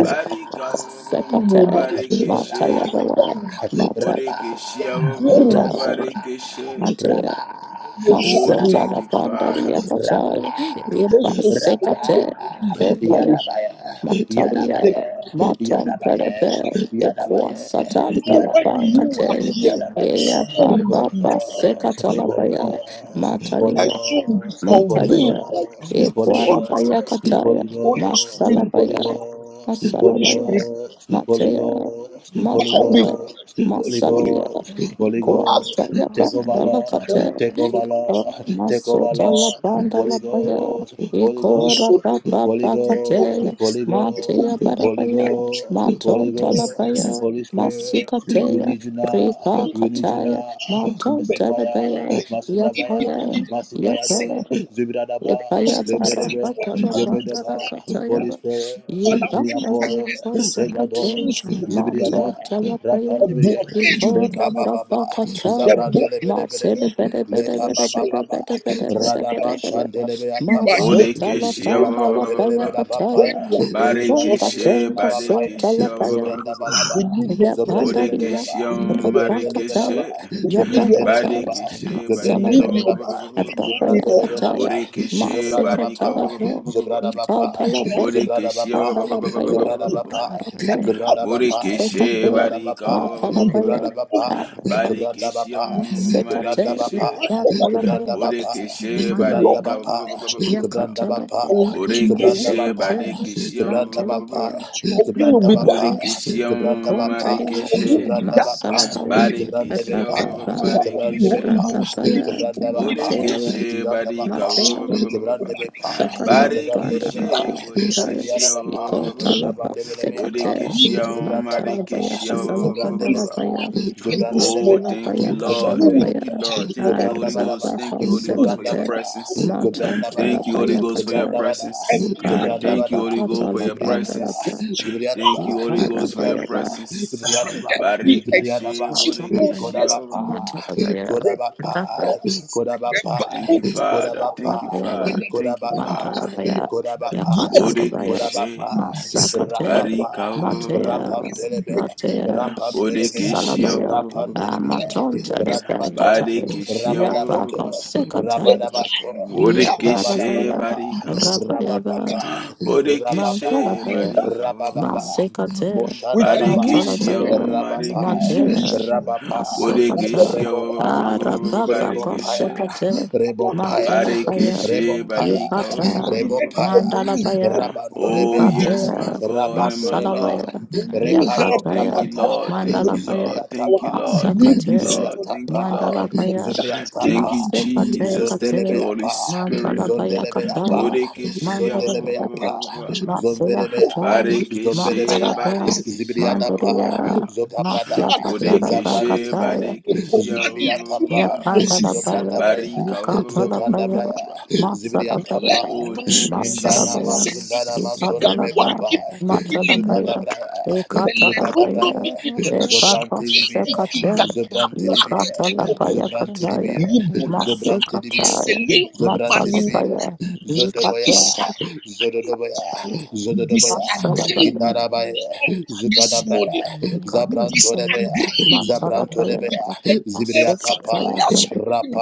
[SPEAKER 6] Barika
[SPEAKER 2] Sekate, Mataya
[SPEAKER 6] Barikeshe
[SPEAKER 2] Baya,
[SPEAKER 1] Holy
[SPEAKER 2] Matarabaya,
[SPEAKER 6] Bodekeshia
[SPEAKER 8] I
[SPEAKER 2] Matarabaya,
[SPEAKER 6] Barikeshe.
[SPEAKER 2] Matea,
[SPEAKER 6] Oh,
[SPEAKER 2] Masota
[SPEAKER 6] thank you,
[SPEAKER 2] Lapanda
[SPEAKER 6] Father.
[SPEAKER 2] Yakataya, Iba Sekate,
[SPEAKER 8] spirit. Fill
[SPEAKER 2] Epaya. Mataria, Maton Pelebe, Equa Satan Talapan Cate,
[SPEAKER 8] me up.
[SPEAKER 2] Ea Papa Secatalabaya, Matalia, Matalia,
[SPEAKER 8] Name
[SPEAKER 1] Ghost,
[SPEAKER 8] of
[SPEAKER 1] Holy
[SPEAKER 8] Jesus,
[SPEAKER 2] Equarabaya
[SPEAKER 1] Ghost,
[SPEAKER 2] Cataya,
[SPEAKER 1] Holy Ghost, Ghost, Holy
[SPEAKER 2] Masalabaya,
[SPEAKER 1] Ghost, Holy
[SPEAKER 2] Masalabaya,
[SPEAKER 1] Ghost, Holy
[SPEAKER 2] Matea,
[SPEAKER 1] Ghost, Holy
[SPEAKER 2] Matala,
[SPEAKER 1] Ghost, Holy
[SPEAKER 2] Masalia,
[SPEAKER 1] Ghost,
[SPEAKER 8] spirit,
[SPEAKER 1] Holy
[SPEAKER 8] we need
[SPEAKER 1] Ghost,
[SPEAKER 2] Equataya
[SPEAKER 8] more
[SPEAKER 1] take over
[SPEAKER 8] than
[SPEAKER 1] Lord,
[SPEAKER 8] ever,
[SPEAKER 2] Pandala
[SPEAKER 8] more
[SPEAKER 1] take
[SPEAKER 8] than
[SPEAKER 1] over
[SPEAKER 8] anything.
[SPEAKER 2] Oh,
[SPEAKER 1] Lord, take over
[SPEAKER 2] Masota la
[SPEAKER 1] Lord,
[SPEAKER 2] banda
[SPEAKER 1] Holy
[SPEAKER 2] la
[SPEAKER 8] My
[SPEAKER 2] paya.
[SPEAKER 1] Ghost, Holy Ghost,
[SPEAKER 2] Ikora papa
[SPEAKER 1] Holy Ghost,
[SPEAKER 2] pakateya.
[SPEAKER 1] Holy
[SPEAKER 2] Matea
[SPEAKER 1] Ghost, Holy
[SPEAKER 2] barabaya.
[SPEAKER 1] Ghost, Holy
[SPEAKER 2] Matonta la
[SPEAKER 1] Ghost,
[SPEAKER 8] culture,
[SPEAKER 2] paya.
[SPEAKER 1] Holy Spirit, we
[SPEAKER 2] Masikateya.
[SPEAKER 1] need you now,
[SPEAKER 2] Ripa
[SPEAKER 1] we need you
[SPEAKER 2] kataya.
[SPEAKER 1] now, Blessing
[SPEAKER 2] Matonta la
[SPEAKER 1] fire,
[SPEAKER 2] paya.
[SPEAKER 1] Masudabaya,
[SPEAKER 2] Yapaya.
[SPEAKER 1] Masibaya de
[SPEAKER 2] Yapaya.
[SPEAKER 1] Zubidadaba,
[SPEAKER 2] Yepaya bara
[SPEAKER 8] I need
[SPEAKER 1] Leberebe, Spirit,
[SPEAKER 2] patala
[SPEAKER 8] your
[SPEAKER 2] bandala
[SPEAKER 1] Yobedeba,
[SPEAKER 2] kataya
[SPEAKER 1] Holy
[SPEAKER 2] ba.
[SPEAKER 1] Spirit,
[SPEAKER 8] touch.
[SPEAKER 2] Yebanda
[SPEAKER 1] Miyako,
[SPEAKER 2] yepa
[SPEAKER 8] My
[SPEAKER 1] Regado,
[SPEAKER 2] sebate.
[SPEAKER 8] sugar,
[SPEAKER 1] Zibriada,
[SPEAKER 2] Mato tala paya.
[SPEAKER 1] Rapandibria,
[SPEAKER 2] Ikora
[SPEAKER 1] Leka Baba,
[SPEAKER 2] papa kataya.
[SPEAKER 1] Zabra
[SPEAKER 2] Mate
[SPEAKER 1] Delebedebe,
[SPEAKER 2] de bede bede
[SPEAKER 1] Leka
[SPEAKER 2] bede
[SPEAKER 1] Baba
[SPEAKER 2] bede
[SPEAKER 1] Baba,
[SPEAKER 2] bede bede bede
[SPEAKER 1] Radaba
[SPEAKER 2] bede bede.
[SPEAKER 1] Shandelebe Akapa,
[SPEAKER 2] Maso tala
[SPEAKER 6] Bodekeshia
[SPEAKER 2] tanda
[SPEAKER 1] Zibriata
[SPEAKER 2] la
[SPEAKER 8] I
[SPEAKER 2] paya
[SPEAKER 1] Delebeda
[SPEAKER 8] need
[SPEAKER 1] Papaya,
[SPEAKER 2] kataya. Ikora
[SPEAKER 1] Zibriata
[SPEAKER 6] Barikeshe
[SPEAKER 1] Delebeda
[SPEAKER 2] patenka so
[SPEAKER 1] Papaya,
[SPEAKER 2] tala paya.
[SPEAKER 1] Zibranda
[SPEAKER 6] Badekeshia
[SPEAKER 1] Balaba,
[SPEAKER 8] to
[SPEAKER 3] Thank
[SPEAKER 2] Yepanda
[SPEAKER 8] hear
[SPEAKER 2] viya.
[SPEAKER 6] Bodekeshia
[SPEAKER 8] it.
[SPEAKER 1] Zabrandelebelaba,
[SPEAKER 2] Rapa
[SPEAKER 8] Lord,
[SPEAKER 2] kataya.
[SPEAKER 1] Zabrandelebelaba,
[SPEAKER 6] Marikeshe
[SPEAKER 8] Let your truth
[SPEAKER 2] Yepakataya.
[SPEAKER 1] Zabrandelebelaba,
[SPEAKER 8] be in our
[SPEAKER 6] Badekeshe
[SPEAKER 2] Masalabaya.
[SPEAKER 1] Zabrandelebelaba,
[SPEAKER 6] Badika
[SPEAKER 2] Atapaya Vataya,
[SPEAKER 1] Zabrandelebelaba,
[SPEAKER 6] Bodekeshe
[SPEAKER 2] Masiva Jalapaya,
[SPEAKER 6] Badika
[SPEAKER 2] Ika Dalapaya,
[SPEAKER 6] Bodekeshia
[SPEAKER 2] Mandalapaya,
[SPEAKER 8] we carry
[SPEAKER 2] Okay,
[SPEAKER 8] back
[SPEAKER 2] Masika
[SPEAKER 6] Murikishe
[SPEAKER 2] Fur,
[SPEAKER 6] barika
[SPEAKER 2] Makalapaya,
[SPEAKER 8] the darkness
[SPEAKER 2] Arapaya,
[SPEAKER 6] barikishe
[SPEAKER 2] Masika Te,
[SPEAKER 6] marikishe
[SPEAKER 2] Makalapaya,
[SPEAKER 6] burikishe
[SPEAKER 8] by
[SPEAKER 6] barika
[SPEAKER 2] Mandalapaya, Yakatalapaya,
[SPEAKER 6] burikishe
[SPEAKER 2] Masika Te,
[SPEAKER 6] barikishe
[SPEAKER 2] Makalapaya, Mandalapaya,
[SPEAKER 6] burikishe
[SPEAKER 8] your
[SPEAKER 2] Ikontalia,
[SPEAKER 6] marikishe
[SPEAKER 2] Masalapaya,
[SPEAKER 8] given fear to
[SPEAKER 6] barikishe
[SPEAKER 8] hear you
[SPEAKER 2] Rapapa,
[SPEAKER 6] barikishe
[SPEAKER 2] Rapapaya,
[SPEAKER 8] see your
[SPEAKER 2] Matera,
[SPEAKER 6] burikishe
[SPEAKER 1] Zibranda
[SPEAKER 6] barika
[SPEAKER 1] Bapa,
[SPEAKER 2] Matera.
[SPEAKER 1] Zibrande Bepa,
[SPEAKER 8] spirit
[SPEAKER 2] Sakatala
[SPEAKER 1] Zibrande
[SPEAKER 2] banda
[SPEAKER 1] Lebe
[SPEAKER 6] barikishe
[SPEAKER 2] rabaya kataya.
[SPEAKER 6] burikishe
[SPEAKER 1] Aribiada Bapa,
[SPEAKER 8] but
[SPEAKER 2] Nikota
[SPEAKER 8] to
[SPEAKER 2] laba
[SPEAKER 1] Rabande Lebe
[SPEAKER 2] sekate.
[SPEAKER 1] Apa,
[SPEAKER 6] Bodekeshia
[SPEAKER 1] Zibranda
[SPEAKER 2] Matala
[SPEAKER 1] Balaba,
[SPEAKER 2] baya katala
[SPEAKER 1] Zibrande
[SPEAKER 2] banda
[SPEAKER 1] Lebe,
[SPEAKER 6] Marekeshia
[SPEAKER 2] baya,
[SPEAKER 1] Zibrande
[SPEAKER 2] Nikata
[SPEAKER 6] Oh,
[SPEAKER 1] Lebe,
[SPEAKER 6] thank you,
[SPEAKER 2] labaya
[SPEAKER 6] Lord.
[SPEAKER 8] impassion
[SPEAKER 1] Zibrande
[SPEAKER 2] katala baya.
[SPEAKER 6] Thank you,
[SPEAKER 1] Lebe,
[SPEAKER 6] Lord. Thank you,
[SPEAKER 1] Zibranda
[SPEAKER 6] Holy
[SPEAKER 1] Badaba,
[SPEAKER 2] Araba
[SPEAKER 6] Ghost. Thank you, Holy Ghost, for
[SPEAKER 1] Zibranda
[SPEAKER 6] your
[SPEAKER 2] sekate.
[SPEAKER 1] Bada,
[SPEAKER 6] presence.
[SPEAKER 2] Maton
[SPEAKER 1] Zibranda Bada,
[SPEAKER 6] Thank you, Holy
[SPEAKER 2] talabaya
[SPEAKER 6] Ghost, for your
[SPEAKER 1] Zibranda
[SPEAKER 2] kataya.
[SPEAKER 1] Bada,
[SPEAKER 6] presence.
[SPEAKER 1] Zibranda
[SPEAKER 2] Nikara
[SPEAKER 6] Thank you,
[SPEAKER 1] Bada,
[SPEAKER 6] Holy Ghost, for
[SPEAKER 2] bakatala
[SPEAKER 6] your
[SPEAKER 1] Zibriada
[SPEAKER 2] banda
[SPEAKER 1] Ba,
[SPEAKER 2] baya,
[SPEAKER 6] presence.
[SPEAKER 1] Zibriada
[SPEAKER 6] Thank
[SPEAKER 1] Ba,
[SPEAKER 6] you, Holy Ghost,
[SPEAKER 2] Nikara
[SPEAKER 6] for your
[SPEAKER 1] Zibriada Ba,
[SPEAKER 2] baya.
[SPEAKER 6] presence.
[SPEAKER 1] Zibriada Ba, Zibriada Ba,
[SPEAKER 6] Barikishe,
[SPEAKER 2] Matala baya.
[SPEAKER 1] Kodabapa,
[SPEAKER 6] Bodekishe.
[SPEAKER 2] Matala
[SPEAKER 1] Kodabapa,
[SPEAKER 2] baya.
[SPEAKER 6] Thank you,
[SPEAKER 8] and
[SPEAKER 1] Kodabapai,
[SPEAKER 6] Father. Thank you,
[SPEAKER 2] Rabaya,
[SPEAKER 1] Kodabapai,
[SPEAKER 6] Father. Thank you, Father.
[SPEAKER 1] Kodabapai,
[SPEAKER 2] Mantarabaya,
[SPEAKER 1] Kodabapai,
[SPEAKER 2] Yapatarabaya,
[SPEAKER 8] the
[SPEAKER 6] Bodekishe.
[SPEAKER 1] Kodabapai,
[SPEAKER 2] Masakate,
[SPEAKER 1] Rapapa,
[SPEAKER 6] Barika.
[SPEAKER 1] Rapam
[SPEAKER 2] Matea,
[SPEAKER 1] Pelebe,
[SPEAKER 2] Matea,
[SPEAKER 8] Holy
[SPEAKER 1] Rapam Pelebe,
[SPEAKER 8] Spirit
[SPEAKER 6] Bodekishe.
[SPEAKER 8] of
[SPEAKER 2] Salabaya,
[SPEAKER 8] power
[SPEAKER 1] Rapam Deribe,
[SPEAKER 8] us
[SPEAKER 2] Amatonta
[SPEAKER 8] we
[SPEAKER 2] de
[SPEAKER 8] pray
[SPEAKER 1] Radabato,
[SPEAKER 2] Pekatai,
[SPEAKER 8] and allow us
[SPEAKER 1] Rabadabato,
[SPEAKER 6] Barikishia.
[SPEAKER 8] like
[SPEAKER 2] Yapaka Sekataya,
[SPEAKER 1] Rabadabato,
[SPEAKER 6] Bodekeshe
[SPEAKER 2] Yaparabaya,
[SPEAKER 1] Rabadabadaba,
[SPEAKER 6] Bariko.
[SPEAKER 2] Rabayaba,
[SPEAKER 1] Rabababa, Rababa,
[SPEAKER 6] Bodekeshe
[SPEAKER 2] Matalabaya,
[SPEAKER 8] a
[SPEAKER 6] Bariko.
[SPEAKER 1] Rabababa,
[SPEAKER 8] prophet
[SPEAKER 2] Masekate,
[SPEAKER 1] Moshandalaba,
[SPEAKER 6] Barekeshe
[SPEAKER 2] Matalabaya,
[SPEAKER 8] we
[SPEAKER 1] Rabapa,
[SPEAKER 6] Marekeshe.
[SPEAKER 2] Matea,
[SPEAKER 8] acknowledge you Holy
[SPEAKER 2] Masokata,
[SPEAKER 8] Spirit
[SPEAKER 6] Bodekeshe
[SPEAKER 1] Rabapa,
[SPEAKER 8] praise
[SPEAKER 2] Arababa
[SPEAKER 8] your name
[SPEAKER 1] Rebopaya,
[SPEAKER 6] Barekeshe.
[SPEAKER 8] and
[SPEAKER 2] Kosekate,
[SPEAKER 1] Rebopaya, Rebopaya,
[SPEAKER 2] Matalabaya,
[SPEAKER 8] by
[SPEAKER 6] Barekeshe
[SPEAKER 8] your
[SPEAKER 1] Rebopaya,
[SPEAKER 8] name we
[SPEAKER 2] Yipata,
[SPEAKER 8] lift
[SPEAKER 6] Bariko.
[SPEAKER 8] you
[SPEAKER 1] Rebopaya,
[SPEAKER 8] up
[SPEAKER 2] Mandalabaya,
[SPEAKER 6] Oh,
[SPEAKER 1] Rabandolebea,
[SPEAKER 6] yes, my
[SPEAKER 2] Yipatea,
[SPEAKER 8] I
[SPEAKER 6] God and my
[SPEAKER 1] Rabandolebea,
[SPEAKER 8] pray
[SPEAKER 6] Lord.
[SPEAKER 8] a
[SPEAKER 2] Masalabaya,
[SPEAKER 8] carrot
[SPEAKER 1] Rekado
[SPEAKER 8] of
[SPEAKER 6] Thank
[SPEAKER 2] Yakataya,
[SPEAKER 6] you,
[SPEAKER 8] red a
[SPEAKER 1] Brakata,
[SPEAKER 8] red
[SPEAKER 6] Lord. Thank you,
[SPEAKER 2] Mandalabaya,
[SPEAKER 6] Lord. Thank you,
[SPEAKER 1] Zubriatapa,
[SPEAKER 6] Lord. Thank you,
[SPEAKER 2] Masakate,
[SPEAKER 6] Lord. Thank you, Lord.
[SPEAKER 8] hungry
[SPEAKER 1] Zubriatapa,
[SPEAKER 2] Mandalabaya,
[SPEAKER 8] passion
[SPEAKER 6] Thank you,
[SPEAKER 1] Zubriatapa,
[SPEAKER 2] Masekate,
[SPEAKER 6] Jesus. Thank you,
[SPEAKER 2] Kate,
[SPEAKER 6] Holy
[SPEAKER 1] Zondelebeapa,
[SPEAKER 6] Spirit.
[SPEAKER 2] Matalabaya
[SPEAKER 1] Zondelebeapa,
[SPEAKER 2] Kataya,
[SPEAKER 8] of the river
[SPEAKER 6] Bodekeshia.
[SPEAKER 8] has not
[SPEAKER 2] Mandalabaya.
[SPEAKER 1] Zondelebeapa,
[SPEAKER 8] yet
[SPEAKER 2] Masaya
[SPEAKER 1] Zombedebea,
[SPEAKER 2] Kachai,
[SPEAKER 6] Badekeshe,
[SPEAKER 1] Zombedebea,
[SPEAKER 2] Mandaraba,
[SPEAKER 6] badekeshia.
[SPEAKER 1] Zibriada pa,
[SPEAKER 2] Mandaria,
[SPEAKER 8] Jesus.
[SPEAKER 1] Zogabrada,
[SPEAKER 2] Masaka
[SPEAKER 8] Not
[SPEAKER 2] Chalaba
[SPEAKER 1] Zabran
[SPEAKER 6] Bodekeshe,
[SPEAKER 8] pushing the
[SPEAKER 2] Kachaya,
[SPEAKER 1] Zidibia,
[SPEAKER 6] badekeshia.
[SPEAKER 1] Zidibia
[SPEAKER 8] tarapon
[SPEAKER 1] Tapa,
[SPEAKER 8] of my
[SPEAKER 1] Zokanda
[SPEAKER 2] Yapandalabaya,
[SPEAKER 8] Lord.
[SPEAKER 1] Braya,
[SPEAKER 6] Barika.
[SPEAKER 1] Zokanda
[SPEAKER 2] Yukatalabaya,
[SPEAKER 1] Braya, Zibria
[SPEAKER 2] Masadabaya,
[SPEAKER 1] Tapa,
[SPEAKER 6] Oh,
[SPEAKER 8] Oh,
[SPEAKER 6] thank you,
[SPEAKER 8] river,
[SPEAKER 1] Indana
[SPEAKER 2] Matarabaya,
[SPEAKER 8] dear,
[SPEAKER 1] Masundana
[SPEAKER 8] and
[SPEAKER 6] Jesus.
[SPEAKER 8] the
[SPEAKER 1] Masonde
[SPEAKER 8] other,
[SPEAKER 2] Ikatalaba,
[SPEAKER 1] Mekapa,
[SPEAKER 8] da da
[SPEAKER 5] kipu
[SPEAKER 8] da da da.
[SPEAKER 5] katili
[SPEAKER 1] Zugada
[SPEAKER 2] Matalabaya,
[SPEAKER 1] Braya, Zugada
[SPEAKER 5] Belenuno
[SPEAKER 2] Ekatalabaya,
[SPEAKER 8] Your
[SPEAKER 1] Braya,
[SPEAKER 5] minimana
[SPEAKER 8] book of
[SPEAKER 2] Epaka
[SPEAKER 1] Zobranti
[SPEAKER 5] shaki
[SPEAKER 8] the
[SPEAKER 1] Dibia,
[SPEAKER 2] Sekate,
[SPEAKER 5] kikika
[SPEAKER 8] science, for
[SPEAKER 1] Zobranti
[SPEAKER 5] kapwa
[SPEAKER 8] spirit
[SPEAKER 1] Dibia,
[SPEAKER 8] of us
[SPEAKER 2] Ikatalabaya
[SPEAKER 8] to
[SPEAKER 1] Zobranti
[SPEAKER 8] make
[SPEAKER 2] Kataya,
[SPEAKER 1] Dibia,
[SPEAKER 8] an
[SPEAKER 5] Libuda
[SPEAKER 8] impact.
[SPEAKER 1] Zobranti Dibia,
[SPEAKER 5] pradise
[SPEAKER 2] Masikataya,
[SPEAKER 8] It
[SPEAKER 1] Zobranti
[SPEAKER 8] is so
[SPEAKER 1] Dibia,
[SPEAKER 2] Matalabaya,
[SPEAKER 8] hard
[SPEAKER 1] Zodoboya,
[SPEAKER 2] Ikatalabaya,
[SPEAKER 5] ninimikisa kwake.
[SPEAKER 1] Zododoboya, Zododoboya,
[SPEAKER 8] in our
[SPEAKER 5] Disagree with the Lord
[SPEAKER 8] lives
[SPEAKER 1] Indarabaya,
[SPEAKER 5] this
[SPEAKER 8] that
[SPEAKER 5] morning.
[SPEAKER 1] Zukadabraya,
[SPEAKER 8] we
[SPEAKER 2] We
[SPEAKER 8] need
[SPEAKER 2] got
[SPEAKER 8] more
[SPEAKER 1] Zabranto Zabrantorebea,
[SPEAKER 5] Disagree
[SPEAKER 2] Mantala Paya,
[SPEAKER 1] Zabrantorebea,
[SPEAKER 2] Masika
[SPEAKER 5] for
[SPEAKER 1] Zibriakapa,
[SPEAKER 2] Paya,
[SPEAKER 5] us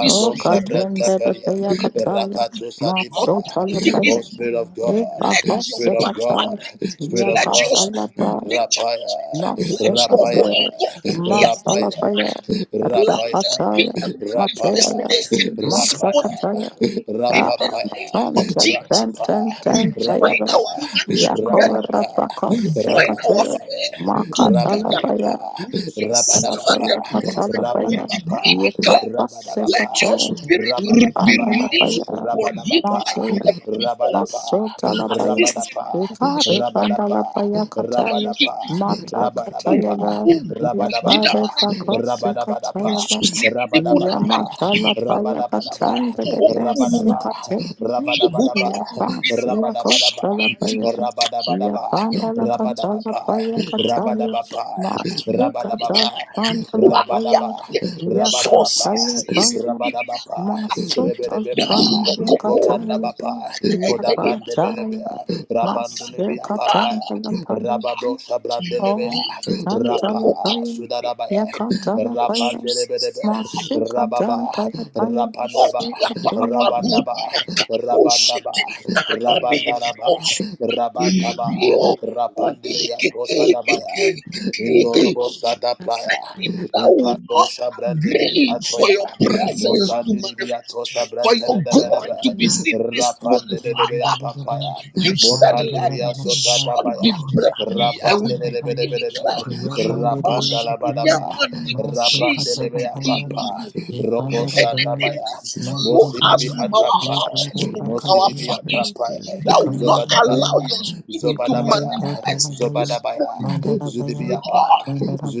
[SPEAKER 5] this
[SPEAKER 2] O
[SPEAKER 5] morning.
[SPEAKER 2] Katinda
[SPEAKER 5] Disagree
[SPEAKER 1] Shabrantapelia,
[SPEAKER 2] Paya Kataya,
[SPEAKER 5] with
[SPEAKER 1] Rakato
[SPEAKER 8] Let
[SPEAKER 1] Sadibaya.
[SPEAKER 2] Masotala
[SPEAKER 1] Oh,
[SPEAKER 2] Paya,
[SPEAKER 1] Spirit of
[SPEAKER 8] God
[SPEAKER 1] God,
[SPEAKER 2] Eva
[SPEAKER 8] magnify my
[SPEAKER 1] Spirit
[SPEAKER 2] Kasika
[SPEAKER 1] of
[SPEAKER 2] Chan,
[SPEAKER 1] God, Spirit
[SPEAKER 8] make
[SPEAKER 1] of
[SPEAKER 8] up
[SPEAKER 1] God,
[SPEAKER 2] Yakatala Paya,
[SPEAKER 1] Rapaya,
[SPEAKER 2] Masika
[SPEAKER 1] Rapaya,
[SPEAKER 2] Paya,
[SPEAKER 8] it covered
[SPEAKER 2] Masala
[SPEAKER 1] Rapaya,
[SPEAKER 2] Paya,
[SPEAKER 1] Rapaya,
[SPEAKER 2] Rakataya,
[SPEAKER 1] Rapa,
[SPEAKER 2] Mataya,
[SPEAKER 1] Rapaya,
[SPEAKER 2] Masakataya, Ah,
[SPEAKER 1] Rapapaya,
[SPEAKER 2] Matan Ten Ten
[SPEAKER 1] Rapapa,
[SPEAKER 2] Ten Ten Tayaba,
[SPEAKER 1] Rapapa,
[SPEAKER 2] Yakora
[SPEAKER 1] Rapapa,
[SPEAKER 2] Pakasika
[SPEAKER 1] Radapaya,
[SPEAKER 2] Makatala
[SPEAKER 1] Rabadabapa,
[SPEAKER 2] Paya,
[SPEAKER 1] Rabadabapa,
[SPEAKER 2] Alabaya, Atalabaya,
[SPEAKER 1] Rabadabapa,
[SPEAKER 2] Yepapa
[SPEAKER 1] Rabadabapa,
[SPEAKER 2] Sekate,
[SPEAKER 8] in
[SPEAKER 1] Rabadabapa,
[SPEAKER 2] Ishandalabaya,
[SPEAKER 1] Rabadabapa, Rabadapa,
[SPEAKER 2] Masota la
[SPEAKER 1] Rabadapa,
[SPEAKER 2] baya,
[SPEAKER 1] Rabadapa,
[SPEAKER 2] ikare panda la
[SPEAKER 1] Rabadapa,
[SPEAKER 2] baya kataya,
[SPEAKER 1] Rabadabapa,
[SPEAKER 2] mata
[SPEAKER 8] everything that I
[SPEAKER 2] kataya
[SPEAKER 1] Rabadabapa,
[SPEAKER 8] do.
[SPEAKER 2] ba,
[SPEAKER 8] Lord.
[SPEAKER 2] ya
[SPEAKER 8] I
[SPEAKER 1] Rabadabadapa,
[SPEAKER 2] pare
[SPEAKER 8] pray
[SPEAKER 2] pakose
[SPEAKER 8] God
[SPEAKER 1] Rabadabadapa,
[SPEAKER 2] kataya ba,
[SPEAKER 8] my
[SPEAKER 2] ya
[SPEAKER 1] Rabadabadaba,
[SPEAKER 2] mata
[SPEAKER 8] shepherd,
[SPEAKER 2] la baya
[SPEAKER 1] Rabadaba,
[SPEAKER 2] katanda de besu kataya,
[SPEAKER 1] Rabadabadaba,
[SPEAKER 2] ya pas ya
[SPEAKER 1] Rabadabadaba,
[SPEAKER 2] kontra labaya, ya
[SPEAKER 1] Rabadabadaba,
[SPEAKER 2] panda la
[SPEAKER 1] Rabadabadaba,
[SPEAKER 2] kataya la baya kataya,
[SPEAKER 1] Rabadabapa,
[SPEAKER 2] masu kataya
[SPEAKER 1] Rabadabapa,
[SPEAKER 2] panda la
[SPEAKER 5] their
[SPEAKER 1] Rabadabapa,
[SPEAKER 2] baya,
[SPEAKER 1] Rabadaba,
[SPEAKER 5] political
[SPEAKER 2] ya
[SPEAKER 8] my
[SPEAKER 1] Rabadabapa,
[SPEAKER 5] sources.
[SPEAKER 2] kataya
[SPEAKER 5] Is the
[SPEAKER 2] panda,
[SPEAKER 5] Bible
[SPEAKER 1] Rabadabapa,
[SPEAKER 2] masota
[SPEAKER 1] Rebedebepa,
[SPEAKER 5] Dale
[SPEAKER 2] panda
[SPEAKER 5] koko
[SPEAKER 8] God,
[SPEAKER 2] kataya.
[SPEAKER 1] Cobrandabapa,
[SPEAKER 5] kuketele
[SPEAKER 2] Yakataya
[SPEAKER 1] Codabrandelebea,
[SPEAKER 5] akane
[SPEAKER 2] Masya
[SPEAKER 1] Rabandelebea
[SPEAKER 5] yaka.
[SPEAKER 2] Katana
[SPEAKER 1] Papaya,
[SPEAKER 2] Paya
[SPEAKER 1] Rabado
[SPEAKER 2] O
[SPEAKER 5] Dikala
[SPEAKER 1] Sabrandelebea,
[SPEAKER 2] Tantala
[SPEAKER 5] kokane.
[SPEAKER 1] Rapa,
[SPEAKER 2] Paya
[SPEAKER 1] Sudarabaya,
[SPEAKER 2] Yakatala Paya
[SPEAKER 5] Osusis.
[SPEAKER 1] Rapandelebedebe,
[SPEAKER 2] Masya
[SPEAKER 1] Rababa,
[SPEAKER 2] Katantala Paya
[SPEAKER 5] That
[SPEAKER 1] Rapandaba,
[SPEAKER 2] Sukapaya
[SPEAKER 1] Rabandaba, Rabandaba, Rabandaraba,
[SPEAKER 8] in
[SPEAKER 1] Rabantaba. Kaba, Rapandibria Prosadabaya, Indorobo
[SPEAKER 8] us
[SPEAKER 1] Sadaplaya,
[SPEAKER 8] I have a lot
[SPEAKER 5] will
[SPEAKER 8] of
[SPEAKER 1] Inkando
[SPEAKER 8] life.
[SPEAKER 5] not
[SPEAKER 1] Shabrandibi
[SPEAKER 5] agree for
[SPEAKER 1] Atoya,
[SPEAKER 5] your presence to
[SPEAKER 8] And
[SPEAKER 1] Mosandibi Atosa
[SPEAKER 5] manifest, for your
[SPEAKER 8] we
[SPEAKER 5] glory
[SPEAKER 8] welcome
[SPEAKER 5] to
[SPEAKER 1] Brantadabadaba,
[SPEAKER 5] be
[SPEAKER 8] you, we
[SPEAKER 5] seen this
[SPEAKER 8] welcome
[SPEAKER 5] morning,
[SPEAKER 8] you,
[SPEAKER 1] Rapandebea
[SPEAKER 5] Father.
[SPEAKER 1] Papaya,
[SPEAKER 8] my
[SPEAKER 5] You
[SPEAKER 8] God,
[SPEAKER 5] said, Let
[SPEAKER 1] Mokandibria Sota
[SPEAKER 5] this sword
[SPEAKER 1] Dabaya,
[SPEAKER 5] be bloody, and we decree and
[SPEAKER 1] Rapandelebedebe,
[SPEAKER 5] declare.
[SPEAKER 2] Yakatala
[SPEAKER 5] Masuria
[SPEAKER 8] and we
[SPEAKER 1] Rapandalabadaba,
[SPEAKER 8] ask you
[SPEAKER 5] manikushisi
[SPEAKER 1] Rapandelebea
[SPEAKER 8] to
[SPEAKER 1] Papa,
[SPEAKER 8] receive
[SPEAKER 1] Roko
[SPEAKER 8] our
[SPEAKER 5] anything that
[SPEAKER 8] praise.
[SPEAKER 1] Shandabaya,
[SPEAKER 5] follow us
[SPEAKER 1] Mosidibi
[SPEAKER 5] from
[SPEAKER 8] I
[SPEAKER 5] our
[SPEAKER 8] God
[SPEAKER 1] Atapaya,
[SPEAKER 5] houses,
[SPEAKER 8] pray
[SPEAKER 5] from
[SPEAKER 8] that
[SPEAKER 5] our
[SPEAKER 8] our
[SPEAKER 1] Mosidibi
[SPEAKER 2] Paya
[SPEAKER 5] families,
[SPEAKER 8] praise will lift
[SPEAKER 5] that
[SPEAKER 1] Atapaya,
[SPEAKER 5] will
[SPEAKER 8] you up.
[SPEAKER 5] not
[SPEAKER 2] Kandara
[SPEAKER 8] high
[SPEAKER 1] Zobadabaya,
[SPEAKER 5] allow
[SPEAKER 2] Bhaya,
[SPEAKER 5] your
[SPEAKER 8] In
[SPEAKER 5] spirit to
[SPEAKER 2] Ekari
[SPEAKER 1] Zobadabaya,
[SPEAKER 8] the
[SPEAKER 2] Katara
[SPEAKER 5] manifest
[SPEAKER 2] Bhaya,
[SPEAKER 5] this
[SPEAKER 1] Zobadabaya,
[SPEAKER 5] morning.
[SPEAKER 2] mandara Ikandarabhaya,
[SPEAKER 1] Zudibiapa,
[SPEAKER 2] Ikarikatarabhaya,
[SPEAKER 5] Lord,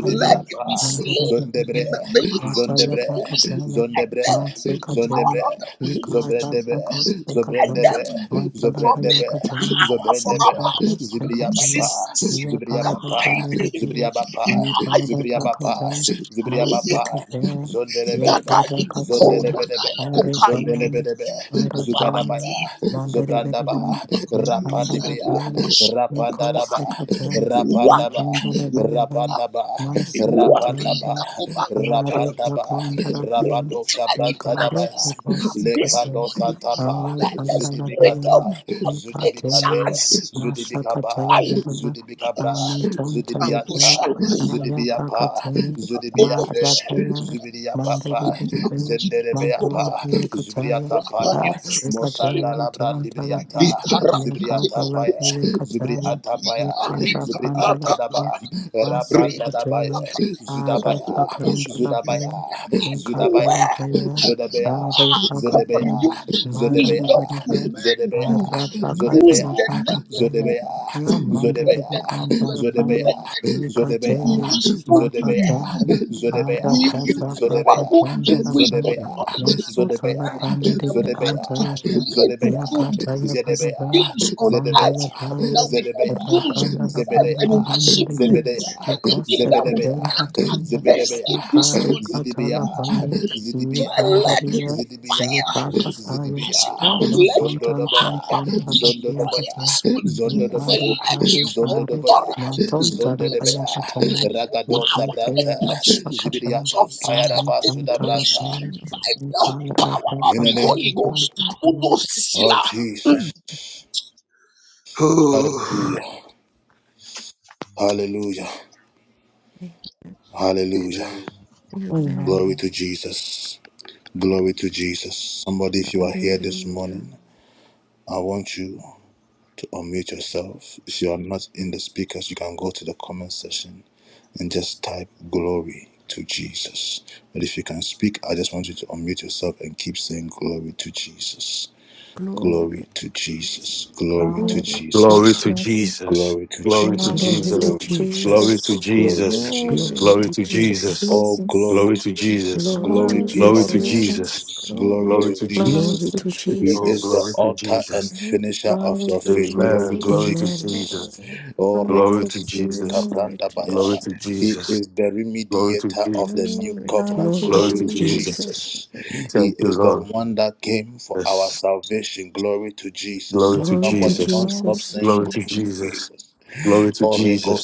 [SPEAKER 5] let
[SPEAKER 8] name
[SPEAKER 5] it be
[SPEAKER 2] Mandarabhaya,
[SPEAKER 8] of God,
[SPEAKER 5] seen in
[SPEAKER 1] Zondebre,
[SPEAKER 5] the
[SPEAKER 2] Mandarabhaya,
[SPEAKER 5] name of
[SPEAKER 2] Yataya
[SPEAKER 5] Jesus.
[SPEAKER 1] Zondebre,
[SPEAKER 5] We
[SPEAKER 2] Pakataya,
[SPEAKER 5] strike
[SPEAKER 1] Zondebre,
[SPEAKER 5] them
[SPEAKER 3] you.
[SPEAKER 5] with the power
[SPEAKER 2] Matsikataya,
[SPEAKER 1] Zondebre,
[SPEAKER 5] of the Holy Ghost.
[SPEAKER 1] Zobrendebe,
[SPEAKER 5] We strike
[SPEAKER 1] Zobrendebe,
[SPEAKER 5] them
[SPEAKER 2] mandara
[SPEAKER 5] from
[SPEAKER 2] Mandarabhaya
[SPEAKER 5] the
[SPEAKER 1] Zobrendebe,
[SPEAKER 2] Kataya,
[SPEAKER 5] power from
[SPEAKER 1] Zobrendebe,
[SPEAKER 5] our house.
[SPEAKER 2] Ipakostikataya,
[SPEAKER 1] Zibriabapa, Zibriabapa,
[SPEAKER 2] Yaparakandarabhaya,
[SPEAKER 1] Zibriabapa,
[SPEAKER 5] In
[SPEAKER 1] Zibriabapa,
[SPEAKER 2] Iparakataya,
[SPEAKER 1] Zibriabapa,
[SPEAKER 2] Matsikataya,
[SPEAKER 1] Zondelebelebe,
[SPEAKER 5] Yadai kukoro
[SPEAKER 2] Yaparakataya,
[SPEAKER 1] Zondelebelebe,
[SPEAKER 5] nakai kukaiki
[SPEAKER 2] Arikaya,
[SPEAKER 1] Zondelebelebe,
[SPEAKER 2] Arapaya,
[SPEAKER 5] kuparati
[SPEAKER 1] Zugadabaya,
[SPEAKER 2] Rambere
[SPEAKER 1] Zobrandaba,
[SPEAKER 2] Bedlam, Lake Pandala,
[SPEAKER 1] Rapandibria,
[SPEAKER 2] Bayan,
[SPEAKER 5] yalelemos
[SPEAKER 2] Lincoln
[SPEAKER 1] Rapandadaba,
[SPEAKER 5] kuhani
[SPEAKER 2] Secretary, Lake
[SPEAKER 5] waki
[SPEAKER 1] Rapandaba,
[SPEAKER 2] Pandala,
[SPEAKER 5] kiyo
[SPEAKER 2] Bayan,
[SPEAKER 1] Rapandaba,
[SPEAKER 2] Marsika
[SPEAKER 5] waki
[SPEAKER 1] Rapandaba,
[SPEAKER 2] Jayan,
[SPEAKER 5] kakubasha tada
[SPEAKER 2] Amare
[SPEAKER 1] Rapandaba,
[SPEAKER 2] Lakondala
[SPEAKER 5] Great
[SPEAKER 2] Bayan,
[SPEAKER 1] Rabado
[SPEAKER 5] cry
[SPEAKER 2] Lincoln
[SPEAKER 5] enough
[SPEAKER 1] Shabrantadabaya,
[SPEAKER 5] is
[SPEAKER 2] Pacos
[SPEAKER 5] enough this
[SPEAKER 2] Kayan,
[SPEAKER 1] Lekado
[SPEAKER 5] morning.
[SPEAKER 1] Santapa,
[SPEAKER 2] Ale
[SPEAKER 5] Let the
[SPEAKER 2] Pandala,
[SPEAKER 5] spirit of
[SPEAKER 1] Zudibikata,
[SPEAKER 5] God take
[SPEAKER 1] Zudibikabe,
[SPEAKER 5] charge.
[SPEAKER 1] Zudibikaba,
[SPEAKER 5] I
[SPEAKER 1] Zudibikabra, Zudibiata,
[SPEAKER 5] Akoshala,
[SPEAKER 1] Zudibiapa, Zudibiate,
[SPEAKER 5] Akolemoshala,
[SPEAKER 1] Zubidiapapa,
[SPEAKER 2] Mandere
[SPEAKER 5] Ibuna
[SPEAKER 1] Zenderebeapa,
[SPEAKER 2] Mandala
[SPEAKER 1] Zubriakapa, Mosanda
[SPEAKER 5] Rapanimususileko,
[SPEAKER 1] Labrandi Briata, Zibriata Paya,
[SPEAKER 5] Likaradigilokroska,
[SPEAKER 1] Zibriata Paya, Zibrianta
[SPEAKER 5] Likarikakakaka,
[SPEAKER 1] Daba, Rapanda Dabaya,
[SPEAKER 5] Rikakakaka,
[SPEAKER 1] Zudabaya,
[SPEAKER 5] Kuturakasha,
[SPEAKER 1] Zudabaya, Zudabaya,
[SPEAKER 5] God,
[SPEAKER 1] Zodabaya,
[SPEAKER 5] you give
[SPEAKER 1] Zodabaya,
[SPEAKER 5] wisdom to men
[SPEAKER 1] Zodabaya,
[SPEAKER 5] to use
[SPEAKER 1] Zodabaya,
[SPEAKER 5] the network to
[SPEAKER 1] Zodabaya, Zodabaya,
[SPEAKER 5] fabricate the network to
[SPEAKER 1] Zodabaya,
[SPEAKER 5] make the
[SPEAKER 1] Zodabaya,
[SPEAKER 5] network to
[SPEAKER 1] Zodabaya,
[SPEAKER 5] be useful to you.
[SPEAKER 1] Zodabaya,
[SPEAKER 5] We, you are the
[SPEAKER 1] Zodabaya,
[SPEAKER 5] one
[SPEAKER 1] Zodabaya,
[SPEAKER 5] who give
[SPEAKER 2] Mandala
[SPEAKER 5] wisdom,
[SPEAKER 8] we will
[SPEAKER 5] knowledge,
[SPEAKER 1] Zodabaya, Zodabaya,
[SPEAKER 2] Masutala
[SPEAKER 5] and understanding to
[SPEAKER 2] bandiri
[SPEAKER 5] a
[SPEAKER 2] de
[SPEAKER 1] Zedebea,
[SPEAKER 5] man to
[SPEAKER 2] antayasna
[SPEAKER 5] create, to
[SPEAKER 1] Zedebea,
[SPEAKER 5] do
[SPEAKER 2] yakataya bhagavai
[SPEAKER 1] Zedebea,
[SPEAKER 5] things on earth
[SPEAKER 2] bandala
[SPEAKER 1] Zedebea,
[SPEAKER 2] bhaya
[SPEAKER 5] that we can
[SPEAKER 1] Zedebea,
[SPEAKER 5] use to
[SPEAKER 2] rakandala
[SPEAKER 5] serve and
[SPEAKER 1] Zebedea,
[SPEAKER 2] bandiri
[SPEAKER 5] worship
[SPEAKER 2] bindiri
[SPEAKER 5] you.
[SPEAKER 2] ben
[SPEAKER 1] Zebedea,
[SPEAKER 2] ikose
[SPEAKER 5] Anything that will
[SPEAKER 1] Zebedebea,
[SPEAKER 2] kaperi
[SPEAKER 5] stand
[SPEAKER 2] bataya
[SPEAKER 5] against
[SPEAKER 1] Zebedebea,
[SPEAKER 5] it this
[SPEAKER 2] ikari
[SPEAKER 5] morning,
[SPEAKER 1] Zidibia,
[SPEAKER 2] katala
[SPEAKER 5] we
[SPEAKER 8] praise,
[SPEAKER 2] bhaya
[SPEAKER 5] decree,
[SPEAKER 2] iye
[SPEAKER 1] Zidibia,
[SPEAKER 5] declare, let
[SPEAKER 2] bandaviya
[SPEAKER 5] your
[SPEAKER 1] Zidibia,
[SPEAKER 2] iye
[SPEAKER 5] fire. I
[SPEAKER 8] fill us up with
[SPEAKER 2] bhagavaya
[SPEAKER 8] the
[SPEAKER 1] Zidibia,
[SPEAKER 5] said, out,
[SPEAKER 2] ama
[SPEAKER 5] let
[SPEAKER 2] tan
[SPEAKER 5] your
[SPEAKER 2] tan tan
[SPEAKER 1] Zondodobaya,
[SPEAKER 5] power
[SPEAKER 2] tan tabasiya
[SPEAKER 5] destroy
[SPEAKER 1] Zondodobaya,
[SPEAKER 2] kataya
[SPEAKER 5] this
[SPEAKER 2] iye
[SPEAKER 5] morning.
[SPEAKER 8] praise.
[SPEAKER 5] And
[SPEAKER 1] Zondodobaya,
[SPEAKER 2] bari
[SPEAKER 5] let
[SPEAKER 2] bari
[SPEAKER 5] your
[SPEAKER 2] bari
[SPEAKER 1] Zondodobaya,
[SPEAKER 5] authority be
[SPEAKER 2] manton tala
[SPEAKER 5] built.
[SPEAKER 2] bhaya
[SPEAKER 1] Zondodobaya,
[SPEAKER 2] kataya
[SPEAKER 5] Let your
[SPEAKER 1] Ragadosa
[SPEAKER 5] power
[SPEAKER 2] ikante
[SPEAKER 5] take
[SPEAKER 1] Branta,
[SPEAKER 5] place.
[SPEAKER 2] pasakata
[SPEAKER 1] Zibiria
[SPEAKER 5] Your fire
[SPEAKER 2] amin
[SPEAKER 1] Tampayaraba
[SPEAKER 2] tan
[SPEAKER 5] take
[SPEAKER 2] tala
[SPEAKER 5] place.
[SPEAKER 1] Sudabranta.
[SPEAKER 8] Amen.
[SPEAKER 2] Amen.
[SPEAKER 5] The power of
[SPEAKER 1] In a
[SPEAKER 5] the
[SPEAKER 1] name
[SPEAKER 5] Holy Ghost. Uno sila.
[SPEAKER 1] of Jesus.
[SPEAKER 5] Oh,
[SPEAKER 1] Hallelujah. Hallelujah. Hallelujah.
[SPEAKER 5] Amen.
[SPEAKER 8] Amen.
[SPEAKER 1] Glory to Jesus. Glory to Jesus. Somebody, if you are here this
[SPEAKER 8] Hallelujah.
[SPEAKER 1] morning, I want you to unmute yourself. If you are not in the speakers, you can go to the comment section and just type glory to Jesus. But if you can speak, I just want you to unmute yourself and keep saying glory to Jesus. Glory
[SPEAKER 8] Glory to
[SPEAKER 1] to
[SPEAKER 8] Jesus.
[SPEAKER 1] Jesus. Glory
[SPEAKER 2] Glory
[SPEAKER 1] to
[SPEAKER 8] Glory,
[SPEAKER 2] to
[SPEAKER 1] Jesus.
[SPEAKER 10] Glory to
[SPEAKER 2] Jesus.
[SPEAKER 10] Jesus.
[SPEAKER 1] Glory to
[SPEAKER 10] Glory to
[SPEAKER 2] Glory
[SPEAKER 1] Jesus.
[SPEAKER 11] Glory
[SPEAKER 8] glory,
[SPEAKER 11] to
[SPEAKER 10] Jesus.
[SPEAKER 2] to
[SPEAKER 1] Glory to Jesus.
[SPEAKER 10] Glory
[SPEAKER 11] Jesus.
[SPEAKER 10] to
[SPEAKER 2] Jesus.
[SPEAKER 1] Glory to
[SPEAKER 10] Jesus.
[SPEAKER 8] glory
[SPEAKER 11] Glory
[SPEAKER 1] Jesus.
[SPEAKER 8] to
[SPEAKER 10] Glory
[SPEAKER 11] to
[SPEAKER 10] to
[SPEAKER 2] Glory
[SPEAKER 8] Jesus.
[SPEAKER 2] to
[SPEAKER 10] Jesus.
[SPEAKER 11] Jesus.
[SPEAKER 1] Oh, glory
[SPEAKER 2] Jesus.
[SPEAKER 10] Glory
[SPEAKER 1] to
[SPEAKER 10] to
[SPEAKER 1] Jesus.
[SPEAKER 10] Jesus.
[SPEAKER 11] Glory to
[SPEAKER 1] Glory
[SPEAKER 2] Glory
[SPEAKER 8] Glory,
[SPEAKER 1] be
[SPEAKER 2] to
[SPEAKER 10] Glory
[SPEAKER 1] unto
[SPEAKER 10] to
[SPEAKER 8] glory,
[SPEAKER 11] Jesus.
[SPEAKER 10] Jesus.
[SPEAKER 2] Jesus.
[SPEAKER 1] Jesus.
[SPEAKER 8] glory,
[SPEAKER 1] Glory
[SPEAKER 10] Glory
[SPEAKER 1] to
[SPEAKER 10] to
[SPEAKER 2] Glory
[SPEAKER 1] Jesus.
[SPEAKER 11] Glory
[SPEAKER 10] Jesus.
[SPEAKER 2] to
[SPEAKER 11] to
[SPEAKER 1] He
[SPEAKER 10] Oh,
[SPEAKER 1] is
[SPEAKER 11] Jesus.
[SPEAKER 1] the
[SPEAKER 10] glory
[SPEAKER 2] Jesus.
[SPEAKER 10] to
[SPEAKER 1] author and
[SPEAKER 10] Jesus.
[SPEAKER 1] finisher
[SPEAKER 8] glory
[SPEAKER 1] of
[SPEAKER 2] Glory
[SPEAKER 8] to
[SPEAKER 1] your
[SPEAKER 2] to
[SPEAKER 1] faith. Glory
[SPEAKER 10] Amen.
[SPEAKER 1] to
[SPEAKER 10] Glory to
[SPEAKER 2] Jesus.
[SPEAKER 11] Amen.
[SPEAKER 1] Jesus.
[SPEAKER 10] Jesus.
[SPEAKER 8] glory.
[SPEAKER 1] Oh,
[SPEAKER 2] Glory
[SPEAKER 1] Rico
[SPEAKER 10] Glory
[SPEAKER 2] to
[SPEAKER 10] to
[SPEAKER 1] Sinireka
[SPEAKER 10] Jesus.
[SPEAKER 2] Jesus.
[SPEAKER 8] Glory to
[SPEAKER 10] Glory
[SPEAKER 1] Brandabaya.
[SPEAKER 10] to
[SPEAKER 8] Jesus.
[SPEAKER 1] He
[SPEAKER 10] Jesus.
[SPEAKER 1] is the
[SPEAKER 10] Glory to
[SPEAKER 1] remediator of the
[SPEAKER 10] Jesus.
[SPEAKER 1] new
[SPEAKER 8] Glory to
[SPEAKER 2] Glory
[SPEAKER 1] covenant.
[SPEAKER 2] to Jesus. Glory to Jesus. Glory to
[SPEAKER 8] Jesus.
[SPEAKER 11] Glory
[SPEAKER 10] Glory
[SPEAKER 1] Glory
[SPEAKER 10] to
[SPEAKER 11] to
[SPEAKER 1] to
[SPEAKER 10] Jesus.
[SPEAKER 2] Jesus.
[SPEAKER 11] Jesus.
[SPEAKER 1] Jesus.
[SPEAKER 8] Glory,
[SPEAKER 1] He
[SPEAKER 10] Thank you,
[SPEAKER 1] is the
[SPEAKER 10] Lord.
[SPEAKER 1] one that came for our
[SPEAKER 10] Yes.
[SPEAKER 1] salvation. Glory to Jesus.
[SPEAKER 10] Glory
[SPEAKER 1] Oh,
[SPEAKER 10] to
[SPEAKER 11] Glory to
[SPEAKER 1] somebody
[SPEAKER 10] Jesus.
[SPEAKER 1] don't stop
[SPEAKER 2] Glory
[SPEAKER 11] Jesus.
[SPEAKER 1] saying
[SPEAKER 10] Glory to
[SPEAKER 1] glory to
[SPEAKER 10] Jesus.
[SPEAKER 1] Jesus.
[SPEAKER 10] Glory to Jesus.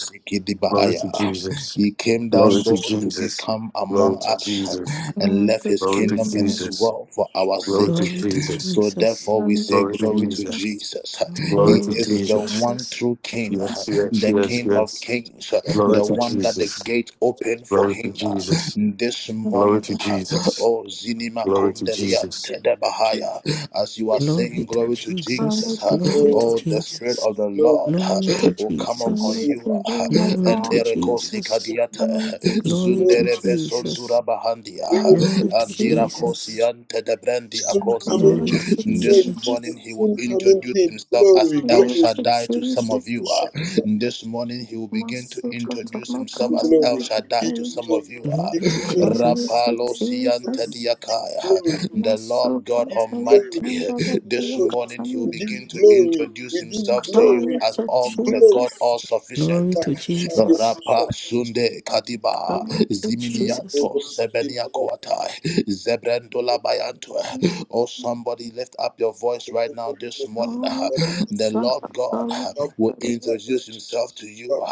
[SPEAKER 10] Glory to Jesus.
[SPEAKER 1] He came
[SPEAKER 10] Glory
[SPEAKER 1] down,
[SPEAKER 5] Glory,
[SPEAKER 10] to
[SPEAKER 1] Lord, to
[SPEAKER 10] Jesus.
[SPEAKER 1] become
[SPEAKER 10] Glory
[SPEAKER 1] among
[SPEAKER 10] to
[SPEAKER 1] us
[SPEAKER 10] Jesus.
[SPEAKER 1] and left his
[SPEAKER 10] Glory to
[SPEAKER 2] to
[SPEAKER 1] kingdom and his
[SPEAKER 10] Jesus.
[SPEAKER 1] world for our
[SPEAKER 10] Glory to
[SPEAKER 1] sake.
[SPEAKER 11] Glory to
[SPEAKER 10] Jesus.
[SPEAKER 1] So
[SPEAKER 11] Jesus.
[SPEAKER 1] therefore we say
[SPEAKER 10] Glory to
[SPEAKER 1] glory to
[SPEAKER 10] Jesus.
[SPEAKER 2] Jesus.
[SPEAKER 1] Jesus.
[SPEAKER 8] glory.
[SPEAKER 10] Glory
[SPEAKER 1] He
[SPEAKER 10] to
[SPEAKER 11] Glory to
[SPEAKER 1] is the
[SPEAKER 10] Jesus.
[SPEAKER 1] one
[SPEAKER 11] Jesus.
[SPEAKER 1] true king,
[SPEAKER 2] Glory
[SPEAKER 10] Yes,
[SPEAKER 2] to
[SPEAKER 10] yes,
[SPEAKER 1] the
[SPEAKER 10] yes,
[SPEAKER 1] king
[SPEAKER 2] Jesus.
[SPEAKER 1] of
[SPEAKER 10] yes.
[SPEAKER 1] kings,
[SPEAKER 10] Glory
[SPEAKER 1] the
[SPEAKER 10] to
[SPEAKER 1] one that the
[SPEAKER 10] Jesus.
[SPEAKER 1] gate opened for
[SPEAKER 10] Glory to
[SPEAKER 1] him
[SPEAKER 10] Jesus.
[SPEAKER 1] this
[SPEAKER 10] Glory
[SPEAKER 1] morning.
[SPEAKER 10] to
[SPEAKER 2] Promise
[SPEAKER 10] Jesus.
[SPEAKER 1] Oh Zinima
[SPEAKER 10] Glory to
[SPEAKER 1] Kondelia
[SPEAKER 10] Jesus.
[SPEAKER 1] Tedebahaya. As you are
[SPEAKER 11] Glory
[SPEAKER 1] saying
[SPEAKER 11] to
[SPEAKER 1] glory to
[SPEAKER 11] Jesus.
[SPEAKER 1] Jesus,
[SPEAKER 2] of
[SPEAKER 11] Glory to
[SPEAKER 1] oh the
[SPEAKER 2] success.
[SPEAKER 1] spirit
[SPEAKER 11] Jesus.
[SPEAKER 1] Spirit of the
[SPEAKER 5] glory,
[SPEAKER 1] Lord
[SPEAKER 11] Glory to
[SPEAKER 1] will come upon
[SPEAKER 11] Jesus.
[SPEAKER 2] Promise
[SPEAKER 1] you.
[SPEAKER 2] to you, my
[SPEAKER 11] Glory
[SPEAKER 1] And
[SPEAKER 11] to
[SPEAKER 2] God.
[SPEAKER 1] dereko
[SPEAKER 11] Jesus.
[SPEAKER 1] sikadiata
[SPEAKER 5] glory,
[SPEAKER 2] Promise of
[SPEAKER 11] Glory to Jesus. Glory to
[SPEAKER 5] glory,
[SPEAKER 1] zundere
[SPEAKER 2] success.
[SPEAKER 11] Jesus.
[SPEAKER 1] besondura bahandia
[SPEAKER 5] glory,
[SPEAKER 2] Promise
[SPEAKER 11] Glory
[SPEAKER 2] of
[SPEAKER 11] to
[SPEAKER 5] glory.
[SPEAKER 1] andira
[SPEAKER 11] Jesus.
[SPEAKER 2] Jesus.
[SPEAKER 1] kosiante de brandi akosi.
[SPEAKER 2] Promise of
[SPEAKER 1] This morning
[SPEAKER 2] Jesus.
[SPEAKER 1] he will introduce himself as El
[SPEAKER 2] Promise
[SPEAKER 1] Shaddai to
[SPEAKER 2] of
[SPEAKER 1] some of
[SPEAKER 2] Jesus.
[SPEAKER 1] you. uh. This morning he will begin to
[SPEAKER 2] Master
[SPEAKER 1] introduce
[SPEAKER 2] Katama
[SPEAKER 1] himself as El
[SPEAKER 2] Tanzania
[SPEAKER 1] Shaddai to some
[SPEAKER 2] Declaration.
[SPEAKER 1] of you. uh.
[SPEAKER 11] Glory to Jesus.
[SPEAKER 2] Promise of
[SPEAKER 1] Rapalo siante
[SPEAKER 2] Jesus.
[SPEAKER 1] diakaya. The
[SPEAKER 2] Master
[SPEAKER 1] Lord God
[SPEAKER 2] Katama
[SPEAKER 1] Almighty.
[SPEAKER 2] Tanzania Declaration.
[SPEAKER 1] This morning he will begin to begin to introduce himself to you
[SPEAKER 2] Promise
[SPEAKER 1] as
[SPEAKER 2] of
[SPEAKER 1] all the God
[SPEAKER 2] Jesus.
[SPEAKER 1] all
[SPEAKER 11] Glory
[SPEAKER 1] sufficient.
[SPEAKER 11] to Jesus.
[SPEAKER 1] Rapa Sunde Kadiba
[SPEAKER 2] Promise
[SPEAKER 11] To
[SPEAKER 2] of Jesus.
[SPEAKER 11] Jesus.
[SPEAKER 1] Ziminianto Sebenia Koatai Zebrendola Bayanto. Oh somebody lift up your voice right now this morning.
[SPEAKER 2] Oh,
[SPEAKER 1] The
[SPEAKER 2] son
[SPEAKER 1] Lord
[SPEAKER 2] of
[SPEAKER 1] God will
[SPEAKER 2] a
[SPEAKER 1] introduce himself to you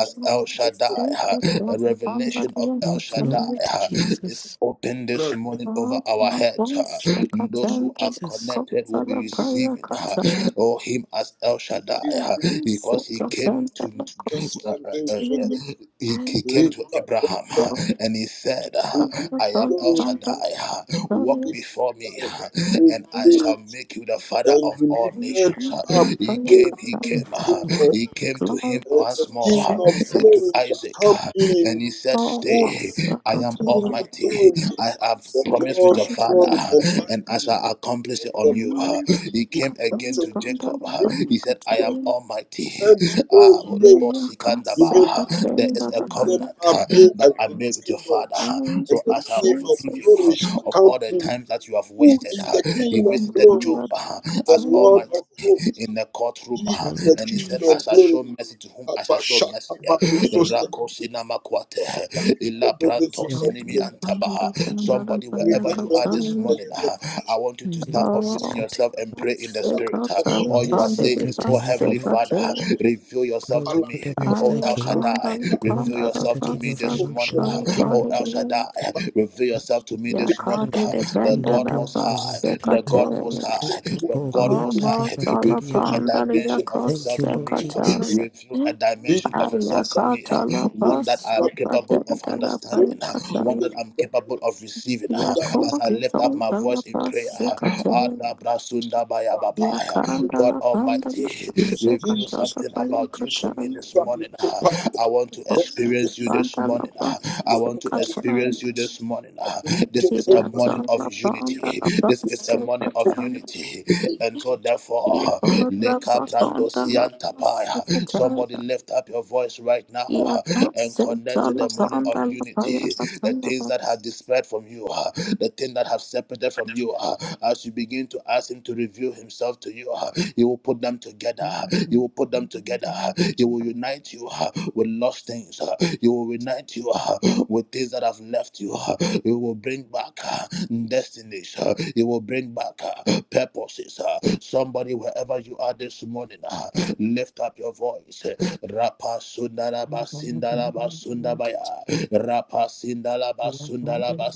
[SPEAKER 1] as El Shaddai.
[SPEAKER 2] secret
[SPEAKER 1] A
[SPEAKER 2] was upon the
[SPEAKER 1] revelation of
[SPEAKER 2] end
[SPEAKER 1] El
[SPEAKER 11] Oh,
[SPEAKER 2] of
[SPEAKER 11] glory
[SPEAKER 2] the
[SPEAKER 11] to
[SPEAKER 1] Shaddai is
[SPEAKER 11] Jesus.
[SPEAKER 1] open this morning over
[SPEAKER 2] Oh,
[SPEAKER 1] our
[SPEAKER 2] my
[SPEAKER 1] heads.
[SPEAKER 2] voice, a
[SPEAKER 1] Those who
[SPEAKER 2] patent,
[SPEAKER 1] are
[SPEAKER 2] a
[SPEAKER 11] Jesus.
[SPEAKER 2] cup
[SPEAKER 1] connected will
[SPEAKER 2] for
[SPEAKER 1] be
[SPEAKER 2] a prayer
[SPEAKER 1] receiving uh,
[SPEAKER 2] cutter,
[SPEAKER 1] oh him as El Shaddai uh,
[SPEAKER 2] a
[SPEAKER 1] because he
[SPEAKER 2] secret
[SPEAKER 1] came
[SPEAKER 2] and
[SPEAKER 1] to
[SPEAKER 2] a
[SPEAKER 1] uh,
[SPEAKER 2] cost.
[SPEAKER 1] uh, uh,
[SPEAKER 2] And
[SPEAKER 1] he, he came
[SPEAKER 5] Lead,
[SPEAKER 1] to Abraham uh,
[SPEAKER 2] oh,
[SPEAKER 1] and he said, uh,
[SPEAKER 2] son of
[SPEAKER 1] I
[SPEAKER 2] a
[SPEAKER 1] am El
[SPEAKER 2] upon the
[SPEAKER 1] Shaddai, uh, walk
[SPEAKER 2] glorious
[SPEAKER 1] before me, uh, and I shall make you the father of all
[SPEAKER 2] and
[SPEAKER 1] nations. uh.
[SPEAKER 2] company
[SPEAKER 1] He
[SPEAKER 2] prayer
[SPEAKER 1] came, he
[SPEAKER 2] cutter,
[SPEAKER 11] Mm,
[SPEAKER 1] came, uh,
[SPEAKER 11] oh, God,
[SPEAKER 1] he
[SPEAKER 11] my
[SPEAKER 1] came to
[SPEAKER 2] Glory
[SPEAKER 1] him
[SPEAKER 2] to
[SPEAKER 1] once more,
[SPEAKER 11] dear.
[SPEAKER 1] uh, and to
[SPEAKER 2] Jesus.
[SPEAKER 1] Isaac, uh, and he said,
[SPEAKER 2] Oh, my
[SPEAKER 1] Stay, I am
[SPEAKER 2] secret.
[SPEAKER 1] Almighty, I have
[SPEAKER 2] Jesus,
[SPEAKER 1] promise with your father, and as I accomplish it on you, he came again to Jacob. He said, I am almighty. Ah, Olebo Sikandaba. There is a covenant that I made with your father. So as I forgive you of all the times that you have wasted,
[SPEAKER 2] yes,
[SPEAKER 1] he
[SPEAKER 2] from
[SPEAKER 1] visited Job
[SPEAKER 2] Father,
[SPEAKER 1] as
[SPEAKER 2] Katari,
[SPEAKER 1] almighty in the courtroom uh,
[SPEAKER 11] Glory to
[SPEAKER 1] and he said i shall
[SPEAKER 11] Jesus.
[SPEAKER 1] show mercy to whom i shall show mercy rako sinama ila pranto
[SPEAKER 11] Yet,
[SPEAKER 1] sinimi Tabaha. Somebody, wherever you are this morning, ah, I want you to
[SPEAKER 11] we
[SPEAKER 8] Mm.
[SPEAKER 1] start
[SPEAKER 11] go
[SPEAKER 1] unmuting
[SPEAKER 11] seek at
[SPEAKER 1] yourself and pray in the spirit. ah. All
[SPEAKER 11] him.
[SPEAKER 1] you
[SPEAKER 11] Yes,
[SPEAKER 1] are saying
[SPEAKER 11] seek
[SPEAKER 1] is,
[SPEAKER 11] at
[SPEAKER 1] Oh
[SPEAKER 11] him,
[SPEAKER 1] Heavenly
[SPEAKER 11] Lord.
[SPEAKER 1] Father, ah, reveal yourself
[SPEAKER 11] Glory
[SPEAKER 1] to
[SPEAKER 11] to
[SPEAKER 1] me.
[SPEAKER 11] the Most
[SPEAKER 1] Oh
[SPEAKER 11] High
[SPEAKER 1] El
[SPEAKER 11] King.
[SPEAKER 1] Shaddai,
[SPEAKER 11] Glory
[SPEAKER 1] reveal
[SPEAKER 11] to
[SPEAKER 1] yourself
[SPEAKER 11] the
[SPEAKER 1] to
[SPEAKER 11] King
[SPEAKER 1] me
[SPEAKER 11] of
[SPEAKER 1] this
[SPEAKER 11] Kings.
[SPEAKER 1] morning. ah.
[SPEAKER 11] Glory to the Lord.
[SPEAKER 1] Oh El Shaddai,
[SPEAKER 11] God.
[SPEAKER 1] reveal yourself to me this
[SPEAKER 11] We
[SPEAKER 1] morning.
[SPEAKER 2] Yakati
[SPEAKER 1] ah.
[SPEAKER 2] de
[SPEAKER 11] Worship
[SPEAKER 1] The
[SPEAKER 11] you. We
[SPEAKER 2] bende
[SPEAKER 1] God
[SPEAKER 2] de
[SPEAKER 11] adore
[SPEAKER 1] Most
[SPEAKER 11] you.
[SPEAKER 1] High, the
[SPEAKER 11] Mm,
[SPEAKER 2] basikate.
[SPEAKER 1] God Most
[SPEAKER 11] oh, great
[SPEAKER 1] High,
[SPEAKER 11] God,
[SPEAKER 1] the
[SPEAKER 11] oh,
[SPEAKER 1] God
[SPEAKER 11] my
[SPEAKER 1] Most
[SPEAKER 11] dear,
[SPEAKER 2] Omo
[SPEAKER 1] High,
[SPEAKER 11] everybody, God,
[SPEAKER 2] solo
[SPEAKER 11] yeah,
[SPEAKER 1] reveal a
[SPEAKER 11] Lord.
[SPEAKER 2] pandari
[SPEAKER 1] dimension of
[SPEAKER 11] Thank
[SPEAKER 1] yourself
[SPEAKER 11] you,
[SPEAKER 1] to
[SPEAKER 11] Lord
[SPEAKER 1] me. ah.
[SPEAKER 11] Jesus.
[SPEAKER 2] yakosekataya.
[SPEAKER 1] Reveal a dimension of yourself to me, ah.
[SPEAKER 2] Ayakata la
[SPEAKER 1] one that I am capable of
[SPEAKER 2] basukatende la
[SPEAKER 1] understanding understanding, uh, one
[SPEAKER 2] payakataya.
[SPEAKER 1] that I'm capable of receiving uh, as I
[SPEAKER 2] Yakori
[SPEAKER 1] lift up my
[SPEAKER 2] donda la
[SPEAKER 1] voice in prayer.
[SPEAKER 2] basikate.
[SPEAKER 1] uh,
[SPEAKER 5] lead,
[SPEAKER 2] Yakanda
[SPEAKER 1] God
[SPEAKER 2] la banda la
[SPEAKER 1] Almighty, reveal
[SPEAKER 2] basikataya
[SPEAKER 1] something about you to me
[SPEAKER 2] payakataya.
[SPEAKER 1] this morning. uh. I want to experience you this
[SPEAKER 2] Panda la
[SPEAKER 1] morning. uh. I want to
[SPEAKER 2] basikataya.
[SPEAKER 1] experience you this morning. uh. This is a
[SPEAKER 2] Yakata
[SPEAKER 1] morning of
[SPEAKER 2] la panda
[SPEAKER 1] unity.
[SPEAKER 2] la
[SPEAKER 1] This is a morning of
[SPEAKER 2] basikataya.
[SPEAKER 1] unity. And so, therefore,
[SPEAKER 2] Yeah,
[SPEAKER 1] uh, somebody lift up your voice right now uh, and connect to in the morning of unity. The things that have dispersed from you, ah, the things that have separated from you, ah, as you begin to ask Him to reveal Himself to you, ah, He will put them together. uh, He will put them together. uh, He will unite you ah, with lost things. ah. He will unite you ah, with things that have left you. ah. He will bring back ah, destinies. ah. He will bring back ah, purposes. ah. Somebody, wherever you are this morning, ah, lift up your voice. uh, Rapa Sindala basunda baya, rapa sindalaba sundalaba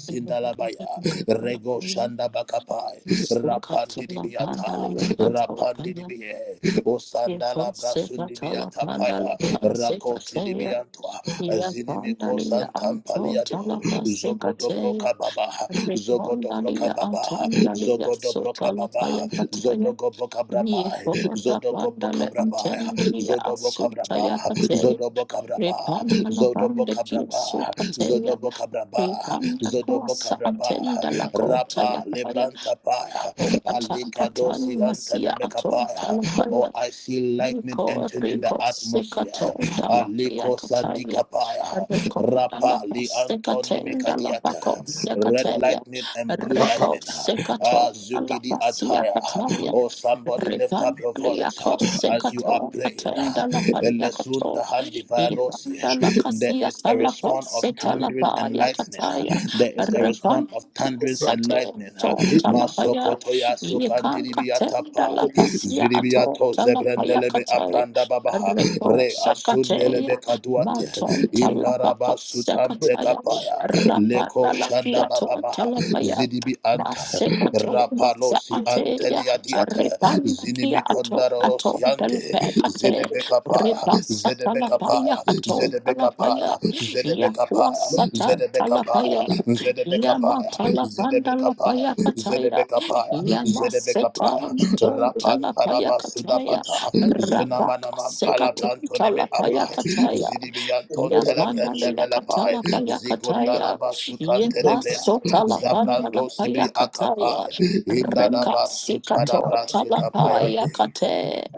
[SPEAKER 1] baya, rego shanda bakapai, rapandidibiata, rapandidibie, osandala brasundibiata paya, rakosidibiantwa, zinimiko santampaliado, zogodobroka baba, zogodobroka
[SPEAKER 2] Remondalia
[SPEAKER 1] baba,
[SPEAKER 2] Antandalia
[SPEAKER 1] zogodobroka
[SPEAKER 2] Sotala Paya
[SPEAKER 1] baba,
[SPEAKER 2] Pataya
[SPEAKER 1] zodogoboka brabai,
[SPEAKER 2] Yekoda
[SPEAKER 1] zodogoboka
[SPEAKER 2] Pandale
[SPEAKER 1] brabai,
[SPEAKER 2] Antendia
[SPEAKER 1] zodoboka
[SPEAKER 2] Sutaya
[SPEAKER 1] brabai,
[SPEAKER 2] Pate
[SPEAKER 1] Zodobo Cabraba,
[SPEAKER 2] Repandala
[SPEAKER 1] Zodobo
[SPEAKER 2] Pandekia
[SPEAKER 1] Cabraba,
[SPEAKER 2] Supatea
[SPEAKER 1] Zodobo Cabraba,
[SPEAKER 2] Repanda
[SPEAKER 1] Zodobo
[SPEAKER 2] Kuasa
[SPEAKER 1] Cabraba,
[SPEAKER 2] Antenda La Kota
[SPEAKER 1] Rapa Lebranta Paya,
[SPEAKER 2] o Opatan
[SPEAKER 1] Alikadosi
[SPEAKER 2] Patan Masia
[SPEAKER 1] Antanemekapaya.
[SPEAKER 2] Aton
[SPEAKER 1] Oh, I see lightning
[SPEAKER 2] Rico,
[SPEAKER 1] entering in the
[SPEAKER 2] Rico,
[SPEAKER 1] atmosphere.
[SPEAKER 2] Secaton, Talapia,
[SPEAKER 1] Aliko
[SPEAKER 2] Catavia,
[SPEAKER 1] Sandikapaya,
[SPEAKER 2] Rico,
[SPEAKER 1] Rapa
[SPEAKER 2] Dalaco,
[SPEAKER 1] Li Antoni
[SPEAKER 2] Secaten,
[SPEAKER 1] Mikadiata,
[SPEAKER 2] Dalapaco,
[SPEAKER 1] Red
[SPEAKER 2] Secataria,
[SPEAKER 1] Lightning and Blue
[SPEAKER 2] Rico,
[SPEAKER 1] Lightning,
[SPEAKER 2] Secaton,
[SPEAKER 1] Ah, Zugidi
[SPEAKER 2] Alapacia,
[SPEAKER 1] Ataya.
[SPEAKER 2] Catavia,
[SPEAKER 1] Oh, somebody lift
[SPEAKER 2] Ripan,
[SPEAKER 1] up your voice
[SPEAKER 2] Liaco,
[SPEAKER 1] as you are
[SPEAKER 2] Secaton,
[SPEAKER 1] praying.
[SPEAKER 2] Attenda la
[SPEAKER 1] Elesunda
[SPEAKER 2] Paliacato,
[SPEAKER 1] handi vanosi.
[SPEAKER 2] Ibanda la
[SPEAKER 1] There
[SPEAKER 2] Casia,
[SPEAKER 1] is a
[SPEAKER 2] Talapa,
[SPEAKER 1] response of thundering
[SPEAKER 2] Setalapa,
[SPEAKER 1] and lightning.
[SPEAKER 2] Yacataya,
[SPEAKER 1] There is a
[SPEAKER 2] Repan,
[SPEAKER 1] response of thunderings and
[SPEAKER 2] Sate,
[SPEAKER 1] lightning.
[SPEAKER 2] Ton,
[SPEAKER 1] Masokotoya
[SPEAKER 2] Yekanka
[SPEAKER 1] sokandiribiya
[SPEAKER 2] tenda la
[SPEAKER 1] tapai.
[SPEAKER 2] pasia ato
[SPEAKER 1] Ziribiato
[SPEAKER 2] talapaya
[SPEAKER 1] zebrendelebe
[SPEAKER 2] kataya
[SPEAKER 1] apranda babaha.
[SPEAKER 2] reko
[SPEAKER 1] Re asundelebe
[SPEAKER 2] sakateya
[SPEAKER 1] kaduate.
[SPEAKER 2] maton talapaka
[SPEAKER 1] Indaraba sutam
[SPEAKER 2] sekataya
[SPEAKER 1] prekapaya. Leko
[SPEAKER 2] rapata la
[SPEAKER 1] shanda
[SPEAKER 2] kiato
[SPEAKER 1] bababaha.
[SPEAKER 2] talapaya
[SPEAKER 1] Zidibi anta.
[SPEAKER 2] masekato
[SPEAKER 1] Rapalosi
[SPEAKER 2] masaateya
[SPEAKER 1] antelia diata.
[SPEAKER 2] repanda
[SPEAKER 1] Zinimi
[SPEAKER 2] kiato ato
[SPEAKER 1] Mente,
[SPEAKER 2] telepekate
[SPEAKER 1] Zedebekapaya,
[SPEAKER 2] repasa talapaya
[SPEAKER 1] Zedebekapaya,
[SPEAKER 2] ato
[SPEAKER 1] Zedebekapaya,
[SPEAKER 2] talapaya yakuasata
[SPEAKER 1] Zedebekapaya,
[SPEAKER 2] talapaya
[SPEAKER 1] Zedebekapaya, Zedebekapaya,
[SPEAKER 2] yamatalapanda
[SPEAKER 1] Zedebekapaya,
[SPEAKER 2] lapaya kataya
[SPEAKER 1] Zedebekapaya, Zedebekapaya,
[SPEAKER 2] Yamasetam ton
[SPEAKER 1] Rapan
[SPEAKER 2] talapaya kataya,
[SPEAKER 1] Parabasudapata,
[SPEAKER 2] rapaka
[SPEAKER 1] Zunamanaman
[SPEAKER 2] sekaton
[SPEAKER 1] Parabrantoneme
[SPEAKER 2] talapaya
[SPEAKER 1] Apai,
[SPEAKER 2] kataya,
[SPEAKER 1] Zidibianton
[SPEAKER 2] yapanda yakatala
[SPEAKER 1] Telebrandebelepai,
[SPEAKER 2] paya kataya,
[SPEAKER 1] Zigundarabasukan Telebrea,
[SPEAKER 2] yepaso talapanda
[SPEAKER 1] Zabrando
[SPEAKER 2] lapaya
[SPEAKER 1] Sibri
[SPEAKER 2] kataya,
[SPEAKER 1] Akapai,
[SPEAKER 2] renka
[SPEAKER 1] Indadaba sutada
[SPEAKER 2] sekato talapaya
[SPEAKER 1] Indadabasutadabrasukapayande.
[SPEAKER 2] kate.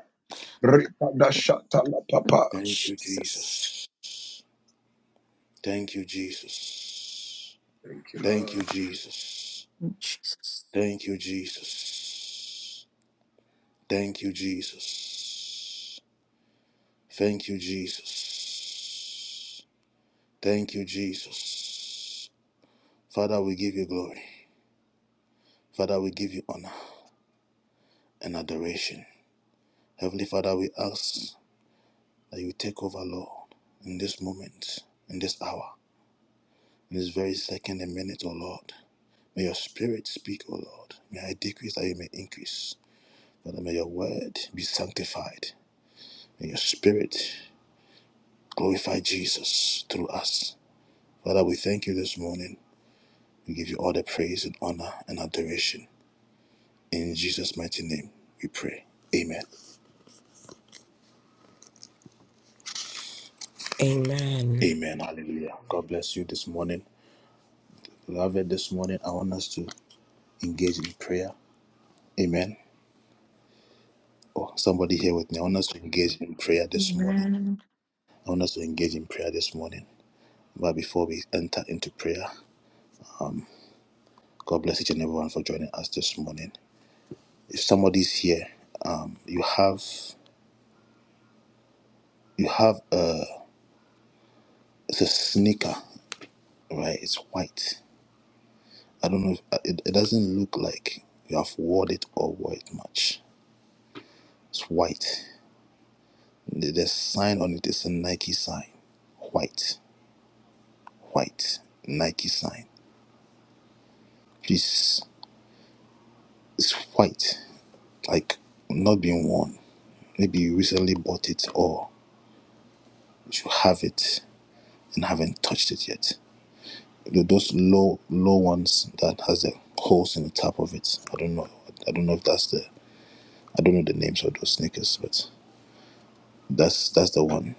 [SPEAKER 5] Rita da
[SPEAKER 2] The
[SPEAKER 5] shata la
[SPEAKER 2] name
[SPEAKER 5] papa
[SPEAKER 2] of
[SPEAKER 1] Thank you,
[SPEAKER 2] Jesus.
[SPEAKER 1] Jesus. Thank you, Jesus.
[SPEAKER 5] Thank you,
[SPEAKER 1] Thank
[SPEAKER 5] Lord.
[SPEAKER 1] you, Jesus.
[SPEAKER 2] Jesus.
[SPEAKER 1] Thank you, Jesus. Thank you, Jesus. Thank you, Jesus. Thank you, Jesus. Father, we give you glory. Father, we give you honor and adoration. Heavenly Father, we ask that you take over, Lord, in this moment, in this hour, in this very second and minute, O Lord. May your spirit speak, O Lord. May I decrease that you may increase. Father, may your word be sanctified. May your spirit glorify Jesus through us. Father, we thank you this morning. We give you all the praise and honor and adoration. In Jesus' mighty name, we pray. Amen.
[SPEAKER 11] Amen.
[SPEAKER 1] Amen. Hallelujah. God bless you this morning. Beloved, this morning, I want us to engage in prayer. Amen. Oh, somebody here with me. I want us to engage in prayer this morning. I want us to engage in prayer this morning. But before we enter into prayer, God bless each and everyone for joining us this morning. If somebody's here, um, you have you have a it's a sneaker, right? It's white. I don't know. If, it, it doesn't look like you have worn it or wore it much. It's white. The, the sign on it is a Nike sign. White, white Nike sign. Please, it's white. Like not being worn maybe you recently bought it or you have it and haven't touched it yet. Those low low ones that has the holes in the top of it. I don't know. I don't know if that's the I don't know the names of those sneakers, but that's that's the one.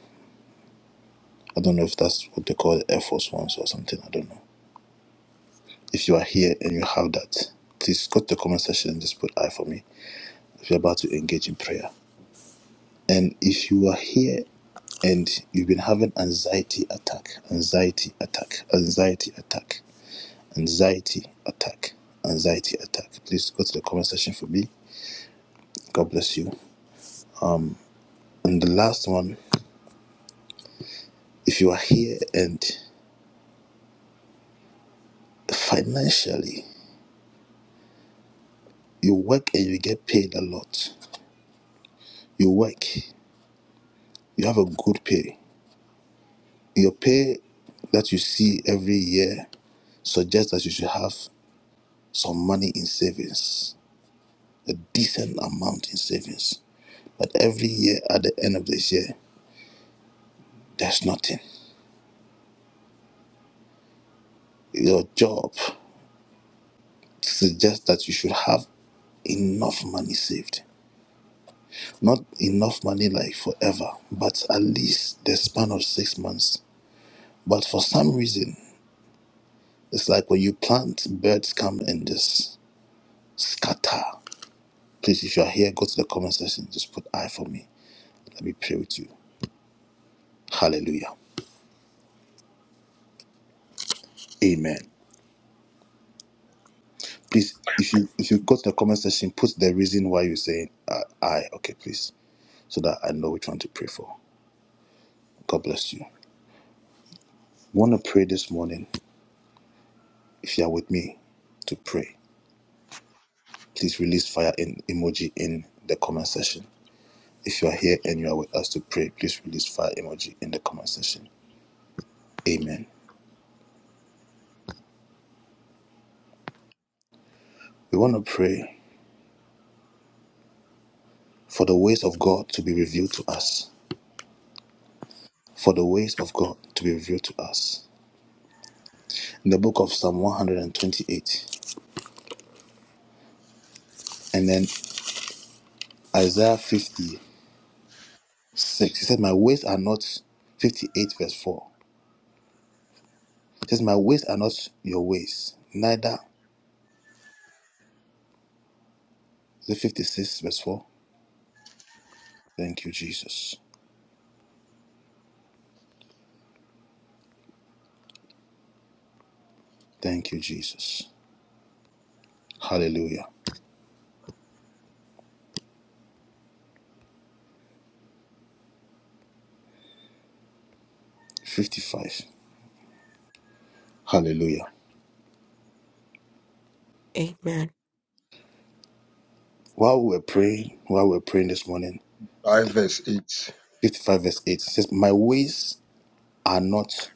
[SPEAKER 1] I don't know if that's what they call Air Force Ones or something. I don't know. If you are here and you have that, please go to the comment section and just put I for me. If you're about to engage in prayer, and if you are here and you've been having anxiety attack, anxiety attack, anxiety attack. anxiety attack anxiety attack please go to the comment section for me god bless you and the last one if you are here and financially you work and you get paid a lot you work you have a good pay your pay that you see every year suggests that you should have some money in savings a decent amount in savings but every year at the end of this year there's nothing your job suggests that you should have enough money saved. Not enough money like forever, but at least the span of six months. But for some reason, it's like when you plant, birds come and just scatter. Please, if you are here, go to the comment section. Just put I for me. Let me pray with you. Hallelujah. Amen. Please, if you if you go to the comment section, put the reason why you're saying uh, I. Okay, please, so that I know which one to pray for. God bless you. Want to pray this morning? If you are with me to pray, please release fire in emoji in the comment section. If you are here and you are with us to pray, please release fire emoji in the comment section. Amen. We want to pray for the ways of God to be revealed to us. For the ways of God to be revealed to us. In the book of Psalm 128 and then Isaiah 56, he said, My ways are not 58 verse 4. It says, My ways are not your ways, neither the 56 verse 4. Thank you, Jesus. Thank you, Jesus. Hallelujah. 55. Hallelujah.
[SPEAKER 11] Amen.
[SPEAKER 1] While we were praying, while we were praying this morning,
[SPEAKER 5] 5 verse 8.
[SPEAKER 1] 55 verse 8 says, My ways are not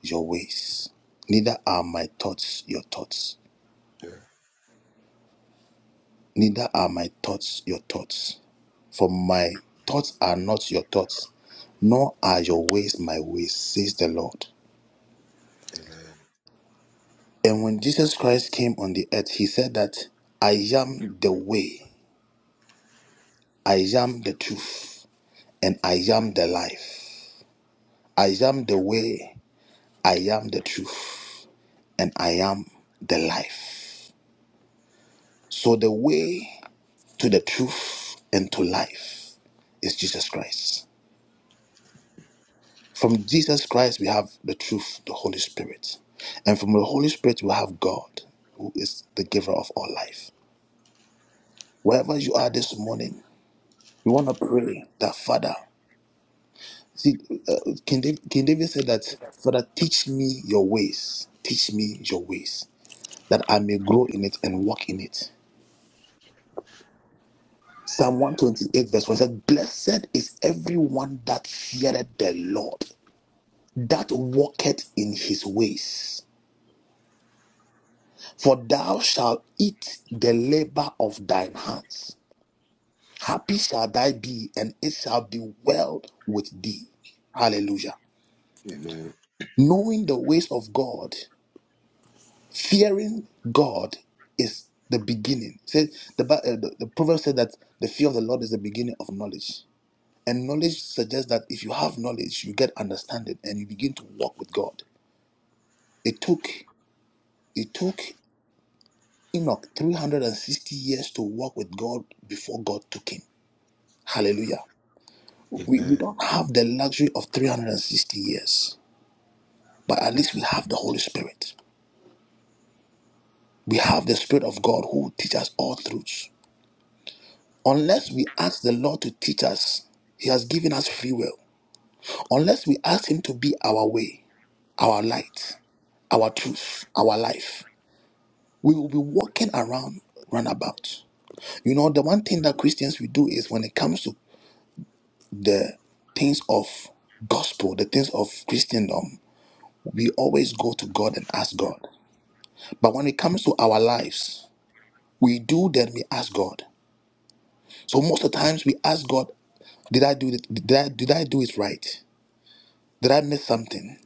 [SPEAKER 1] your ways, neither are my thoughts your thoughts,
[SPEAKER 5] Yeah.
[SPEAKER 1] neither are my thoughts your thoughts. For my thoughts are not your thoughts, nor are your ways my ways, says the Lord.
[SPEAKER 5] Amen.
[SPEAKER 1] And when Jesus Christ came on the earth, he said that I am the way. I am the truth and I am the life. I am the way, I am the truth, and I am the life. So the way to the truth and to life is Jesus Christ. From Jesus Christ, we have the truth, the Holy Spirit. And from the Holy Spirit, we have God, who is the giver of all life. Wherever you are this morning, you want to pray that, Father, See, uh, King, David, King David said that, Father, teach me your ways. Teach me your ways, that I may grow in it and walk in it. Psalm 128, verse 1 said, Blessed is everyone that feareth the Lord, that walketh in his ways. For thou shalt eat the labor of thine hands. Happy shall thy be, and it shall be well with thee. Hallelujah.
[SPEAKER 5] Amen.
[SPEAKER 1] Knowing the ways of God Fearing God is the beginning. Say the, Bi- uh, the the proverb said that the fear of the Lord is the beginning of knowledge, and knowledge suggests that if you have knowledge, you get understanding, and you begin to walk with God. It took it took Enoch 360 years to walk with God before God took him. Hallelujah. We, we
[SPEAKER 5] Amen.
[SPEAKER 1] don't have the luxury of 360 years, but at least we have the Holy Spirit. We have the Spirit of God who teaches us all truths. Unless we ask the Lord to teach us, He has given us free will. Unless we ask Him to be our way, our light, our truth, our life, we will be walking around runabout. You know, the one thing that Christians we do is when it comes to the things of gospel, the things of Christendom, we always go to God and ask God. But when it comes to our lives, we do then we ask God. So most of the times we ask God, did I do it? Did I, did I do it right? Did I miss something?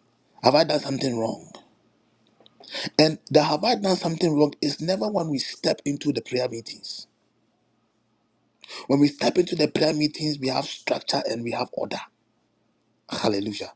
[SPEAKER 1] Have I done something wrong? And the have I done something wrong is never when we step into the prayer meetings. When we step into the prayer meetings, we have structure and we have order. Hallelujah.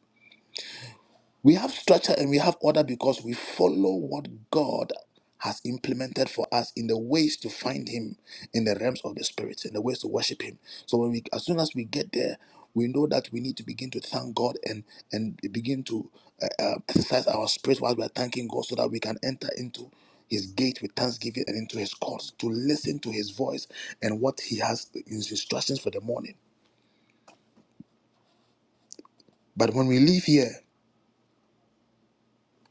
[SPEAKER 1] We have structure and we have order because we follow what God has implemented for us in the ways to find Him in the realms of the Spirit, in the ways to worship Him. So when we, as soon as we get there, we know that we need to begin to thank God and and begin to uh, uh, exercise our spirit while we are thanking God, so that we can enter into His gate with thanksgiving and into His courts to listen to His voice and what He has in His instructions for the morning. But when we leave here,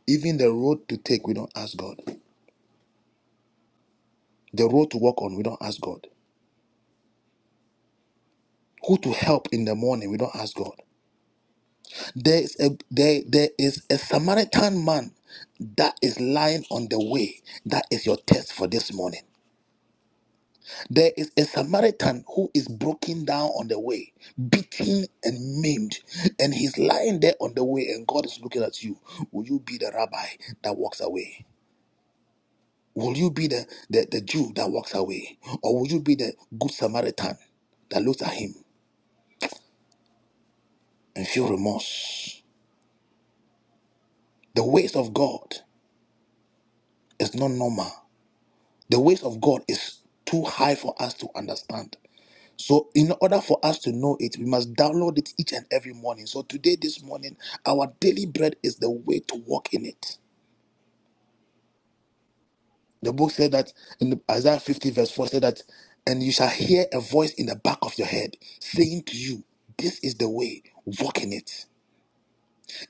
[SPEAKER 1] even the road to take, we don't ask God. The road to walk on, we don't ask God. Who to help in the morning, we don't ask God. There is a there, there is a Samaritan man that is lying on the way. That is your test for this morning. There is a Samaritan who is broken down on the way, beaten and maimed, and he's lying there on the way, and God is looking at you. Will you be the rabbi that walks away? Will you be the, the, the Jew that walks away? Or will you be the good Samaritan that looks at him and feel remorse? The ways of God is not normal. The ways of God is too high for us to understand. So, in order for us to know it, we must download it each and every morning. So, today, this morning, our daily bread is the way to walk in it. The book said that in Isaiah 50, verse 4, said that, and you shall hear a voice in the back of your head saying to you, This is the way, walk in it.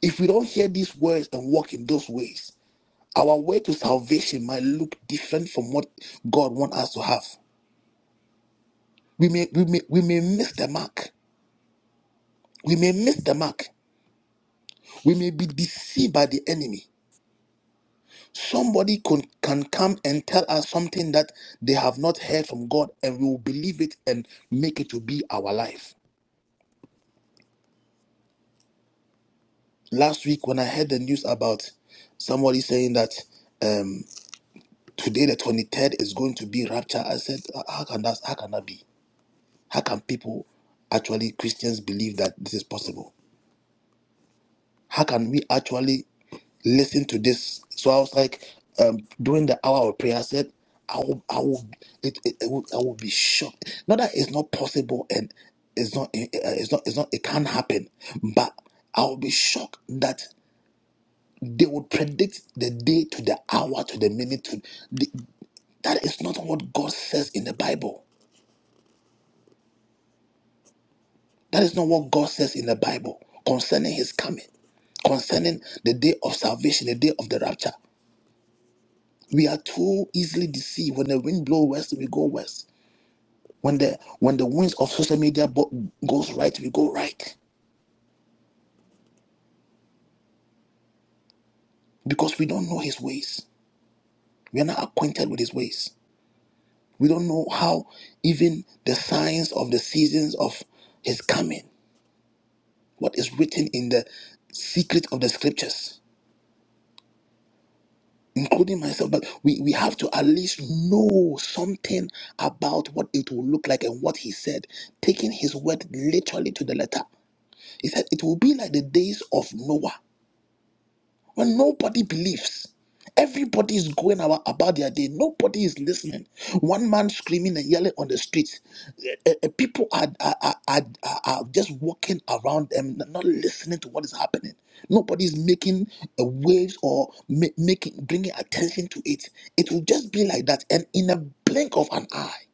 [SPEAKER 1] If we don't hear these words and walk in those ways, our way to salvation might look different from what God wants us to have. We may, we may, we may miss the mark. We may miss the mark. We may be deceived by the enemy. Somebody can, can come and tell us something that they have not heard from God, and we will believe it and make it to be our life. Last week, when I heard the news about somebody saying that um, today, the 23rd, is going to be rapture, I said, How can that, how can that be? How can people, actually, Christians, believe that this is possible? How can we actually listen to this? So I was like, um, during the hour of prayer, I said, I will, I will, it, it, it will, I will be shocked. Not that it's not possible and it's not, it- it's not, it's not, it can't happen, but I will be shocked that they would predict the day to the hour to the minute. To the, that is not what God says in the Bible. That is not what God says in the Bible concerning His coming, concerning the day of salvation, the day of the rapture. We are too easily deceived. When the wind blows west, we go west. When the when the winds of social media bo- goes right, we go right because we don't know his ways. We are not acquainted with his ways. We don't know how even the signs of the seasons of his coming, what is written in the secret of the scriptures, including myself. But we, we have to at least know something about what it will look like and what he said, taking his word literally to the letter. He said it will be like the days of Noah when nobody believes. Everybody is going about, about their day. Nobody is listening. One man screaming and yelling on the street. Eh, eh, People are, are, are, are, are just walking around them, not listening to what is happening. Nobody is making eh, waves or ma- making bringing attention to it. It will just be like that. And in a blink of an eye,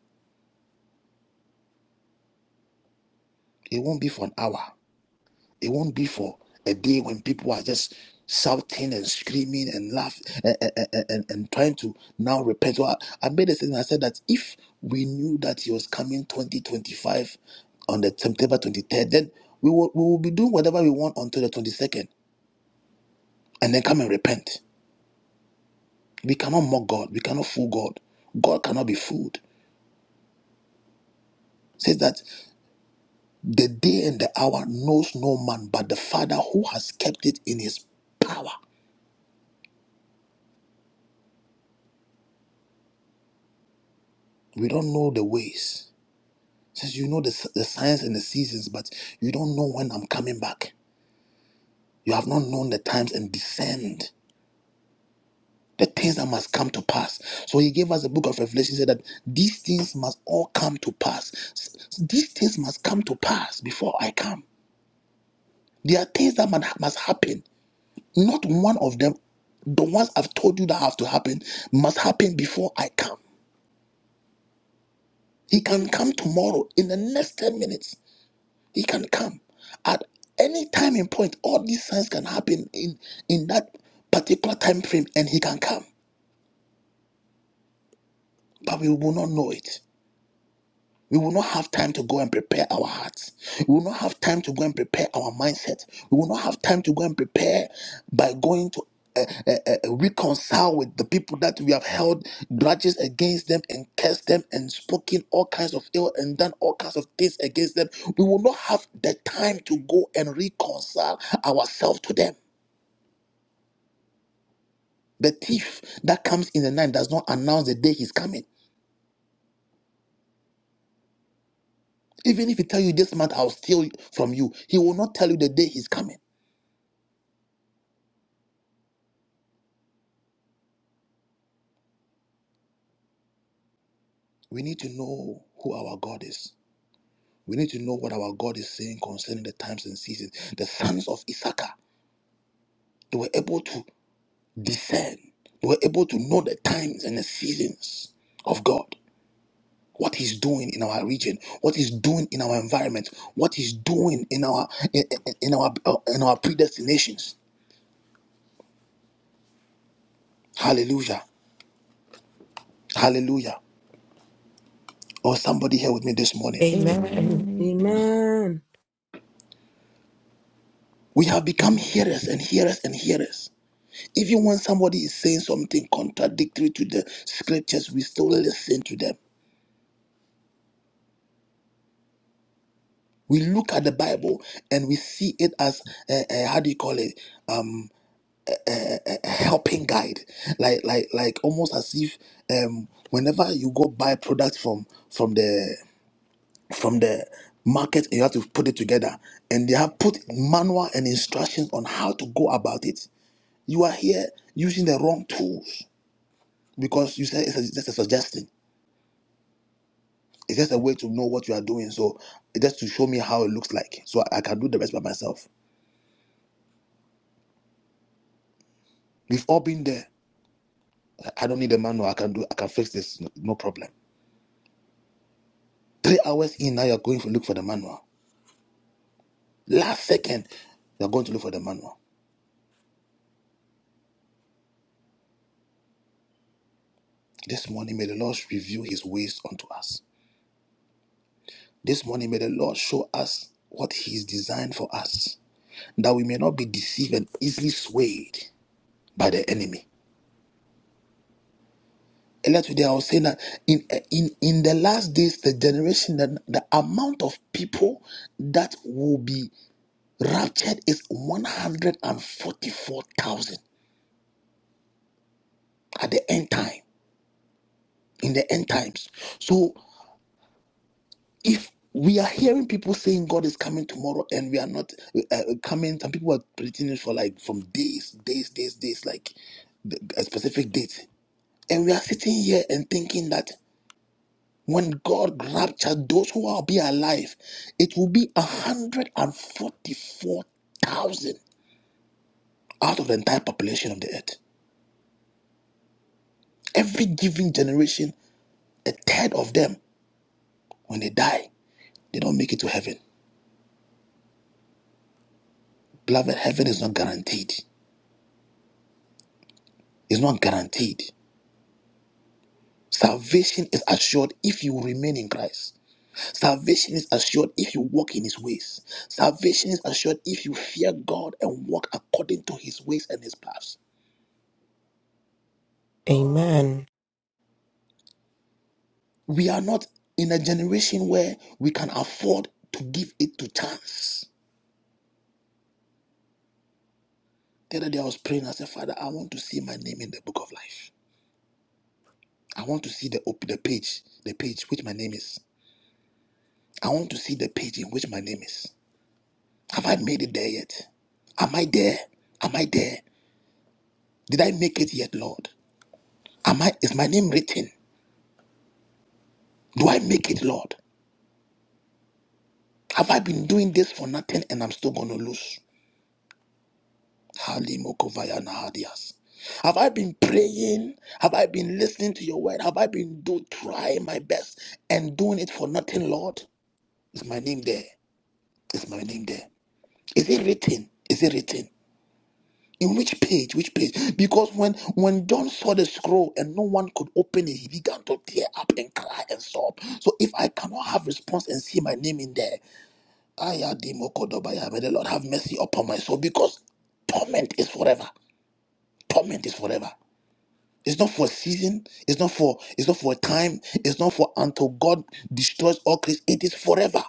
[SPEAKER 1] it won't be for an hour. It won't be for a day when people are just shouting and screaming and laughing and, and, and, and trying to now repent. So I, I made a statement. I said that if we knew that he was coming 2025 on the September 23rd, then we will, we will be doing whatever we want until the 22nd and then come and repent. We cannot mock God. We cannot fool God. God cannot be fooled. It Says that the day and the hour knows no man but the Father who has kept it in his power. We don't know the ways. Since you know the, the signs and the seasons, but you don't know when I'm coming back. You have not known the times and discerned the things that must come to pass. So he gave us the book of Revelation, said that these things must all come to pass. S- These things must come to pass before I come. There are things that must must happen. Not one of them, the ones I've told you that have to happen, must happen before I come. He can come tomorrow in the next 10 minutes. He can come at any time and point. All these signs can happen in in that particular time frame, and he can come, but we will not know it. We will not have time to go and prepare our hearts. We will not have time to go and prepare our mindset. We will not have time to go and prepare by going to uh, uh, uh, reconcile with the people that we have held grudges against them and cursed them and spoken all kinds of ill and done all kinds of things against them. We will not have the time to go and reconcile ourselves to them. The thief that comes in the night does not announce the day he's coming. Even if he tell you this month I'll steal from you, he will not tell you the day he's coming. We need to know who our God is. We need to know what our God is saying concerning the times and seasons. The sons of Issachar, they were able to discern, they were able to know the times and the seasons of God, what He's doing in our region, what He's doing in our environment, what He's doing in our in, in- in our in our predestinations. Hallelujah. Hallelujah. Or somebody here with me this morning.
[SPEAKER 11] Amen.
[SPEAKER 8] Amen. Amen.
[SPEAKER 12] Amen.
[SPEAKER 1] We have become hearers and hearers and hearers. Even when somebody is saying something contradictory to the scriptures, we still listen to them. We look at the Bible and we see it as a, a- how do you call it? Um, a, a- a helping guide, like like like almost as if um, whenever you go buy products from from the from the market and you have to put it together, and they have put manual and instructions on how to go about it. You are here using the wrong tools because you said it's a, just a suggestion It's just a way to know what you are doing. So it's just to show me how it looks like, so I can do the rest by myself. We've all been there. I don't need a manual. I can do. I can fix this. No, no problem. Three hours in now, you're going to look for the manual. Last second, you're going to look for the manual. This morning, may the Lord reveal His ways unto us. This morning, may the Lord show us what He's designed for us, that we may not be deceived and easily swayed by the enemy earlier today, I was saying that in in in the last days, the generation, the, the amount of people that will be raptured is one hundred and forty-four thousand at the end time. In the end times, so if we are hearing people saying God is coming tomorrow and we are not uh, uh, coming, some people are predicting it for like from days, days, days, days, like the- a specific date, and we are sitting here and thinking that. When God raptured those who will be alive, it will be 144,000 out of the entire population of the earth. Every given generation, a third of them, when they die, they don't make it to heaven. Beloved, heaven is not guaranteed. It's not guaranteed. Salvation is assured if you remain in Christ. Salvation is assured if you walk in his ways. Salvation is assured if you fear God and walk according to his ways and his paths.
[SPEAKER 11] Amen.
[SPEAKER 1] We are not in a generation where we can afford to give it to chance. The other day I was praying, I said, Father, I want to see my name in the book of life. I want to see the the page, the page which my name is. I want to see the page in which my name is. Have I made it there yet? Am I there? Am I there? Did I make it yet, Lord? Am I is my name written? Do I make it, Lord? Have I been doing this for nothing and I'm still gonna lose? Halimokovaya Nahadias. Have I been praying? Have I been listening to your word? Have I been do trying my best and doing it for nothing, Lord? Is my name there? Is my name there? Is it written? Is it written? In which page? Which page? Because when when John saw the scroll and no one could open it, he began to tear up and cry and sob. So if I cannot have response and see my name in there, Ayadimokodobaya, may the Lord have mercy upon my soul because torment is forever. Torment is forever. It's not for a season. It's not for. It's not for a time. It's not for until God destroys all creation. It is forever.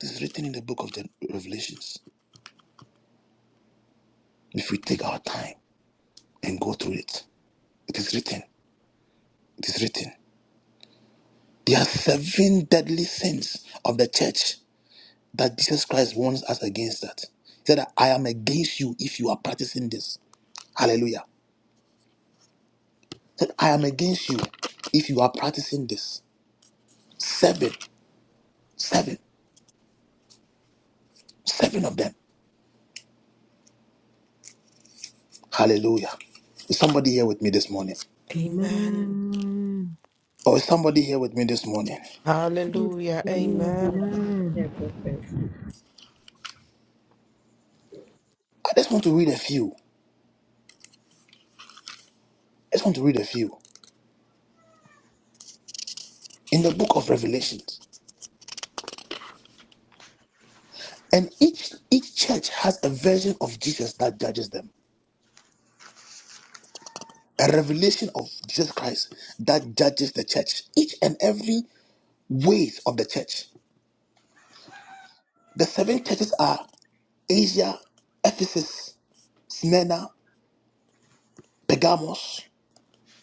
[SPEAKER 1] It is written in the book of the Revelations. If we take our time and go through it, it is written. It is written. There are seven deadly sins of the church that Jesus Christ warns us against. That he said, "I am against you if you are practicing this." Hallelujah. He said, I am against you if you are practicing this. Seven, seven, seven of them. Hallelujah. Is somebody here with me this morning?
[SPEAKER 11] Amen.
[SPEAKER 12] Amen.
[SPEAKER 1] Or is somebody here with me this morning?
[SPEAKER 12] Yes,
[SPEAKER 11] Hallelujah.
[SPEAKER 12] yeah, yeah.
[SPEAKER 11] Amen.
[SPEAKER 13] who
[SPEAKER 12] Amen.
[SPEAKER 13] can confess?
[SPEAKER 1] I just want to read a few. I just want to read a few. In the book of Revelations. And each each church has a version of Jesus that judges them. A revelation of Jesus Christ that judges the church. Each and every ways of the church. The seven churches are Asia, Ephesus, Smyrna, Pergamos,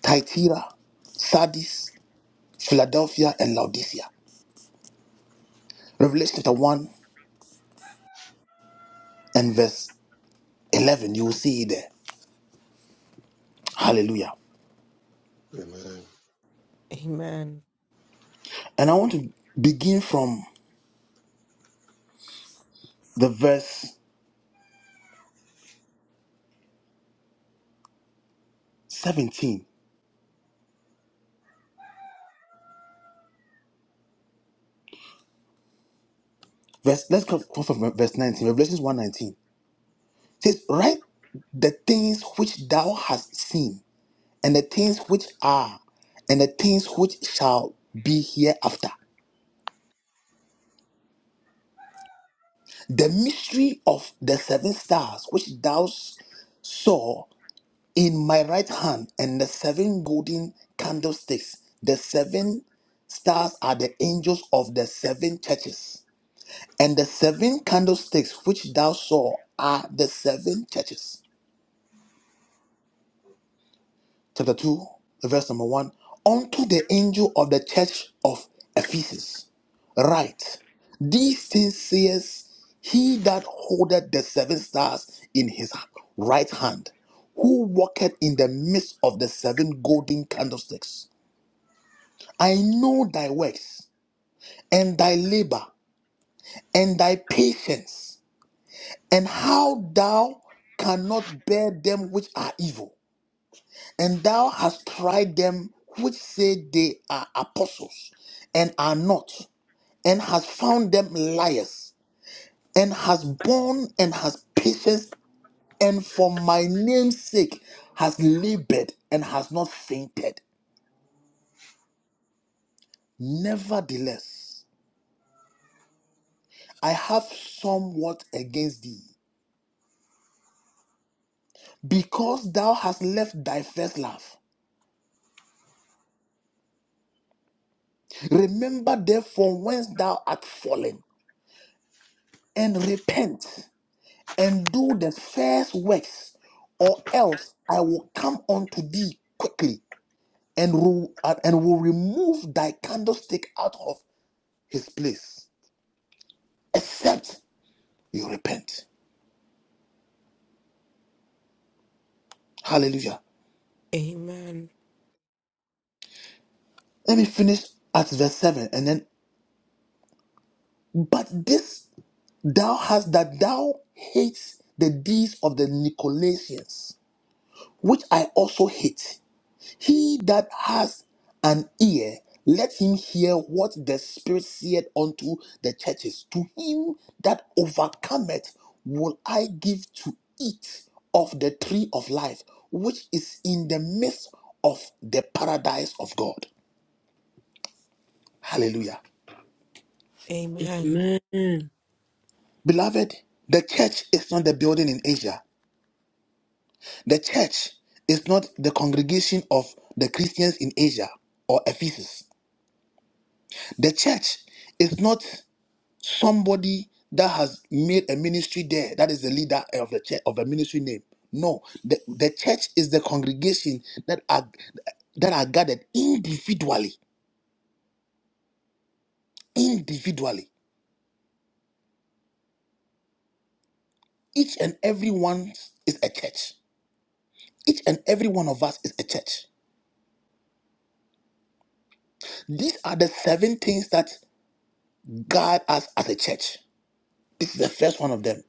[SPEAKER 1] Thyatira, Sardis, Philadelphia, and Laodicea. Revelation chapter 1 and verse 11. You will see it there. Hallelujah.
[SPEAKER 5] Amen.
[SPEAKER 11] Amen.
[SPEAKER 1] And I want to begin from the verse 17. Verse, let's go go from verse 19. Revelations 119. It says, Write the things which thou hast seen, and the things which are, and the things which shall be hereafter. The mystery of the seven stars which thou saw in my right hand and the seven golden candlesticks the seven stars are the angels of the seven churches and the seven candlesticks which thou saw are the seven churches chapter 2 verse number 1 unto the angel of the church of ephesus write these things says he that holdeth the seven stars in his right hand who walketh in the midst of the seven golden candlesticks I know thy works, and thy labor, and thy patience, and how thou cannot bear them which are evil. And thou hast tried them which say they are apostles, and are not, and hast found them liars, and has borne and has patience, and for my name's sake has labored and has not fainted. Nevertheless, I have somewhat against thee because thou hast left thy first love. Remember therefore whence thou art fallen, and repent, and do the first works, or else I will come unto thee quickly, and will, and will remove thy candlestick out of his place, except you repent. Hallelujah.
[SPEAKER 11] Amen.
[SPEAKER 1] Let me finish at verse 7 and then, but this thou hast that thou hates the deeds of the Nicolaitans which I also hate. He that has an ear, let him hear what the Spirit saith unto the churches. To him that overcometh, will I give to eat of the tree of life, which is in the midst of the paradise of God. Hallelujah.
[SPEAKER 11] Amen.
[SPEAKER 1] Beloved, the church is not the building in Asia. The church is not the congregation of the Christians in Asia or Ephesus. The church is not somebody that has made a ministry there that is the leader of the church of a ministry name no the, the church is the congregation that are that are gathered individually individually each and every one is a church each and every one of us is a church these are the seven things that guide us as a church this is the first one of them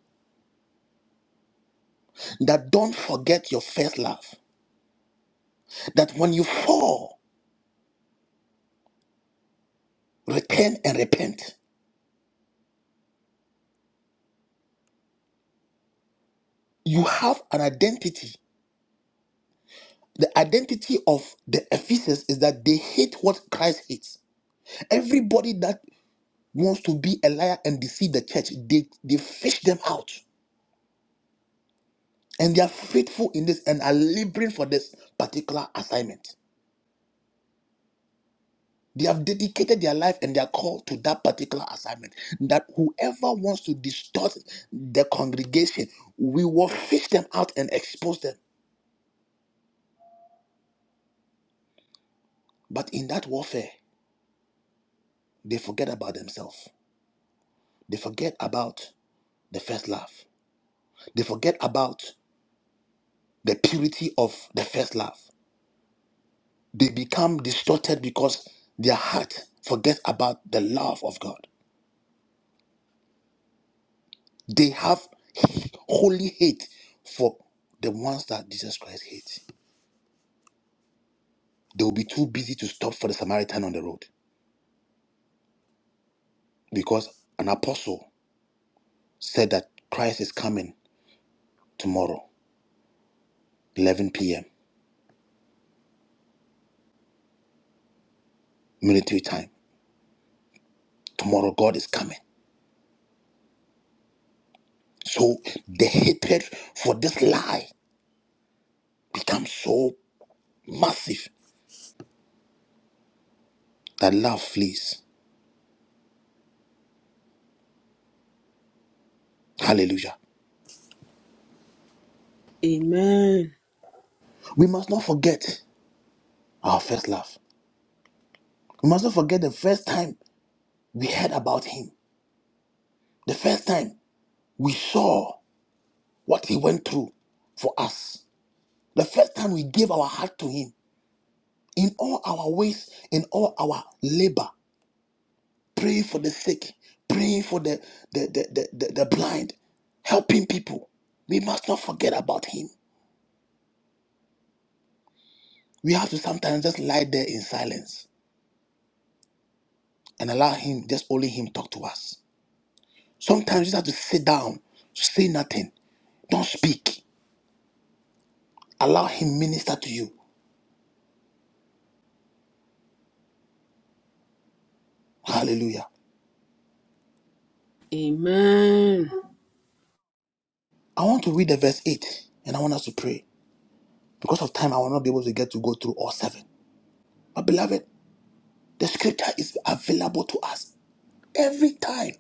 [SPEAKER 1] that don't forget your first love that when you fall return and repent you have an identity The identity of the Ephesians is that they hate what Christ hates. Everybody that wants to be a liar and deceive the church, they, they fish them out. And they are faithful in this and are laboring for this particular assignment. They have dedicated their life and their call to that particular assignment. That whoever wants to distort the congregation, we will fish them out and expose them. But in that warfare, they forget about themselves. They forget about the first love. They forget about the purity of the first love. They become distorted because their heart forgets about the love of God. They have holy hate for the ones that Jesus Christ hates. They will be too busy to stop for the Samaritan on the road because an apostle said that Christ is coming tomorrow, 11 p.m., military time. Tomorrow, God is coming. So the hatred for this lie becomes so massive that love flees. Hallelujah.
[SPEAKER 12] Amen.
[SPEAKER 1] We must not forget our first love. We must not forget the first time we heard about him, the first time we saw what he went through for us, the first time we gave our heart to him in all our ways, in all our labor, praying for the sick, praying for the, the, the, the, the, the blind, helping people. We must not forget about him. We have to sometimes just lie there in silence and allow him, just only him talk to us. Sometimes you just have to sit down, say nothing, don't speak. Allow him minister to you. Hallelujah.
[SPEAKER 12] Amen.
[SPEAKER 1] I want to read the verse 8 and I want us to pray. Because of time, I will not be able to get to go through all seven. But beloved, the scripture is available to us every time.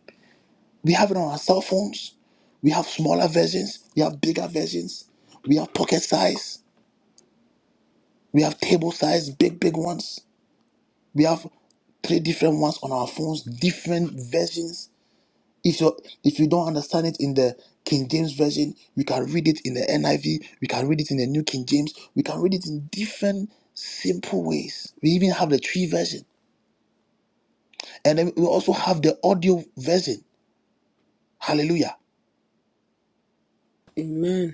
[SPEAKER 1] We have it on our cell phones. We have smaller versions. We have bigger versions. We have pocket size. We have table size, big, big ones. We have three different ones on our phones, different versions. If you if you don't understand it in the King James version, we can read it in the NIV, we can read it in the New King James, we can read it in different simple ways. We even have the tree version. And then we also have the audio version. Hallelujah.
[SPEAKER 12] Amen.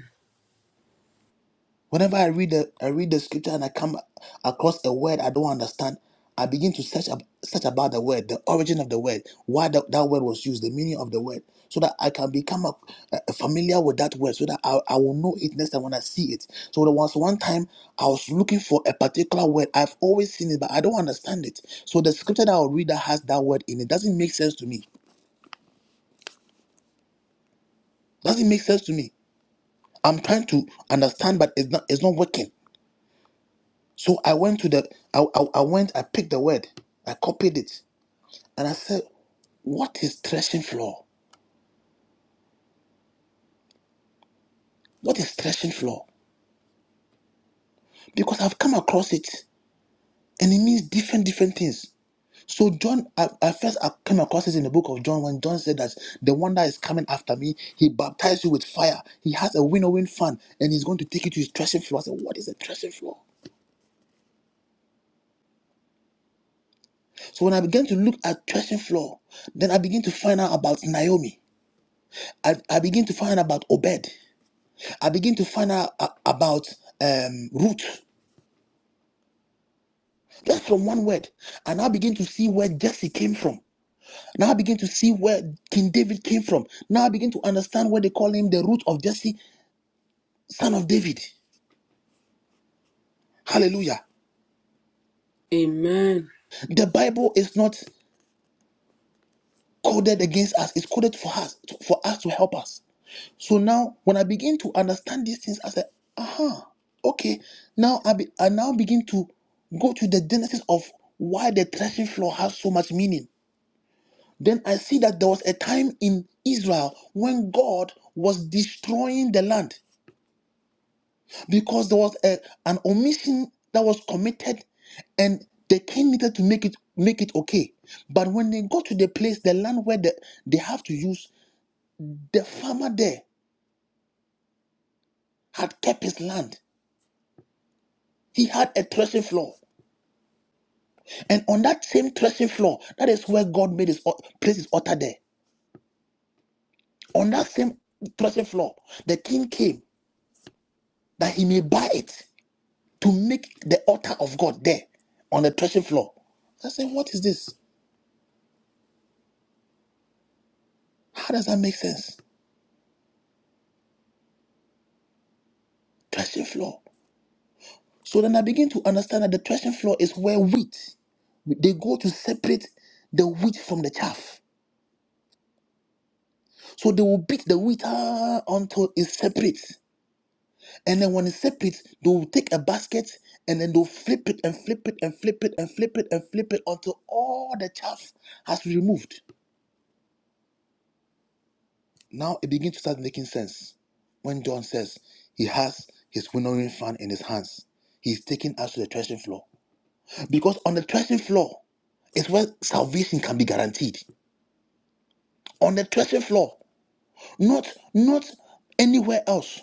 [SPEAKER 1] Whenever I read the I read the scripture and I come across a word I don't understand, I begin to search ab- search about the word, the origin of the word, why that that word was used, the meaning of the word, so that I can become a, a- familiar with that word, so that I, I will know it next time when I see it. So there was one time I was looking for a particular word. I've always seen it, but I don't understand it. So the scripture that I'll read that has that word in it doesn't make sense to me. Doesn't make sense to me. I'm trying to understand, but it's not it's not working. So I went to the, I, I, I went, I picked the word, I copied it, and I said, what is threshing floor? What is threshing floor? Because I've come across it, and it means different, different things. So John, I, I first I came across it in the book of John when John said that the one that is coming after me, he baptized you with fire. He has a winnowing fan, and he's going to take you to his threshing floor. I said, what is a threshing floor? So when I began to look at threshing floor, then I began to find out about Naomi. I, I began to find out about Obed. I begin to find out a- about um, root just from one word, and I begin to see where Jesse came from. Now I begin to see where King David came from. Now I begin to understand why they call him the root of Jesse, son of David. Hallelujah.
[SPEAKER 12] Amen. Amen.
[SPEAKER 1] The Bible is not coded against us; it's coded for us, for us to help us. So now, when I begin to understand these things, I said, "Aha, okay." Now I, be, I now begin to go to the genesis of why the threshing floor has so much meaning Then I see that there was a time in Israel when God was destroying the land because there was a, an omission that was committed and the king needed to make it make it okay. But when they got to the place, the land where the, they have to use, the farmer there had kept his land. He had a threshing floor. And on that same threshing floor, that is where God made his al- place his altar there. On that same threshing floor, the king came that he may buy it. to make the altar of God there on the threshing floor. I said, What is this? How does that make sense? Threshing floor. So then I begin to understand that the threshing floor is where wheat, they go to separate the wheat from the chaff. So they will beat the wheat ah, until it's separate. And then when it's separate, they will take a basket and then they'll flip it and flip it and flip it and flip it and flip it until all the chaff has been removed. Now it begins to start making sense when John says he has his winnowing fan in his hands. He's taking us to the threshing floor. Because on the threshing floor is where salvation can be guaranteed. On the threshing floor, not not anywhere else.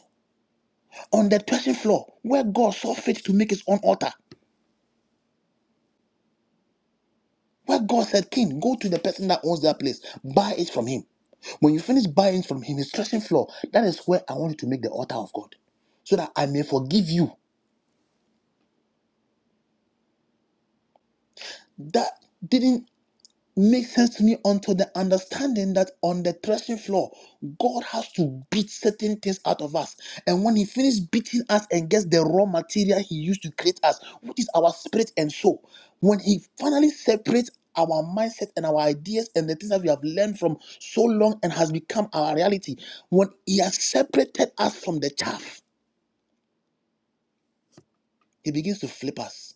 [SPEAKER 1] On the threshing floor, where God saw fit to make his own altar. Where God said, King, go to the person that owns that place, buy it from him. When you finish buying from him his threshing floor, that is where I want you to make the altar of God. So that I may forgive you that didn't make sense to me until the understanding that on the threshing floor, God has to beat certain things out of us. And when He finishes beating us and gets the raw material He used to create us, which is our spirit and soul, when He finally separates our mindset and our ideas and the things that we have learned from so long and has become our reality, when He has separated us from the chaff, He begins to flip us.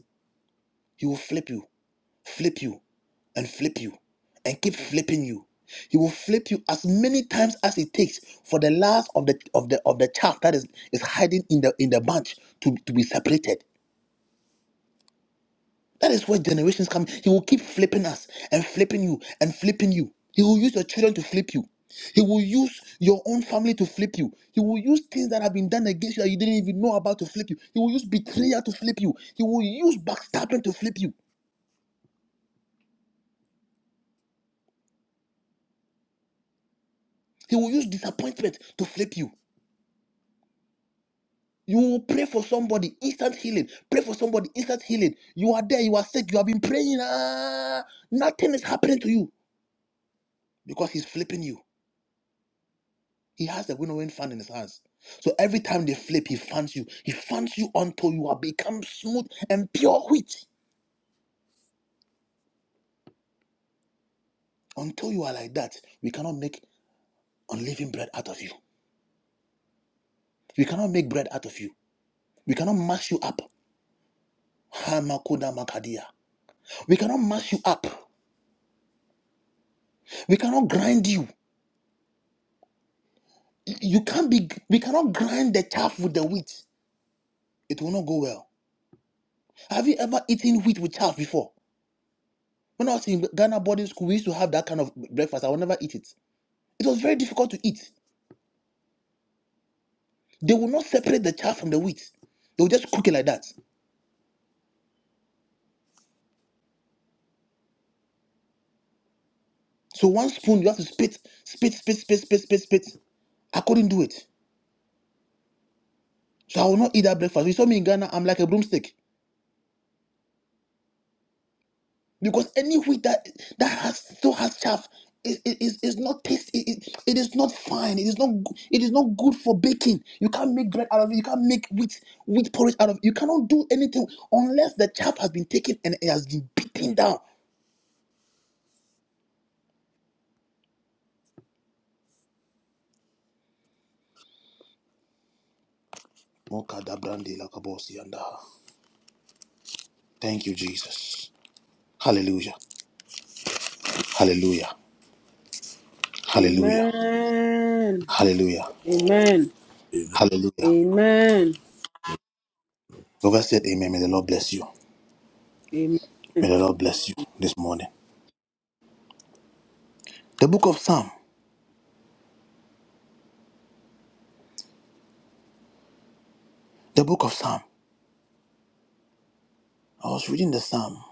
[SPEAKER 1] He will flip you, flip you, and flip you, and keep flipping you. He will flip you as many times as it takes for the last of the of the of the chaff that is, is hiding in the in the bunch to, to be separated. That is where generations come. He will keep flipping us and flipping you and flipping you. He will use your children to flip you. He will use your own family to flip you. He will use things that have been done against you that you didn't even know about to flip you. He will use betrayal to flip you. He will use backstabbing to flip you. He will use disappointment to flip you. You will pray for somebody, instant healing. Pray for somebody, instant healing. You are there, you are sick, you have been praying. Ah, nothing is happening to you because he's flipping you. He has the winnowing fan in his hands. So every time they flip, he fans you. He fans you until you are become smooth and pure wheat. Until you are like that, we cannot make unleavened bread out of you. We cannot make bread out of you. We cannot mash you up. Hamakoda makadia. We cannot mash you up. We cannot grind you. you can't be we cannot grind the chaff with the wheat it will not go well have you ever eaten wheat with chaff before when i was in ghana boarding school we used to have that kind of breakfast i would never eat it it was very difficult to eat they will not separate the chaff from the wheat they will just cook it like that so one spoon you have to spit spit spit spit spit spit spit i couldn't do it so i will not eat that breakfast you saw me in ghana i'm like a broomstick because any wheat that that has still has chaff is is is not tasty. It, it it is not fine. It is not go- it is not good for baking. You can't make bread out of it. You can't make wheat wheat porridge out of it. You cannot do anything unless the chaff has been taken and it has been beaten down. Mokadabrande lakabosi anda. Thank you, Jesus. Hallelujah. Hallelujah. Hallelujah.
[SPEAKER 12] Amen.
[SPEAKER 1] Hallelujah.
[SPEAKER 14] Amen.
[SPEAKER 1] Hallelujah.
[SPEAKER 12] Amen.
[SPEAKER 1] Whoever said amen, may the Lord bless you. May the Lord bless you this morning. The book of Psalm. The book of Psalm. I was reading the psalm,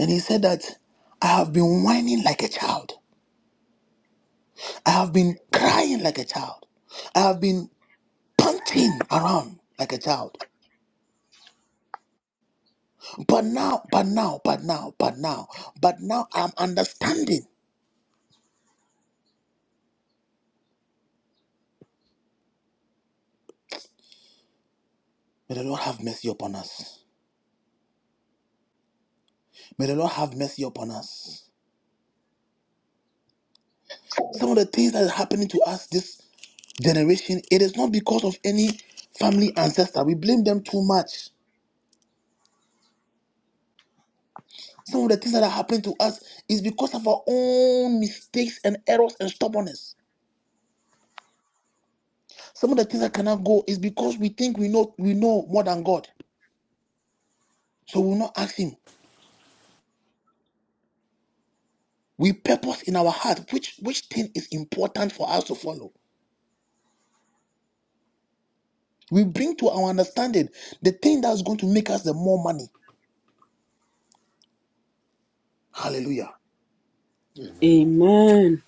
[SPEAKER 1] and he said that I have been whining like a child. I have been crying like a child. I have been panting around like a child. But now, but now, but now, but now, but now I'm understanding. May the Lord have mercy upon us. May the Lord have mercy upon us. Some of the things that is happening to us this generation, it is not because of any family ancestor. We blame them too much. Some of the things that are happening to us is because of our own mistakes and errors and stubbornness. Some of the things that cannot go is because we think we know we know more than God. So we'll not ask him. We purpose in our heart which which thing is important for us to follow. We bring to our understanding the thing that's going to make us the more money. Hallelujah.
[SPEAKER 5] Amen.
[SPEAKER 12] Amen.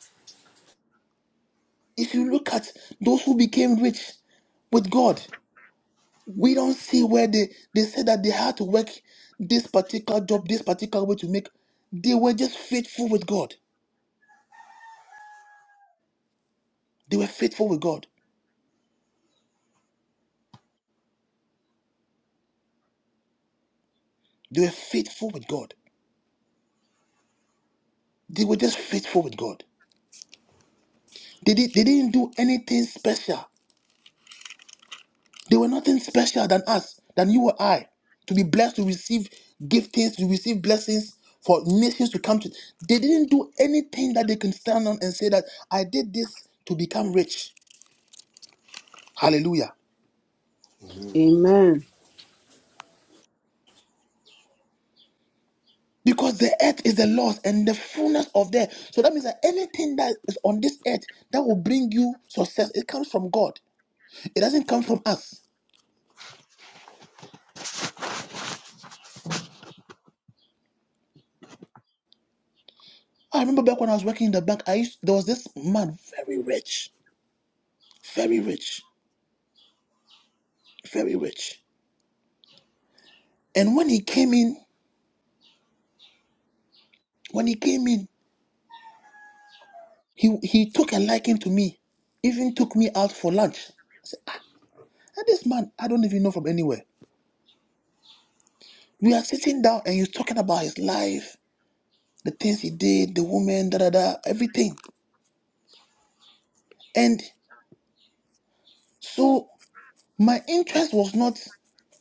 [SPEAKER 1] If you look at those who became rich with God, We don't see where they they said that they had to work this particular job, this particular way to make. They were just faithful with God. They were faithful with God. They were faithful with God. They were just faithful with God. They, did, they didn't do anything special. They were nothing special than us, than you or I, to be blessed, to receive giftings, to receive blessings for nations to come to. They didn't do anything that they can stand on and say that I did this to become rich. Hallelujah.
[SPEAKER 12] Amen. Amen. Amen.
[SPEAKER 5] Amen.
[SPEAKER 12] Amen.
[SPEAKER 1] Because the earth is the Lord's and the fullness of the earth. So that means that anything that is on this earth that will bring you success, it comes from God. It doesn't come from us. I remember back when I was working in the bank, I used there was this man very rich, very rich, very rich. And when he came in, when he came in, he he took a liking to me, even took me out for lunch. I said, "Ah, this man, I don't even know from anywhere. We are sitting down and he's talking about his life, the things he did, the woman, da da da, everything. And so my interest was not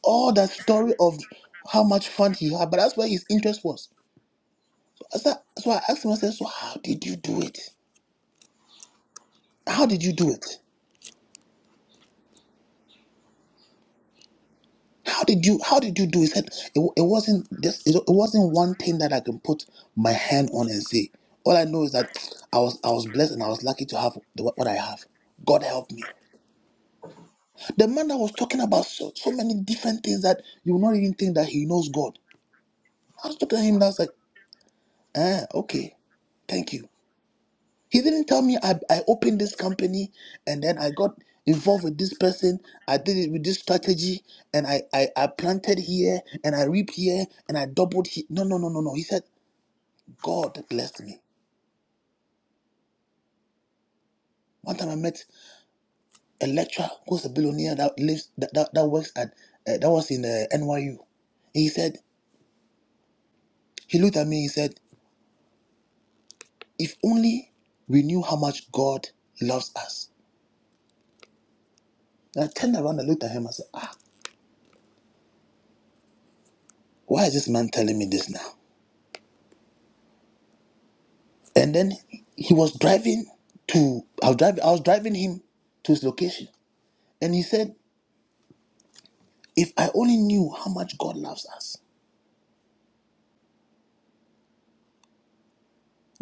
[SPEAKER 1] all that story of how much fun he had, but that's where his interest was. So, so I asked him, I said, so how did you do it? How did you do it? How did you how did you do it? He said it, it wasn't just it, it wasn't one thing that I can put my hand on and say. All I know is that I was I was blessed and I was lucky to have the, what I have. God help me. The man that was talking about so, so many different things that you will not even think that he knows God. I was talking to him. That's like. Ah, okay. Thank you. He didn't tell me I, I opened this company and then I got involved with this person. I did it with this strategy and I, I, I planted here and I reaped here and I doubled here. No, no, no, no, no. He said, God blessed me. One time I met a lecturer who's a billionaire that lives, that, that, that works at, uh, that was in uh, NYU. He said, he looked at me, he said, if only we knew how much God loves us. And I turned around and looked at him and said, ah. Why is this man telling me this now? And then he was driving to I was driving I was driving him to his location. And he said, If I only knew how much God loves us,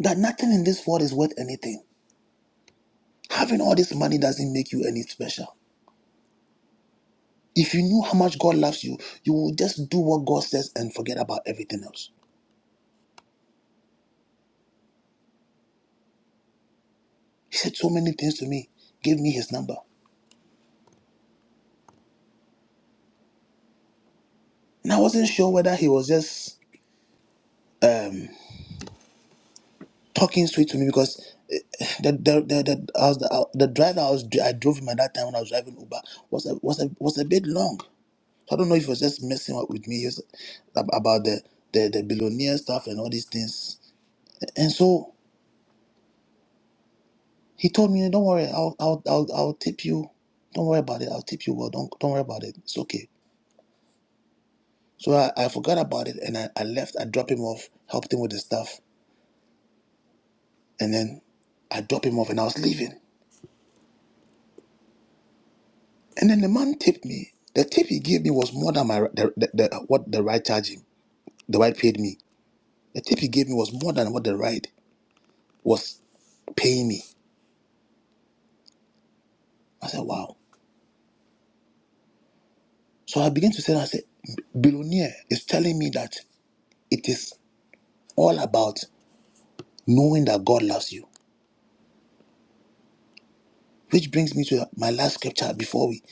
[SPEAKER 1] that nothing in this world is worth anything. Having all this money doesn't make you any special. If you knew how much God loves you, you would just do what God says and forget about everything else. He said so many things to me, gave me his number. And I wasn't sure whether he was just um, talking sweet to me because eh, the the the the, I was, the, the drive that I was I drove him at that time when I was driving Uber was a was a was a bit long. So I don't know if he was just messing up with me he was, ab- about the, the the billionaire stuff and all these things. And so he told me, "Don't worry, I'll I'll I'll, I'll tip you. Don't worry about it. I'll tip you well. Don't don't worry about it. It's okay." So I, I forgot about it and I, I left. I dropped him off, helped him with the stuff, and then I dropped him off and I was leaving. And then the man tipped me. The tip he gave me was more than my the, the, the, what the ride charged him. The ride paid me. The tip he gave me was more than what the ride was paying me. I said, wow. So I began to say, I said, billionaire is telling me that it is all about knowing that God loves you. Which brings me to my last scripture before we,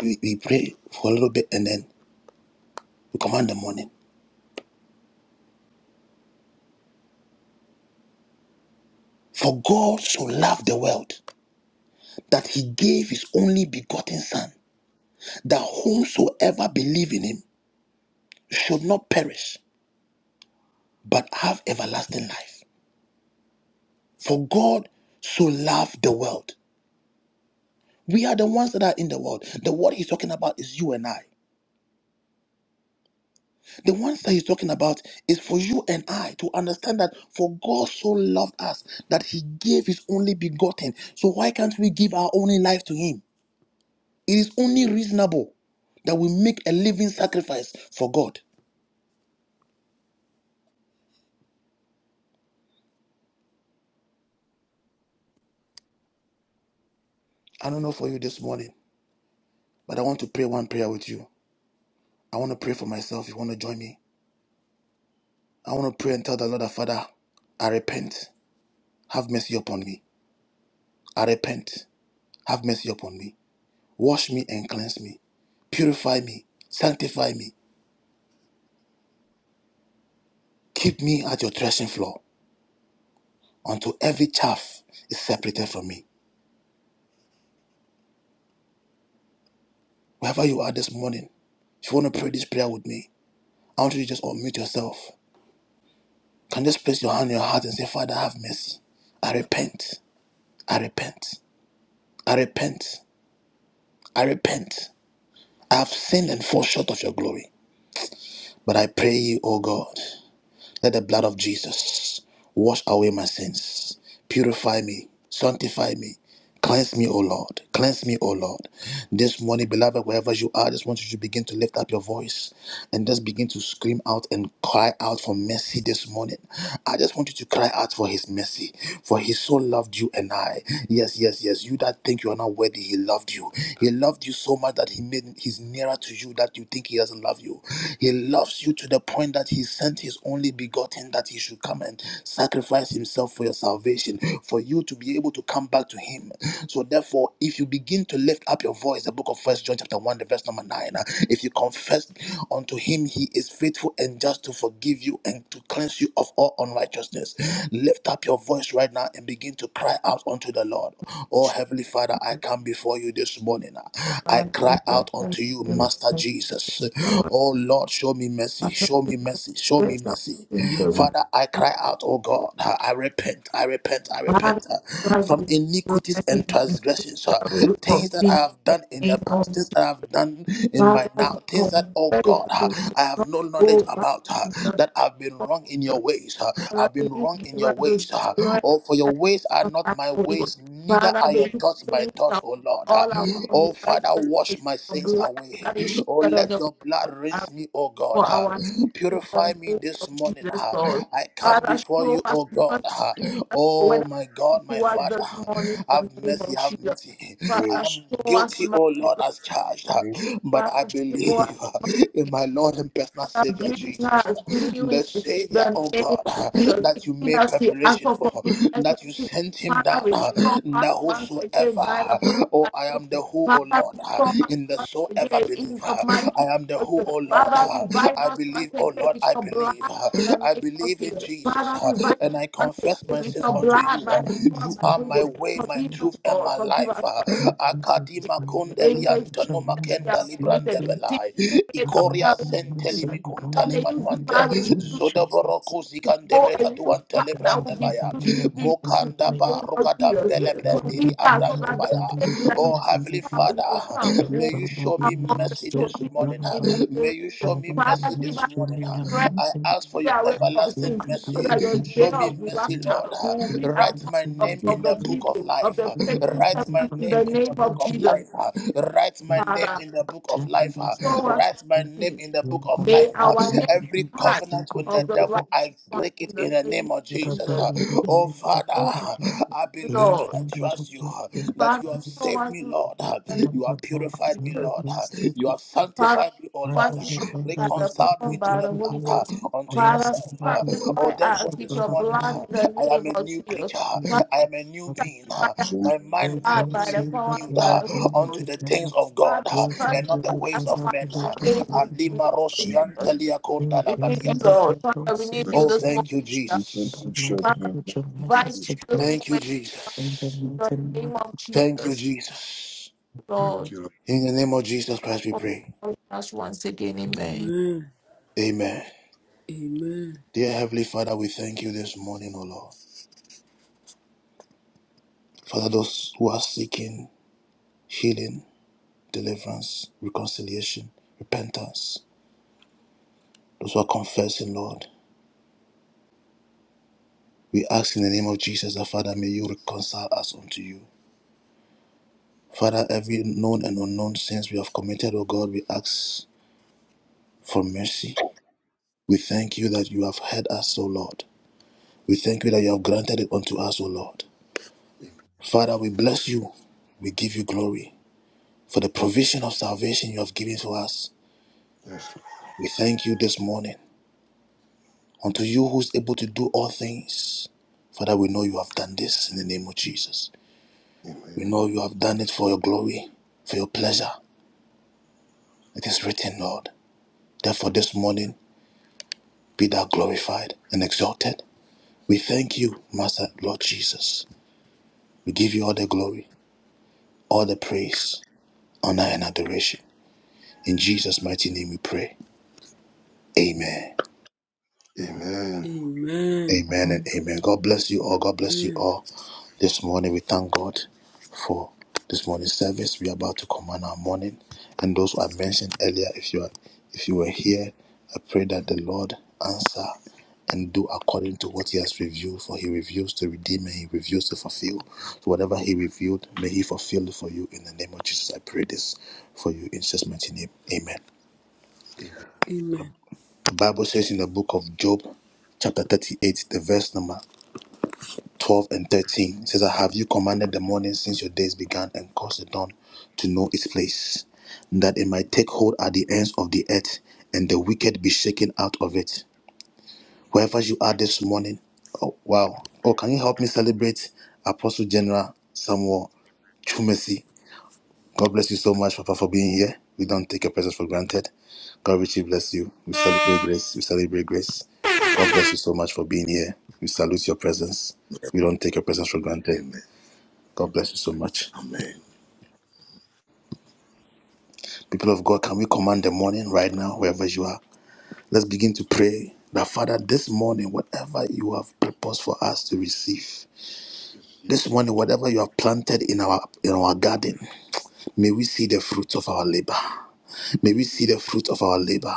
[SPEAKER 1] we, we pray for a little bit and then we command the morning. For God so loved the world that he gave his only begotten son that whomsoever believe in him should not perish, but have everlasting life. For God so loved the world. We are the ones that are in the world. The world he's talking about is you and I. The ones that he's talking about is for you and I to understand that for God so loved us that he gave his only begotten. So why can't we give our only life to him? It is only reasonable that we make a living sacrifice for God. I don't know for you this morning, but I want to pray one prayer with you. I want to pray for myself. You want to join me? I want to pray and tell the Lord, that, Father, I repent. Have mercy upon me. I repent. Have mercy upon me. Wash me and cleanse me. Purify me. Sanctify me. Keep me at your threshing floor until every chaff is separated from me. Wherever you are this morning, if you want to pray this prayer with me, I want you to just unmute yourself. Can you just place your hand on your heart and say, Father, have mercy. I repent. I repent. I repent. I repent. I have sinned and fall short of your glory. But I pray you, O God, let the blood of Jesus wash away my sins, purify me, sanctify me. Cleanse me, O Lord. Cleanse me, O Lord. This morning, beloved, wherever you are, I just want you to begin to lift up your voice and just begin to scream out and cry out for mercy this morning. I just want you to cry out for his mercy, for he so loved you and I. Yes, yes, yes. You that think you are not worthy, he loved you. He loved you so much that he made he's nearer to you that you think he doesn't love you. He loves loves you to the point that he sent his only begotten that he should come and sacrifice himself for your salvation, for you to be able to come back to him. So therefore, if you begin to lift up your voice, the book of First John chapter 1, the verse number 9, uh, if you confess unto him, he is faithful and just to forgive you and to cleanse you of all unrighteousness. Lift up your voice right now and begin to cry out unto the Lord. Oh Heavenly Father, I come before you this morning. uh, I
[SPEAKER 15] Father, may
[SPEAKER 1] cry out unto you, Master Father Jesus. Oh Lord, show me mercy, show me mercy, show me mercy. Father, I cry out, oh God, I repent, I repent, I repent uh, from iniquities and transgressions, uh, things that I have done in the past, things I have done in my now, things that, oh God, uh, I have no knowledge about, uh, that I've been wrong in your ways, uh, I've been wrong in your ways, uh, oh, for your ways are not my ways, neither are your
[SPEAKER 15] you
[SPEAKER 1] thoughts my
[SPEAKER 15] cleanse
[SPEAKER 1] thoughts,
[SPEAKER 15] out
[SPEAKER 1] oh Lord. uh,
[SPEAKER 15] all our
[SPEAKER 1] Oh, Father,
[SPEAKER 15] unrighteousness,
[SPEAKER 1] wash
[SPEAKER 15] the
[SPEAKER 1] my sins
[SPEAKER 15] blood
[SPEAKER 1] away.
[SPEAKER 15] that is
[SPEAKER 1] Oh,
[SPEAKER 15] shed on
[SPEAKER 1] let
[SPEAKER 15] the
[SPEAKER 1] your blood
[SPEAKER 15] cross.
[SPEAKER 1] rinse me, oh God.
[SPEAKER 15] for
[SPEAKER 1] ah.
[SPEAKER 15] our sins in
[SPEAKER 1] Purify
[SPEAKER 15] the
[SPEAKER 1] me
[SPEAKER 15] name
[SPEAKER 1] this
[SPEAKER 15] of
[SPEAKER 1] morning.
[SPEAKER 15] Jesus,
[SPEAKER 1] ah.
[SPEAKER 15] Lord.
[SPEAKER 1] I come
[SPEAKER 15] Father,
[SPEAKER 1] before
[SPEAKER 15] show
[SPEAKER 1] you,
[SPEAKER 15] us
[SPEAKER 1] oh God.
[SPEAKER 15] mercy
[SPEAKER 1] ah.
[SPEAKER 15] even as you went
[SPEAKER 1] Oh, my
[SPEAKER 15] out
[SPEAKER 1] God, my
[SPEAKER 15] to us
[SPEAKER 1] Father.
[SPEAKER 15] this
[SPEAKER 1] ah.
[SPEAKER 15] morning in
[SPEAKER 1] Have
[SPEAKER 15] the name
[SPEAKER 1] mercy,
[SPEAKER 15] of
[SPEAKER 1] have
[SPEAKER 15] Jesus.
[SPEAKER 1] mercy. I
[SPEAKER 15] Father,
[SPEAKER 5] Yes.
[SPEAKER 1] am
[SPEAKER 15] show us
[SPEAKER 1] guilty, oh
[SPEAKER 15] mercy,
[SPEAKER 1] Lord,
[SPEAKER 15] Lord.
[SPEAKER 1] as charged. ah.
[SPEAKER 5] Yes.
[SPEAKER 1] But I
[SPEAKER 15] Father, show
[SPEAKER 1] believe
[SPEAKER 15] us
[SPEAKER 1] ah,
[SPEAKER 15] mercy.
[SPEAKER 1] in my Lord and personal
[SPEAKER 15] Father,
[SPEAKER 1] Savior,
[SPEAKER 15] brings
[SPEAKER 1] Jesus.
[SPEAKER 15] us to
[SPEAKER 1] ah. The
[SPEAKER 15] newness in
[SPEAKER 1] Savior,
[SPEAKER 15] the
[SPEAKER 1] oh
[SPEAKER 15] name
[SPEAKER 1] God,
[SPEAKER 15] of
[SPEAKER 1] ah,
[SPEAKER 15] Jesus.
[SPEAKER 1] that you
[SPEAKER 15] Giving
[SPEAKER 1] made
[SPEAKER 15] us the act
[SPEAKER 1] preparation
[SPEAKER 15] of
[SPEAKER 1] for,
[SPEAKER 15] forgiveness of
[SPEAKER 1] that you
[SPEAKER 15] sin.
[SPEAKER 1] sent him
[SPEAKER 15] Father,
[SPEAKER 1] down, ah,
[SPEAKER 15] restore us
[SPEAKER 1] that
[SPEAKER 15] once
[SPEAKER 1] whosoever
[SPEAKER 15] again by the
[SPEAKER 1] whosoever. Oh,
[SPEAKER 15] power
[SPEAKER 1] I
[SPEAKER 15] of
[SPEAKER 1] am the
[SPEAKER 15] you.
[SPEAKER 1] who, oh
[SPEAKER 15] Father,
[SPEAKER 1] Lord,
[SPEAKER 15] restore us
[SPEAKER 1] in the
[SPEAKER 15] once
[SPEAKER 1] so ever
[SPEAKER 15] again
[SPEAKER 1] believer.
[SPEAKER 15] in the mighty
[SPEAKER 1] I am
[SPEAKER 15] name
[SPEAKER 1] the
[SPEAKER 15] of
[SPEAKER 1] who,
[SPEAKER 15] Jesus.
[SPEAKER 1] oh Lord.
[SPEAKER 15] Father, revive
[SPEAKER 1] I
[SPEAKER 15] us
[SPEAKER 1] believe,
[SPEAKER 15] once
[SPEAKER 1] oh
[SPEAKER 15] again
[SPEAKER 1] Lord,
[SPEAKER 15] with
[SPEAKER 1] I
[SPEAKER 15] your blood
[SPEAKER 1] believe.
[SPEAKER 15] in the
[SPEAKER 1] I
[SPEAKER 15] name of
[SPEAKER 1] believe in
[SPEAKER 15] Jesus.
[SPEAKER 1] Jesus,
[SPEAKER 15] Father, revive
[SPEAKER 1] and I
[SPEAKER 15] us once
[SPEAKER 1] confess
[SPEAKER 15] again
[SPEAKER 1] my
[SPEAKER 15] with
[SPEAKER 1] sins
[SPEAKER 15] your
[SPEAKER 1] unto
[SPEAKER 15] blood
[SPEAKER 1] you.
[SPEAKER 15] by the power of
[SPEAKER 1] You
[SPEAKER 15] the
[SPEAKER 1] are
[SPEAKER 15] Holy
[SPEAKER 1] my
[SPEAKER 15] Ghost.
[SPEAKER 1] way, my
[SPEAKER 15] Forgive us,
[SPEAKER 1] truth, and
[SPEAKER 15] Lord.
[SPEAKER 1] my
[SPEAKER 15] Forgive
[SPEAKER 1] life.
[SPEAKER 15] us, Lord.
[SPEAKER 1] Akadima
[SPEAKER 15] Amen.
[SPEAKER 1] kundelianta no
[SPEAKER 15] That we
[SPEAKER 1] makenda
[SPEAKER 15] have committed.
[SPEAKER 2] Amen.
[SPEAKER 15] Sin
[SPEAKER 1] librandebelai.
[SPEAKER 15] that
[SPEAKER 2] I
[SPEAKER 15] we
[SPEAKER 2] am
[SPEAKER 1] Ikoria
[SPEAKER 15] have
[SPEAKER 2] my
[SPEAKER 1] senteli
[SPEAKER 2] sin
[SPEAKER 15] God,
[SPEAKER 1] mikuntali
[SPEAKER 15] may
[SPEAKER 2] upon
[SPEAKER 15] you give my
[SPEAKER 1] manuante.
[SPEAKER 15] response
[SPEAKER 1] Zodoboro
[SPEAKER 2] Jesus.
[SPEAKER 15] for
[SPEAKER 1] kuzikandebe
[SPEAKER 15] a new
[SPEAKER 1] kaduante
[SPEAKER 2] But
[SPEAKER 15] father
[SPEAKER 2] the
[SPEAKER 15] that
[SPEAKER 2] Lord
[SPEAKER 15] will be
[SPEAKER 2] will be
[SPEAKER 15] pleased
[SPEAKER 2] led
[SPEAKER 15] to
[SPEAKER 2] by
[SPEAKER 15] you
[SPEAKER 2] the
[SPEAKER 15] in
[SPEAKER 1] librandebaya.
[SPEAKER 15] the
[SPEAKER 2] way.
[SPEAKER 1] Daba
[SPEAKER 15] name of
[SPEAKER 2] And
[SPEAKER 1] Rugadam
[SPEAKER 15] Jesus.
[SPEAKER 2] the
[SPEAKER 1] Bele
[SPEAKER 2] Lord
[SPEAKER 15] Forgive
[SPEAKER 1] Brandini
[SPEAKER 15] us
[SPEAKER 2] will
[SPEAKER 15] are so
[SPEAKER 2] gladly
[SPEAKER 15] that the
[SPEAKER 1] Abrandubaya.
[SPEAKER 15] day
[SPEAKER 2] lead the
[SPEAKER 15] that you
[SPEAKER 1] Oh
[SPEAKER 2] companies of
[SPEAKER 1] Heavenly
[SPEAKER 2] things.
[SPEAKER 15] come,
[SPEAKER 1] Father,
[SPEAKER 15] you will come and
[SPEAKER 2] Spirit
[SPEAKER 1] may
[SPEAKER 15] will
[SPEAKER 2] of
[SPEAKER 1] you
[SPEAKER 15] be
[SPEAKER 2] God,
[SPEAKER 1] show
[SPEAKER 2] we
[SPEAKER 1] me
[SPEAKER 15] among the
[SPEAKER 2] must
[SPEAKER 1] mercy
[SPEAKER 2] do
[SPEAKER 15] chosen
[SPEAKER 1] this
[SPEAKER 15] in
[SPEAKER 2] good,
[SPEAKER 1] morning.
[SPEAKER 2] brother. I
[SPEAKER 15] the name
[SPEAKER 1] May
[SPEAKER 15] of
[SPEAKER 1] you show
[SPEAKER 15] Jesus.
[SPEAKER 2] will not
[SPEAKER 1] me
[SPEAKER 2] want
[SPEAKER 1] mercy
[SPEAKER 15] Father, give
[SPEAKER 1] this
[SPEAKER 15] us
[SPEAKER 2] to
[SPEAKER 1] morning.
[SPEAKER 2] lay a
[SPEAKER 15] strength
[SPEAKER 2] man
[SPEAKER 1] I
[SPEAKER 2] sin.
[SPEAKER 1] ask
[SPEAKER 15] to
[SPEAKER 1] for
[SPEAKER 15] be
[SPEAKER 1] your
[SPEAKER 15] away from
[SPEAKER 2] You
[SPEAKER 15] sin
[SPEAKER 1] everlasting
[SPEAKER 2] can tell
[SPEAKER 15] so
[SPEAKER 1] mercy.
[SPEAKER 15] that
[SPEAKER 2] that
[SPEAKER 15] your
[SPEAKER 2] I'm
[SPEAKER 15] day
[SPEAKER 1] Show me
[SPEAKER 15] of
[SPEAKER 1] mercy,
[SPEAKER 15] rapture
[SPEAKER 1] Lord.
[SPEAKER 15] will be among
[SPEAKER 1] Write my
[SPEAKER 15] of,
[SPEAKER 1] name
[SPEAKER 15] of
[SPEAKER 1] in
[SPEAKER 15] the
[SPEAKER 1] the book of
[SPEAKER 15] people, of
[SPEAKER 1] life.
[SPEAKER 15] the faithful
[SPEAKER 1] Write my
[SPEAKER 15] servants in
[SPEAKER 1] name
[SPEAKER 15] the
[SPEAKER 1] in
[SPEAKER 15] name
[SPEAKER 1] the
[SPEAKER 15] of
[SPEAKER 1] book
[SPEAKER 2] not
[SPEAKER 1] of
[SPEAKER 15] Jesus.
[SPEAKER 1] life. Write
[SPEAKER 2] Thank
[SPEAKER 1] my name
[SPEAKER 15] Father,
[SPEAKER 1] in the
[SPEAKER 2] Yes,
[SPEAKER 1] book
[SPEAKER 2] I
[SPEAKER 1] of
[SPEAKER 2] will to
[SPEAKER 1] life.
[SPEAKER 15] show us
[SPEAKER 1] Write my
[SPEAKER 2] out
[SPEAKER 1] name
[SPEAKER 15] mercy.
[SPEAKER 1] in the book of
[SPEAKER 15] May
[SPEAKER 1] life.
[SPEAKER 15] our next
[SPEAKER 1] Every
[SPEAKER 15] part
[SPEAKER 1] covenant with the
[SPEAKER 15] of the right
[SPEAKER 1] devil, I
[SPEAKER 15] one
[SPEAKER 1] break it
[SPEAKER 15] in the
[SPEAKER 1] in the
[SPEAKER 15] name
[SPEAKER 1] name of
[SPEAKER 15] of
[SPEAKER 1] Jesus.
[SPEAKER 15] Jesus.
[SPEAKER 1] Uh, Oh Father,
[SPEAKER 15] Show us,
[SPEAKER 1] I believe and
[SPEAKER 15] Lord.
[SPEAKER 1] I trust you uh, that
[SPEAKER 15] Father,
[SPEAKER 1] you have
[SPEAKER 15] show
[SPEAKER 1] saved
[SPEAKER 15] us
[SPEAKER 1] me,
[SPEAKER 15] mercy
[SPEAKER 1] Lord.
[SPEAKER 15] in
[SPEAKER 1] Uh,
[SPEAKER 15] the name
[SPEAKER 1] You have
[SPEAKER 15] of
[SPEAKER 1] purified me,
[SPEAKER 15] Jesus.
[SPEAKER 1] Lord. Uh, You have
[SPEAKER 15] Father,
[SPEAKER 1] sanctified me, oh
[SPEAKER 15] show
[SPEAKER 1] Lord.
[SPEAKER 15] us mercy
[SPEAKER 1] Uh,
[SPEAKER 15] by the
[SPEAKER 1] Reconciled
[SPEAKER 15] power and
[SPEAKER 1] me to
[SPEAKER 15] by
[SPEAKER 1] the
[SPEAKER 15] the
[SPEAKER 1] blood
[SPEAKER 15] Holy Ghost.
[SPEAKER 1] uh, unto
[SPEAKER 15] Father,
[SPEAKER 1] yourself. Uh,
[SPEAKER 15] sanctify
[SPEAKER 1] Oh,
[SPEAKER 15] us
[SPEAKER 1] therefore,
[SPEAKER 15] with
[SPEAKER 1] this
[SPEAKER 15] your
[SPEAKER 1] morning
[SPEAKER 15] blood
[SPEAKER 1] uh,
[SPEAKER 15] in
[SPEAKER 1] I
[SPEAKER 15] the name
[SPEAKER 1] am a
[SPEAKER 15] of
[SPEAKER 1] new
[SPEAKER 15] Jesus.
[SPEAKER 1] creature.
[SPEAKER 15] Father,
[SPEAKER 1] I am a new being. Uh,
[SPEAKER 15] sanctify us
[SPEAKER 1] My mind
[SPEAKER 15] blood
[SPEAKER 1] need be
[SPEAKER 15] by the power and
[SPEAKER 1] renewed
[SPEAKER 15] by
[SPEAKER 1] uh,
[SPEAKER 15] the Holy Ghost.
[SPEAKER 1] unto the things of God
[SPEAKER 15] Father,
[SPEAKER 1] uh, and not
[SPEAKER 15] sanctify
[SPEAKER 1] the
[SPEAKER 2] the
[SPEAKER 15] us
[SPEAKER 1] ways of
[SPEAKER 2] process
[SPEAKER 15] once
[SPEAKER 2] to
[SPEAKER 1] men.
[SPEAKER 2] bank
[SPEAKER 1] Uh,
[SPEAKER 15] again in
[SPEAKER 2] account.
[SPEAKER 15] the name
[SPEAKER 1] Alima
[SPEAKER 15] of Jesus.
[SPEAKER 1] Rosiantelia
[SPEAKER 2] In the
[SPEAKER 1] Kondala
[SPEAKER 15] We need you,
[SPEAKER 2] blending of
[SPEAKER 1] Batiata.
[SPEAKER 15] Lord.
[SPEAKER 2] your
[SPEAKER 15] Father, we
[SPEAKER 2] thoughts, so
[SPEAKER 15] need
[SPEAKER 2] that
[SPEAKER 15] you
[SPEAKER 1] Oh,
[SPEAKER 15] this
[SPEAKER 2] you
[SPEAKER 1] thank you,
[SPEAKER 15] morning.
[SPEAKER 1] Jesus.
[SPEAKER 2] about my
[SPEAKER 15] Father,
[SPEAKER 2] language and message
[SPEAKER 15] right
[SPEAKER 2] to
[SPEAKER 15] this
[SPEAKER 2] God.
[SPEAKER 1] Thank you,
[SPEAKER 15] in
[SPEAKER 2] In the
[SPEAKER 1] Jesus.
[SPEAKER 15] the
[SPEAKER 2] meeting of
[SPEAKER 15] name of
[SPEAKER 2] the
[SPEAKER 1] Thank you,
[SPEAKER 15] Jesus,
[SPEAKER 1] Jesus.
[SPEAKER 15] Lord.
[SPEAKER 5] Thank you, Lord.
[SPEAKER 1] In the name of Jesus Christ, we
[SPEAKER 15] for
[SPEAKER 1] pray.
[SPEAKER 15] showing us once again,
[SPEAKER 2] and
[SPEAKER 15] amen.
[SPEAKER 1] Amen.
[SPEAKER 12] Amen.
[SPEAKER 1] Dear Heavenly Father, we thank you this morning, O Lord. Father, those who are seeking healing, deliverance, reconciliation, repentance, those who are confessing, Lord, we ask in the name of Jesus that, Father, may you reconcile us unto you. Father, every known and unknown sins we have committed, O God, we ask for mercy. We thank you that you have heard us, O Lord. We thank you that you have granted it unto us, O Lord. Father, we bless you. We give you glory for the provision of salvation you have given to us.
[SPEAKER 5] Yes.
[SPEAKER 1] We thank you this morning. Unto you who is able to do all things. Father, we know you have done this in the name of Jesus. We
[SPEAKER 5] Amen.
[SPEAKER 1] know you have done it for your glory, for your pleasure. It is written, Lord. Therefore, this morning, be thou glorified and exalted. We thank you, Master Lord Jesus. We give you all the glory, all the praise, honor, and adoration. In Jesus' mighty name we pray. Amen.
[SPEAKER 5] Amen.
[SPEAKER 1] Amen and amen. God bless you all. God bless you all. This morning we thank God for this morning's service. We are about to command our morning. And those who I mentioned earlier, if you are if you were here, I pray that the Lord answer and do according to what he has revealed, for he reveals to redeem and he reveals to fulfill. So whatever he revealed, may he fulfill it for you in the name of Jesus. I pray this for you in Jesus' mighty name. Amen.
[SPEAKER 5] Amen.
[SPEAKER 1] The Bible says in the book of Job, chapter 38, the verse number 12 and 13, it says, I have you commanded the morning since your days began and caused the dawn to know its place, that it might take hold at the ends of the earth and the wicked be shaken out of it. Wherever you are this morning, oh wow. Oh, can you help me celebrate Apostle General Samuel Chumesi? God bless you so much, Papa, for being here. We don't take your presence for granted. God richly bless you. We celebrate grace. We celebrate grace. God bless you so much for being here. We salute your presence. We don't take your presence for granted.
[SPEAKER 14] Amen.
[SPEAKER 1] God bless you so much.
[SPEAKER 14] Amen.
[SPEAKER 1] People of God, can we command the morning right now, wherever you are? Let's begin to pray that, Father, this morning, whatever you have purposed for us to receive, this morning, whatever you have planted in our in our garden, may we see the fruits of our labor. May we
[SPEAKER 5] give
[SPEAKER 1] see the fruit of our labor.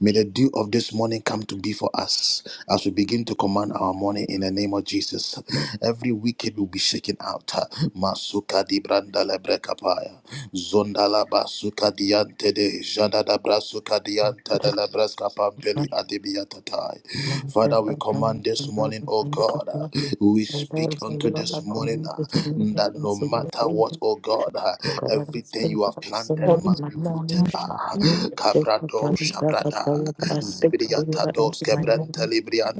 [SPEAKER 1] May the dew of this morning come to be for us as we begin to command our morning in the name of Jesus. Every wicked will be shaken out. Masuka di branda lebre kapaya. Zonda basuka diante de janda da brasuka diante
[SPEAKER 2] but I
[SPEAKER 1] de lebreska pampeli
[SPEAKER 2] can't
[SPEAKER 1] adibiatatai.
[SPEAKER 2] remember that
[SPEAKER 1] Father, we
[SPEAKER 2] I can
[SPEAKER 1] command this
[SPEAKER 2] remember
[SPEAKER 1] morning,
[SPEAKER 2] the
[SPEAKER 1] oh
[SPEAKER 2] kind of
[SPEAKER 1] God, uh,
[SPEAKER 2] love
[SPEAKER 1] we
[SPEAKER 2] and there
[SPEAKER 1] speak
[SPEAKER 2] is a
[SPEAKER 1] unto
[SPEAKER 8] Come
[SPEAKER 2] lot
[SPEAKER 8] on,
[SPEAKER 1] this
[SPEAKER 2] of
[SPEAKER 1] morning
[SPEAKER 2] community
[SPEAKER 1] uh,
[SPEAKER 2] with me
[SPEAKER 1] that
[SPEAKER 2] and
[SPEAKER 1] no
[SPEAKER 2] see your
[SPEAKER 1] matter what,
[SPEAKER 2] favorite.
[SPEAKER 1] oh God, uh,
[SPEAKER 2] God, I don't
[SPEAKER 1] everything
[SPEAKER 8] God.
[SPEAKER 2] speak
[SPEAKER 1] you have
[SPEAKER 2] of
[SPEAKER 1] planted that
[SPEAKER 2] sin
[SPEAKER 15] For
[SPEAKER 2] in
[SPEAKER 1] must
[SPEAKER 2] my
[SPEAKER 1] be rooted.
[SPEAKER 8] Oh,
[SPEAKER 15] more
[SPEAKER 2] mornings.
[SPEAKER 8] shut
[SPEAKER 1] Ah,
[SPEAKER 8] that up.
[SPEAKER 2] So, I
[SPEAKER 1] Cabrado
[SPEAKER 2] tell you that I tell
[SPEAKER 1] Shabrada,
[SPEAKER 8] We
[SPEAKER 2] you that I
[SPEAKER 8] command
[SPEAKER 2] speak
[SPEAKER 8] our
[SPEAKER 2] for you that
[SPEAKER 8] morning
[SPEAKER 2] it's
[SPEAKER 1] Zibriatados
[SPEAKER 2] in my
[SPEAKER 8] God
[SPEAKER 2] mornings.
[SPEAKER 1] Cabranta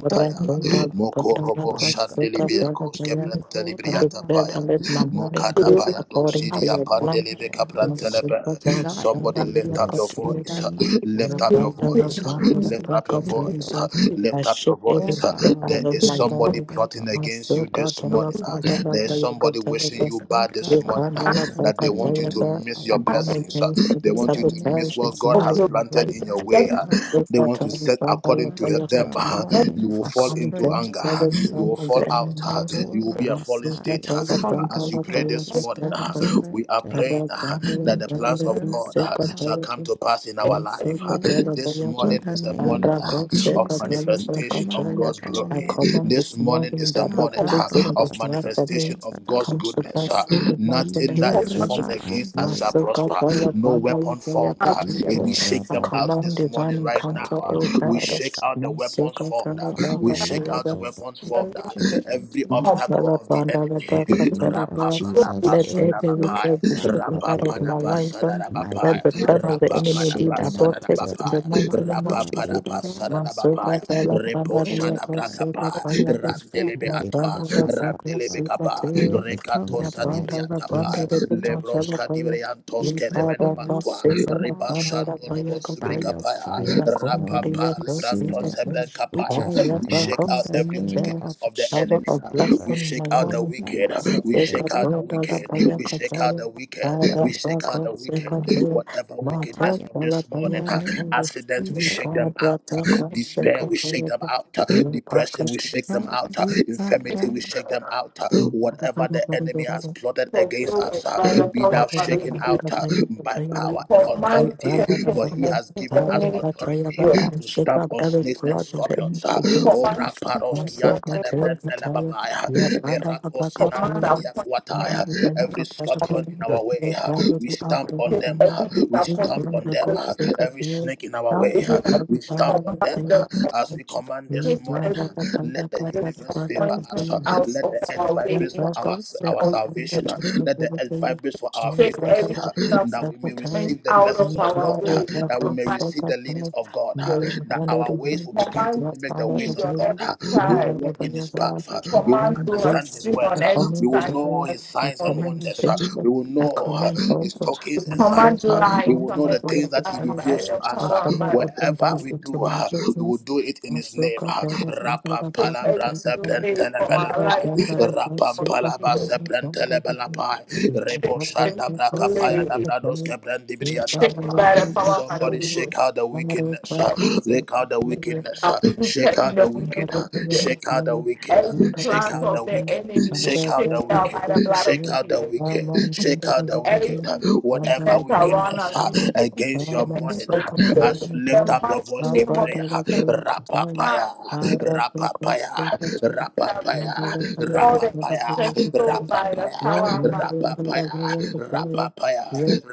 [SPEAKER 2] I declare
[SPEAKER 1] Moko
[SPEAKER 8] this
[SPEAKER 1] Robo
[SPEAKER 8] morning, God.
[SPEAKER 15] than
[SPEAKER 1] Shandelibiacos
[SPEAKER 8] You
[SPEAKER 1] Cabranta Libriata
[SPEAKER 8] call
[SPEAKER 2] that
[SPEAKER 1] Paya,
[SPEAKER 2] let my morning
[SPEAKER 15] you
[SPEAKER 8] Lord,
[SPEAKER 2] grace
[SPEAKER 1] Mokadabaya
[SPEAKER 2] according
[SPEAKER 15] have
[SPEAKER 2] to
[SPEAKER 1] Dosidia
[SPEAKER 2] your
[SPEAKER 8] everything is
[SPEAKER 2] plan.
[SPEAKER 1] Pandelebe
[SPEAKER 8] in our
[SPEAKER 15] wanted.
[SPEAKER 8] hands. Lord.
[SPEAKER 1] Cabrantelebe.
[SPEAKER 8] God will
[SPEAKER 1] Somebody
[SPEAKER 8] be
[SPEAKER 1] lift up your
[SPEAKER 8] blessed in the
[SPEAKER 1] voice,
[SPEAKER 8] mighty
[SPEAKER 1] lift up
[SPEAKER 15] In
[SPEAKER 8] name
[SPEAKER 1] your
[SPEAKER 15] the
[SPEAKER 8] of
[SPEAKER 15] name of
[SPEAKER 1] voice,
[SPEAKER 8] Jesus.
[SPEAKER 15] Jesus,
[SPEAKER 1] lift
[SPEAKER 8] We
[SPEAKER 1] up your
[SPEAKER 8] command
[SPEAKER 1] voice,
[SPEAKER 2] I
[SPEAKER 1] lift up
[SPEAKER 2] shake
[SPEAKER 1] your
[SPEAKER 15] may
[SPEAKER 1] voice.
[SPEAKER 2] every
[SPEAKER 8] over
[SPEAKER 2] bit out
[SPEAKER 8] our
[SPEAKER 1] There
[SPEAKER 2] of
[SPEAKER 1] is
[SPEAKER 2] my
[SPEAKER 15] your
[SPEAKER 8] ministry,
[SPEAKER 1] somebody
[SPEAKER 2] morning.
[SPEAKER 8] over
[SPEAKER 1] plotting
[SPEAKER 8] our
[SPEAKER 1] against you this morning.
[SPEAKER 8] finances, oh
[SPEAKER 1] There is
[SPEAKER 8] God.
[SPEAKER 1] somebody wishing
[SPEAKER 8] We
[SPEAKER 1] you bad this
[SPEAKER 15] perfect is
[SPEAKER 1] morning.
[SPEAKER 8] carabahaya
[SPEAKER 1] That they want you to
[SPEAKER 8] healing
[SPEAKER 1] to
[SPEAKER 8] to
[SPEAKER 1] miss
[SPEAKER 2] I
[SPEAKER 1] your
[SPEAKER 8] our
[SPEAKER 2] come
[SPEAKER 8] body
[SPEAKER 1] blessings. uh,
[SPEAKER 2] against
[SPEAKER 1] They
[SPEAKER 2] every
[SPEAKER 8] in
[SPEAKER 1] want
[SPEAKER 8] the
[SPEAKER 1] you to miss
[SPEAKER 8] name
[SPEAKER 2] sabotage
[SPEAKER 8] of
[SPEAKER 1] what
[SPEAKER 2] this
[SPEAKER 1] God
[SPEAKER 15] of
[SPEAKER 2] morning
[SPEAKER 1] has
[SPEAKER 8] Jesus.
[SPEAKER 15] your
[SPEAKER 2] in my
[SPEAKER 1] planted
[SPEAKER 2] life.
[SPEAKER 1] in your
[SPEAKER 15] let
[SPEAKER 1] way.
[SPEAKER 8] Mighty
[SPEAKER 1] uh,
[SPEAKER 15] it
[SPEAKER 8] God,
[SPEAKER 2] So
[SPEAKER 1] They want to set
[SPEAKER 2] far,
[SPEAKER 1] according to
[SPEAKER 8] command
[SPEAKER 1] them.
[SPEAKER 8] her
[SPEAKER 1] uh,
[SPEAKER 15] let it
[SPEAKER 8] morning
[SPEAKER 1] You will
[SPEAKER 2] I
[SPEAKER 8] for
[SPEAKER 1] fall
[SPEAKER 2] come
[SPEAKER 1] into
[SPEAKER 8] strength
[SPEAKER 2] against
[SPEAKER 1] anger. uh,
[SPEAKER 2] every
[SPEAKER 8] in
[SPEAKER 1] You
[SPEAKER 2] son
[SPEAKER 1] will
[SPEAKER 8] you.
[SPEAKER 2] of
[SPEAKER 1] fall
[SPEAKER 2] the
[SPEAKER 1] out. uh,
[SPEAKER 2] enemies.
[SPEAKER 1] You will be a
[SPEAKER 2] Thus,
[SPEAKER 1] fallen
[SPEAKER 2] if I
[SPEAKER 1] state.
[SPEAKER 2] tell
[SPEAKER 8] Korabahaya,
[SPEAKER 1] uh,
[SPEAKER 2] a
[SPEAKER 1] But
[SPEAKER 15] confess
[SPEAKER 2] tongue,
[SPEAKER 8] strength,
[SPEAKER 1] as
[SPEAKER 8] oh
[SPEAKER 2] tell
[SPEAKER 1] you
[SPEAKER 2] a
[SPEAKER 1] pray
[SPEAKER 8] God,
[SPEAKER 2] tongue,
[SPEAKER 1] this
[SPEAKER 2] if I
[SPEAKER 1] morning,
[SPEAKER 2] tell a
[SPEAKER 8] stand
[SPEAKER 1] uh,
[SPEAKER 2] tongue,
[SPEAKER 1] we are
[SPEAKER 8] strength.
[SPEAKER 2] I
[SPEAKER 1] praying
[SPEAKER 2] was
[SPEAKER 1] uh, that
[SPEAKER 2] wondering
[SPEAKER 1] the
[SPEAKER 8] read your
[SPEAKER 1] plans
[SPEAKER 2] whether it
[SPEAKER 1] of
[SPEAKER 2] is
[SPEAKER 8] word,
[SPEAKER 1] God
[SPEAKER 2] sick
[SPEAKER 8] oh
[SPEAKER 1] uh,
[SPEAKER 2] or
[SPEAKER 8] God,
[SPEAKER 1] shall
[SPEAKER 8] to
[SPEAKER 1] come
[SPEAKER 2] terrible.
[SPEAKER 1] to pass in our
[SPEAKER 2] Once
[SPEAKER 8] do
[SPEAKER 1] life.
[SPEAKER 2] if
[SPEAKER 1] uh.
[SPEAKER 2] I
[SPEAKER 8] your
[SPEAKER 2] tell
[SPEAKER 8] will.
[SPEAKER 2] a
[SPEAKER 1] This
[SPEAKER 2] tongue, I
[SPEAKER 8] In
[SPEAKER 1] morning
[SPEAKER 2] shall-
[SPEAKER 8] the
[SPEAKER 1] is the
[SPEAKER 2] I
[SPEAKER 8] name
[SPEAKER 1] morning
[SPEAKER 2] shall
[SPEAKER 1] uh,
[SPEAKER 8] of
[SPEAKER 2] go sick
[SPEAKER 1] of
[SPEAKER 2] or
[SPEAKER 8] Jesus,
[SPEAKER 2] terrible,
[SPEAKER 8] we
[SPEAKER 2] so I can
[SPEAKER 1] manifestation
[SPEAKER 2] tell
[SPEAKER 1] of
[SPEAKER 8] command
[SPEAKER 2] you.
[SPEAKER 1] God's
[SPEAKER 8] our
[SPEAKER 2] I
[SPEAKER 1] glory.
[SPEAKER 2] command
[SPEAKER 8] morning.
[SPEAKER 1] This
[SPEAKER 2] this
[SPEAKER 1] morning
[SPEAKER 2] morning
[SPEAKER 1] is the
[SPEAKER 2] that
[SPEAKER 1] morning
[SPEAKER 2] the
[SPEAKER 1] uh,
[SPEAKER 2] blessing
[SPEAKER 1] of
[SPEAKER 2] that you have for
[SPEAKER 1] manifestation
[SPEAKER 2] me
[SPEAKER 1] of God's
[SPEAKER 2] come to
[SPEAKER 1] goodness.
[SPEAKER 8] Makarabasatadadadabahaya.
[SPEAKER 1] uh.
[SPEAKER 2] pass in the mighty
[SPEAKER 1] Nothing
[SPEAKER 2] name
[SPEAKER 1] Nothing that
[SPEAKER 2] of
[SPEAKER 15] of
[SPEAKER 1] is formed
[SPEAKER 2] Jesus.
[SPEAKER 1] against us shall
[SPEAKER 2] Once
[SPEAKER 8] Ikerebaadeya.
[SPEAKER 2] if I
[SPEAKER 1] prosper.
[SPEAKER 2] tell a
[SPEAKER 1] No
[SPEAKER 2] tongue, I will
[SPEAKER 1] weapon
[SPEAKER 2] tell you,
[SPEAKER 1] formed.
[SPEAKER 2] but
[SPEAKER 15] us
[SPEAKER 1] uh,
[SPEAKER 2] you never
[SPEAKER 1] eh, We shake
[SPEAKER 2] I
[SPEAKER 1] them
[SPEAKER 8] Ikorabaha.
[SPEAKER 1] out
[SPEAKER 2] command
[SPEAKER 1] this
[SPEAKER 2] divine
[SPEAKER 1] morning
[SPEAKER 8] Shake
[SPEAKER 1] right
[SPEAKER 8] out
[SPEAKER 2] encounter,
[SPEAKER 1] now. uh,
[SPEAKER 2] O
[SPEAKER 8] every
[SPEAKER 1] We
[SPEAKER 2] God.
[SPEAKER 8] wicked
[SPEAKER 1] shake
[SPEAKER 8] thought
[SPEAKER 1] out the weapons
[SPEAKER 2] Sika
[SPEAKER 1] formed. uh,
[SPEAKER 2] Tala
[SPEAKER 8] over
[SPEAKER 1] We
[SPEAKER 2] Baka
[SPEAKER 8] our
[SPEAKER 1] shake out
[SPEAKER 8] lives,
[SPEAKER 1] the
[SPEAKER 2] Tayaba.
[SPEAKER 8] over
[SPEAKER 1] weapons
[SPEAKER 15] in the
[SPEAKER 8] our
[SPEAKER 1] formed.
[SPEAKER 15] name
[SPEAKER 1] uh,
[SPEAKER 15] of
[SPEAKER 8] children's
[SPEAKER 1] Every
[SPEAKER 8] lives.
[SPEAKER 15] the
[SPEAKER 1] obstacle
[SPEAKER 2] Let
[SPEAKER 1] of the
[SPEAKER 8] In
[SPEAKER 1] enemy.
[SPEAKER 8] the name of Jesus,
[SPEAKER 2] every
[SPEAKER 8] every
[SPEAKER 1] Rapapadapasadabapaya,
[SPEAKER 2] wicked be
[SPEAKER 8] plan
[SPEAKER 2] shaken
[SPEAKER 8] of
[SPEAKER 2] out
[SPEAKER 8] the
[SPEAKER 2] of my
[SPEAKER 8] enemy,
[SPEAKER 2] life. um,
[SPEAKER 8] mighty
[SPEAKER 2] Let
[SPEAKER 1] rapapadapasadabapaya,
[SPEAKER 2] the
[SPEAKER 8] God,
[SPEAKER 2] plan of the
[SPEAKER 8] be
[SPEAKER 2] enemy be
[SPEAKER 8] shaken out.
[SPEAKER 2] aborted
[SPEAKER 8] Uh,
[SPEAKER 2] in the
[SPEAKER 1] rapapadapasadabapaya,
[SPEAKER 8] My
[SPEAKER 2] mighty name of
[SPEAKER 8] God, eh,
[SPEAKER 2] Jesus.
[SPEAKER 8] that all of-
[SPEAKER 2] Masoka
[SPEAKER 1] rapapadapasadabapaya,
[SPEAKER 2] tala panda
[SPEAKER 8] no
[SPEAKER 2] dia
[SPEAKER 8] weapon
[SPEAKER 2] koseka
[SPEAKER 1] reposhadabrakapa,
[SPEAKER 2] tala
[SPEAKER 8] that
[SPEAKER 2] dem.
[SPEAKER 8] is formed
[SPEAKER 1] randelebe
[SPEAKER 2] Ya
[SPEAKER 8] against
[SPEAKER 1] atwa,
[SPEAKER 8] us
[SPEAKER 2] panda la
[SPEAKER 8] shall
[SPEAKER 2] saka
[SPEAKER 1] randelebe
[SPEAKER 8] prosper,
[SPEAKER 2] seka
[SPEAKER 1] kaba,
[SPEAKER 8] and
[SPEAKER 2] te.
[SPEAKER 8] every tongue
[SPEAKER 1] Rekatosa.
[SPEAKER 2] Ya
[SPEAKER 8] that
[SPEAKER 1] Lebrosa
[SPEAKER 2] panda
[SPEAKER 8] rises
[SPEAKER 2] la
[SPEAKER 8] against
[SPEAKER 2] panda
[SPEAKER 1] dibriatapa,
[SPEAKER 2] de
[SPEAKER 8] us in
[SPEAKER 2] bin
[SPEAKER 8] judgment.
[SPEAKER 2] atala
[SPEAKER 1] Lebroska
[SPEAKER 2] paya.
[SPEAKER 1] dibriantos
[SPEAKER 2] Ya
[SPEAKER 8] It's God
[SPEAKER 1] kenemena
[SPEAKER 8] that
[SPEAKER 2] panda la
[SPEAKER 8] we
[SPEAKER 1] mantua,
[SPEAKER 8] shut
[SPEAKER 2] seka
[SPEAKER 8] them
[SPEAKER 2] la
[SPEAKER 8] out,
[SPEAKER 2] panda la
[SPEAKER 8] God.
[SPEAKER 1] Ribashando
[SPEAKER 8] uh,
[SPEAKER 2] paya
[SPEAKER 1] lobos
[SPEAKER 8] By
[SPEAKER 2] kotai.
[SPEAKER 8] your
[SPEAKER 1] bricapaya,
[SPEAKER 8] fire
[SPEAKER 2] Ya
[SPEAKER 8] this
[SPEAKER 2] konda
[SPEAKER 8] morning,
[SPEAKER 2] dia
[SPEAKER 1] Rapapa
[SPEAKER 8] consume
[SPEAKER 2] koseka
[SPEAKER 1] librantos
[SPEAKER 8] them
[SPEAKER 2] te.
[SPEAKER 8] with
[SPEAKER 1] hebrencapaya.
[SPEAKER 8] your
[SPEAKER 2] Oh, ya
[SPEAKER 8] fire
[SPEAKER 1] We
[SPEAKER 2] pa
[SPEAKER 1] shake
[SPEAKER 8] in
[SPEAKER 1] out
[SPEAKER 8] the
[SPEAKER 1] every
[SPEAKER 2] koseka te.
[SPEAKER 8] name
[SPEAKER 1] wickedness
[SPEAKER 8] of
[SPEAKER 1] of the
[SPEAKER 2] Shower
[SPEAKER 1] enemy.
[SPEAKER 8] Jesus.
[SPEAKER 2] of
[SPEAKER 8] Uh,
[SPEAKER 1] We
[SPEAKER 2] blessing in
[SPEAKER 1] shake
[SPEAKER 2] my
[SPEAKER 1] out
[SPEAKER 8] They
[SPEAKER 1] the
[SPEAKER 2] life.
[SPEAKER 1] wicked.
[SPEAKER 8] cannot
[SPEAKER 1] We
[SPEAKER 8] stand, they
[SPEAKER 2] Maseka
[SPEAKER 1] shake
[SPEAKER 8] will
[SPEAKER 1] out the
[SPEAKER 2] toda
[SPEAKER 8] not
[SPEAKER 2] la
[SPEAKER 1] wicked.
[SPEAKER 2] baya
[SPEAKER 8] stand
[SPEAKER 1] We shake out
[SPEAKER 2] kataya.
[SPEAKER 1] the wicked. We
[SPEAKER 2] Ara
[SPEAKER 1] shake out
[SPEAKER 2] bako
[SPEAKER 1] the
[SPEAKER 8] the
[SPEAKER 1] wicked.
[SPEAKER 2] seka
[SPEAKER 8] wrong
[SPEAKER 2] te.
[SPEAKER 1] Whatever wickedness
[SPEAKER 2] Mato
[SPEAKER 8] fire
[SPEAKER 1] of
[SPEAKER 2] la
[SPEAKER 1] this
[SPEAKER 8] in
[SPEAKER 2] baya
[SPEAKER 1] morning,
[SPEAKER 8] the
[SPEAKER 1] huh,
[SPEAKER 8] name of
[SPEAKER 2] kataya.
[SPEAKER 1] accidents, we
[SPEAKER 8] Jesus.
[SPEAKER 1] shake them
[SPEAKER 2] Mika la
[SPEAKER 1] out.
[SPEAKER 2] bako
[SPEAKER 1] Despair,
[SPEAKER 2] seka
[SPEAKER 15] commandment.
[SPEAKER 1] we shake them
[SPEAKER 2] te.
[SPEAKER 1] out.
[SPEAKER 2] Yo
[SPEAKER 1] Depression, we shake them
[SPEAKER 8] God,
[SPEAKER 1] out.
[SPEAKER 8] they are
[SPEAKER 15] Let
[SPEAKER 1] Infirmity,
[SPEAKER 15] it
[SPEAKER 1] we
[SPEAKER 8] wrong.
[SPEAKER 1] shake them out whatever the enemy has
[SPEAKER 2] baka.
[SPEAKER 1] plotted against
[SPEAKER 15] fulfill
[SPEAKER 1] us
[SPEAKER 15] it
[SPEAKER 1] uh,
[SPEAKER 15] by the
[SPEAKER 2] and
[SPEAKER 1] be now
[SPEAKER 15] power of the
[SPEAKER 1] shaken
[SPEAKER 15] Spirit.
[SPEAKER 1] out uh, by
[SPEAKER 15] We
[SPEAKER 1] power and
[SPEAKER 15] command
[SPEAKER 1] authority, for he
[SPEAKER 15] perfection
[SPEAKER 1] has
[SPEAKER 15] in
[SPEAKER 1] given
[SPEAKER 15] the
[SPEAKER 1] us
[SPEAKER 15] name of
[SPEAKER 1] authority
[SPEAKER 15] Jesus.
[SPEAKER 1] to
[SPEAKER 2] shake
[SPEAKER 1] stamp
[SPEAKER 2] up
[SPEAKER 1] on
[SPEAKER 2] every
[SPEAKER 1] snakes and
[SPEAKER 2] plot of the enemy
[SPEAKER 1] scorpions. uh,
[SPEAKER 2] against
[SPEAKER 1] Oh,
[SPEAKER 2] me.
[SPEAKER 15] Command peace in the name
[SPEAKER 1] Raparoski
[SPEAKER 2] Also,
[SPEAKER 1] and
[SPEAKER 2] God, tell you, tell you,
[SPEAKER 1] Telepentelebabaya,
[SPEAKER 2] your brother, the back of the
[SPEAKER 15] command
[SPEAKER 2] enemy,
[SPEAKER 15] our
[SPEAKER 2] and
[SPEAKER 15] punishment
[SPEAKER 2] then the
[SPEAKER 1] Erakosinankeliakuataya,
[SPEAKER 2] man of
[SPEAKER 1] Every
[SPEAKER 2] God, the
[SPEAKER 15] from
[SPEAKER 1] scorpion in
[SPEAKER 2] enemy,
[SPEAKER 15] the
[SPEAKER 1] our way,
[SPEAKER 2] your
[SPEAKER 1] uh,
[SPEAKER 2] God is
[SPEAKER 1] we
[SPEAKER 2] the
[SPEAKER 1] stamp
[SPEAKER 2] upper of the
[SPEAKER 1] on
[SPEAKER 15] state
[SPEAKER 1] them,
[SPEAKER 2] enemy,
[SPEAKER 1] uh,
[SPEAKER 15] every
[SPEAKER 1] we
[SPEAKER 2] you
[SPEAKER 1] stamp
[SPEAKER 15] disappointment.
[SPEAKER 2] join
[SPEAKER 1] on
[SPEAKER 2] the
[SPEAKER 1] them,
[SPEAKER 2] God,
[SPEAKER 1] uh,
[SPEAKER 2] shake up
[SPEAKER 1] every
[SPEAKER 2] you.
[SPEAKER 1] snake in our
[SPEAKER 2] Now,
[SPEAKER 15] It
[SPEAKER 1] way, uh,
[SPEAKER 2] you
[SPEAKER 15] is
[SPEAKER 2] shall be
[SPEAKER 1] we
[SPEAKER 2] bound
[SPEAKER 15] I
[SPEAKER 1] stamp
[SPEAKER 2] up
[SPEAKER 1] on
[SPEAKER 2] with
[SPEAKER 1] them
[SPEAKER 2] the
[SPEAKER 15] command
[SPEAKER 2] enemy
[SPEAKER 1] uh,
[SPEAKER 15] them
[SPEAKER 2] of
[SPEAKER 1] as
[SPEAKER 2] the
[SPEAKER 1] we
[SPEAKER 2] church.
[SPEAKER 1] command this
[SPEAKER 2] You
[SPEAKER 15] take
[SPEAKER 2] join
[SPEAKER 1] morning.
[SPEAKER 15] every
[SPEAKER 2] the
[SPEAKER 1] uh,
[SPEAKER 2] God, the
[SPEAKER 1] Let
[SPEAKER 2] enemy,
[SPEAKER 1] the
[SPEAKER 2] God, the
[SPEAKER 1] universe
[SPEAKER 2] brother,
[SPEAKER 1] favor
[SPEAKER 2] of the
[SPEAKER 15] disappointment
[SPEAKER 1] us. uh,
[SPEAKER 15] out
[SPEAKER 2] enemy,
[SPEAKER 1] let
[SPEAKER 15] of
[SPEAKER 1] the earth
[SPEAKER 15] our way in
[SPEAKER 2] your
[SPEAKER 1] vibrate
[SPEAKER 15] the name
[SPEAKER 1] for our
[SPEAKER 2] brother,
[SPEAKER 1] our
[SPEAKER 2] shake up
[SPEAKER 15] of
[SPEAKER 1] salvation.
[SPEAKER 15] Jesus.
[SPEAKER 1] uh.
[SPEAKER 2] the
[SPEAKER 1] Let the earth
[SPEAKER 2] enemy,
[SPEAKER 1] vibrate for
[SPEAKER 2] I
[SPEAKER 1] our
[SPEAKER 2] commend
[SPEAKER 15] Take
[SPEAKER 2] joy,
[SPEAKER 1] frequency.
[SPEAKER 15] every
[SPEAKER 2] I
[SPEAKER 1] uh,
[SPEAKER 2] commend
[SPEAKER 1] That we may
[SPEAKER 2] favor,
[SPEAKER 15] disappointment
[SPEAKER 1] receive the
[SPEAKER 15] out of
[SPEAKER 1] blessings
[SPEAKER 2] I
[SPEAKER 1] of
[SPEAKER 15] our
[SPEAKER 1] God.
[SPEAKER 15] way
[SPEAKER 1] uh,
[SPEAKER 15] in
[SPEAKER 1] That we
[SPEAKER 15] the
[SPEAKER 1] may
[SPEAKER 15] mighty
[SPEAKER 1] receive the leadings of God. uh,
[SPEAKER 15] Jesus.
[SPEAKER 1] That our
[SPEAKER 15] We
[SPEAKER 1] ways will begin to
[SPEAKER 15] command
[SPEAKER 1] mimic the ways
[SPEAKER 15] peace
[SPEAKER 1] of
[SPEAKER 15] on
[SPEAKER 1] God.
[SPEAKER 15] every
[SPEAKER 1] uh. We will
[SPEAKER 15] side.
[SPEAKER 1] walk in His path.
[SPEAKER 15] We
[SPEAKER 1] uh, We will
[SPEAKER 15] command
[SPEAKER 1] understand His
[SPEAKER 15] blessing
[SPEAKER 1] words.
[SPEAKER 15] on
[SPEAKER 1] uh,
[SPEAKER 15] every
[SPEAKER 1] We will
[SPEAKER 15] side.
[SPEAKER 1] know
[SPEAKER 15] in the
[SPEAKER 1] His
[SPEAKER 15] name
[SPEAKER 1] signs
[SPEAKER 15] of
[SPEAKER 1] and wonders.
[SPEAKER 15] Jesus.
[SPEAKER 1] uh, We will know uh,
[SPEAKER 2] commend hope,
[SPEAKER 1] His
[SPEAKER 15] We
[SPEAKER 1] tokens and
[SPEAKER 2] I said
[SPEAKER 15] command
[SPEAKER 1] signs. uh,
[SPEAKER 2] all the
[SPEAKER 1] We
[SPEAKER 15] light
[SPEAKER 1] will
[SPEAKER 15] on
[SPEAKER 2] wonders
[SPEAKER 1] know the
[SPEAKER 15] every
[SPEAKER 2] all
[SPEAKER 1] things
[SPEAKER 2] of the
[SPEAKER 1] that He
[SPEAKER 15] side by
[SPEAKER 1] reveals
[SPEAKER 2] kindness,
[SPEAKER 1] to
[SPEAKER 15] the
[SPEAKER 1] us.
[SPEAKER 2] I
[SPEAKER 1] uh,
[SPEAKER 15] power and
[SPEAKER 2] commend
[SPEAKER 15] by the
[SPEAKER 2] open
[SPEAKER 1] Wherever
[SPEAKER 2] doors
[SPEAKER 1] we
[SPEAKER 2] into
[SPEAKER 1] do,
[SPEAKER 2] my
[SPEAKER 1] uh, we will
[SPEAKER 2] business.
[SPEAKER 1] do it in
[SPEAKER 2] I
[SPEAKER 1] His
[SPEAKER 2] so
[SPEAKER 1] name.
[SPEAKER 2] God, there was another
[SPEAKER 15] take
[SPEAKER 2] black
[SPEAKER 15] everything
[SPEAKER 2] from the
[SPEAKER 1] uh
[SPEAKER 2] world,
[SPEAKER 15] away from
[SPEAKER 2] and
[SPEAKER 15] our
[SPEAKER 2] God,
[SPEAKER 1] seprentelebelapa,
[SPEAKER 15] life
[SPEAKER 2] there
[SPEAKER 15] in the name
[SPEAKER 2] was
[SPEAKER 15] of
[SPEAKER 2] a
[SPEAKER 1] rapampalaba
[SPEAKER 15] Jesus.
[SPEAKER 2] black super
[SPEAKER 1] seprentelebelapa,
[SPEAKER 15] You
[SPEAKER 2] Thank
[SPEAKER 15] shake everything
[SPEAKER 1] reboshanda brakapaya
[SPEAKER 15] away. You
[SPEAKER 1] dabrados
[SPEAKER 15] shake it
[SPEAKER 1] kebrendibriyatapa.
[SPEAKER 15] by the power of the
[SPEAKER 1] Somebody
[SPEAKER 15] Holy Ghost.
[SPEAKER 1] shake out the wickedness,
[SPEAKER 15] Everything
[SPEAKER 1] shake out the
[SPEAKER 2] you.
[SPEAKER 1] wickedness, shake
[SPEAKER 15] uprooted in
[SPEAKER 1] out
[SPEAKER 15] the
[SPEAKER 1] the
[SPEAKER 2] Yes, I
[SPEAKER 15] name
[SPEAKER 1] wicked,
[SPEAKER 2] see
[SPEAKER 15] of Jesus.
[SPEAKER 1] shake out the wicked,
[SPEAKER 2] the day.
[SPEAKER 15] Every
[SPEAKER 2] Yes, I
[SPEAKER 1] shake
[SPEAKER 15] plant
[SPEAKER 1] out
[SPEAKER 2] see the
[SPEAKER 1] the
[SPEAKER 15] of the
[SPEAKER 1] wicked,
[SPEAKER 15] enemy, we
[SPEAKER 1] shake
[SPEAKER 15] shake
[SPEAKER 1] out the
[SPEAKER 15] it out
[SPEAKER 1] wicked,
[SPEAKER 15] by the blood of
[SPEAKER 1] shake out the
[SPEAKER 15] Jesus.
[SPEAKER 1] wicked, shake out the
[SPEAKER 15] Every
[SPEAKER 1] wicked, whatever
[SPEAKER 15] weakness around
[SPEAKER 1] wickedness
[SPEAKER 15] us, we shake it
[SPEAKER 1] against
[SPEAKER 15] in
[SPEAKER 1] your
[SPEAKER 15] the name
[SPEAKER 1] morning
[SPEAKER 15] of Jesus.
[SPEAKER 1] as you lift
[SPEAKER 15] The
[SPEAKER 1] up your
[SPEAKER 15] mighty
[SPEAKER 1] voice in
[SPEAKER 15] name of
[SPEAKER 1] prayer.
[SPEAKER 15] the man
[SPEAKER 1] Rapapaya, rapapaya,
[SPEAKER 15] that has been
[SPEAKER 1] rapapaya,
[SPEAKER 15] restored and
[SPEAKER 1] rapapaya,
[SPEAKER 15] set by the
[SPEAKER 1] rapapaya,
[SPEAKER 15] power and by
[SPEAKER 1] rapapaya, rapapaya,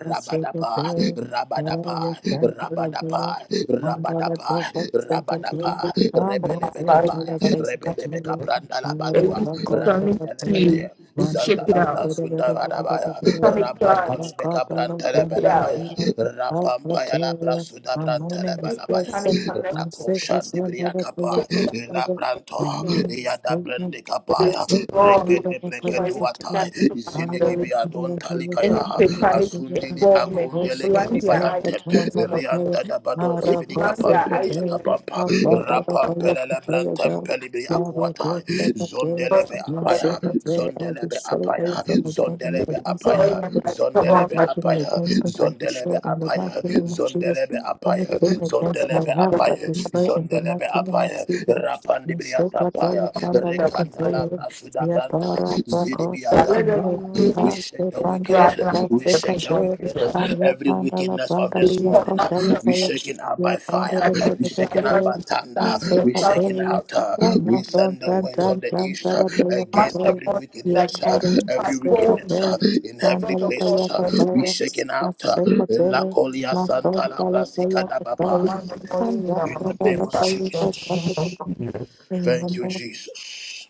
[SPEAKER 1] rabadapa, rabadapa, rabadapa,
[SPEAKER 2] day. One dollar,
[SPEAKER 1] rabadapa,
[SPEAKER 2] two bucks, three
[SPEAKER 15] the
[SPEAKER 1] rabadapa,
[SPEAKER 2] dollars. Ah, no, they don't
[SPEAKER 15] Father,
[SPEAKER 1] rebelebekapa,
[SPEAKER 2] tell us they should
[SPEAKER 1] rebelebeka
[SPEAKER 2] continue.
[SPEAKER 1] brandala
[SPEAKER 2] One hour
[SPEAKER 15] they
[SPEAKER 2] is
[SPEAKER 15] used
[SPEAKER 1] badua,
[SPEAKER 2] about
[SPEAKER 15] to
[SPEAKER 2] God, tell us where.
[SPEAKER 1] radondelebede,
[SPEAKER 2] One hour
[SPEAKER 15] check
[SPEAKER 2] is
[SPEAKER 15] it
[SPEAKER 1] zandala
[SPEAKER 2] about
[SPEAKER 15] out.
[SPEAKER 2] God,
[SPEAKER 1] brasunda
[SPEAKER 2] tell us
[SPEAKER 1] badabaya,
[SPEAKER 2] where.
[SPEAKER 15] Satanic
[SPEAKER 2] Our
[SPEAKER 15] drives,
[SPEAKER 2] God,
[SPEAKER 1] rabandolebeka
[SPEAKER 2] tell us
[SPEAKER 15] check
[SPEAKER 2] God,
[SPEAKER 15] it
[SPEAKER 2] tell us
[SPEAKER 1] brantelebelebaya,
[SPEAKER 15] out.
[SPEAKER 2] where. Our God,
[SPEAKER 1] rapampaya la
[SPEAKER 2] tell us.
[SPEAKER 1] brasuda
[SPEAKER 2] My morning
[SPEAKER 15] Every
[SPEAKER 2] is
[SPEAKER 1] brantelebelebaya,
[SPEAKER 2] blessed.
[SPEAKER 15] satanic connection,
[SPEAKER 2] I'm sick of some
[SPEAKER 1] rakoshandibriya
[SPEAKER 2] other
[SPEAKER 1] kapa
[SPEAKER 2] prayer
[SPEAKER 15] check it out
[SPEAKER 1] la
[SPEAKER 2] together. My
[SPEAKER 1] branto
[SPEAKER 15] with you.
[SPEAKER 2] morning
[SPEAKER 1] ya
[SPEAKER 2] is
[SPEAKER 1] da
[SPEAKER 2] blessed.
[SPEAKER 1] brande
[SPEAKER 15] It
[SPEAKER 1] kapa
[SPEAKER 2] I'm
[SPEAKER 15] is
[SPEAKER 1] ya
[SPEAKER 2] sick of
[SPEAKER 15] strong.
[SPEAKER 2] another
[SPEAKER 1] regede
[SPEAKER 2] prayer
[SPEAKER 15] So
[SPEAKER 1] breke
[SPEAKER 15] I reach
[SPEAKER 1] duata
[SPEAKER 2] together.
[SPEAKER 1] izini
[SPEAKER 2] Father,
[SPEAKER 15] connection.
[SPEAKER 1] libi
[SPEAKER 2] you
[SPEAKER 1] adon
[SPEAKER 2] are prayer
[SPEAKER 1] talika
[SPEAKER 2] for
[SPEAKER 15] Any
[SPEAKER 1] ya
[SPEAKER 2] the
[SPEAKER 15] satanic
[SPEAKER 2] prayer.
[SPEAKER 1] azundili
[SPEAKER 15] involvement,
[SPEAKER 2] I'm
[SPEAKER 15] we
[SPEAKER 1] akondele
[SPEAKER 15] blind
[SPEAKER 1] kedi
[SPEAKER 15] their eyes
[SPEAKER 2] sick
[SPEAKER 1] bayante
[SPEAKER 15] from much.
[SPEAKER 1] rianta da bado
[SPEAKER 15] We
[SPEAKER 2] of
[SPEAKER 1] zibidi
[SPEAKER 15] blind their
[SPEAKER 2] another
[SPEAKER 1] kapampele
[SPEAKER 15] eyes
[SPEAKER 1] ya
[SPEAKER 15] in
[SPEAKER 2] prayer.
[SPEAKER 15] the
[SPEAKER 1] kapampa
[SPEAKER 2] Now
[SPEAKER 15] We
[SPEAKER 2] Father, I
[SPEAKER 15] destroy
[SPEAKER 2] pray
[SPEAKER 15] the
[SPEAKER 1] rapampele
[SPEAKER 2] for
[SPEAKER 1] la
[SPEAKER 2] fire, God.
[SPEAKER 1] brantempele bi
[SPEAKER 2] I will
[SPEAKER 1] akuata
[SPEAKER 2] go set the prayer.
[SPEAKER 1] zondele
[SPEAKER 15] church.
[SPEAKER 1] be
[SPEAKER 2] My
[SPEAKER 15] We
[SPEAKER 1] apaya
[SPEAKER 2] secret prayer, I
[SPEAKER 1] zondele be
[SPEAKER 2] destroy
[SPEAKER 1] apaya
[SPEAKER 2] everything of the enemy
[SPEAKER 1] zondele be
[SPEAKER 2] against my
[SPEAKER 1] apaya
[SPEAKER 15] destroy
[SPEAKER 2] life.
[SPEAKER 1] zondele
[SPEAKER 15] the
[SPEAKER 1] be
[SPEAKER 15] church.
[SPEAKER 2] Anything
[SPEAKER 1] apaya
[SPEAKER 2] against me, I destroy
[SPEAKER 1] zondelebe
[SPEAKER 2] in the
[SPEAKER 1] apaya
[SPEAKER 2] mighty name of Jesus.
[SPEAKER 1] zondelebe apaya
[SPEAKER 2] Anything against my
[SPEAKER 1] zondelebe
[SPEAKER 2] health, I
[SPEAKER 1] apaya
[SPEAKER 2] destroy in the
[SPEAKER 1] Zondelebe
[SPEAKER 2] mighty name of
[SPEAKER 1] apaya,
[SPEAKER 2] Jesus. And so
[SPEAKER 1] rapandibriata
[SPEAKER 2] that all
[SPEAKER 1] paya,
[SPEAKER 2] the thunder I
[SPEAKER 1] rekandala
[SPEAKER 2] control,
[SPEAKER 1] brasuda
[SPEAKER 2] we are
[SPEAKER 1] branta,
[SPEAKER 2] para para
[SPEAKER 15] that
[SPEAKER 1] zidibiata
[SPEAKER 15] let
[SPEAKER 2] second
[SPEAKER 15] you,
[SPEAKER 1] pa.
[SPEAKER 15] be
[SPEAKER 2] row.
[SPEAKER 1] We
[SPEAKER 2] Ah,
[SPEAKER 15] raised
[SPEAKER 1] shake
[SPEAKER 2] the
[SPEAKER 1] the
[SPEAKER 15] and
[SPEAKER 2] thunder
[SPEAKER 1] wicked,
[SPEAKER 2] i
[SPEAKER 1] we
[SPEAKER 15] the
[SPEAKER 1] shake
[SPEAKER 15] face
[SPEAKER 2] second
[SPEAKER 1] the
[SPEAKER 2] row.
[SPEAKER 15] of
[SPEAKER 1] wicked.
[SPEAKER 15] Jesus.
[SPEAKER 2] Ah, the
[SPEAKER 1] Every
[SPEAKER 2] thunder i
[SPEAKER 1] wickedness of
[SPEAKER 2] thunder,
[SPEAKER 15] We
[SPEAKER 1] this
[SPEAKER 2] the
[SPEAKER 1] morning,
[SPEAKER 15] command
[SPEAKER 2] thunder, the
[SPEAKER 15] them
[SPEAKER 1] we
[SPEAKER 2] thunder.
[SPEAKER 1] shaking out
[SPEAKER 2] Yeah,
[SPEAKER 1] by
[SPEAKER 2] banded
[SPEAKER 1] fire,
[SPEAKER 15] that
[SPEAKER 2] it,
[SPEAKER 15] every
[SPEAKER 1] we
[SPEAKER 2] banded it,
[SPEAKER 1] shaking out
[SPEAKER 15] violence
[SPEAKER 2] banded
[SPEAKER 1] by
[SPEAKER 2] it.
[SPEAKER 15] is
[SPEAKER 2] I
[SPEAKER 1] thunder,
[SPEAKER 15] filled with
[SPEAKER 2] say,
[SPEAKER 15] the
[SPEAKER 1] we
[SPEAKER 2] I tell
[SPEAKER 15] thousands
[SPEAKER 1] shaking
[SPEAKER 2] you,
[SPEAKER 15] of
[SPEAKER 1] out. uh,
[SPEAKER 2] I'm
[SPEAKER 1] We
[SPEAKER 2] not on,
[SPEAKER 1] send the
[SPEAKER 2] dun,
[SPEAKER 1] winds
[SPEAKER 15] Jesus.
[SPEAKER 1] of
[SPEAKER 2] dun,
[SPEAKER 1] the
[SPEAKER 2] dun,
[SPEAKER 1] east
[SPEAKER 2] dun,
[SPEAKER 1] uh,
[SPEAKER 2] dun, dun, dun, dun,
[SPEAKER 15] Command
[SPEAKER 1] against
[SPEAKER 15] the
[SPEAKER 2] dun,
[SPEAKER 1] every
[SPEAKER 2] dun.
[SPEAKER 15] God
[SPEAKER 2] Yeah,
[SPEAKER 15] that
[SPEAKER 1] wickedness, uh,
[SPEAKER 2] carry,
[SPEAKER 15] every
[SPEAKER 2] I
[SPEAKER 1] every
[SPEAKER 2] say, I tell
[SPEAKER 15] backbone
[SPEAKER 1] wickedness uh,
[SPEAKER 15] is
[SPEAKER 2] you,
[SPEAKER 1] in
[SPEAKER 15] the
[SPEAKER 2] man,
[SPEAKER 1] heavenly
[SPEAKER 2] dun,
[SPEAKER 15] breath
[SPEAKER 2] dun,
[SPEAKER 15] of
[SPEAKER 2] dun,
[SPEAKER 15] God
[SPEAKER 1] places.
[SPEAKER 2] dun,
[SPEAKER 1] uh,
[SPEAKER 15] that's
[SPEAKER 2] dun, dun,
[SPEAKER 1] Be
[SPEAKER 15] from
[SPEAKER 2] dun.
[SPEAKER 1] shaken
[SPEAKER 2] I
[SPEAKER 1] out. uh,
[SPEAKER 2] say, I tell you,
[SPEAKER 1] Lakolia
[SPEAKER 2] not
[SPEAKER 1] Santa
[SPEAKER 2] on,
[SPEAKER 1] La
[SPEAKER 2] dun, dun, dun,
[SPEAKER 1] Brasica
[SPEAKER 2] dun, dun, dun,
[SPEAKER 1] Dabapai.
[SPEAKER 15] command of
[SPEAKER 2] dun.
[SPEAKER 15] God
[SPEAKER 2] I'm
[SPEAKER 15] in
[SPEAKER 2] not
[SPEAKER 1] In
[SPEAKER 15] our
[SPEAKER 1] the
[SPEAKER 2] on, dun, dun, dun,
[SPEAKER 1] name
[SPEAKER 15] faith
[SPEAKER 1] of
[SPEAKER 15] that the
[SPEAKER 2] dun, dun,
[SPEAKER 15] name of
[SPEAKER 1] Jesus.
[SPEAKER 15] Jesus.
[SPEAKER 1] Thank you, Jesus.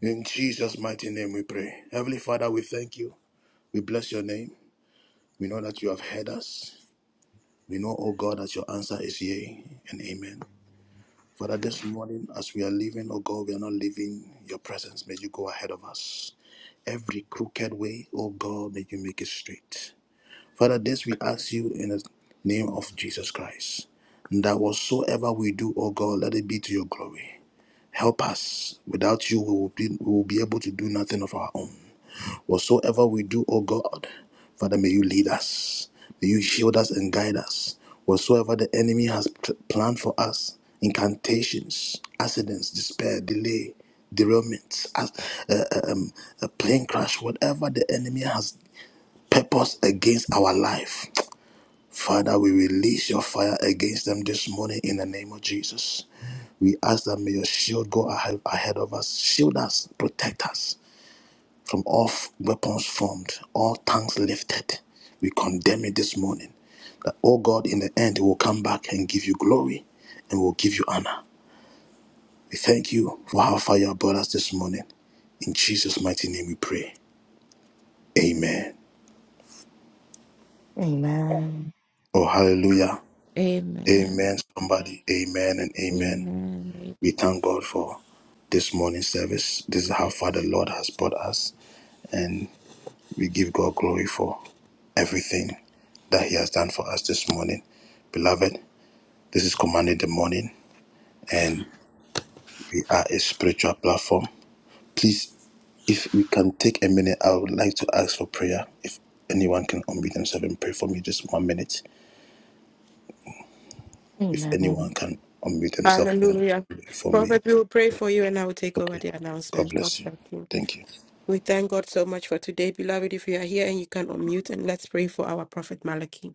[SPEAKER 1] In Jesus' mighty name we pray. Heavenly Father, we thank you. We bless your name. We know that you have heard us. We know, O God, that your answer is yea and amen. Father, this morning, as we are leaving, O God, we are not leaving your presence. May you go ahead of us. Every crooked way, O God, may you make it straight. Father, this we ask you in the name of Jesus Christ. That whatsoever we do, O God, let it be to your glory. Help us. Without you, we will be, we will be able to do nothing of our own. Whatsoever we do, O God, Father, may you lead us. May you shield us and guide us. Whatsoever the enemy has pl- planned for us, incantations, accidents, despair, delay, derailment, as, uh, uh, um, a plane crash, whatever the enemy has purposed against our life, Father, we release your fire against them this morning in the name of Jesus. We ask that may your shield go ahe- ahead of us, shield us, protect us from all f- weapons formed, all tongues lifted. We condemn it this morning. That, oh God, in the end, we will come back and give you glory and will give you honor. We thank you for how far you have brought us this morning. In Jesus' mighty name we pray. Amen.
[SPEAKER 2] Amen.
[SPEAKER 1] Oh, hallelujah.
[SPEAKER 8] Amen.
[SPEAKER 1] Amen. Somebody, amen and amen.
[SPEAKER 8] Amen. Thank
[SPEAKER 1] We thank God for this morning service. This is how far the Lord has brought us, and we give God glory for everything that He has done for us this morning. Beloved, this is Commanding the Morning, and we are a spiritual platform. Please, if we can take a minute, I would like to ask for prayer. If anyone can unmute themselves and pray for me, just one minute. If
[SPEAKER 2] Amen. Amen.
[SPEAKER 1] anyone can unmute themselves and
[SPEAKER 11] Hallelujah.
[SPEAKER 1] pray for me,
[SPEAKER 11] Prophet, we will pray for you and I will take over
[SPEAKER 1] okay.
[SPEAKER 11] the
[SPEAKER 1] God
[SPEAKER 11] announcement. God
[SPEAKER 1] bless you.
[SPEAKER 11] bless you.
[SPEAKER 1] Thank you.
[SPEAKER 11] We thank God so much for today, beloved. If you are here and you can unmute and let's pray for our prophet Malachi.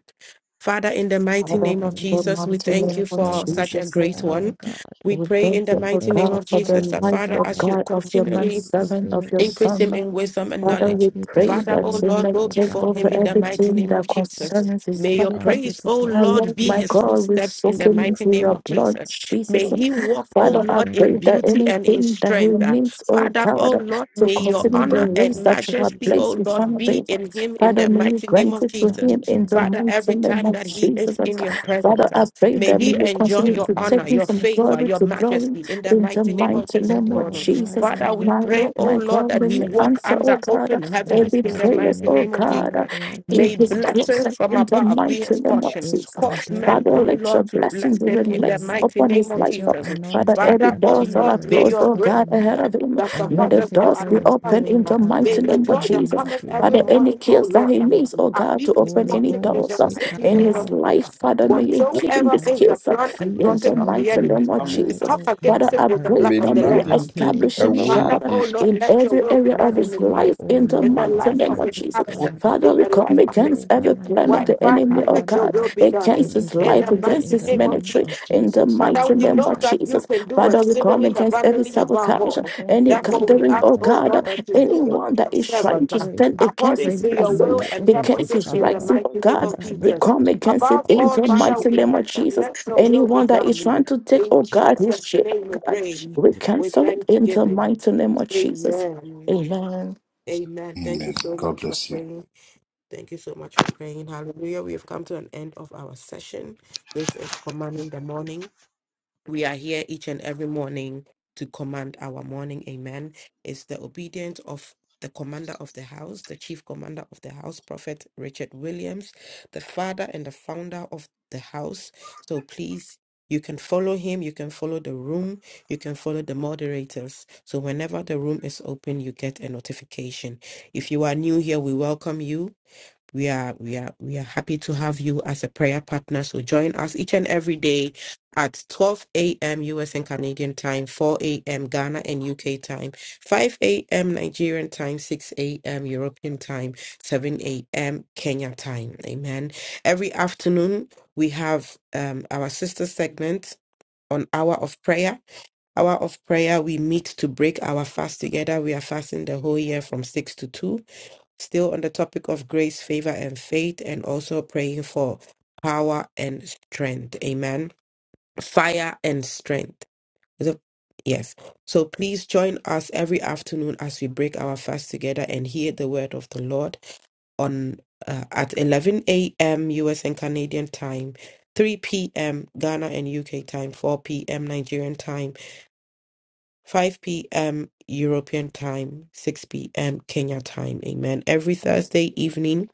[SPEAKER 11] Father, in the mighty
[SPEAKER 2] Father,
[SPEAKER 11] name of
[SPEAKER 8] Father,
[SPEAKER 2] in the
[SPEAKER 11] Jesus, we
[SPEAKER 2] mighty
[SPEAKER 8] for
[SPEAKER 2] name
[SPEAKER 11] thank you
[SPEAKER 8] your
[SPEAKER 2] of
[SPEAKER 11] for
[SPEAKER 8] servant
[SPEAKER 11] such a
[SPEAKER 8] this
[SPEAKER 2] Jesus,
[SPEAKER 11] great
[SPEAKER 8] morning,
[SPEAKER 11] one.
[SPEAKER 8] God.
[SPEAKER 11] We
[SPEAKER 2] We
[SPEAKER 11] pray in
[SPEAKER 2] thank
[SPEAKER 11] the
[SPEAKER 2] you,
[SPEAKER 8] We
[SPEAKER 2] O
[SPEAKER 11] mighty name
[SPEAKER 8] thank
[SPEAKER 2] God,
[SPEAKER 8] you,
[SPEAKER 11] of
[SPEAKER 2] for the
[SPEAKER 11] Jesus
[SPEAKER 8] God.
[SPEAKER 11] that
[SPEAKER 8] We
[SPEAKER 2] life,
[SPEAKER 11] Father,
[SPEAKER 2] O
[SPEAKER 11] as
[SPEAKER 8] can
[SPEAKER 11] you
[SPEAKER 2] God, of your man
[SPEAKER 11] continually
[SPEAKER 2] servant, of
[SPEAKER 8] avail
[SPEAKER 2] your
[SPEAKER 11] Increase
[SPEAKER 8] himself.
[SPEAKER 11] him
[SPEAKER 2] son.
[SPEAKER 11] in wisdom and
[SPEAKER 8] We
[SPEAKER 2] Father, we
[SPEAKER 11] knowledge.
[SPEAKER 8] ask you to
[SPEAKER 2] pray
[SPEAKER 11] Father,
[SPEAKER 8] fill
[SPEAKER 2] that
[SPEAKER 11] O
[SPEAKER 8] him
[SPEAKER 2] you
[SPEAKER 8] up,
[SPEAKER 11] Lord,
[SPEAKER 2] may
[SPEAKER 11] go
[SPEAKER 8] O
[SPEAKER 2] take
[SPEAKER 8] God,
[SPEAKER 11] before him
[SPEAKER 2] over
[SPEAKER 8] in
[SPEAKER 11] in
[SPEAKER 8] the
[SPEAKER 11] the
[SPEAKER 8] name
[SPEAKER 11] mighty
[SPEAKER 8] of.
[SPEAKER 2] everything
[SPEAKER 11] name
[SPEAKER 2] that
[SPEAKER 11] of Jesus.
[SPEAKER 2] concerns his
[SPEAKER 11] May
[SPEAKER 8] We
[SPEAKER 11] your
[SPEAKER 2] life.
[SPEAKER 8] ask you
[SPEAKER 11] praise,
[SPEAKER 8] to
[SPEAKER 11] O
[SPEAKER 2] My
[SPEAKER 8] protect
[SPEAKER 11] Lord,
[SPEAKER 2] Lord,
[SPEAKER 11] be
[SPEAKER 2] my
[SPEAKER 8] him,
[SPEAKER 11] his
[SPEAKER 2] God, we
[SPEAKER 11] footsteps in
[SPEAKER 2] soak
[SPEAKER 8] keep
[SPEAKER 11] the
[SPEAKER 2] him
[SPEAKER 8] him
[SPEAKER 11] mighty
[SPEAKER 2] into
[SPEAKER 11] name
[SPEAKER 8] safe
[SPEAKER 2] your
[SPEAKER 11] of
[SPEAKER 2] blood,
[SPEAKER 11] Jesus. May
[SPEAKER 2] Jesus.
[SPEAKER 11] he walk, O
[SPEAKER 2] Father,
[SPEAKER 8] from
[SPEAKER 2] I
[SPEAKER 11] Lord, in
[SPEAKER 2] pray that
[SPEAKER 8] everything.
[SPEAKER 11] beauty and in
[SPEAKER 2] anything that he
[SPEAKER 11] strength. Uh,
[SPEAKER 2] needs, oh
[SPEAKER 11] Father, O
[SPEAKER 2] God,
[SPEAKER 11] Lord,
[SPEAKER 2] to
[SPEAKER 11] may
[SPEAKER 8] In
[SPEAKER 11] your
[SPEAKER 8] the
[SPEAKER 2] continue the
[SPEAKER 11] honor
[SPEAKER 8] name
[SPEAKER 11] and
[SPEAKER 2] race
[SPEAKER 8] of
[SPEAKER 2] that you have
[SPEAKER 11] majesty,
[SPEAKER 8] Jesus,
[SPEAKER 2] placed
[SPEAKER 11] O
[SPEAKER 2] in
[SPEAKER 11] Lord,
[SPEAKER 2] front of
[SPEAKER 11] be
[SPEAKER 2] him,
[SPEAKER 11] in him in
[SPEAKER 2] Father,
[SPEAKER 11] the
[SPEAKER 2] may you
[SPEAKER 11] mighty name
[SPEAKER 2] grant
[SPEAKER 11] of
[SPEAKER 2] it to
[SPEAKER 11] Jesus.
[SPEAKER 2] him
[SPEAKER 8] rise
[SPEAKER 2] in the
[SPEAKER 8] over
[SPEAKER 11] Father,
[SPEAKER 2] mighty
[SPEAKER 11] every time
[SPEAKER 2] name of
[SPEAKER 11] that he
[SPEAKER 2] Jesus.
[SPEAKER 11] is in your
[SPEAKER 2] Father,
[SPEAKER 11] presence, uh,
[SPEAKER 2] I pray
[SPEAKER 11] may
[SPEAKER 2] that we
[SPEAKER 11] he
[SPEAKER 2] will
[SPEAKER 11] enjoy
[SPEAKER 2] continue
[SPEAKER 11] your
[SPEAKER 2] to
[SPEAKER 11] honor,
[SPEAKER 2] take him
[SPEAKER 11] your
[SPEAKER 2] from
[SPEAKER 11] favor,
[SPEAKER 2] glory
[SPEAKER 11] your
[SPEAKER 2] to glory
[SPEAKER 11] majesty in the
[SPEAKER 2] in the
[SPEAKER 11] mighty name of
[SPEAKER 2] mighty
[SPEAKER 11] Jesus,
[SPEAKER 2] name of
[SPEAKER 11] Lord.
[SPEAKER 8] Hidable high,
[SPEAKER 2] Jesus.
[SPEAKER 8] no
[SPEAKER 11] Father, we
[SPEAKER 2] My
[SPEAKER 8] weapon
[SPEAKER 11] pray,
[SPEAKER 2] Lord,
[SPEAKER 11] oh
[SPEAKER 2] my
[SPEAKER 11] Lord,
[SPEAKER 2] God,
[SPEAKER 11] that
[SPEAKER 2] may
[SPEAKER 8] forms
[SPEAKER 11] we
[SPEAKER 2] you
[SPEAKER 8] him, O
[SPEAKER 11] walk
[SPEAKER 8] God.
[SPEAKER 2] answer, oh
[SPEAKER 11] under
[SPEAKER 2] God,
[SPEAKER 11] open
[SPEAKER 8] Shall
[SPEAKER 11] heavens
[SPEAKER 2] every
[SPEAKER 11] in the
[SPEAKER 8] prosper
[SPEAKER 2] prayers,
[SPEAKER 8] on
[SPEAKER 11] mighty
[SPEAKER 2] oh
[SPEAKER 8] every
[SPEAKER 11] name of
[SPEAKER 8] tongue
[SPEAKER 2] God,
[SPEAKER 8] that
[SPEAKER 11] Jesus.
[SPEAKER 8] rise up
[SPEAKER 2] in
[SPEAKER 11] May
[SPEAKER 2] his
[SPEAKER 8] against him.
[SPEAKER 2] grace
[SPEAKER 11] blessings
[SPEAKER 2] and
[SPEAKER 11] from
[SPEAKER 2] in the
[SPEAKER 11] above be
[SPEAKER 2] mighty
[SPEAKER 11] his
[SPEAKER 2] name of
[SPEAKER 11] portion.
[SPEAKER 8] It's
[SPEAKER 2] Jesus.
[SPEAKER 11] Cause
[SPEAKER 8] condemned,
[SPEAKER 11] men,
[SPEAKER 2] Father,
[SPEAKER 11] oh
[SPEAKER 8] God.
[SPEAKER 2] let your
[SPEAKER 11] Lord, to bless
[SPEAKER 2] blessing be
[SPEAKER 11] him
[SPEAKER 8] spoken
[SPEAKER 11] in the
[SPEAKER 8] your
[SPEAKER 2] released
[SPEAKER 8] word.
[SPEAKER 11] mighty
[SPEAKER 2] upon
[SPEAKER 11] name
[SPEAKER 2] his
[SPEAKER 11] of
[SPEAKER 8] Let
[SPEAKER 2] life.
[SPEAKER 8] your
[SPEAKER 11] Jesus.
[SPEAKER 2] Father,
[SPEAKER 8] anointing
[SPEAKER 2] every
[SPEAKER 11] Father, oh
[SPEAKER 2] doors
[SPEAKER 8] continue
[SPEAKER 2] that
[SPEAKER 8] to
[SPEAKER 2] are
[SPEAKER 11] Lord, may
[SPEAKER 2] closed,
[SPEAKER 11] your
[SPEAKER 8] rest
[SPEAKER 2] oh
[SPEAKER 11] grace
[SPEAKER 2] God,
[SPEAKER 8] upon him
[SPEAKER 2] ahead
[SPEAKER 11] that,
[SPEAKER 2] of him,
[SPEAKER 11] that
[SPEAKER 8] and
[SPEAKER 2] may the
[SPEAKER 8] use
[SPEAKER 11] surpasses
[SPEAKER 8] him
[SPEAKER 11] all
[SPEAKER 2] doors
[SPEAKER 8] for
[SPEAKER 2] be
[SPEAKER 8] your
[SPEAKER 2] opened
[SPEAKER 11] understanding.
[SPEAKER 2] in
[SPEAKER 8] glory.
[SPEAKER 11] uh,
[SPEAKER 2] the
[SPEAKER 8] I
[SPEAKER 11] May
[SPEAKER 2] mighty
[SPEAKER 11] the
[SPEAKER 8] pray
[SPEAKER 2] name of
[SPEAKER 11] joy
[SPEAKER 8] in the
[SPEAKER 11] that
[SPEAKER 2] Jesus.
[SPEAKER 8] mighty
[SPEAKER 11] cometh every
[SPEAKER 2] Father,
[SPEAKER 8] name of
[SPEAKER 2] any
[SPEAKER 11] morning,
[SPEAKER 8] Jesus.
[SPEAKER 11] oh
[SPEAKER 2] keys that
[SPEAKER 11] Lord,
[SPEAKER 2] he
[SPEAKER 11] um,
[SPEAKER 2] needs, oh
[SPEAKER 11] uh,
[SPEAKER 2] God,
[SPEAKER 11] be
[SPEAKER 2] to
[SPEAKER 11] his
[SPEAKER 2] open
[SPEAKER 8] Holy
[SPEAKER 2] any
[SPEAKER 11] portion in
[SPEAKER 8] Ghost,
[SPEAKER 11] the
[SPEAKER 2] doors
[SPEAKER 11] mighty
[SPEAKER 2] in
[SPEAKER 11] name
[SPEAKER 2] his
[SPEAKER 11] of
[SPEAKER 2] life,
[SPEAKER 11] Jesus.
[SPEAKER 2] Father. May you give him
[SPEAKER 11] Whatsoever
[SPEAKER 2] the
[SPEAKER 8] Sekarabakosatadadadadada.
[SPEAKER 11] is the
[SPEAKER 2] skills uh,
[SPEAKER 11] plan and
[SPEAKER 8] be
[SPEAKER 2] in
[SPEAKER 8] his
[SPEAKER 11] plotting
[SPEAKER 2] the
[SPEAKER 11] of the
[SPEAKER 8] lead
[SPEAKER 2] mighty
[SPEAKER 8] and
[SPEAKER 11] enemy,
[SPEAKER 8] his
[SPEAKER 2] name of
[SPEAKER 11] we
[SPEAKER 8] guide,
[SPEAKER 2] Jesus.
[SPEAKER 11] come
[SPEAKER 8] O
[SPEAKER 2] Father,
[SPEAKER 11] against it
[SPEAKER 8] God.
[SPEAKER 2] I
[SPEAKER 11] with the
[SPEAKER 2] pray
[SPEAKER 11] blood of
[SPEAKER 2] that
[SPEAKER 11] the
[SPEAKER 2] may you
[SPEAKER 11] Lamb.
[SPEAKER 2] establish him, oh
[SPEAKER 11] Father,
[SPEAKER 8] Makedevashan
[SPEAKER 2] God,
[SPEAKER 11] oh Lord,
[SPEAKER 2] in
[SPEAKER 11] let your
[SPEAKER 2] every
[SPEAKER 11] will be
[SPEAKER 2] area
[SPEAKER 11] done
[SPEAKER 2] of
[SPEAKER 8] Cover
[SPEAKER 11] in
[SPEAKER 2] his
[SPEAKER 11] his
[SPEAKER 8] him,
[SPEAKER 2] life,
[SPEAKER 11] life,
[SPEAKER 8] O
[SPEAKER 2] in the
[SPEAKER 11] in the
[SPEAKER 8] Lord,
[SPEAKER 2] mighty
[SPEAKER 11] life
[SPEAKER 2] name
[SPEAKER 11] of
[SPEAKER 2] of
[SPEAKER 11] his
[SPEAKER 8] entering
[SPEAKER 2] Jesus.
[SPEAKER 11] family,
[SPEAKER 8] God.
[SPEAKER 2] Father,
[SPEAKER 11] in
[SPEAKER 2] we
[SPEAKER 11] the
[SPEAKER 2] come
[SPEAKER 11] life
[SPEAKER 8] Take
[SPEAKER 11] of his
[SPEAKER 2] against
[SPEAKER 8] over,
[SPEAKER 2] every
[SPEAKER 8] my
[SPEAKER 11] beautiful
[SPEAKER 2] plan of
[SPEAKER 11] wife.
[SPEAKER 8] God,
[SPEAKER 2] the
[SPEAKER 11] Father,
[SPEAKER 2] enemy, oh
[SPEAKER 11] let your
[SPEAKER 2] God,
[SPEAKER 11] will
[SPEAKER 8] Ekaradaha,
[SPEAKER 11] be done
[SPEAKER 2] against
[SPEAKER 8] in
[SPEAKER 2] his
[SPEAKER 8] his
[SPEAKER 11] in
[SPEAKER 2] life,
[SPEAKER 11] the
[SPEAKER 8] life,
[SPEAKER 2] against
[SPEAKER 11] mighty
[SPEAKER 8] in
[SPEAKER 2] his
[SPEAKER 8] the
[SPEAKER 11] name of
[SPEAKER 8] name
[SPEAKER 2] ministry,
[SPEAKER 11] Jesus.
[SPEAKER 8] of
[SPEAKER 2] in the
[SPEAKER 8] Jesus,
[SPEAKER 11] Father,
[SPEAKER 2] mighty
[SPEAKER 8] leading
[SPEAKER 11] we
[SPEAKER 8] my
[SPEAKER 2] name
[SPEAKER 11] know
[SPEAKER 2] of
[SPEAKER 11] that you
[SPEAKER 2] Jesus.
[SPEAKER 8] guidance.
[SPEAKER 11] can do
[SPEAKER 2] Father, we come
[SPEAKER 11] exceedingly
[SPEAKER 2] against every
[SPEAKER 11] abundantly
[SPEAKER 8] All
[SPEAKER 11] above
[SPEAKER 8] truth,
[SPEAKER 2] sabotage,
[SPEAKER 8] we
[SPEAKER 11] all.
[SPEAKER 8] thank
[SPEAKER 2] any
[SPEAKER 8] you,
[SPEAKER 11] Therefore, we
[SPEAKER 8] Lord.
[SPEAKER 2] gathering,
[SPEAKER 8] We
[SPEAKER 11] ask,
[SPEAKER 2] oh
[SPEAKER 8] thank
[SPEAKER 11] oh
[SPEAKER 8] you
[SPEAKER 2] God,
[SPEAKER 11] Lord,
[SPEAKER 8] for
[SPEAKER 11] that you do unto
[SPEAKER 8] life.
[SPEAKER 2] anyone
[SPEAKER 11] your
[SPEAKER 2] that is
[SPEAKER 8] We
[SPEAKER 2] trying
[SPEAKER 11] servants
[SPEAKER 2] to
[SPEAKER 11] uh,
[SPEAKER 2] stand
[SPEAKER 8] praise,
[SPEAKER 2] against
[SPEAKER 11] according
[SPEAKER 2] his
[SPEAKER 8] strengthen
[SPEAKER 11] to your
[SPEAKER 2] blessing,
[SPEAKER 11] will
[SPEAKER 8] you,
[SPEAKER 11] and
[SPEAKER 8] Heavenly
[SPEAKER 2] against
[SPEAKER 11] purposes
[SPEAKER 2] his
[SPEAKER 11] in the
[SPEAKER 8] Father,
[SPEAKER 2] rising, oh
[SPEAKER 11] mighty name
[SPEAKER 2] God.
[SPEAKER 8] in
[SPEAKER 11] of
[SPEAKER 8] the
[SPEAKER 2] We
[SPEAKER 8] mighty
[SPEAKER 11] Jesus.
[SPEAKER 2] come
[SPEAKER 8] name
[SPEAKER 2] against it
[SPEAKER 11] Above
[SPEAKER 2] in
[SPEAKER 11] all,
[SPEAKER 8] of
[SPEAKER 2] the
[SPEAKER 5] you.
[SPEAKER 11] Father,
[SPEAKER 8] Jesus.
[SPEAKER 2] mighty
[SPEAKER 11] we
[SPEAKER 2] name
[SPEAKER 11] ask
[SPEAKER 2] of
[SPEAKER 11] that
[SPEAKER 2] Jesus.
[SPEAKER 11] let your will be
[SPEAKER 2] Anyone that is
[SPEAKER 11] done.
[SPEAKER 2] trying to take,
[SPEAKER 11] In
[SPEAKER 2] oh God, his
[SPEAKER 11] Jesus'
[SPEAKER 2] shit, oh
[SPEAKER 11] name we
[SPEAKER 2] God,
[SPEAKER 11] pray
[SPEAKER 2] we
[SPEAKER 8] The
[SPEAKER 11] with
[SPEAKER 2] cancel it in the
[SPEAKER 11] thanksgiving.
[SPEAKER 2] mighty name of Jesus.
[SPEAKER 11] Amen.
[SPEAKER 2] Amen.
[SPEAKER 11] Amen. Thank
[SPEAKER 1] Amen.
[SPEAKER 11] you so
[SPEAKER 1] God
[SPEAKER 11] much for
[SPEAKER 1] bless you.
[SPEAKER 11] praying. Thank you so much for praying. Hallelujah. We have come to an end of our session. This is Commanding the Morning. We are here each and every morning to command our morning. Amen. It's the obedience of the commander of the house, the chief commander of the house, Prophet Richard Williams, the father and the founder of the house. So please, you can follow him, you can follow the room, you can follow the moderators. So whenever the room is open, you get a notification. If you are new here, we welcome you. We are we are we are happy to have you as a prayer partner. So join us each and every day at 12 a.m. US and Canadian time, 4 a.m. Ghana and UK time, 5 a.m. Nigerian time, 6 a.m. European time, 7 a.m. Kenya time. Amen. Every afternoon we have um, our sister segment on Hour of Prayer. Hour of Prayer, we meet to break our fast together. We are fasting the whole year from 6 to 2 still on the topic of grace, favor, and faith, and also praying for power and strength. Amen. Fire and strength. The- yes. So please join us every afternoon as we break our fast together and hear the word of the Lord on uh, at 11 a.m. U.S. and Canadian time. 3 p.m. Ghana and UK time, 4 p.m. Nigerian time, 5 p.m. European time, 6 p.m. Kenya time. Amen. Every Thursday evening,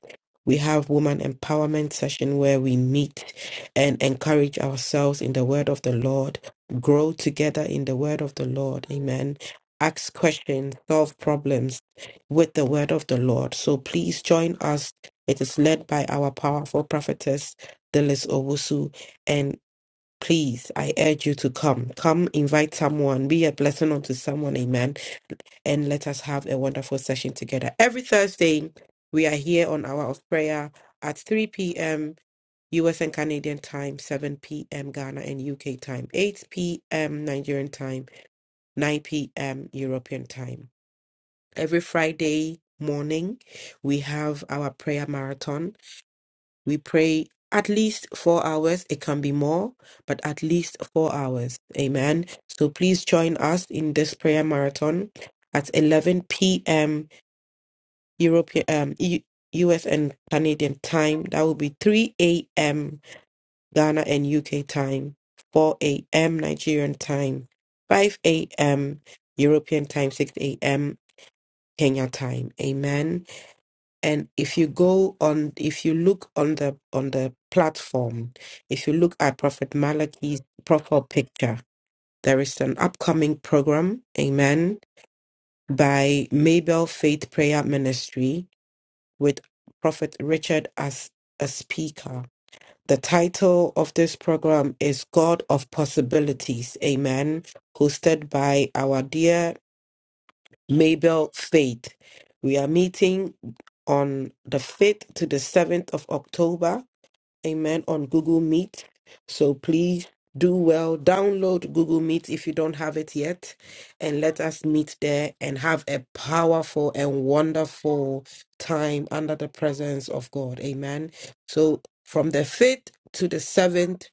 [SPEAKER 11] we have woman empowerment session where we meet and encourage ourselves in the word of the Lord, grow together in the word of the Lord. Amen. Ask questions, solve problems with the word of the Lord. So please join us. It is led by our powerful prophetess, Delis Owusu, and Please, I urge you to come. Come, invite someone, be a blessing unto someone, amen. And let us have a wonderful session together. Every Thursday, we are here on Hour of Prayer at 3 p.m. US and Canadian time, 7 p.m. Ghana and UK time, 8 p.m. Nigerian time, 9 p.m. European time. Every Friday morning, we have our prayer marathon we pray at least four hours. It can be more, but at least four hours. Amen. So please join us in this prayer marathon at 11 p.m. European, um, E- US and Canadian time. That will be 3 a.m. Ghana and UK time, 4 a.m. Nigerian time, 5 a.m. European time, 6 a.m. Kenya time. Amen. And if you go on, if you look on the on the platform, if you look at Prophet Malachi's profile picture, there is an upcoming program, Amen, by Maybell Faith Prayer Ministry with Prophet Richard as a speaker. The title of this program is God of Possibilities, Amen, hosted by our dear Maybell Faith. We are meeting on the 5th to the 7th of October. Amen. On Google Meet. So please do well. Download Google Meet if you don't have it yet. And let us meet there and have a powerful and wonderful time under the presence of God. Amen. So from the 5th to the 7th,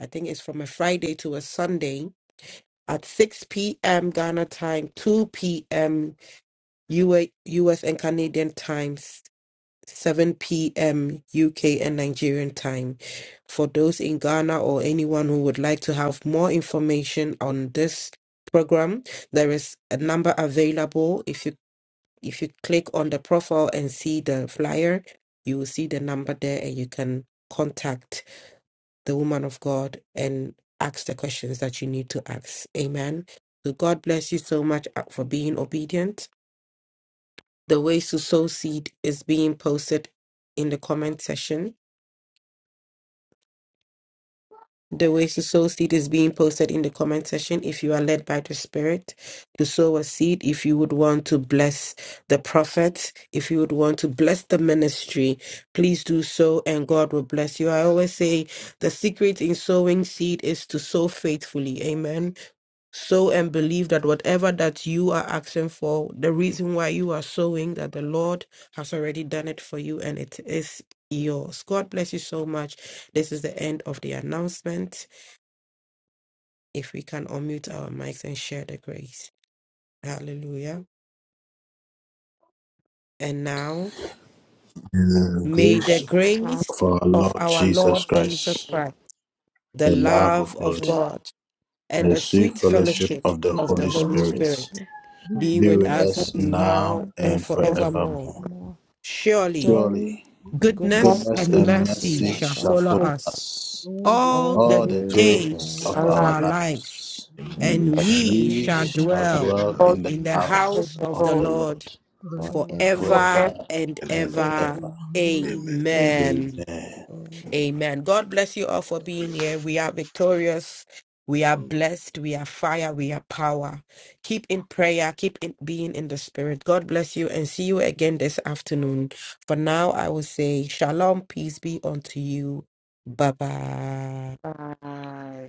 [SPEAKER 11] I think it's from a Friday to a Sunday at 6 p.m. Ghana time, 2 p.m. U A U S and Canadian times, 7 p.m. UK and Nigerian time. For those in Ghana or anyone who would like to have more information on this program, there is a number available. If you if you click on the profile and see the flyer, you will see the number there and you can contact the woman of God and ask the questions that you need to ask. Amen. So God bless you so much uh, for being obedient. The ways to sow seed is being posted in the comment section. The ways to sow seed is being posted in the comment section. If you are led by the Spirit to sow a seed, if you would want to bless the prophet, if you would want to bless the ministry, please do so and God will bless you. I always say the secret in sowing seed is to sow faithfully. Amen sow and believe that whatever that you are asking for, the reason why you are sowing, that the Lord has already done it for you and it is yours. God bless you so much. This is the end of the announcement. If we can unmute our mics and share the grace. Hallelujah. And now,
[SPEAKER 1] In the
[SPEAKER 11] may the
[SPEAKER 1] grace
[SPEAKER 11] grace
[SPEAKER 1] of our
[SPEAKER 11] of
[SPEAKER 1] Lord
[SPEAKER 11] our Lord
[SPEAKER 1] Jesus
[SPEAKER 11] Jesus
[SPEAKER 1] Christ,
[SPEAKER 11] Christ, the
[SPEAKER 1] the love of
[SPEAKER 11] love of
[SPEAKER 1] God,
[SPEAKER 11] God, and
[SPEAKER 1] and the
[SPEAKER 11] the
[SPEAKER 1] sweet
[SPEAKER 11] sweet
[SPEAKER 1] fellowship
[SPEAKER 11] fellowship
[SPEAKER 1] of the
[SPEAKER 8] gift
[SPEAKER 11] of the
[SPEAKER 1] Holy
[SPEAKER 8] of the
[SPEAKER 11] Holy
[SPEAKER 8] Holy
[SPEAKER 1] Spirit
[SPEAKER 11] Spirit
[SPEAKER 8] Spirit
[SPEAKER 12] Amen. Amen.
[SPEAKER 11] be
[SPEAKER 1] be
[SPEAKER 8] be
[SPEAKER 11] with
[SPEAKER 1] with
[SPEAKER 8] with
[SPEAKER 11] us
[SPEAKER 1] us
[SPEAKER 8] us
[SPEAKER 1] now
[SPEAKER 11] now
[SPEAKER 8] now
[SPEAKER 11] and
[SPEAKER 1] and
[SPEAKER 8] and
[SPEAKER 15] For
[SPEAKER 12] Amen.
[SPEAKER 11] forevermore.
[SPEAKER 1] forevermore.
[SPEAKER 8] forevermore.
[SPEAKER 11] Surely
[SPEAKER 8] Surely,
[SPEAKER 1] Surely,
[SPEAKER 15] God
[SPEAKER 11] goodness
[SPEAKER 8] goodness
[SPEAKER 1] goodness
[SPEAKER 8] and
[SPEAKER 11] and
[SPEAKER 15] it
[SPEAKER 1] and
[SPEAKER 8] mercy
[SPEAKER 11] mercy
[SPEAKER 12] Jesus,
[SPEAKER 1] mercy
[SPEAKER 8] shall
[SPEAKER 11] shall
[SPEAKER 1] shall
[SPEAKER 8] follow
[SPEAKER 11] follow
[SPEAKER 1] follow
[SPEAKER 8] us
[SPEAKER 15] is
[SPEAKER 11] us
[SPEAKER 1] us
[SPEAKER 12] all the
[SPEAKER 11] all
[SPEAKER 8] all the
[SPEAKER 1] all
[SPEAKER 11] the
[SPEAKER 12] days
[SPEAKER 1] the
[SPEAKER 14] So
[SPEAKER 8] days
[SPEAKER 12] of
[SPEAKER 14] for
[SPEAKER 8] of our
[SPEAKER 1] days
[SPEAKER 8] life,
[SPEAKER 11] days
[SPEAKER 1] of
[SPEAKER 12] this life
[SPEAKER 11] of
[SPEAKER 1] our
[SPEAKER 15] Alive,
[SPEAKER 11] our lives,
[SPEAKER 1] lives.
[SPEAKER 8] and
[SPEAKER 12] and
[SPEAKER 14] you,
[SPEAKER 8] we
[SPEAKER 11] and
[SPEAKER 8] shall
[SPEAKER 14] shall-
[SPEAKER 11] we
[SPEAKER 8] dwell
[SPEAKER 1] We
[SPEAKER 8] in
[SPEAKER 11] shall
[SPEAKER 12] what
[SPEAKER 8] the house
[SPEAKER 1] shall
[SPEAKER 8] of
[SPEAKER 11] dwell
[SPEAKER 8] the
[SPEAKER 1] dwell
[SPEAKER 15] God
[SPEAKER 8] Lord
[SPEAKER 1] in the
[SPEAKER 11] in
[SPEAKER 12] belongs
[SPEAKER 11] the
[SPEAKER 12] to
[SPEAKER 15] now
[SPEAKER 1] house
[SPEAKER 15] is
[SPEAKER 11] house
[SPEAKER 12] you
[SPEAKER 15] the
[SPEAKER 11] of the
[SPEAKER 1] of the
[SPEAKER 15] Lord
[SPEAKER 11] Lord
[SPEAKER 1] Lord
[SPEAKER 8] forever
[SPEAKER 1] forever
[SPEAKER 11] forever
[SPEAKER 15] forever
[SPEAKER 11] and
[SPEAKER 12] forever.
[SPEAKER 8] and
[SPEAKER 1] and
[SPEAKER 15] and
[SPEAKER 8] ever.
[SPEAKER 11] ever.
[SPEAKER 1] ever.
[SPEAKER 12] Amen.
[SPEAKER 14] amen.
[SPEAKER 8] Amen.
[SPEAKER 11] Amen.
[SPEAKER 1] Amen.
[SPEAKER 8] Amen.
[SPEAKER 11] Amen. God bless you all for being here. We are victorious. We are blessed. We are fire. We are power. Keep in prayer. Keep in being in the spirit. God bless you and see you again this afternoon. For now, I will say shalom. Peace be unto you. Bye bye.
[SPEAKER 15] ever.